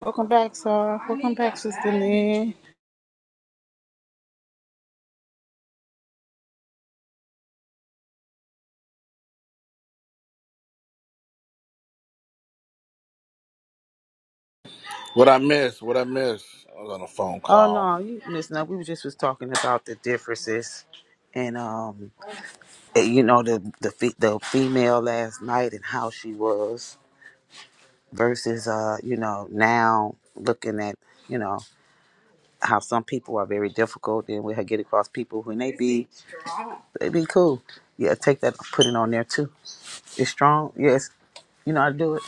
Speaker 2: Welcome back, sir. Welcome back, Sister Lynn.
Speaker 3: What I miss, what I miss. I was on a phone
Speaker 2: Oh,
Speaker 3: call.
Speaker 2: no, you listen, nothing. we was just was talking about the differences and, um, eh, you know, the, the, fe- the female last night and how she was versus, uh, you know, now looking at, you know. how some people are very difficult and we get across people who may be they be cool. Yeah, take that put it on there too. It's strong, yes. You know how to do it.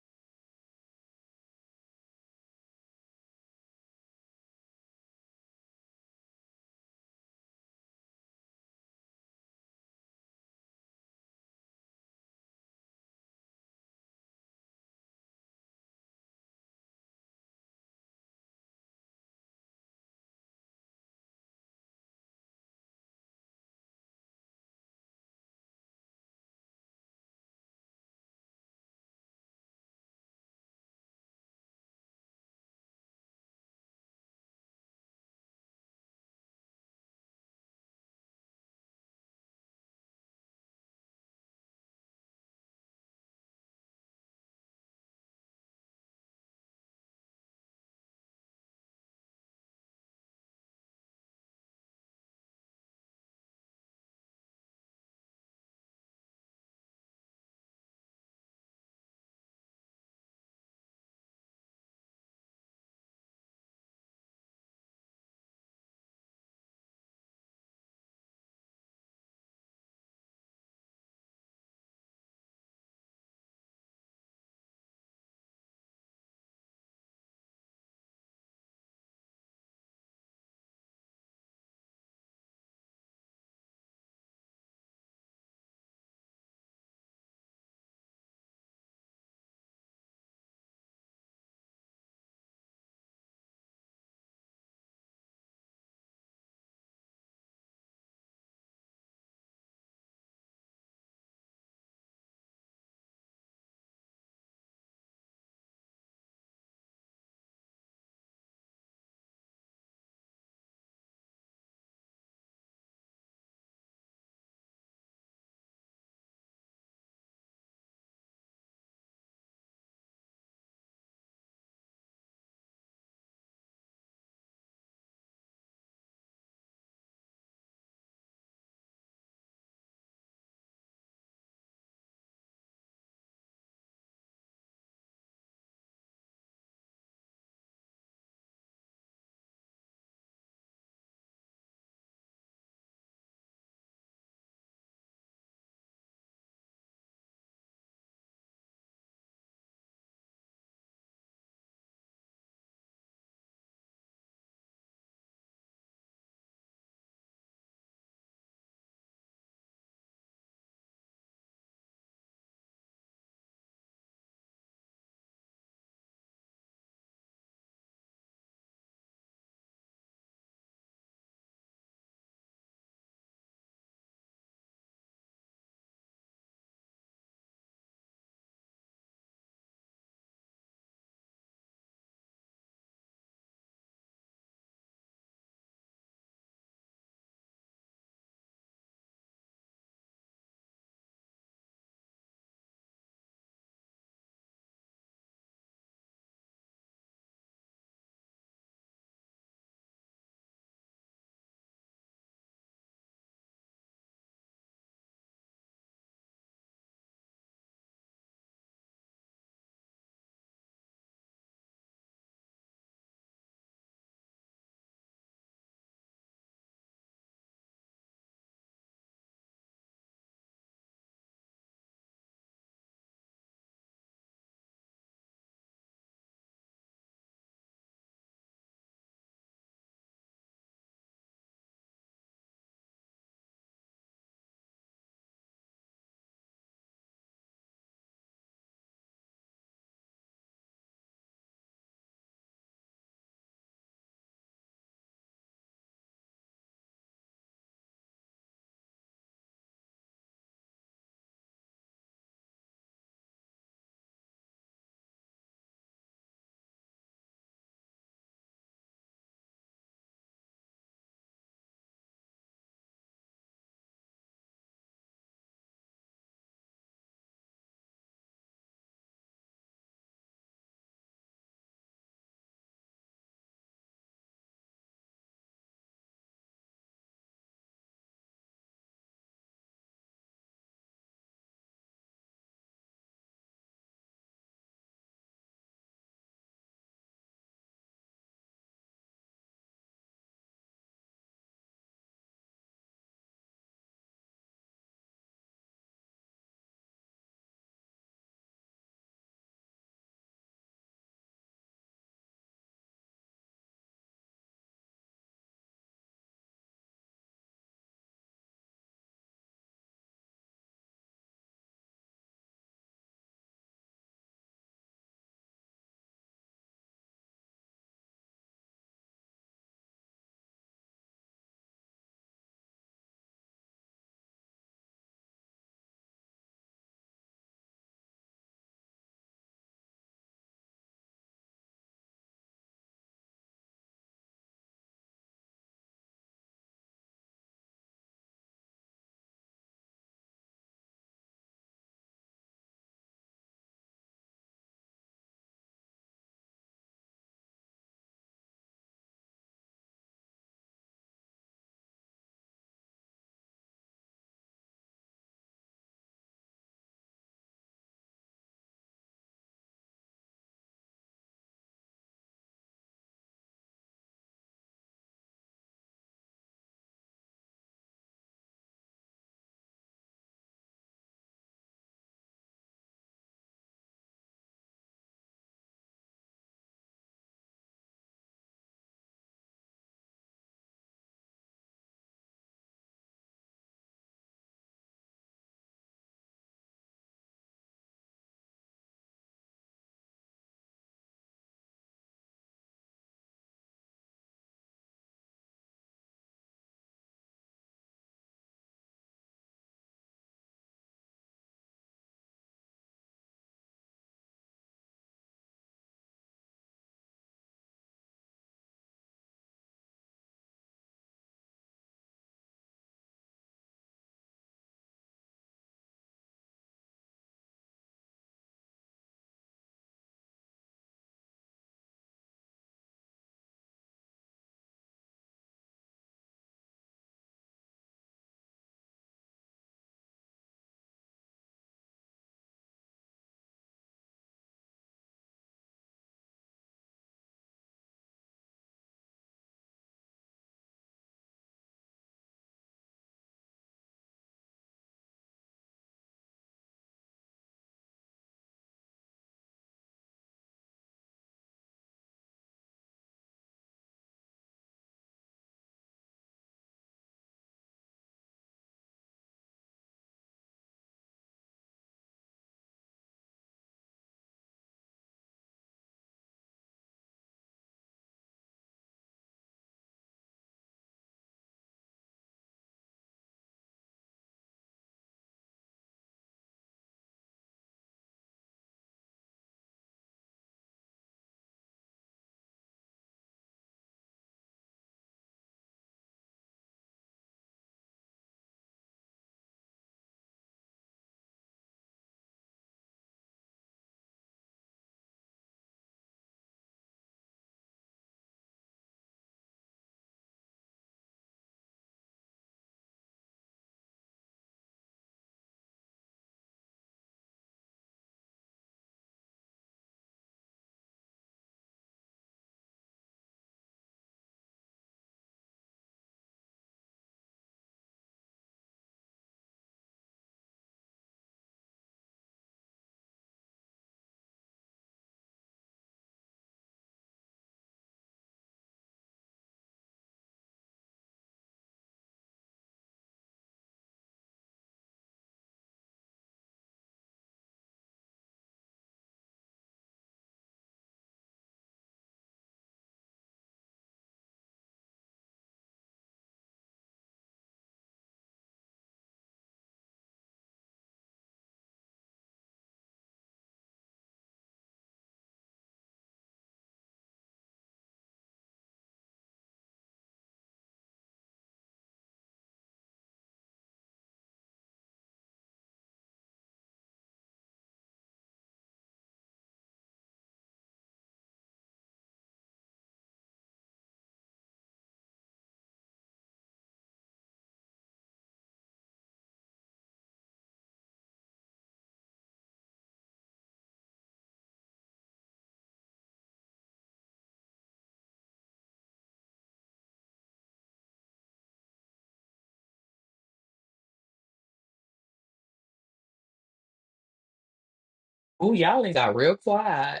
Speaker 6: Ooh, y'all ain't got real quiet.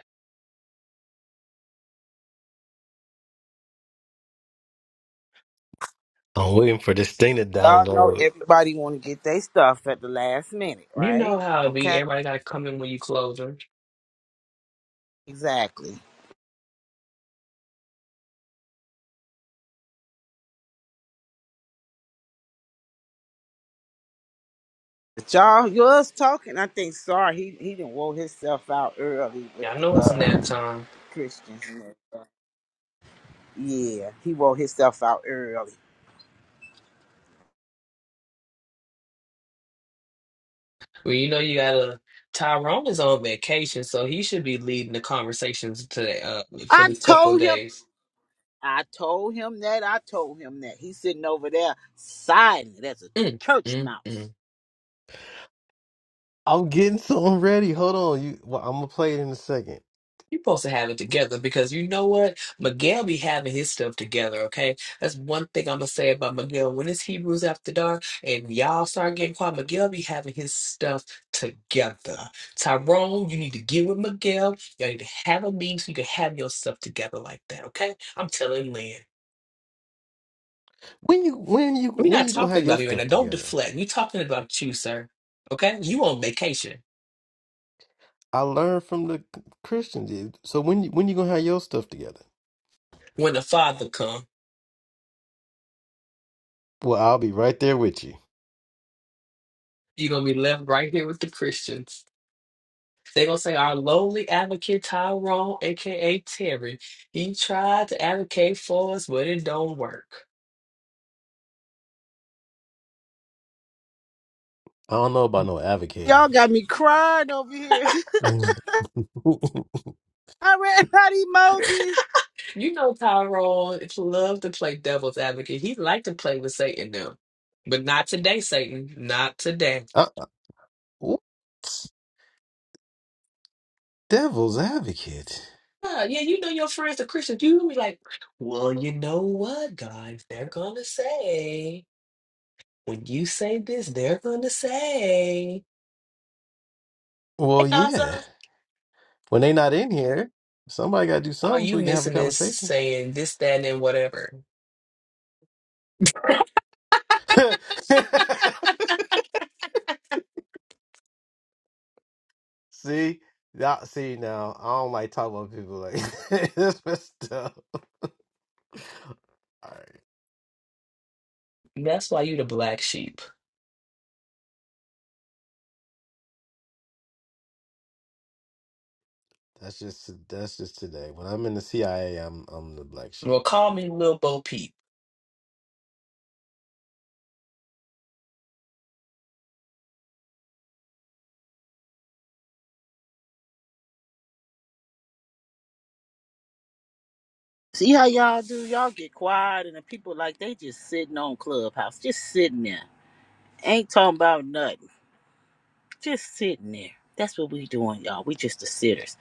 Speaker 1: I'm waiting for this thing to
Speaker 2: Y'all know
Speaker 1: download.
Speaker 2: everybody wanna get their stuff at the last minute,
Speaker 6: You know
Speaker 2: right?
Speaker 6: how it be.
Speaker 2: Okay.
Speaker 6: Everybody got to come in when you close 'em.
Speaker 2: Exactly. But y'all yours talking, I think sorry, he he didn't wore himself out early with
Speaker 6: Yeah, I know
Speaker 2: the
Speaker 6: it's
Speaker 2: uh
Speaker 6: nap time.
Speaker 2: Christians and everything. Yeah, he wore himself out early.
Speaker 6: Well, you know you gotta. Tyrone is on vacation, so he should be leading the conversations today. Uh, for
Speaker 2: I
Speaker 6: these couple of
Speaker 2: told him
Speaker 6: days.
Speaker 2: I told him that. I told him that. He's sitting over there silent as a
Speaker 6: Mm,
Speaker 2: church
Speaker 6: mm, mm.
Speaker 2: mouse.
Speaker 1: I'm getting something ready. Hold on, you. Well, I'm gonna play it in a second.
Speaker 6: You're supposed to have it together because you know what? Miguel be having his stuff together. Okay, that's one thing I'm gonna say about Miguel. When it's Hebrews after dark and y'all start getting quiet, Miguel be having his stuff together. Tyrone, you need to get with Miguel. Y'all need to have a meeting so you can have your stuff together like that. Okay, I'm telling Lynn.
Speaker 1: When you when you
Speaker 6: We're
Speaker 1: when
Speaker 6: not
Speaker 1: you gonna
Speaker 6: talking
Speaker 1: have your
Speaker 6: about me right now.
Speaker 1: stuff
Speaker 6: Don't
Speaker 1: together?
Speaker 6: deflect. We're talking about you, sir. Okay? You on vacation.
Speaker 1: I learned from the Christians. dude. So when you- when you gonna have your stuff together?
Speaker 6: When the Father come,
Speaker 1: Well, I'll be right there with you.
Speaker 6: you're gonna be left right here with the Christians. They're gonna say our lowly advocate Tyrone, aka Terry, he tried to advocate for us, but it don't work.
Speaker 1: I don't know about no advocating.
Speaker 2: Y'all got me crying over here. [LAUGHS]
Speaker 1: [LAUGHS]
Speaker 2: I read out emojis.
Speaker 6: You know Tyrone loved to play devil's advocate. He liked to play with Satan now. But not today, Satan. Not today.
Speaker 1: I, ooh, devil's advocate.
Speaker 6: Yeah, yeah, you know your friends, are Christians, you be like, well, you know what, guys? They're gonna say. When you say this, they're gonna say, "Hey,
Speaker 1: Well,
Speaker 6: Gaza,
Speaker 1: yeah. When they not in here, somebody got to do
Speaker 6: all
Speaker 1: something
Speaker 6: you
Speaker 1: so we can have a
Speaker 6: missing is
Speaker 1: conversation.
Speaker 6: saying this, that, and whatever."
Speaker 1: [LAUGHS] see, that, see now, I don't like talking about people like [LAUGHS] this messed up. All right,
Speaker 6: That's why you the black sheep.
Speaker 1: that's just that's just today. When I'm in the CIA, I'm I'm the black sheep.
Speaker 6: Well, call me Lil Bo Peep.
Speaker 2: See how y'all do? Y'all get quiet and the people like they just sitting on Clubhouse, just sitting there. Ain't talking about nothing. Just sitting there. That's what we doing, y'all. We just the sitters.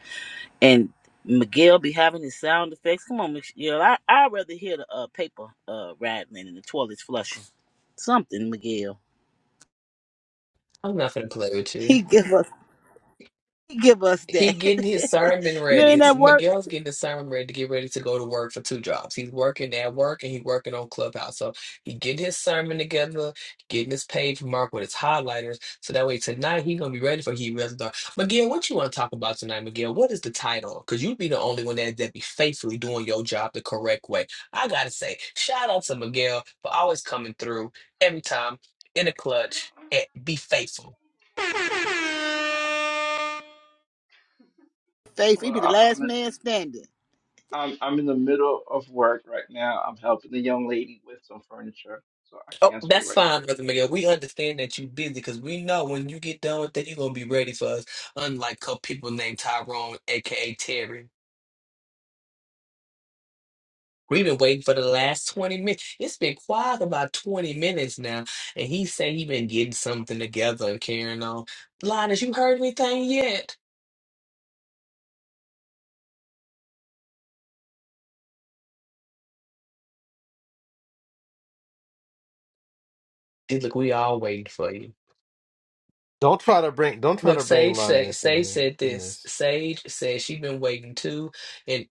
Speaker 2: And Miguel be having his sound effects. Come on, Miguel. I i rather hear the uh, paper uh, rattling and the toilets flushing. Something, Miguel. [LAUGHS]
Speaker 6: I'm not gonna play with you.
Speaker 2: He give us. He give us
Speaker 6: He
Speaker 2: that.
Speaker 6: getting his
Speaker 2: [LAUGHS]
Speaker 6: sermon
Speaker 2: you
Speaker 6: ready.
Speaker 2: ain't at work,
Speaker 6: Miguel's getting his sermon ready to get ready to go to work for two jobs. He's working at work and he's working on Clubhouse. So he getting his sermon together, getting his page marked with his highlighters. So that way tonight he gonna be ready for he really dark. Miguel, what you want to talk about tonight, Miguel? What is the title? Because you be the only one that, that be faithfully doing your job the correct way. I gotta say, shout out to Miguel for always coming through every time in the clutch and be faithful.
Speaker 2: Faith. We be the last man standing.
Speaker 11: I'm I'm in the middle of work right now. I'm helping a young lady with some furniture, so I
Speaker 6: Oh,
Speaker 11: can't talk
Speaker 6: that's
Speaker 11: right now.
Speaker 6: fine, Brother Miguel. We understand that you're busy because we know when you get done with that, you're gonna be ready for us. Unlike couple people named Tyrone, aka Terry. We've been waiting for the last 20 minutes. It's been quiet about 20 minutes now. And he said he been getting something together and carrying on. Linus, you heard anything yet? Dude, look, we all waiting for you.
Speaker 1: Don't try to bring don't try
Speaker 6: Look,
Speaker 1: to bring
Speaker 6: Sage said
Speaker 1: lioness in
Speaker 6: Sage
Speaker 1: here
Speaker 6: said
Speaker 1: in
Speaker 6: this.
Speaker 1: this.
Speaker 6: Sage said she been waiting too. And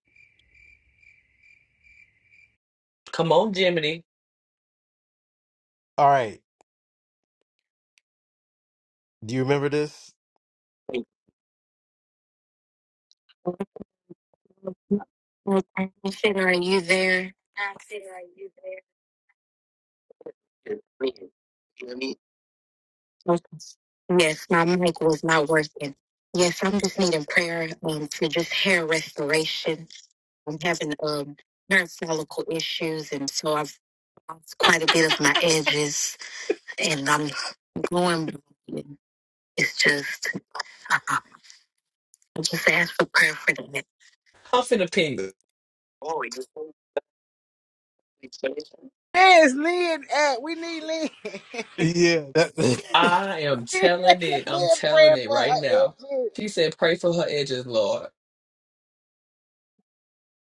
Speaker 6: come on, Jiminy.
Speaker 1: All right, do you remember this?
Speaker 6: huff and a ping.
Speaker 2: Where's Lynn at? We need Lynn. [LAUGHS]
Speaker 1: Yeah, that,
Speaker 6: I am telling
Speaker 2: that
Speaker 6: it. I'm
Speaker 2: man
Speaker 6: telling
Speaker 2: praying
Speaker 6: it
Speaker 2: for
Speaker 6: right
Speaker 2: her
Speaker 6: now.
Speaker 2: edges.
Speaker 6: She said, "Pray for her edges, Lord."
Speaker 1: [LAUGHS]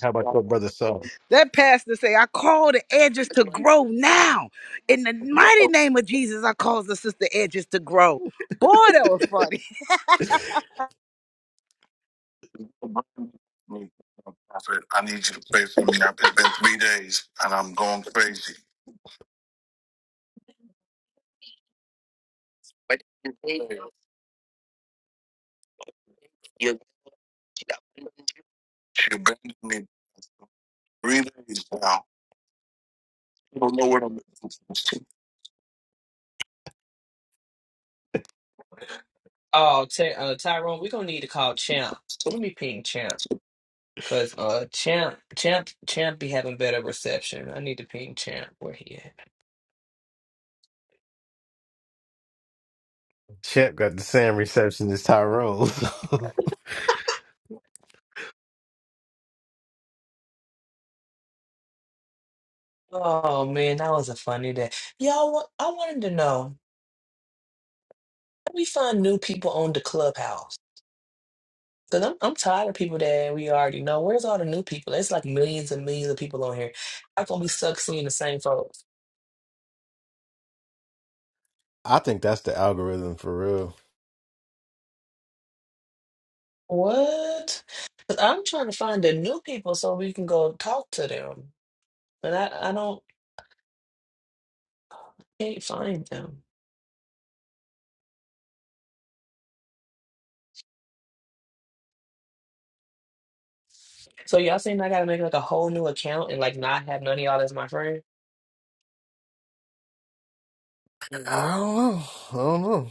Speaker 1: how about your brother Saul?
Speaker 2: That pastor say, I call the edges to grow now. In the mighty name of Jesus, I cause the sister edges to grow. Boy, that was funny. [LAUGHS]
Speaker 1: Prophet, I need you to pray for me. i It's been three days and I'm going crazy. You she abandoned me three days now. I don't know what I'm doing.
Speaker 6: Oh, Ty- uh, Tyrone, we're gonna need to call Champ. Let me ping Champ because uh, Champ, Champ, Champ be having better reception. I need to ping Champ where he at.
Speaker 1: Chip got the same reception as Tyrone. [LAUGHS]
Speaker 6: Oh man, that was a funny day, y'all. wa- I wanted to know how we find new people on the clubhouse because I'm I'm tired of people that we already know. Where's all the new people? It's like millions and millions of people on here. How can we suck seeing the same folks?
Speaker 1: I think that's the algorithm for real.
Speaker 6: What? 'Cause I'm trying to find the new people so we can go talk to them, but I I don't can't find them. So y'all saying I gotta make like a whole new account and like not have none of y'all as my friend?
Speaker 1: I don't know. I don't know.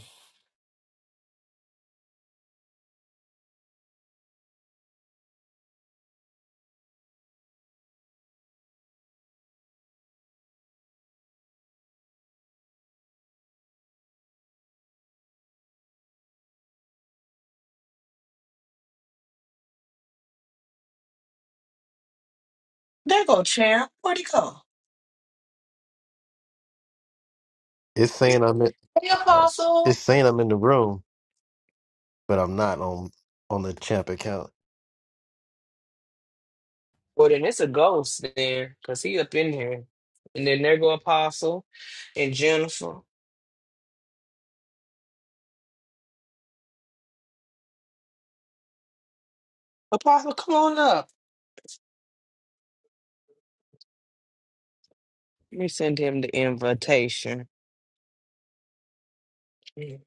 Speaker 6: There go champ. Where'd he go?
Speaker 1: It's saying I'm in.
Speaker 6: Hey,
Speaker 1: oh, sh-
Speaker 6: Apostle.
Speaker 1: It's saying I'm in the room, but I'm not on on the champ account.
Speaker 6: Well, then it's a ghost there, cause he up in here. And then there go Apostle and Jennifer. Apostle, come on up. Let me send him the invitation. Let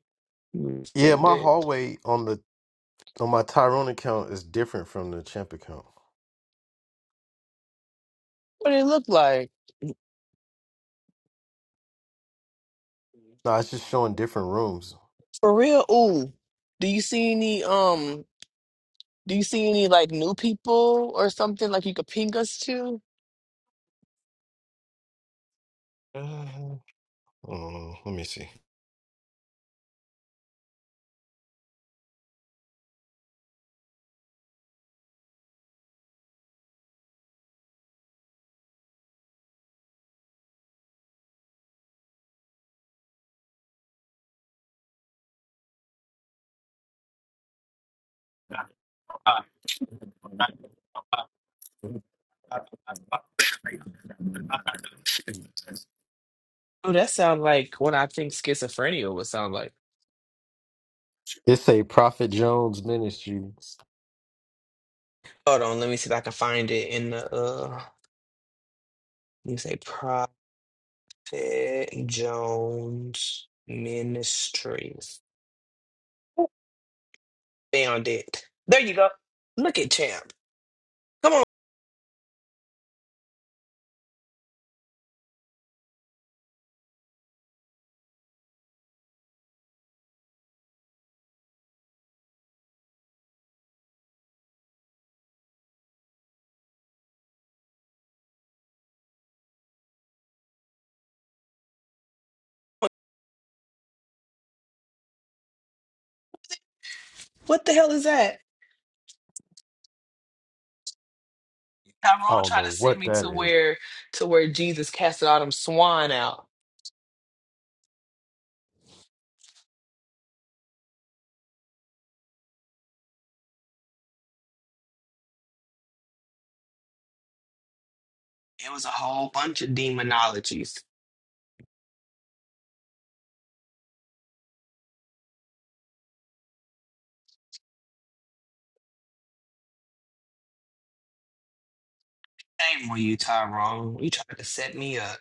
Speaker 6: me
Speaker 1: Yeah,
Speaker 6: Send
Speaker 1: my
Speaker 6: it.
Speaker 1: hallway on the on my Tyrone account is different from the champ account.
Speaker 6: What it look like?
Speaker 1: No, it's just showing different rooms.
Speaker 6: For real, ooh. Do you see any um do you see any like new people or something like you could ping us to?
Speaker 1: Uh, oh, let me see.
Speaker 6: Oh, that sounds like what I think schizophrenia would sound like.
Speaker 1: It say Prophet Jones Ministries.
Speaker 6: Hold on, let me see if I can find it in the uh you say Prophet Jones Ministries. Found it. There you go. Look at champ. Come on. What the hell is that?
Speaker 1: I
Speaker 6: Tyrone
Speaker 1: don't
Speaker 6: tried to
Speaker 1: know
Speaker 6: send
Speaker 1: what
Speaker 6: me
Speaker 1: that
Speaker 6: to
Speaker 1: is.
Speaker 6: where to where Jesus casted all them swine out. It was a whole bunch of demonologies. Shame on you, Tyrone. You trying to set me up.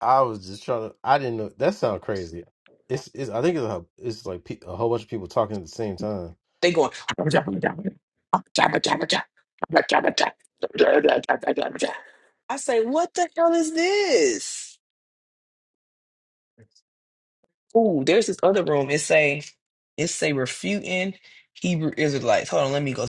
Speaker 1: I was just trying to. I didn't know. That sounds crazy. It's, it's. I think it's a. It's like pe- a whole bunch of people talking at the same time.
Speaker 6: They going. I say, what the hell is this? Ooh, there's this other room. It say, it say refuting Hebrew Israelites. Hold on, let me go.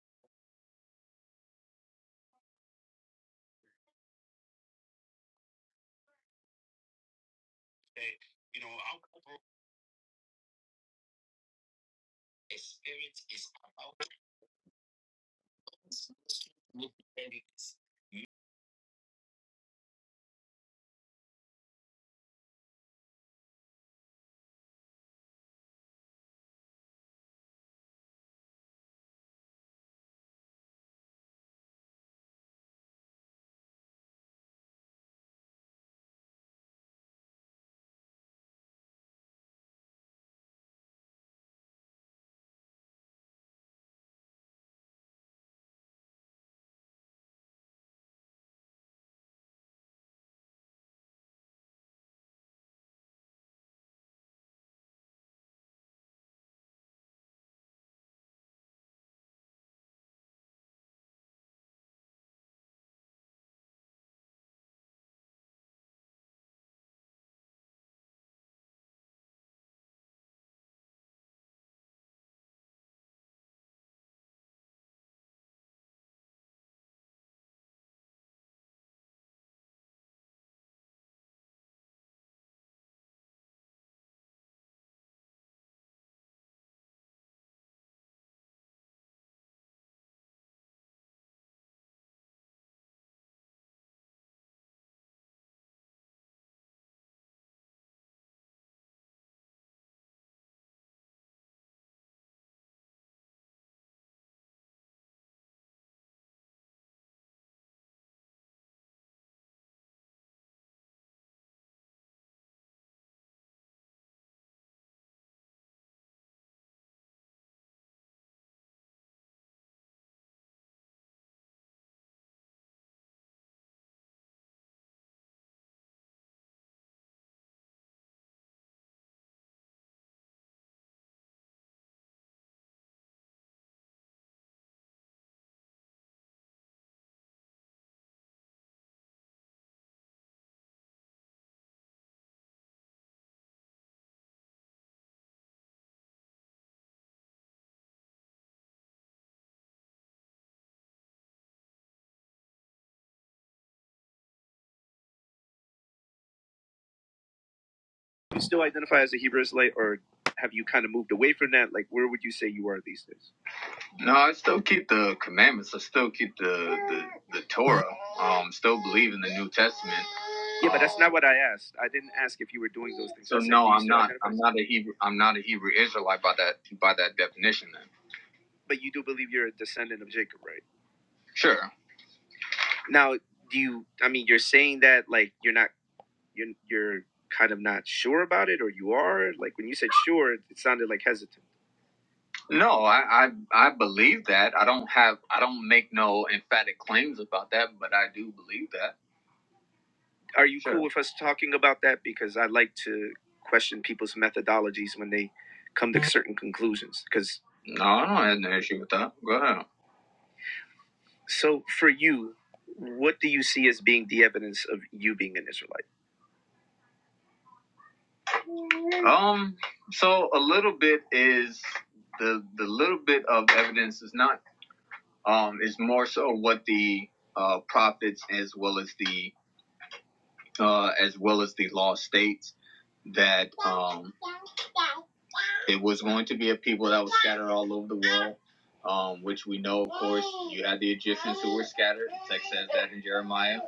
Speaker 12: you still identify as a Hebrew Israelite, or have you kind of moved away from that? Like, where would you say you are these days? No, I still keep the commandments. I still keep the the, the Torah. Um, still believe in the New Testament. Yeah, but that's not what I asked. I didn't ask if you were doing those things. So said, no, I'm not. I'm not a Hebrew. I'm not a Hebrew Israelite by that by that definition. Then. But you do believe you're a descendant of Jacob, right? Sure. Now, do you? I mean, you're saying that like you're not you're, you're kind of not sure about it, or you are? Like when you said sure, it sounded like hesitant. No, I, I I believe that. I don't have I don't make no emphatic claims about that, but I do believe that. Are you sure. cool Sure. with us talking about that? Because I like to question people's methodologies when they come to certain conclusions. Because no, I don't have no issue with that. Go ahead. So for you, what do you see as being the evidence of you being an Israelite? Um, so a little bit is the the little bit of evidence is not um is more so what the uh prophets as well as the uh as well as the law states that um it was going to be a people that was scattered all over the world. Um, which we know, of course, you had the Egyptians who were scattered. The text says that in Jeremiah.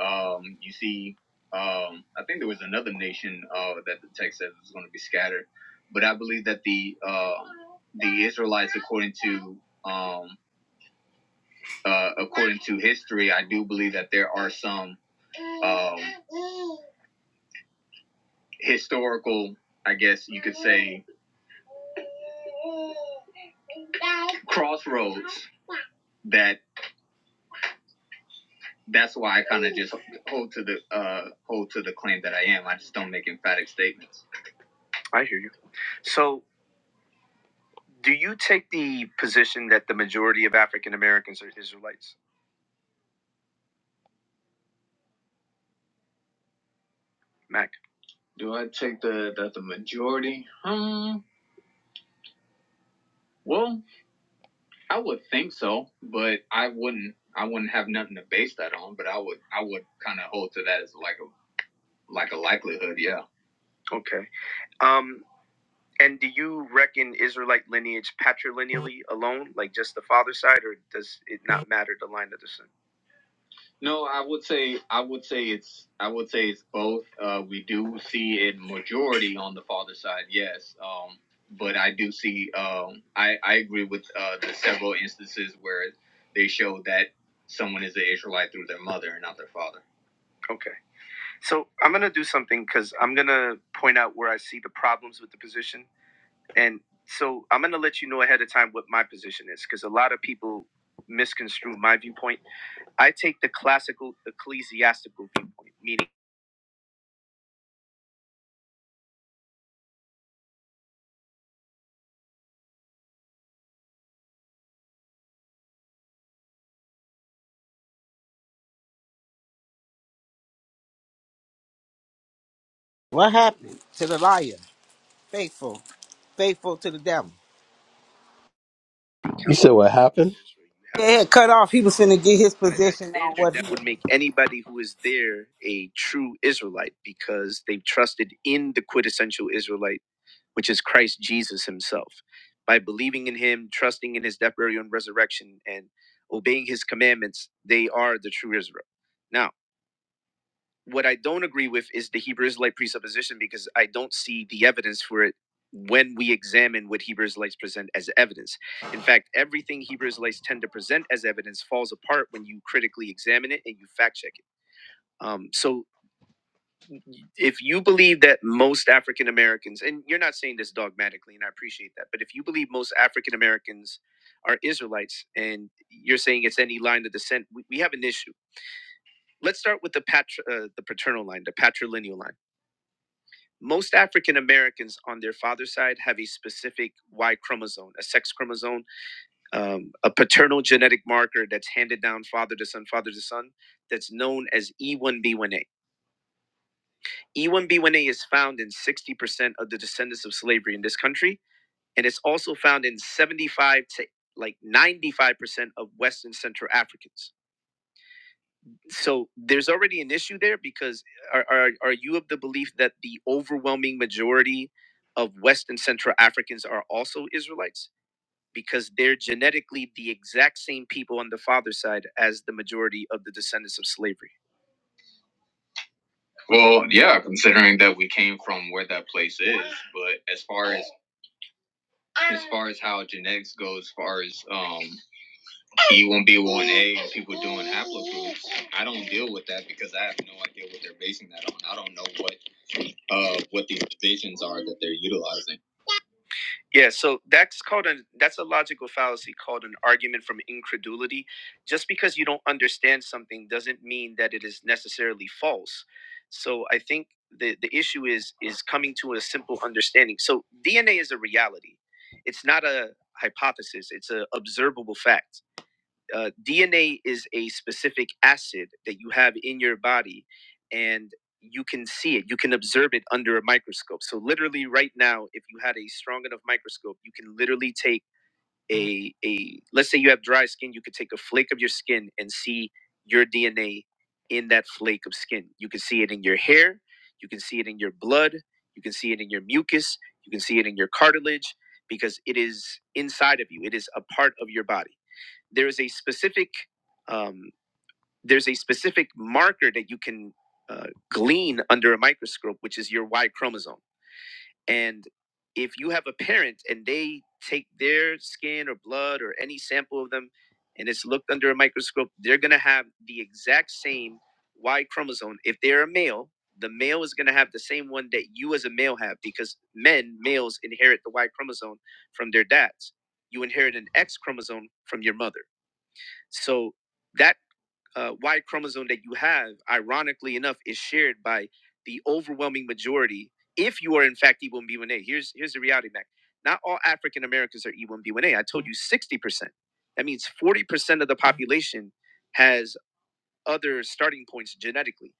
Speaker 12: Um, you see, um, I think there was another nation uh, that the text says is going to be scattered, but I believe that the uh, the Israelites, according to um, uh, according to history, I do believe that there are some um, historical, I guess you could say, crossroads that that's why I kind of just hold to the uh, hold to the claim that I am. I just don't make emphatic statements. I hear you. So, do you take the position that the majority of African Americans are Israelites, Mac? Do I take the that the majority? Um, well, I would think so, but I wouldn't. I wouldn't have nothing to base that on, but I would. I would kind of hold to that as like a like a likelihood. Yeah. Okay. Um. And do you reckon Israelite lineage patrilineally alone, like just the father side, or does it not matter the line of descent? No, I would say I would say it's I would say it's both. Uh, we do see it majority on the father side, yes. Um, but I do see um, I I agree with uh, the several instances where they show that someone is an Israelite through their mother and not their father. Okay, so I'm gonna do something because I'm gonna point out where I see the problems with the position, and so I'm gonna let you know ahead of time what my position is because a lot of people misconstrue my viewpoint. I take the classical ecclesiastical viewpoint, meaning
Speaker 2: What happened to the liar? Faithful. Faithful to the devil. Yeah, cut off. He was finna get his
Speaker 12: by that
Speaker 2: position on
Speaker 12: standard,
Speaker 2: what he
Speaker 12: that would make anybody who is there a true Israelite because they've trusted in the quintessential Israelite, which is Christ Jesus himself. By believing in him, trusting in his death, burial, and resurrection, and obeying his commandments, they are the true Israel. Now, What I don't agree with is the Hebrew Israelite presupposition because I don't see the evidence for it when we examine what Hebrew Israelites present as evidence. In fact, everything Hebrew Israelites tend to present as evidence falls apart when you critically examine it and you fact check it. Um, so if you believe that most African Americans, and you're not saying this dogmatically, and I appreciate that, but if you believe most African Americans are Israelites, and you're saying it's any line of descent, we, we have an issue. Let's start with the patr uh, the paternal line, the patrilineal line. most African Americans on their father's side have a specific Y chromosome, a sex chromosome, um, a paternal genetic marker that's handed down father to son, father to son, that's known as E1B1A. E1B1A is found in 60% of the descendants of slavery in this country, and it's also found in 75 to like 95% of West and Central Africans. so there's already an issue there because are, are are you of the belief that the overwhelming majority of West and Central Africans are also Israelites because they're genetically the exact same people on the father's side as the majority of the descendants of slavery. Well, yeah, considering that we came from where that place is, but as far as as far as how genetics goes, as far as um E1B1A and people doing haplogroups, I don't deal with that because I have no idea what they're basing that on. I don't know what. of what these divisions are that they're utilizing. Yeah, so that's called a that's a logical fallacy called an argument from incredulity. Just because you don't understand something doesn't mean that it is necessarily false. So I think the the issue is is coming to a simple understanding. So DNA is a reality. It's not a hypothesis, it's an observable fact uh, DNA is a specific acid that you have in your body, and you can see it. You can observe it under a microscope. So literally, right now, if you had a strong enough microscope, you can literally take a a let's say you have dry skin, you could take a flake of your skin and see your DNA in that flake of skin. You can see it in your hair. You can see it in your blood. You can see it in your mucus. You can see it in your cartilage because it is inside of you. It is a part of your body there is a specific um, there's a specific marker that you can uh, glean under a microscope, which is your Y chromosome. And if you have a parent and they take their skin or blood or any sample of them and it's looked under a microscope, they're going to have the exact same Y chromosome. If they're a male, the male is going to have the same one that you as a male have because men, males, inherit the Y chromosome from their dads. You inherit an X chromosome from your mother so that uh, Y chromosome that you have, ironically enough, is shared by the overwhelming majority. If you are in fact E1B1A, here's here's the reality, Mac. Not all African Americans are E1B1A. I told you 60%. That means 40% of the population has other starting points genetically.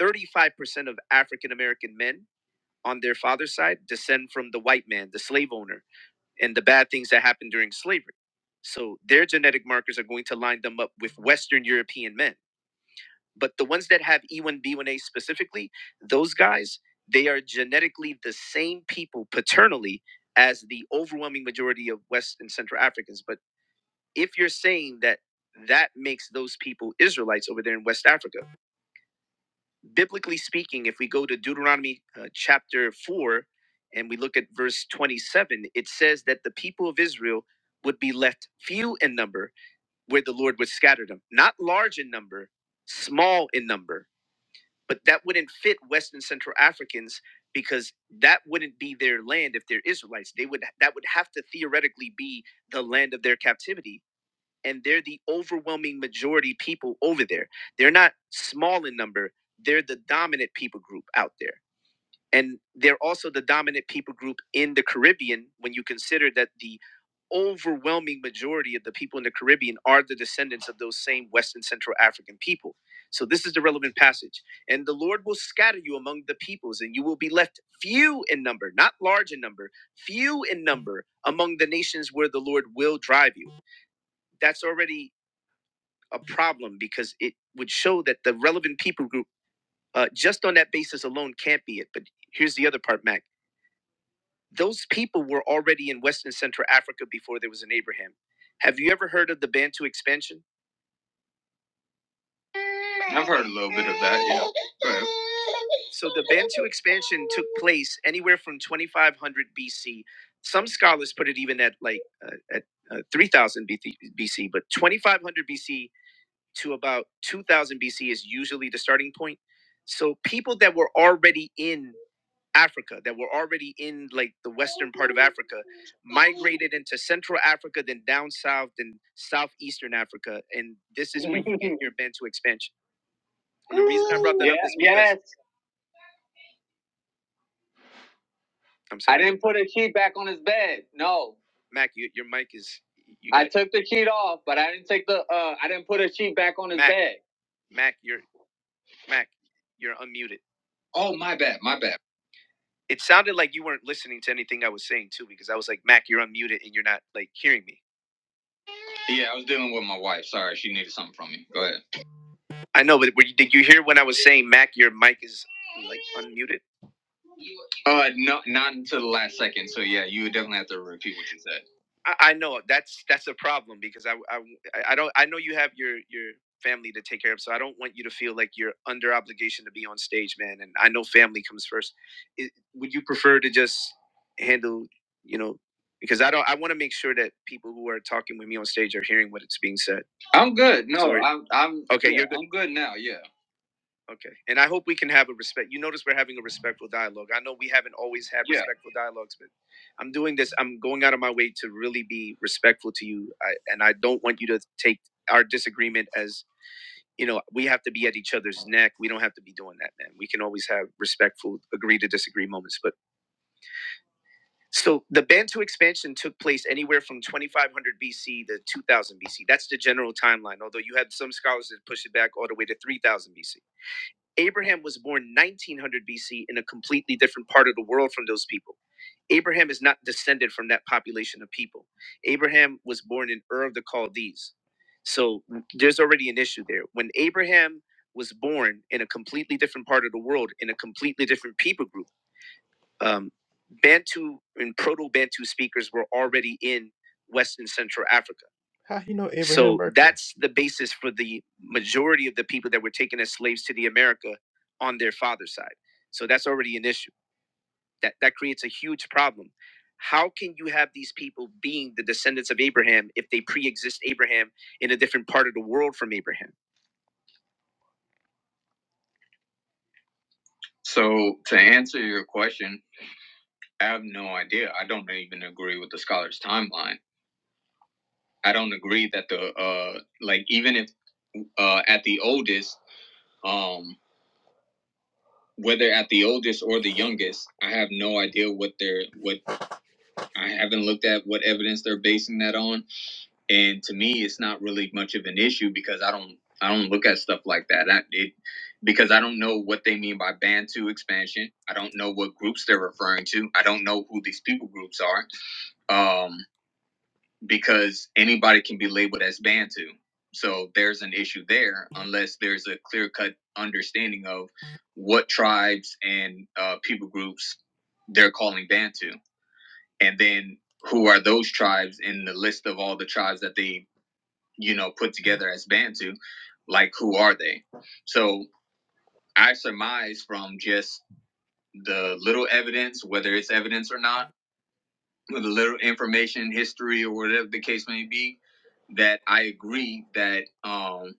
Speaker 12: 35% of African American men on their father's side descend from the white man, the slave owner and the bad things that happened during slavery. So their genetic markers are going to line them up with Western European men. But the ones that have E1B1A specifically, those guys, they are genetically the same people paternally as the overwhelming majority of West and Central Africans. But if you're saying that that makes those people Israelites over there in West Africa, biblically speaking, if we go to Deuteronomy uh, chapter 4 and we look at verse 27, it says that the people of Israel would be left few in number where the Lord would scatter them. Not large in number, small in number. But that wouldn't fit West and Central Africans because that wouldn't be their land if they're Israelites. They would that would have to theoretically be the land of their captivity and they're the overwhelming majority people over there. They're not small in number, they're the dominant people group out there. And they're also the dominant people group in the Caribbean when you consider that the overwhelming majority of the people in the Caribbean are the descendants of those same West and Central African people. So this is the relevant passage. And the Lord will scatter you among the peoples, and you will be left few in number, not large in number, few in number among the nations where the Lord will drive you that's already a problem because it would show that the relevant people group, uh, just on that basis alone, can't be it. But here's the other part, Mac. Those people were already in West and Central Africa before there was an Abraham. Have you ever heard of the Bantu expansion? I've heard a little bit of that, yeah. Go ahead. So the Bantu expansion took place anywhere from 2500 BC. Some scholars put it even at like uh, at uh, 3000 BC, but 2500 BC to about 2000 BC is usually the starting point. So people that were already in Africa, that were already in like the western part of Africa, migrated into Central Africa, then down south, then southeastern Africa, and this is when you get [LAUGHS] your Bantu expansion. And the reason I brought that yeah, up is Yeah, because yes. I'm I sorry. didn't put a sheet back on his bed. No. Mac, you, your mic is. You I got- took the sheet off, but I didn't take the. uh I didn't put a sheet back on his Mac, bed. Mac, your Mac, you're unmuted. Oh, my bad, my bad. It sounded like you weren't listening to anything I was saying too, because I was like, Mac, you're unmuted and you're not like hearing me. Yeah, I was dealing with my wife. Sorry, she needed something from me. Go ahead. I know, but were you, did you hear when I was saying, Mac, your mic is like unmuted? Uh, no, not until the last second. So yeah, you would definitely have to repeat what you said. I, I know that's that's a problem because I, I I don't I know you have your your family to take care of, so I don't want you to feel like you're under obligation to be on stage, man. And I know family comes first. It, would you prefer to just handle, you know, because I don't I want to make sure that people who are talking with me on stage are hearing what it's being said. I'm good. No, Sorry. I'm I'm Okay, yeah, you're good. I'm good now. Yeah. Okay. And I hope we can have a respect. You notice we're having a respectful dialogue. I know we haven't always had Yeah. respectful dialogues, but I'm doing this. I'm going out of my way to really be respectful to you. I, and I don't want you to take our disagreement as, you know, we have to be at each other's neck. We don't have to be doing that, man. We can always have respectful, agree to disagree moments. But so the Bantu expansion took place anywhere from 2500 BC to 2000 BC. That's the general timeline, although you had some scholars that push it back all the way to 3000 BC. Abraham was born 1900 BC in a completely different part of the world from those people. Abraham is not descended from that population of people. Abraham was born in Ur of the Chaldees. So there's already an issue there. When Abraham was born in a completely different part of the world, in a completely different people group, um, Bantu and Proto Bantu speakers were already in West and Central Africa. How he know Abraham So Merkel? that's the basis for the majority of the people that were taken as slaves to the America on their father's side. So that's already an issue. That that creates a huge problem. How can you have these people being the descendants of Abraham if they pre-exist Abraham in a different part of the world from Abraham? So to answer your question, I have no idea. I don't even agree with the scholar's timeline. I don't agree that the uh like even if uh at the oldest um whether at the oldest or the youngest I have no idea what they're what I haven't looked at what evidence they're basing that on and to me it's not really much of an issue because I don't I don't look at stuff like that I it because I don't know what they mean by Bantu expansion I don't know what groups they're referring to I don't know who these people groups are Um, because anybody can be labeled as Bantu. So there's an issue there unless there's a clear cut understanding of what tribes and uh, people groups they're calling Bantu. And then who are those tribes in the list of all the tribes that they, you know, put together as Bantu? Like, who are they? So I surmise from just the little evidence, whether it's evidence or not with a little information, history, or whatever the case may be, that I agree that um,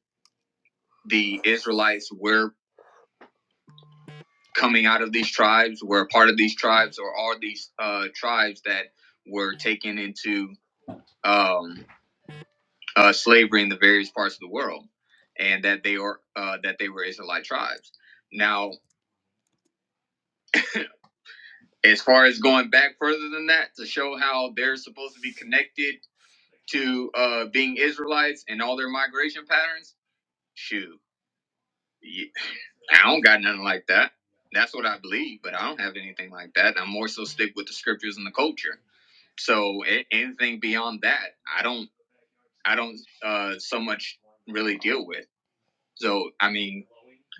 Speaker 12: the Israelites were coming out of these tribes, were a part of these tribes, or are these uh, tribes that were taken into um, uh, slavery in the various parts of the world, and that they are uh, that they were Israelite tribes. Now, as far as going back further than that to show how they're supposed to be connected to uh, being Israelites and all their migration patterns, shoot Ye- I don't got nothing like that. That's what I believe, but I don't have anything like that. i more so stick with the scriptures and the culture. So a- anything beyond that, I don't, I don't uh, so much really deal with. So I mean,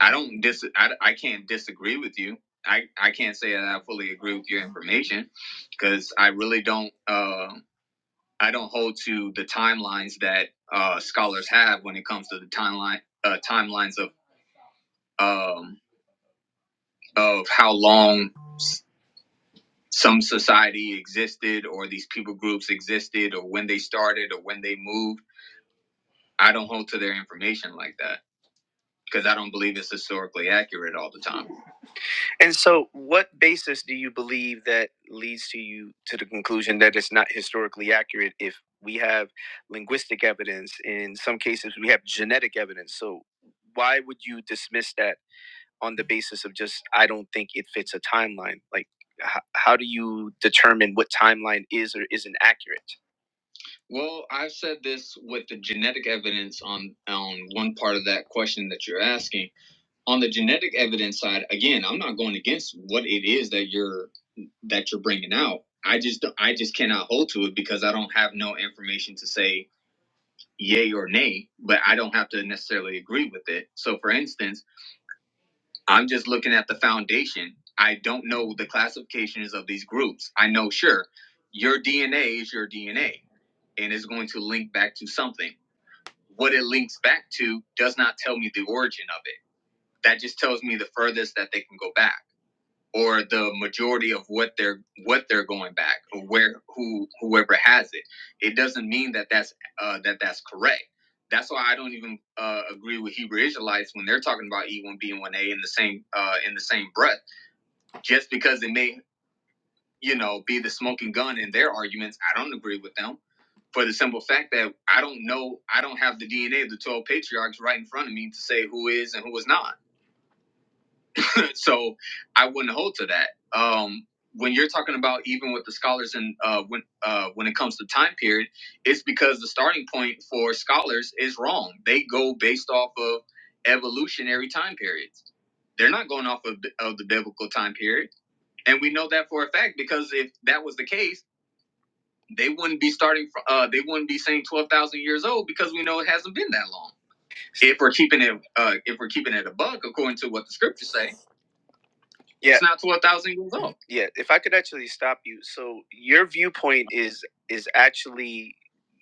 Speaker 12: I don't dis, I, I can't disagree with you. I, I can't say that I fully agree with your information because I really don't uh, I don't hold to the timelines that uh, scholars have when it comes to the timeline uh, timelines of um, of how long some society existed or these people groups existed or when they started or when they moved. I don't hold to their information like that because I don't believe it's historically accurate all the time. And so, what basis do you believe that leads to you to the conclusion that it's not historically accurate if we have linguistic evidence? In some cases, we have genetic evidence. So, why would you dismiss that? on the basis of just I don't think it fits a timeline. Like, h- how do you determine what timeline is or isn't accurate? Well, I've said this with the genetic evidence on on one part of that question that you're asking. On the genetic evidence side, again, I'm not going against what it is that you're that you're bringing out. I just I just cannot hold to it because I don't have no information to say yay or nay, but I don't have to necessarily agree with it. So, for instance I'm just looking at the foundation. I don't know the classifications of these groups. I know, sure, your DNA is your DNA and it's going to link back to something. What it links back to does not tell me the origin of it. That just tells me the furthest that they can go back or the majority of what they're what they're going back or where who whoever has it it doesn't mean that that's uh, that that's correct that's why i don't even uh, agree with hebrew israelites when they're talking about e1b and 1a in the same uh, in the same breath just because it may you know be the smoking gun in their arguments i don't agree with them for the simple fact that i don't know i don't have the dna of the 12 patriarchs right in front of me to say who is and who is not So I wouldn't hold to that. Um, when you're talking about even with the scholars and uh, when uh, when it comes to time period, it's because the starting point for scholars is wrong. They go based off of evolutionary time periods. They're not going off of the, of the biblical time period, and we know that for a fact because if that was the case, they wouldn't be starting. fr- Uh, they wouldn't be saying twelve thousand years old because we know it hasn't been that long. If we're keeping it, uh, if we're keeping it a buck according to what the scriptures say yeah. It's not to a thousand years old. Yeah, if I could actually stop you. So your viewpoint is is actually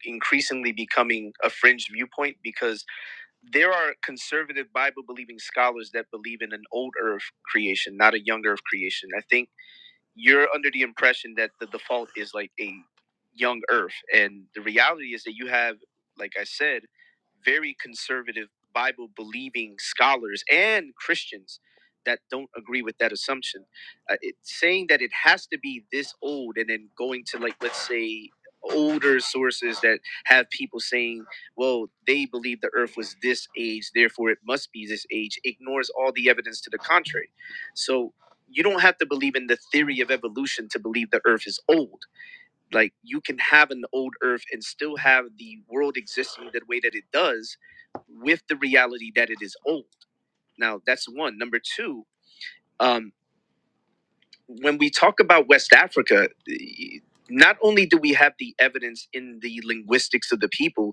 Speaker 12: increasingly becoming a fringe viewpoint because there are conservative Bible believing scholars that believe in an old earth creation, not a young earth creation. I think you're under the impression that the default is like a young earth and the reality is that you have like i said very conservative bible believing scholars and christians that don't agree with that assumption uh, it, saying that it has to be this old and then going to like let's say older sources that have people saying well they believe the earth was this age therefore it must be this age ignores all the evidence to the contrary so you don't have to believe in the theory of evolution to believe the earth is old like you can have an old earth and still have the world existing the way that it does with the reality that it is old now that's one number two um, when we talk about west africa the- not only do we have the evidence in the linguistics of the people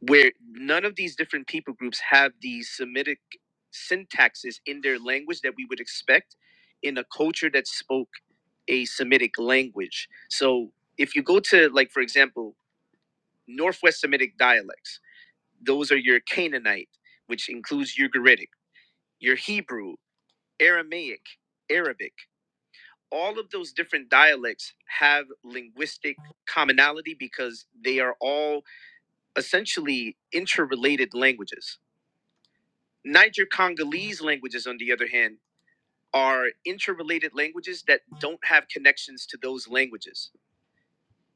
Speaker 12: where none of these different people groups have these Semitic syntaxes in their language that we would expect in a culture that spoke a Semitic language. So if you go to, like, for example, Northwest Semitic dialects, those are your Canaanite, which includes Ugaritic, your Hebrew, Aramaic, Arabic. All of those different dialects have linguistic commonality because they are all essentially interrelated languages Niger Congolese languages, on the other hand, are interrelated languages that don't have connections to those languages.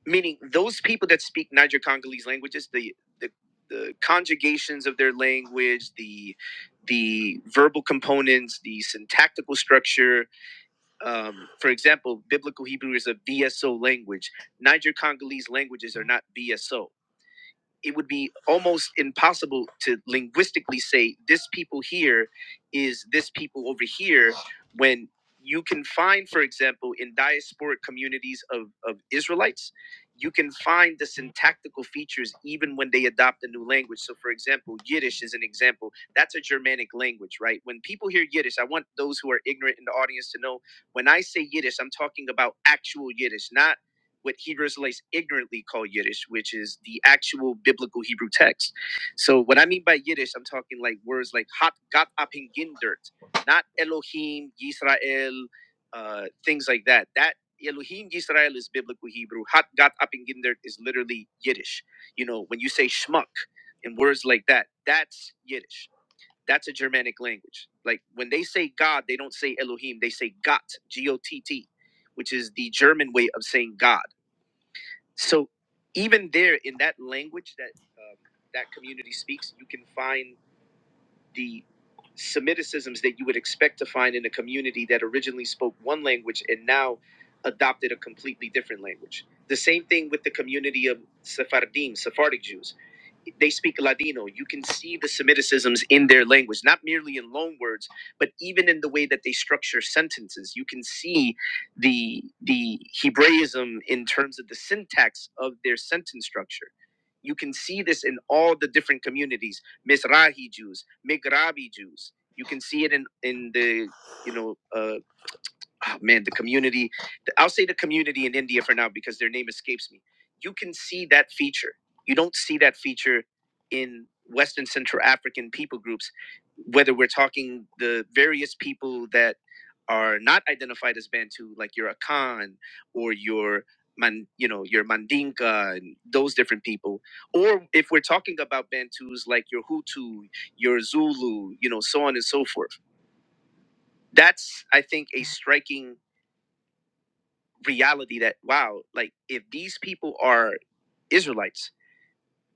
Speaker 12: Meaning, those people that speak Niger Congolese languages, the, the the conjugations of their language, the the verbal components, the syntactical structure. Um, for example, Biblical Hebrew is a BSO language. Niger Congolese languages are not BSO it would be almost impossible to linguistically say this people here is this people over here when you can find for example in diasporic communities of, of israelites you can find the syntactical features even when they adopt a new language so for example yiddish is an example that's a germanic language right when people hear yiddish i want those who are ignorant in the audience to know when i say yiddish i'm talking about actual yiddish not what Hebrew Israelites ignorantly call Yiddish, which is the actual biblical Hebrew text. So what I mean by Yiddish, I'm talking like words like "hat got apingindert," not Elohim, Yisrael, uh, things like that. That Elohim Yisrael is biblical Hebrew. "Hat got apingindert" is literally Yiddish. You know, when you say schmuck and words like that, that's Yiddish. That's a Germanic language. Like when they say God, they don't say Elohim, they say Gott, G O T T, which is the German way of saying God so even there in that language that um, that community speaks, you can find the Semiticisms that you would expect to find in a community that originally spoke one language and now adopted a completely different language. The same thing with the community of Sephardim, Sephardic Jews they speak Ladino. You can see the Semiticisms in their language, not merely in loan words, but even in the way that they structure sentences. You can see the the Hebraism in terms of the syntax of their sentence structure. You can see this in all the different communities, Mizrahi Jews, Migrabi Jews. You can see it in in the you know uh, oh, man, the community. the- I'll say the community in India for now because their name escapes me. You can see that feature. You don't see that feature in West and Central African people groups, whether we're talking the various people that are not identified as Bantu, like your Akan or your Man, you know, your Mandinka and those different people, or if we're talking about Bantus like your Hutu, your Zulu, you know, so on and so forth. That's I think a striking reality that wow, like if these people are Israelites,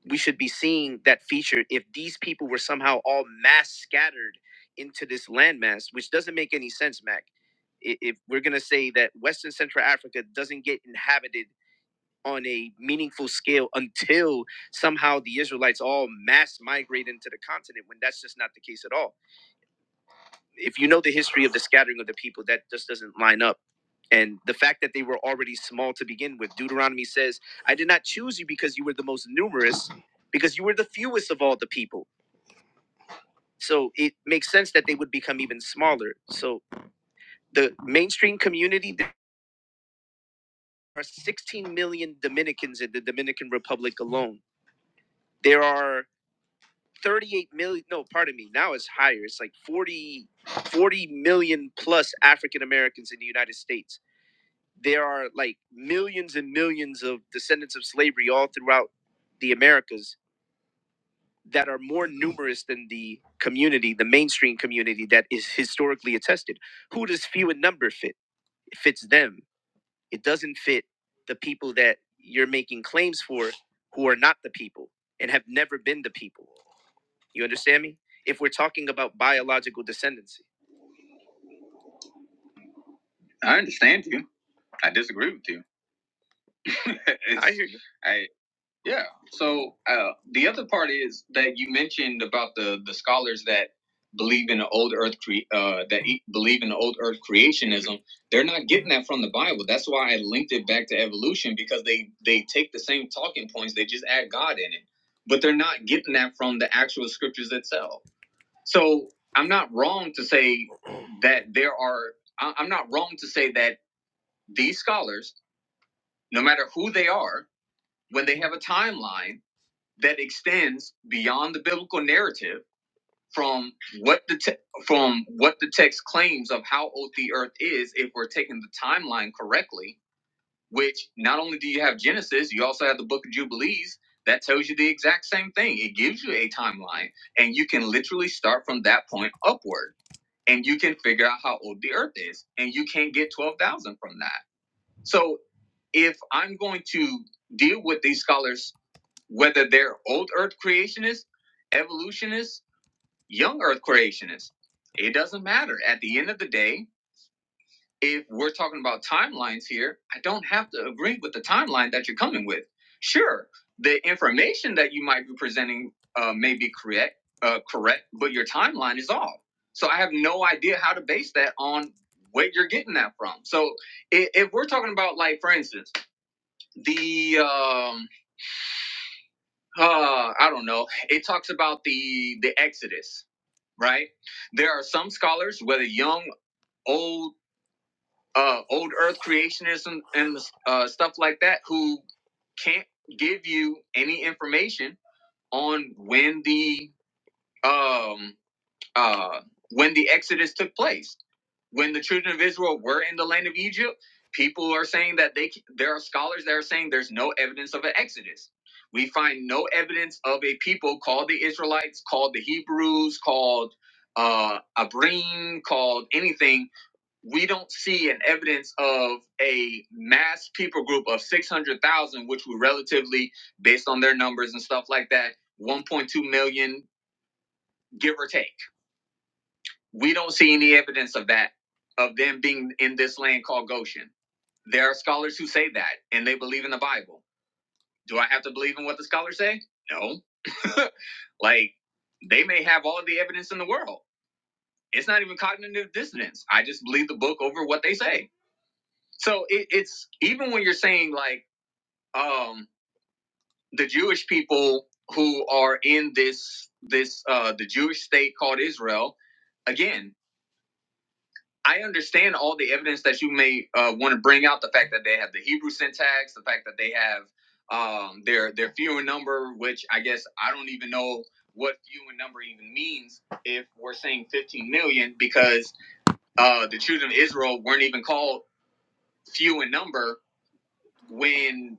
Speaker 12: we should be seeing that feature. If these people were somehow all mass scattered into this landmass, which doesn't make any sense, Mac. I- If we're gonna say that Western Central Africa doesn't get inhabited on a meaningful scale until somehow the Israelites all mass migrate into the continent, when that's just not the case at all if you know the history of the scattering of the people, that just doesn't line up. And the fact that they were already small to begin with, Deuteronomy says, I did not choose you because you were the most numerous, because you were the fewest of all the people. So it makes sense that they would become even smaller. So the mainstream community, there are 16 million Dominicans in the Dominican Republic alone. There are 38 million, no, pardon me, now it's higher. It's like 40, 40 million plus African Americans in the United States. there are like millions and millions of descendants of slavery all throughout the Americas that are more numerous than the community, the mainstream community that is historically attested. Who does few in number fit? It fits them. It doesn't fit the people that you're making claims for who are not the people and have never been the people. You understand me? If we're talking about biological descendancy. I understand you. I disagree with you. [LAUGHS] I hear you. I. Yeah. So uh, the other part is that you mentioned about the the scholars that believe in the old earth cre- uh, that e- believe in the old earth creationism. They're not getting that from the Bible. That's why I linked it back to evolution because they they take the same talking points. They just add God in it, but they're not getting that from the actual scriptures itself. So I'm not wrong to say that there are. I- I'm not wrong to say that these scholars, no matter who they are, when they have a timeline that extends beyond the biblical narrative from what the te- from what the text claims of how old the earth is if we're taking the timeline correctly which not only do you have genesis you also have the book of jubilees that tells you the exact same thing it gives you a timeline and you can literally start from that point upward and you can figure out how old the earth is and you can't get 12,000 from that so if i'm going to deal with these scholars whether they're old earth creationists, evolutionists, young earth creationists. It doesn't matter. At the end of the day, if we're talking about timelines here, I don't have to agree with the timeline that you're coming with. Sure, the information that you might be presenting uh, may be correct, uh, correct, but your timeline is off. So I have no idea how to base that on what you're getting that from. So if, if we're talking about, like, for instance, the um. uh, I don't know. It talks about the the Exodus, right? There are some scholars, whether young, old, uh, old Earth creationism and uh, stuff like that, who can't give you any information on when the um uh, when the Exodus took place, when the children of Israel were in the land of Egypt, people are saying that they there are scholars that are saying there's no evidence of an Exodus. We find no evidence of a people called the Israelites, called the Hebrews, called uh, Abrim, called anything. We don't see an evidence of a mass people group of 600,000, which were relatively, based on their numbers and stuff like that, 1.2 million, give or take we don't see any evidence of that, of them being in this land called Goshen. There are scholars who say that, and they believe in the Bible. Do I have to believe in what the scholars say? No. [LAUGHS] like, they may have all of the evidence in the world. It's not even cognitive dissonance. I just believe the book over what they say. So it, it's even when you're saying like um, the Jewish people who are in this this uh, the Jewish state called Israel, again. I understand all the evidence that you may uh, want to bring out the fact that they have the Hebrew syntax, the fact that they have um, their their few in number, which I guess I don't even know what few in number even means if we're saying 15 million because uh, the children of Israel weren't even called few in number when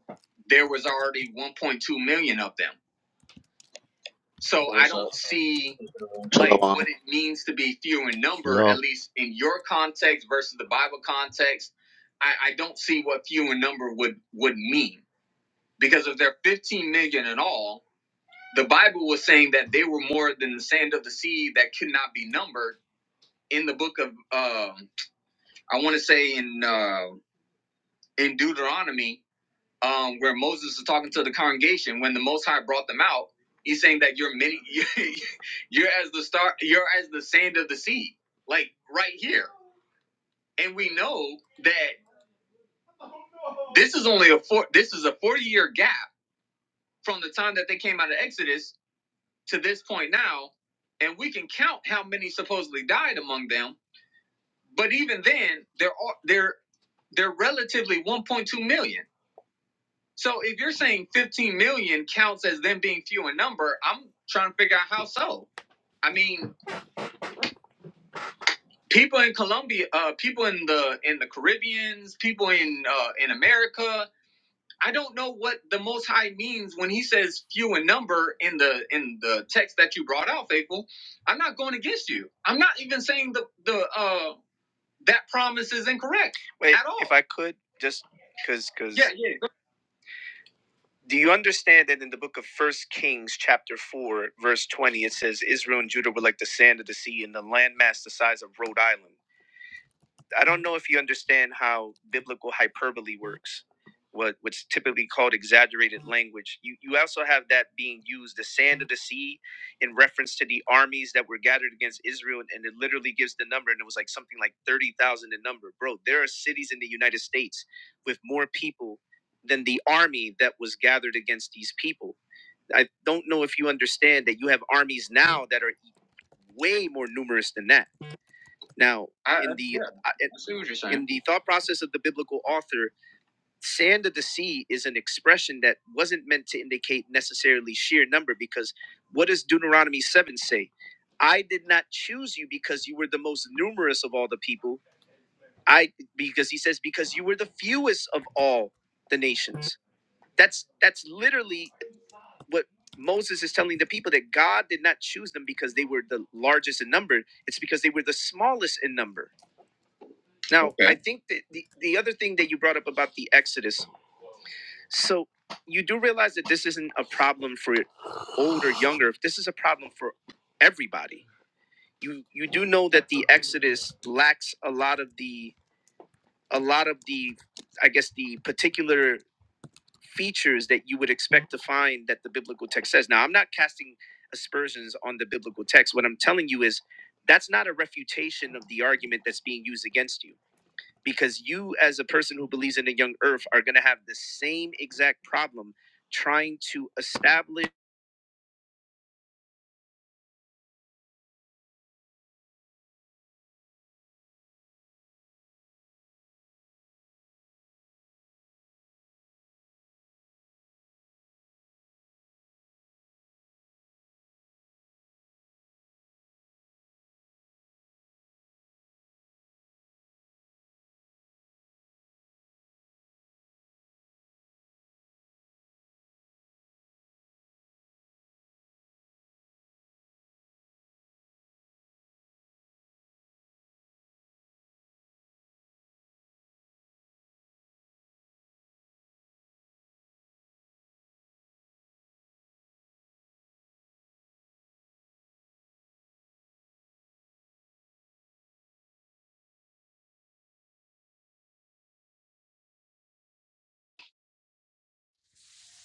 Speaker 12: there was already 1.2 million of them. So
Speaker 13: Yo,
Speaker 12: I
Speaker 13: what's up,
Speaker 12: don't see
Speaker 13: everyone?
Speaker 12: like what
Speaker 13: Shalom.
Speaker 12: it means to be few in number, Yeah. at least in your context versus the Bible context. I, I don't see what few in number would would mean because if they're 15 million in all, the Bible was saying that they were more than the sand of the sea that could not be numbered. In the book of, um, I want to say in uh, in Deuteronomy, um, where Moses is talking to the congregation when the Most High brought them out. He's saying that you're many, [LAUGHS] you're as the star, you're as the sand of the sea, like right here. And we know that this is only a four, this is a forty year gap from the time that they came out of Exodus to this point now, and we can count how many supposedly died among them. But even then, there are there they're relatively 1.2 million So if you're saying 15 million counts as them being few in number, I'm trying to figure out how so. I mean, people in Colombia, uh, people in the in the Caribbeans, people in uh, in America. I don't know what the Most High means when He says few in number in the in the text that you brought out, faithful. I'm not going against you. I'm not even saying the the uh, that promise is incorrect Wait, at all. If I could just because because yeah yeah Do you understand that in the book of First Kings, chapter four, verse twenty, it says Israel and Judah were like the sand of the sea and the landmass the size of Rhode Island. I don't know if you understand how biblical hyperbole works, what what's typically called exaggerated language. You you also have that being used, the sand of the sea, in reference to the armies that were gathered against Israel, and it literally gives the number, and it was like something like thirty thousand in number. Bro, there are cities in the United States with more people than the army that was gathered against these people. I don't know if you understand that you have armies now that are e, way more numerous than that now, I, in the yeah, uh, in the thought process of the biblical author, sand of the sea is an expression that wasn't meant to indicate necessarily sheer number because what does Deuteronomy 7 say? I did not choose you because you were the most numerous of all the people. I because he says because you were the fewest of all the nations. That's that's literally what Moses is telling the people that God did not choose them because they were the largest in number. It's because they were the smallest in number now, okay. I Okay. think that the, the other thing that you brought up about the Exodus, so you do realize that this isn't a problem for older, younger. This is a problem for everybody. You you do know that the Exodus lacks a lot of the a lot of the I guess the particular features that you would expect to find that the biblical text says. Now, I'm not casting aspersions on the biblical text. What I'm telling you is that's not a refutation of the argument that's being used against you because you as a person who believes in a young earth are going to have the same exact problem trying to establish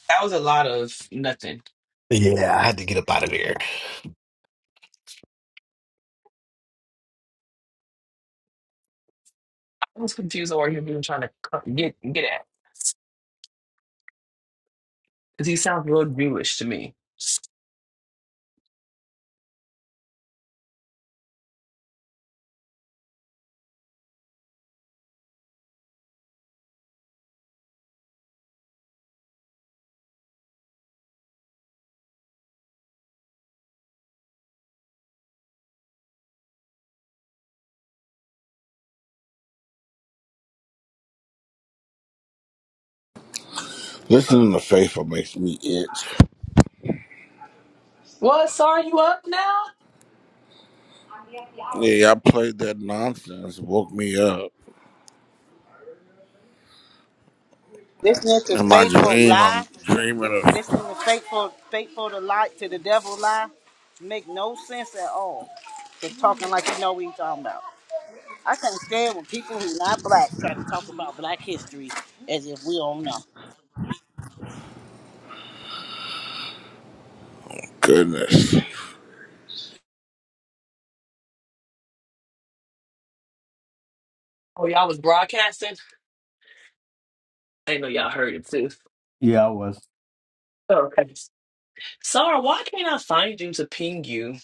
Speaker 6: That was a lot of nothing.
Speaker 1: Yeah, I had to get up out of there.
Speaker 6: I was confused over him even trying to cut- get get at because he sounds real Jewish to me.
Speaker 3: Listening to Faithful makes me itch.
Speaker 6: What? Sorry, you up now?
Speaker 3: Yeah, I played that nonsense, woke me up.
Speaker 2: Listening to
Speaker 3: In my
Speaker 2: faithful
Speaker 3: dream,
Speaker 2: lie,
Speaker 3: I'm
Speaker 2: li-
Speaker 3: dreaming of
Speaker 2: listening to faithful faithful to lie to the devil lie, make no sense at all. They're talking like you know what you are talking about. I can't stand when people who not black try to talk about black history as if we don't know.
Speaker 3: goodness.
Speaker 6: Oh, y'all was broadcasting? I know y'all heard it too.
Speaker 1: Yeah, I was.
Speaker 6: Okay. Sorry, why can't I find you to ping you?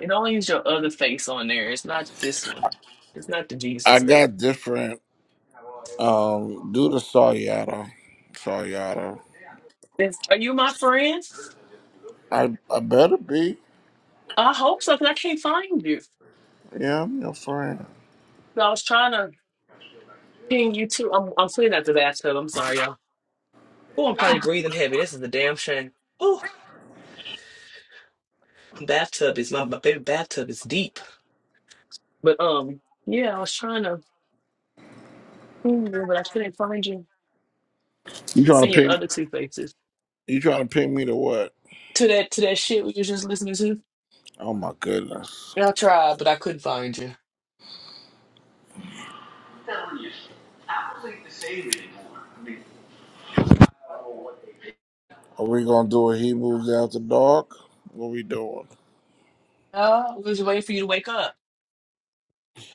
Speaker 6: It only is your other face on there. It's not this one. It's not the
Speaker 3: I
Speaker 6: Jesus face.
Speaker 3: got different, um, due to Sawyada. Sawyada.
Speaker 6: It's- are you my friend?
Speaker 3: I, I better be.
Speaker 6: I hope so, because I can't find you. So
Speaker 3: Yeah, I'm your friend.
Speaker 6: I was trying to ping you too. I'm, I'm sitting at the bathtub. I'm sorry, y'all. Oh, I'm probably breathing heavy. This is a damn shame. Oh, bathtub is my, my baby bathtub is deep. But um, yeah, I was trying to find you, but I couldn't find you. I
Speaker 3: You
Speaker 6: can
Speaker 3: trying
Speaker 6: see
Speaker 3: to
Speaker 6: your
Speaker 3: pin,
Speaker 6: other two faces.
Speaker 3: you trying to pin me to what?
Speaker 6: To that to that shit we was just listening to. Yeah,
Speaker 3: Oh my goodness.
Speaker 6: I tried, but I couldn't find you.
Speaker 3: Are we gonna do a Hebrews after dark? What we doing? [SIGHS]
Speaker 6: Oh, we was waiting for you to wake up.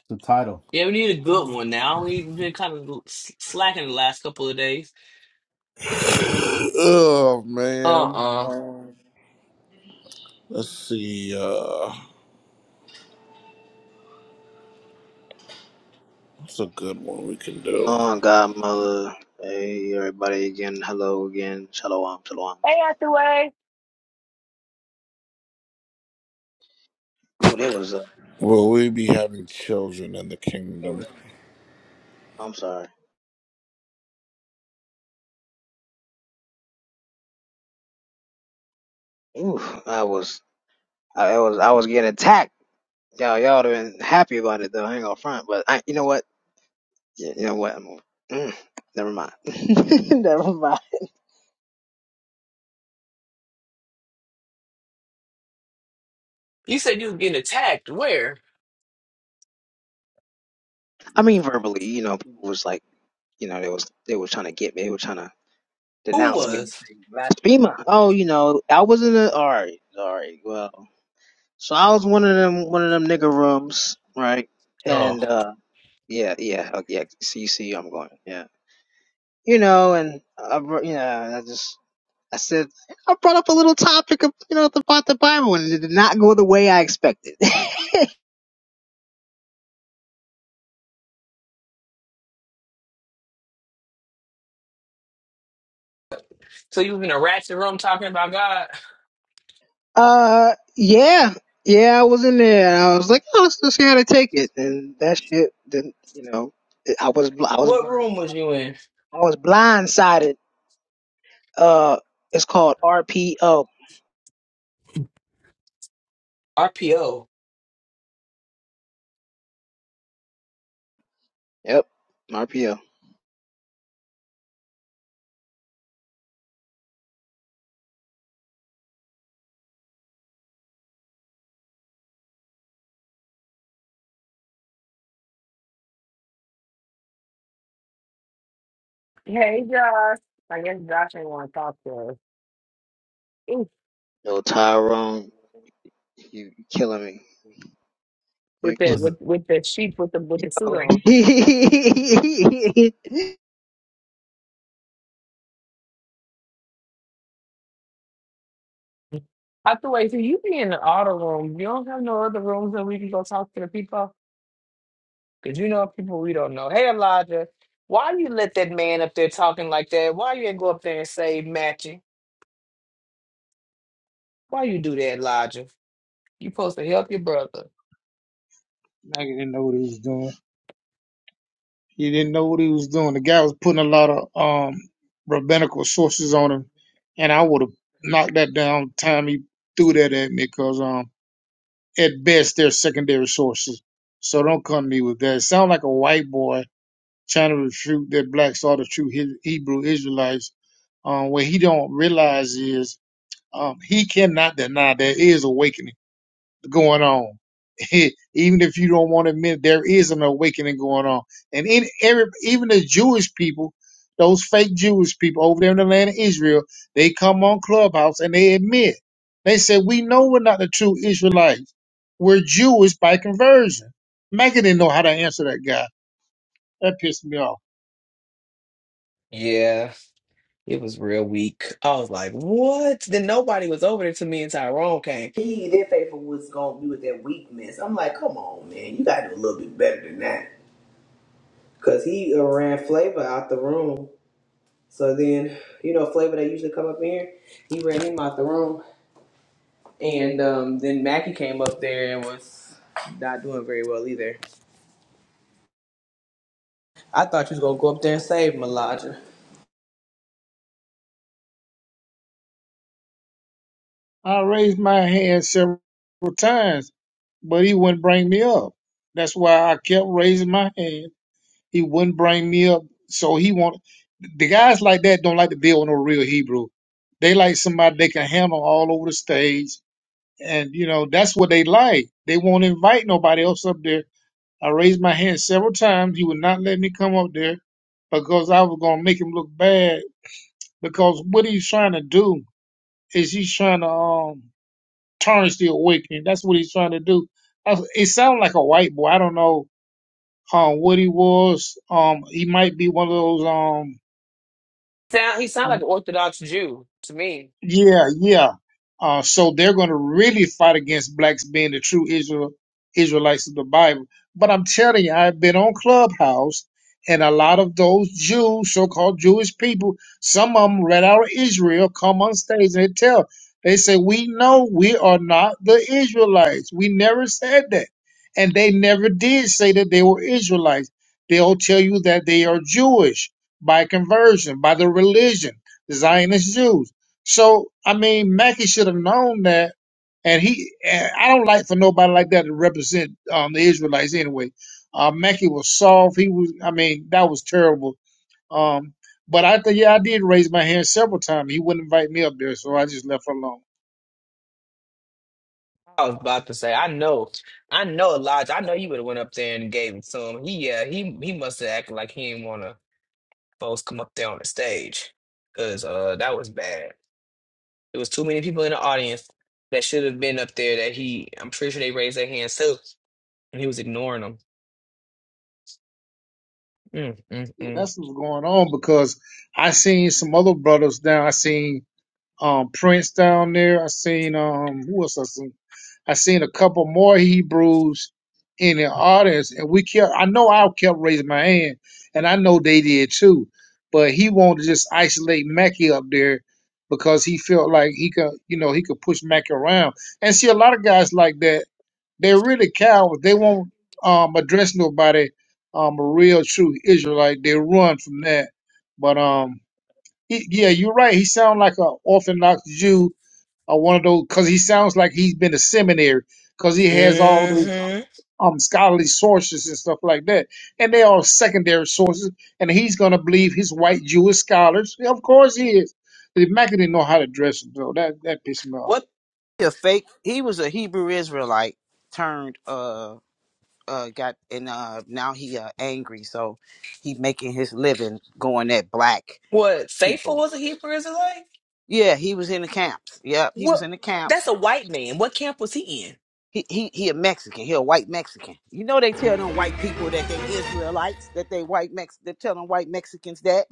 Speaker 1: The title
Speaker 6: Yeah, we need a good one now. We've been kind of s- slacking the last couple of days.
Speaker 3: Oh man.
Speaker 6: Uh-uh.
Speaker 3: Um, let's see. Uh, That's a good one we can do.
Speaker 13: Shalom, Godmother. Hey, everybody again. Hello again. Shalom, shalom.
Speaker 6: Hey, Hathaway.
Speaker 13: Ooh, they was, uh,
Speaker 3: Will we be having children in the
Speaker 13: they
Speaker 3: kingdom?
Speaker 13: was, I'm sorry. Ooh, I was, I, I was, I was getting attacked. Y'all, y'all have been happy about it though. I ain't gonna front, but I, you know what? Yeah, you know what? I'm, mm, never mind. [LAUGHS] never mind.
Speaker 6: You said you was getting attacked. Where?
Speaker 13: I mean, verbally, you know, people was like, you know, they was, they were trying to get me. They were trying to
Speaker 6: Who
Speaker 13: denounce me.
Speaker 6: was?
Speaker 13: say, Blasphemer. Oh, you know, I wasn't a, all right, all right. Well. So I was one of them, one of them nigga rooms, right?
Speaker 6: Oh.
Speaker 13: And uh, yeah, yeah, oh, yeah. See, you see, I'm going, yeah. You know, and I, br- you know, I just, I said, I brought up a little topic of, you know, about the Bible, and it did not go the way I expected.
Speaker 6: So you was in a ratchet room talking about God?
Speaker 13: [LAUGHS] uh, yeah, yeah, I was in there, and I was like, oh, let's just see how they take it, and that shit didn't, you know, it- I was, bl- I was
Speaker 6: What
Speaker 13: blind,
Speaker 6: room was you in?
Speaker 13: I was blindsided. Uh, it's called RPO.
Speaker 6: RPO.
Speaker 13: Yep, RPO. No Tyrone. You killing me. You're
Speaker 6: with that
Speaker 13: killing me.
Speaker 1: was
Speaker 6: with with that sheep with the with the suit on.
Speaker 13: [LAUGHS]
Speaker 6: I thought, wait, so you be in the auto room. You don't have no other rooms that we can go talk to the people? Because you know people we don't know. Hey Elijah, why you let that man up there talking like that? Why you ain't go up there and say matching? Why you do that, Elijah? You supposed to help your brother.
Speaker 14: Nigga didn't know what he was doing. He didn't know what he was doing. The guy was putting a lot of um rabbinical sources on him, and I would have knocked that down the time he threw that at me because um at best they're secondary sources. So don't come to me with that. It Sound like a white boy trying to refute that blacks are the true He- Hebrew Israelites. Um, what he don't realize is um, he cannot deny there is awakening going on. [LAUGHS] even if you don't want to admit, it, there is an awakening going on. And in every, even the Jewish people, those fake Jewish people over there in the land of Israel, they come on Clubhouse and they admit. They say, we know we're not the true Israelites. We're Jewish by conversion. Mecca didn't know how to answer that guy. That pissed me off.
Speaker 6: Yeah. It was real weak. I was like, what? Then nobody was over there till me and Tyrone came. He, their faithful was gonna be with that weakness. I'm like, come on, man, you gotta do a little bit better than that. Cause he uh, ran Flavor out the room. So then, you know, Flavor that usually come up in here, he ran him out the room, and um, then Mackie came up there and was not doing very well either. I thought you was gonna go up there and save Melodra.
Speaker 14: I raised my hand several times, but he wouldn't bring me up. That's why I kept raising my hand He wouldn't bring me up. So he want the guys like that don't like to deal with no real Hebrew. They like somebody they can handle all over the stage, and you know that's what they like. They won't invite nobody else up there. I raised my hand several times. He would not let me come up there because I was gonna make him look bad. Because what he's trying to do is he's trying to um, tarnish the awakening. That's what he's trying to do. I, it sounded like a white boy. I don't know um, what he was. Um, he might be one of those. Um,
Speaker 6: Sound he sounded like
Speaker 14: Um,
Speaker 6: an Orthodox Jew to me.
Speaker 14: yeah, yeah. Uh, so they're going to really fight against blacks being the true Israel Israelites of the Bible. But I'm telling you, I've been on Clubhouse, and a lot of those Jews, so-called Jewish people, some of them right out of Israel, come on stage and they tell. They say, "We know we are not the Israelites. We never said that, and they never did say that they were Israelites. They'll tell you that they are Jewish by conversion, by the religion." the Zionist Jews. So I mean, Mackey should have known that, and he. And I don't like for nobody like that to represent um, the Israelites anyway. Uh, Mackey was soft. He was. I mean, that was terrible. Um, but I think yeah, I did raise my hand several times. He wouldn't invite me up there, so I just left her alone.
Speaker 6: I was about to say, I know, I know, Elijah. I know you would have went up there and gave it to him. He, yeah, he, he must have acted like he didn't want to folks come up there on the stage, cause uh, that was bad. There was too many people in the audience that should have been up there. That he, I'm pretty sure they raised their hands too, and he was ignoring them. Mm, mm,
Speaker 14: Yeah,
Speaker 6: mm.
Speaker 14: that's what was going on because I seen some other brothers down. I seen um Prince down there. I seen um who else I seen? I seen a couple more Hebrews in the audience, and we kept. I know I kept raising my hand, and I know they did too. But he wanted to just isolate Mackey up there because he felt like he could, you know, he could push Mackey around. And see, a lot of guys like that, they're really cowards. They won't um, address nobody, um, a real true Israelite. They run from that. But um, he, yeah, you're right. He sounds like an Orthodox Jew or one of those because he sounds like he's been to seminary because he has all those
Speaker 6: Mm-hmm.
Speaker 14: um scholarly sources and stuff like that, and they are secondary sources. And he's gonna believe his white Jewish scholars. Yeah, of course he is. The Mac didn't know how to dress him, so that that pissed me off.
Speaker 6: What,
Speaker 2: He a fake. He was a Hebrew Israelite turned uh uh got and uh now he uh angry so he making his living going at black
Speaker 6: what? Faithful
Speaker 2: people.
Speaker 6: was a Hebrew Israelite.
Speaker 2: Yeah, he was in the camps. Yep, he
Speaker 6: What?
Speaker 2: was in the camps
Speaker 6: That's a white man. What camp was he
Speaker 2: He he he a Mexican. He a white Mexican. You know they tell them white people that they Israelites, that they white Mex they tell them white Mexicans that.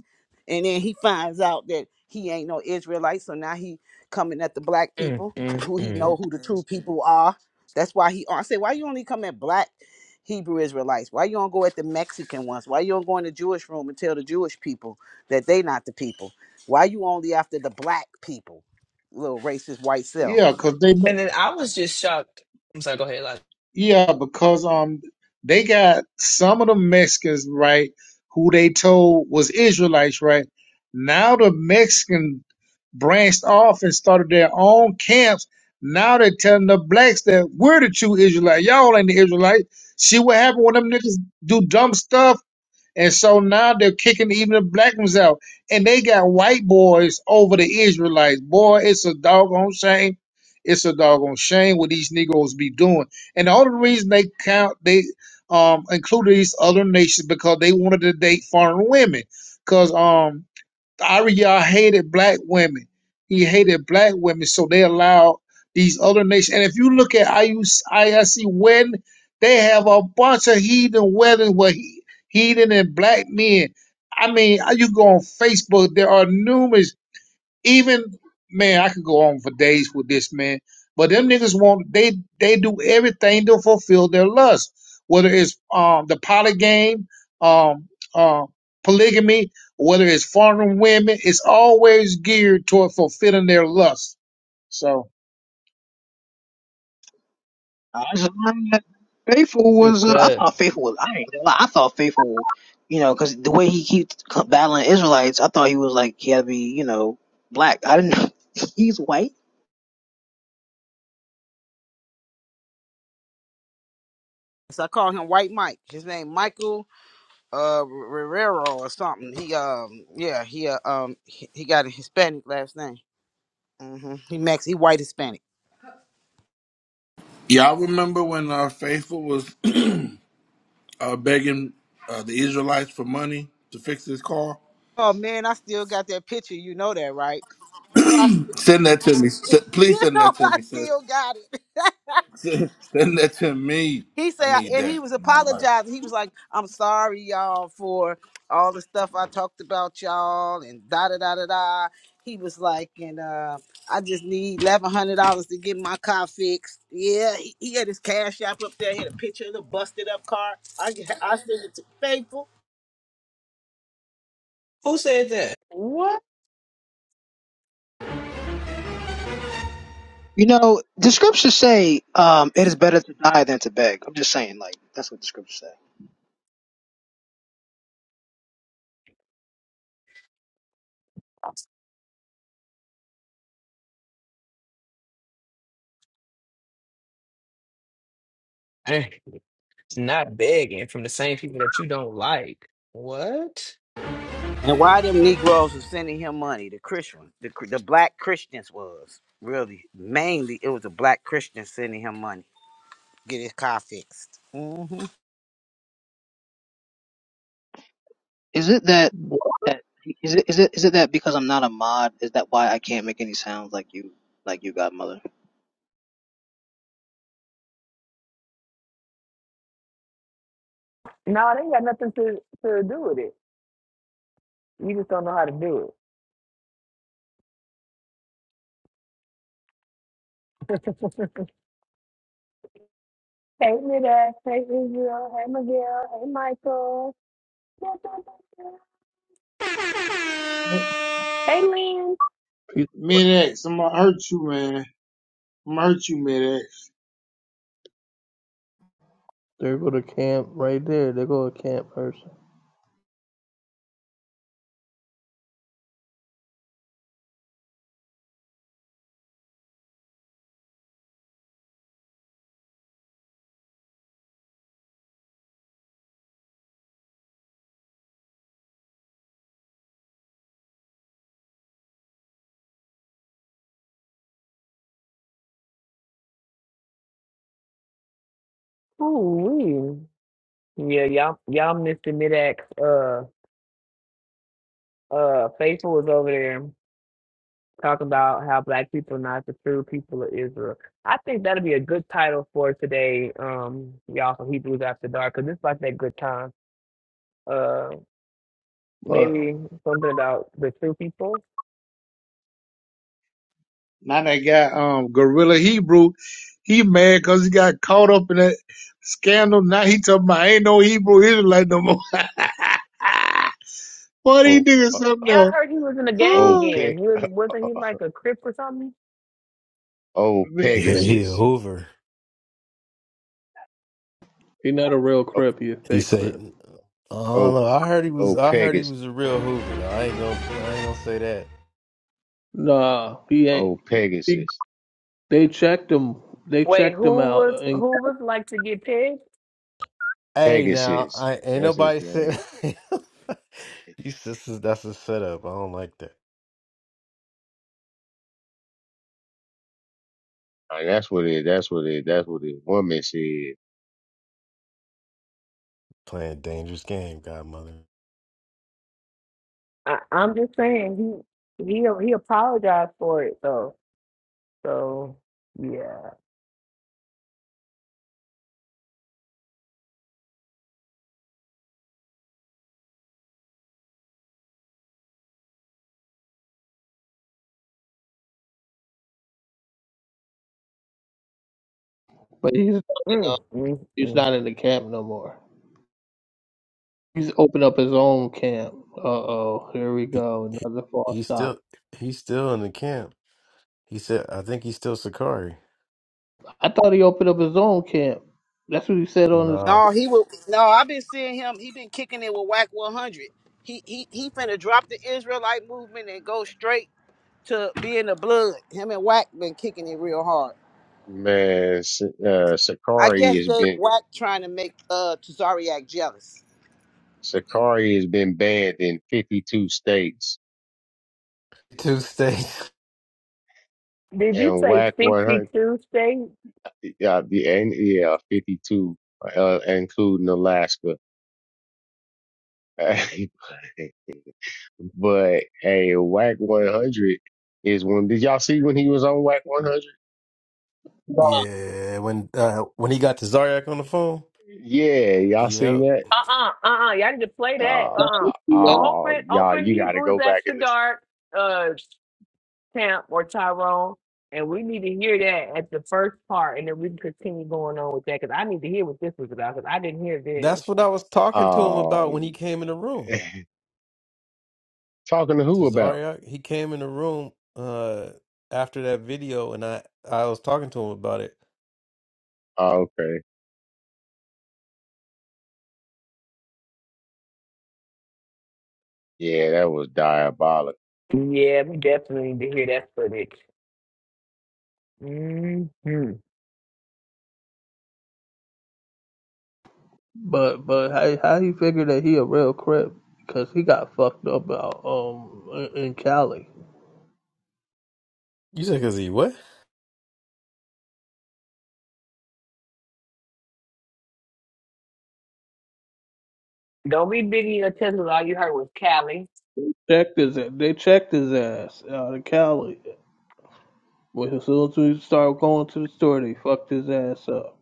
Speaker 2: And then he finds out that he ain't no Israelite, so now he coming at the black
Speaker 6: in? Mm,
Speaker 2: people, [LAUGHS]
Speaker 6: mm,
Speaker 2: who he
Speaker 6: mm.
Speaker 2: know who the true people are. That's why he I say, why you only come at black Hebrew Israelites? Why you don't go at the Mexican ones? Why you don't go in the Jewish room and tell the Jewish people that they not the people? Why you only after the black people, little racist white self?
Speaker 14: Yeah, because they
Speaker 6: And then I was just shocked. I'm sorry. Go ahead, Elijah.
Speaker 14: Yeah, because um they got some of the Mexicans, right, who they told was Israelites, right? Now the Mexican branched off and started their own camps. Now they're telling the blacks that we're the true Israelites. Y'all ain't the Israelite. See what happened when them niggas do dumb stuff and so now they're kicking even the black ones out. And they got white boys over the Israelites. Boy, it's a doggone shame. It's a doggone shame what these Negroes be doing. And the only reason they count, they um included these other nations because they wanted to date foreign women. Cause um Ariyah hated black women. He hated black women, so they allowed these other nations. And if you look at IUC IIC wedding, they have a bunch of heathen weddings where he, heathen and black men. I mean, you go on Facebook, there are numerous even man, I could go on for days with this man, but them niggas want they they do everything to fulfill their lust, whether it's um the poly game, um uh polygamy, whether it's foreign women, it's always geared toward fulfilling their lust. So,
Speaker 13: I just learned Faithful
Speaker 10: It
Speaker 13: was. Uh, I
Speaker 10: said
Speaker 13: thought Faithful was. I ain't gonna lie. I thought Faithful, you know, because the way he keeps c- battling Israelites, I thought he was like he had to be, you know, black. I didn't know [LAUGHS] he's white.
Speaker 2: So I call him White Mike. His name Michael uh Rivero or something. He um yeah he uh, um he, he got a Hispanic last name. hmm He Max. He white Hispanic.
Speaker 3: Y'all remember when uh, Faithful was [CLEARS THROAT] uh, begging uh, the Israelites for money to fix his car?
Speaker 2: Oh man, I still got that picture. You know that, right? You know I. Still,
Speaker 3: Send that to me. S-
Speaker 2: [LAUGHS]
Speaker 3: please
Speaker 2: you
Speaker 3: send
Speaker 2: know
Speaker 3: that to
Speaker 2: I
Speaker 3: me, sis.
Speaker 2: still got it. [LAUGHS]
Speaker 3: [LAUGHS] Send, send that to me.
Speaker 2: He
Speaker 3: I
Speaker 2: said,
Speaker 3: need
Speaker 2: and
Speaker 3: that
Speaker 2: he was
Speaker 3: in my life.
Speaker 2: apologizing. He was like, "I'm sorry, y'all, for all the stuff I talked about y'all and da da da da da." He was like, and uh, I just need eleven hundred dollars to get my car fixed. Yeah, he, he had his cash app up there. He had a picture of the busted up car. I I sent it to faithful.
Speaker 6: Who said that? What?
Speaker 13: You know, the scriptures say, um, it is better to die than to beg. I'm just saying, like that's what the scriptures say.
Speaker 6: Eh, It's not begging from the same people that you don't like. What?
Speaker 2: And why them Negroes was sending him money? The Christian, the the black Christians was really mainly it was the black Christians sending him money. Get his car fixed. Mm-hmm.
Speaker 13: Is it that that is it is it is it that because I'm not a mod, is that why I can't make any sounds like you like you got mother?
Speaker 6: Hey, Midas. Hey, Israel. Hey, Miguel. Hey, Michael. Hey, Lynn.
Speaker 10: he-
Speaker 14: Mid X, I'm gonna hurt you, man. I'm gonna hurt you, Mid X.
Speaker 10: there go to camp right there. They go to camp person.
Speaker 6: Ooh, Yeah, y'all, y'all missed the mid-ax. Uh, uh, Faithful was over there talking about how black people are not the true people of Israel. I think that'll be a good title for today, um, y'all from Hebrews After Dark, because it's like that good time. uh,
Speaker 10: But
Speaker 6: Maybe something about the two people.
Speaker 14: Now that guy, um, Gorilla Hebrew, he mad cause he got caught up in that scandal. Now he talking about ain't no Hebrew Israelite no more. [LAUGHS] Boy, he
Speaker 15: Oh,
Speaker 14: doing
Speaker 15: uh,
Speaker 6: Yeah,
Speaker 14: something
Speaker 6: I
Speaker 14: else.
Speaker 6: heard he was in a gang
Speaker 15: oh,
Speaker 14: [GASPS]
Speaker 6: again.
Speaker 15: Peg,
Speaker 6: He was
Speaker 15: uh,
Speaker 6: wasn't he
Speaker 15: uh,
Speaker 6: like a crip or something?
Speaker 15: oh,
Speaker 14: Oh,
Speaker 1: Yeah, he's a
Speaker 15: Pegasus.
Speaker 1: Hoover.
Speaker 10: he not a real
Speaker 15: Oh,
Speaker 10: crip. He a
Speaker 1: He
Speaker 10: fake crip.
Speaker 1: say. I
Speaker 15: oh,
Speaker 1: don't know. I heard he was.
Speaker 15: oh,
Speaker 1: I heard he
Speaker 15: Pegasus.
Speaker 1: was a real Hoover. Though I ain't gonna. I ain't gonna say that.
Speaker 10: Nah, he ain't.
Speaker 15: Oh,
Speaker 10: He,
Speaker 15: Pegasus.
Speaker 10: they checked him. They
Speaker 6: Wait,
Speaker 10: checked him
Speaker 6: who
Speaker 10: out,
Speaker 6: was
Speaker 10: and
Speaker 6: who was like to get pegged?
Speaker 1: Hey, now,
Speaker 15: Pegasus.
Speaker 1: I ain't
Speaker 15: That's his
Speaker 1: nobody said
Speaker 15: name.
Speaker 1: [LAUGHS] you sisters. That's a setup. I don't like that
Speaker 15: Uh, that's what it. That's what it. That's what the woman said.
Speaker 1: playing dangerous game, Godmother.
Speaker 6: I, I'm just saying he he he apologized for it though. So yeah.
Speaker 10: but he's not in,
Speaker 6: Mm,
Speaker 10: the-
Speaker 6: mm,
Speaker 10: he's
Speaker 6: mm.
Speaker 10: not in the camp no more. He's opened up his own camp. Uh oh, here we
Speaker 1: He,
Speaker 10: go,
Speaker 1: he
Speaker 10: another false
Speaker 1: he's
Speaker 10: start.
Speaker 1: still he's still in the camp. He said, I think he's still Sakari.
Speaker 10: I thought he opened up his own camp. That's what he said on his.
Speaker 1: Nah,
Speaker 2: No, he will. No, I've been seeing him. He been kicking it with Whack 100. He he he finna drop the Israelite movement and go straight to being the blood. Him and Whack been kicking it real hard.
Speaker 15: Man, S- uh,
Speaker 2: I
Speaker 15: Sakari
Speaker 2: guess
Speaker 15: has
Speaker 2: they
Speaker 15: been
Speaker 2: Whack trying to make uh Tazariak jealous.
Speaker 15: Sakari has been banned in 52 states
Speaker 1: two states.
Speaker 6: Did
Speaker 15: and
Speaker 6: you say
Speaker 15: WAC 100.
Speaker 6: 52 states?
Speaker 15: Yeah, the and yeah, 52, uh, including Alaska. [LAUGHS] But hey, Whack 100 is when did y'all see when he was on Whack 100?
Speaker 1: Yeah, when uh, when he got to Zaryak on the phone.
Speaker 15: Yeah, y'all seen
Speaker 1: Yep,
Speaker 15: that?
Speaker 6: Uh-uh, uh-uh. Y'all need to play that.
Speaker 15: Uh,
Speaker 6: Uh-uh.
Speaker 15: oh,
Speaker 6: Open
Speaker 15: y'all,
Speaker 6: open
Speaker 15: you got to
Speaker 6: Hebrews
Speaker 15: go back
Speaker 6: after
Speaker 15: and listen.
Speaker 6: dark. Uh. Champ or Tyrone, and we need to hear that at the first part, and then we can continue going on with that because I need to hear what this was about because I didn't hear this.
Speaker 1: that's what I was talking to him
Speaker 15: Oh,
Speaker 1: about when he came in the room.
Speaker 15: [LAUGHS] talking to
Speaker 1: To
Speaker 15: who about?
Speaker 1: Zaryak, he came in the room uh after that video, and I I was talking to him about it.
Speaker 15: Oh, okay, yeah, that was diabolical.
Speaker 6: Yeah, we definitely need to hear that footage. hmm
Speaker 10: But but how how he figure that he a real crip? Because he got fucked up out um in in Cali.
Speaker 1: You said, "Cause he what?"
Speaker 6: Don't be Biggie or Tesla. All you heard was Cali.
Speaker 10: Checked his they checked his ass out in Cali. But as soon as we started going to the store, they fucked his ass up.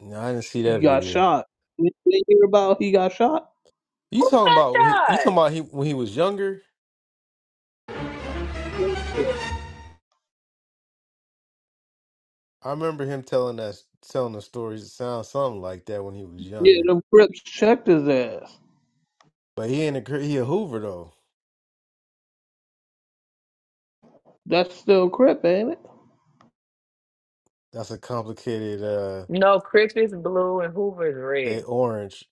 Speaker 1: No, I didn't see
Speaker 10: He
Speaker 1: that
Speaker 10: got
Speaker 1: video.
Speaker 10: shot. You didn't hear about he got shot?
Speaker 1: You
Speaker 6: Who
Speaker 1: talking about when he,
Speaker 6: got
Speaker 1: you
Speaker 6: shot?
Speaker 1: talking about he when he was younger? I remember him telling us telling the stories that sound something like that when he was
Speaker 10: Yeah,
Speaker 1: younger.
Speaker 10: them crips checked his ass.
Speaker 1: But he ain't a cr- he a Hoover though.
Speaker 10: That's still crip, ain't it?
Speaker 1: That's a complicated uh
Speaker 6: No, Chris is blue and Hoover is
Speaker 1: they
Speaker 6: red.
Speaker 1: orange.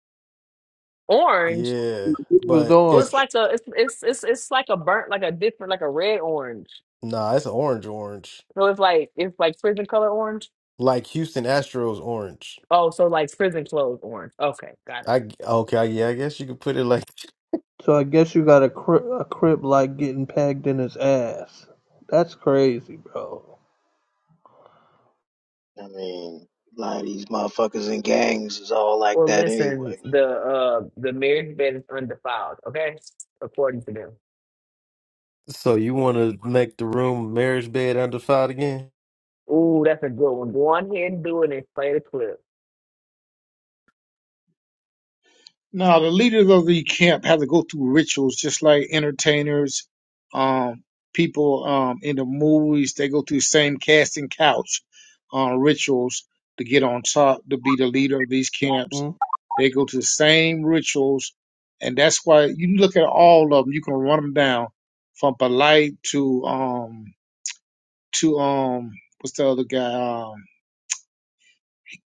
Speaker 6: Orange
Speaker 1: Yeah.
Speaker 10: He was
Speaker 1: But
Speaker 6: was
Speaker 10: orange.
Speaker 1: it's
Speaker 6: like a it's it's it's it's like a burnt like a different like a red orange.
Speaker 1: nah, it's orange orange.
Speaker 6: So it's like it's like prison color orange.
Speaker 1: Like Houston Astros orange.
Speaker 6: Oh, so like prison clothes orange. Okay, got it.
Speaker 1: I g- okay, yeah, I guess you could put it like
Speaker 10: So I guess you got a cri a crip like getting pegged in his ass. That's crazy, bro.
Speaker 13: I mean, a lot of these motherfuckers in gangs is all like
Speaker 6: Well,
Speaker 13: that
Speaker 6: listen,
Speaker 13: anyway.
Speaker 6: the uh the marriage bed is undefiled, okay? According to them.
Speaker 1: [LAUGHS] so you wanna make the room marriage bed under five again?
Speaker 6: Ooh, that's a good one. Go on here and do it and play the clip.
Speaker 14: Now, the leaders of the camp have to go through rituals, just like entertainers, um, people um, in the movies. They go through the same casting couch uh, rituals to get on top, to be the leader of these camps.
Speaker 10: Mm?
Speaker 14: They go to the same rituals, and that's why you look at all of them. You can run them down from polite to um to um what's the other guy um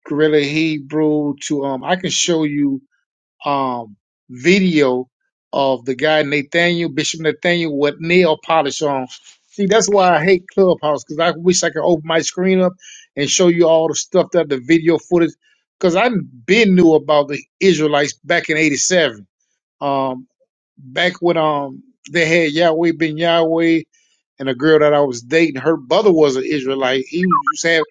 Speaker 14: gorilla Hebrew to um I can show you um, video of the guy Nathaniel Bishop Nathaniel with nail polish on. See, that's why I hate Clubhouse because I wish I could open my screen up and show you all the stuff that the video footage. Because I been knew about the Israelites back in '87, um, back when um they had Yahweh Ben Yahweh and a girl that I was dating. Her brother was an Israelite. He used to have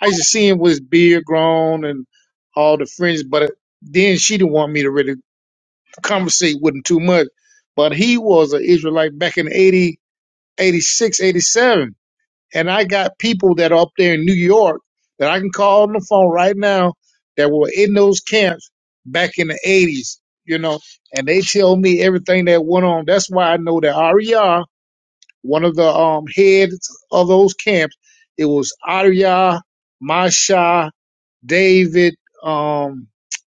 Speaker 14: I used to see him with his beard grown and all the fringe, but then she didn't want me to really conversate with him too much. But he was an Israelite back in 80, 86, 87. And I got people that are up there in New York that I can call on the phone right now that were in those camps back in the 80s, you know, and they tell me everything that went on. That's why I know that Ariyah, one of the um, heads of those camps, it was Ariyah, Masha, David, um,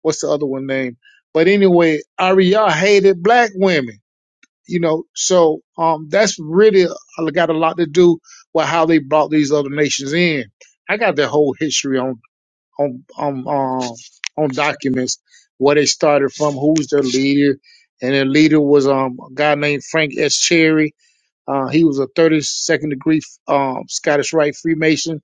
Speaker 14: what's the other one name? But anyway, Ariyah hated black women you know, so um, that's really uh, got a lot to do with how they brought these other nations in. I got their whole history on on on um, on documents where they started from, who's their leader, and their leader was um, a guy named Frank S. Cherry. Uh, he was a 32nd degree um, Scottish Rite Freemason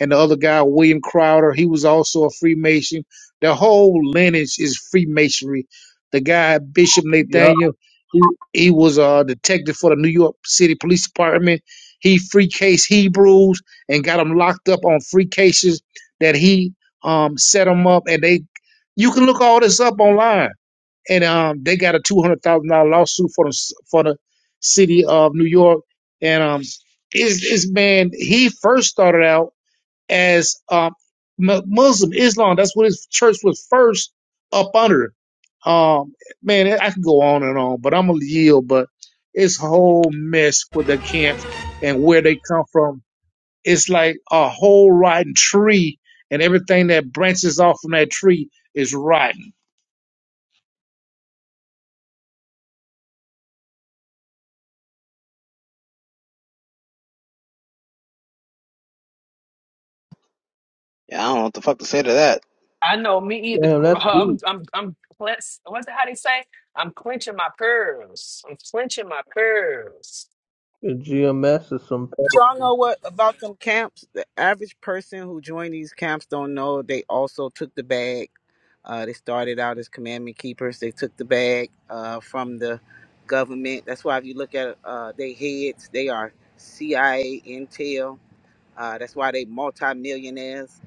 Speaker 14: and the other guy, William Crowder, he was also a Freemason. The whole lineage is Freemasonry. The guy, Bishop
Speaker 10: Yup.
Speaker 14: Nathaniel, he, he was a detective for the New York City Police Department. He free case Hebrews and got them locked up on free cases that he um, set them up. And they, you can look all this up online. And um, they got a two hundred thousand dollar lawsuit for the for the city of New York. And um, is this man? He first started out as um, Muslim Islam. That's what his church was first up under. Um, man, I could go on and on, but I'm gonna yield. But it's a whole mess with the camps and where they come from. It's like a whole rotten tree, and everything that branches off from that tree is rotten.
Speaker 13: Yeah, I don't know what the fuck to say to that.
Speaker 6: I know me either. [LAUGHS]
Speaker 10: Damn, that's
Speaker 6: I'm
Speaker 10: deep.
Speaker 6: I'm I'm clen- what's the how they say? I'm clenching my pearls. I'm clenching my pearls.
Speaker 10: The GMS is some.
Speaker 2: y'all know what about them camps? The average person who joined these camps don't know they also took the bag. Uh, they started out as commandment keepers. They took the bag uh, from the government. That's why if you look at uh, they heads, they are CIA, Intel. Uh, that's why they multimillionaires.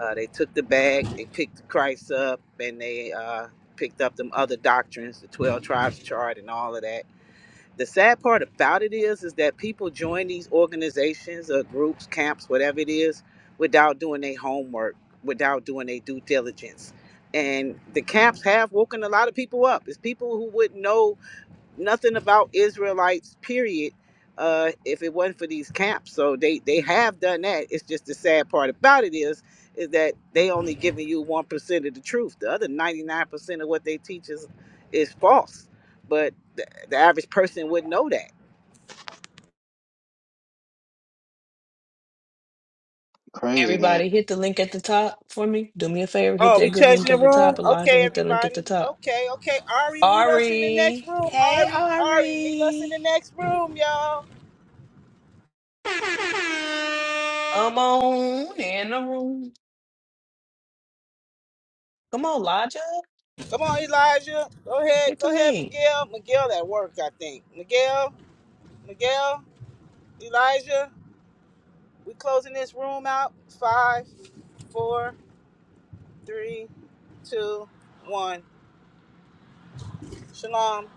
Speaker 2: Uh, they took the bag. They picked Christ up, and they uh, picked up them other doctrines, the twelve tribes chart, and all of that the sad part about it is, is that people join these organizations or groups, camps, whatever it is, without doing their homework, without doing their due diligence. And the camps have woken a lot of people up. It's people who wouldn't know nothing about Israelites, period, uh, if it wasn't for these camps. So they, they have done that. It's just the sad part about it is is that they only giving you one percent of the truth. The other ninety nine percent of what they teach is is false. But the, the average person wouldn't know that.
Speaker 13: Crazy, man.
Speaker 6: Everybody hit the link at the top for me. Do me a favor, hit
Speaker 2: Oh, we
Speaker 6: that good
Speaker 2: changing
Speaker 6: link
Speaker 2: the
Speaker 6: at the top.
Speaker 2: room?
Speaker 6: Elijah,
Speaker 2: Okay,
Speaker 6: hit that link at the
Speaker 2: everybody.
Speaker 6: top.
Speaker 2: Okay, okay. Ari, meet us in the next
Speaker 6: Ari.
Speaker 2: room.
Speaker 6: Hey,
Speaker 2: Ari, Ari, meet us in
Speaker 6: Ari.
Speaker 2: the next room, y'all.
Speaker 6: Come on in the room. Come on, Elijah.
Speaker 2: Come on, Elijah. Go ahead.
Speaker 6: Italy.
Speaker 2: Go ahead, Miguel. Miguel at work, I think. Miguel. Miguel, Elijah, we are closing this room out. Five, four, three, two, one. Shalom.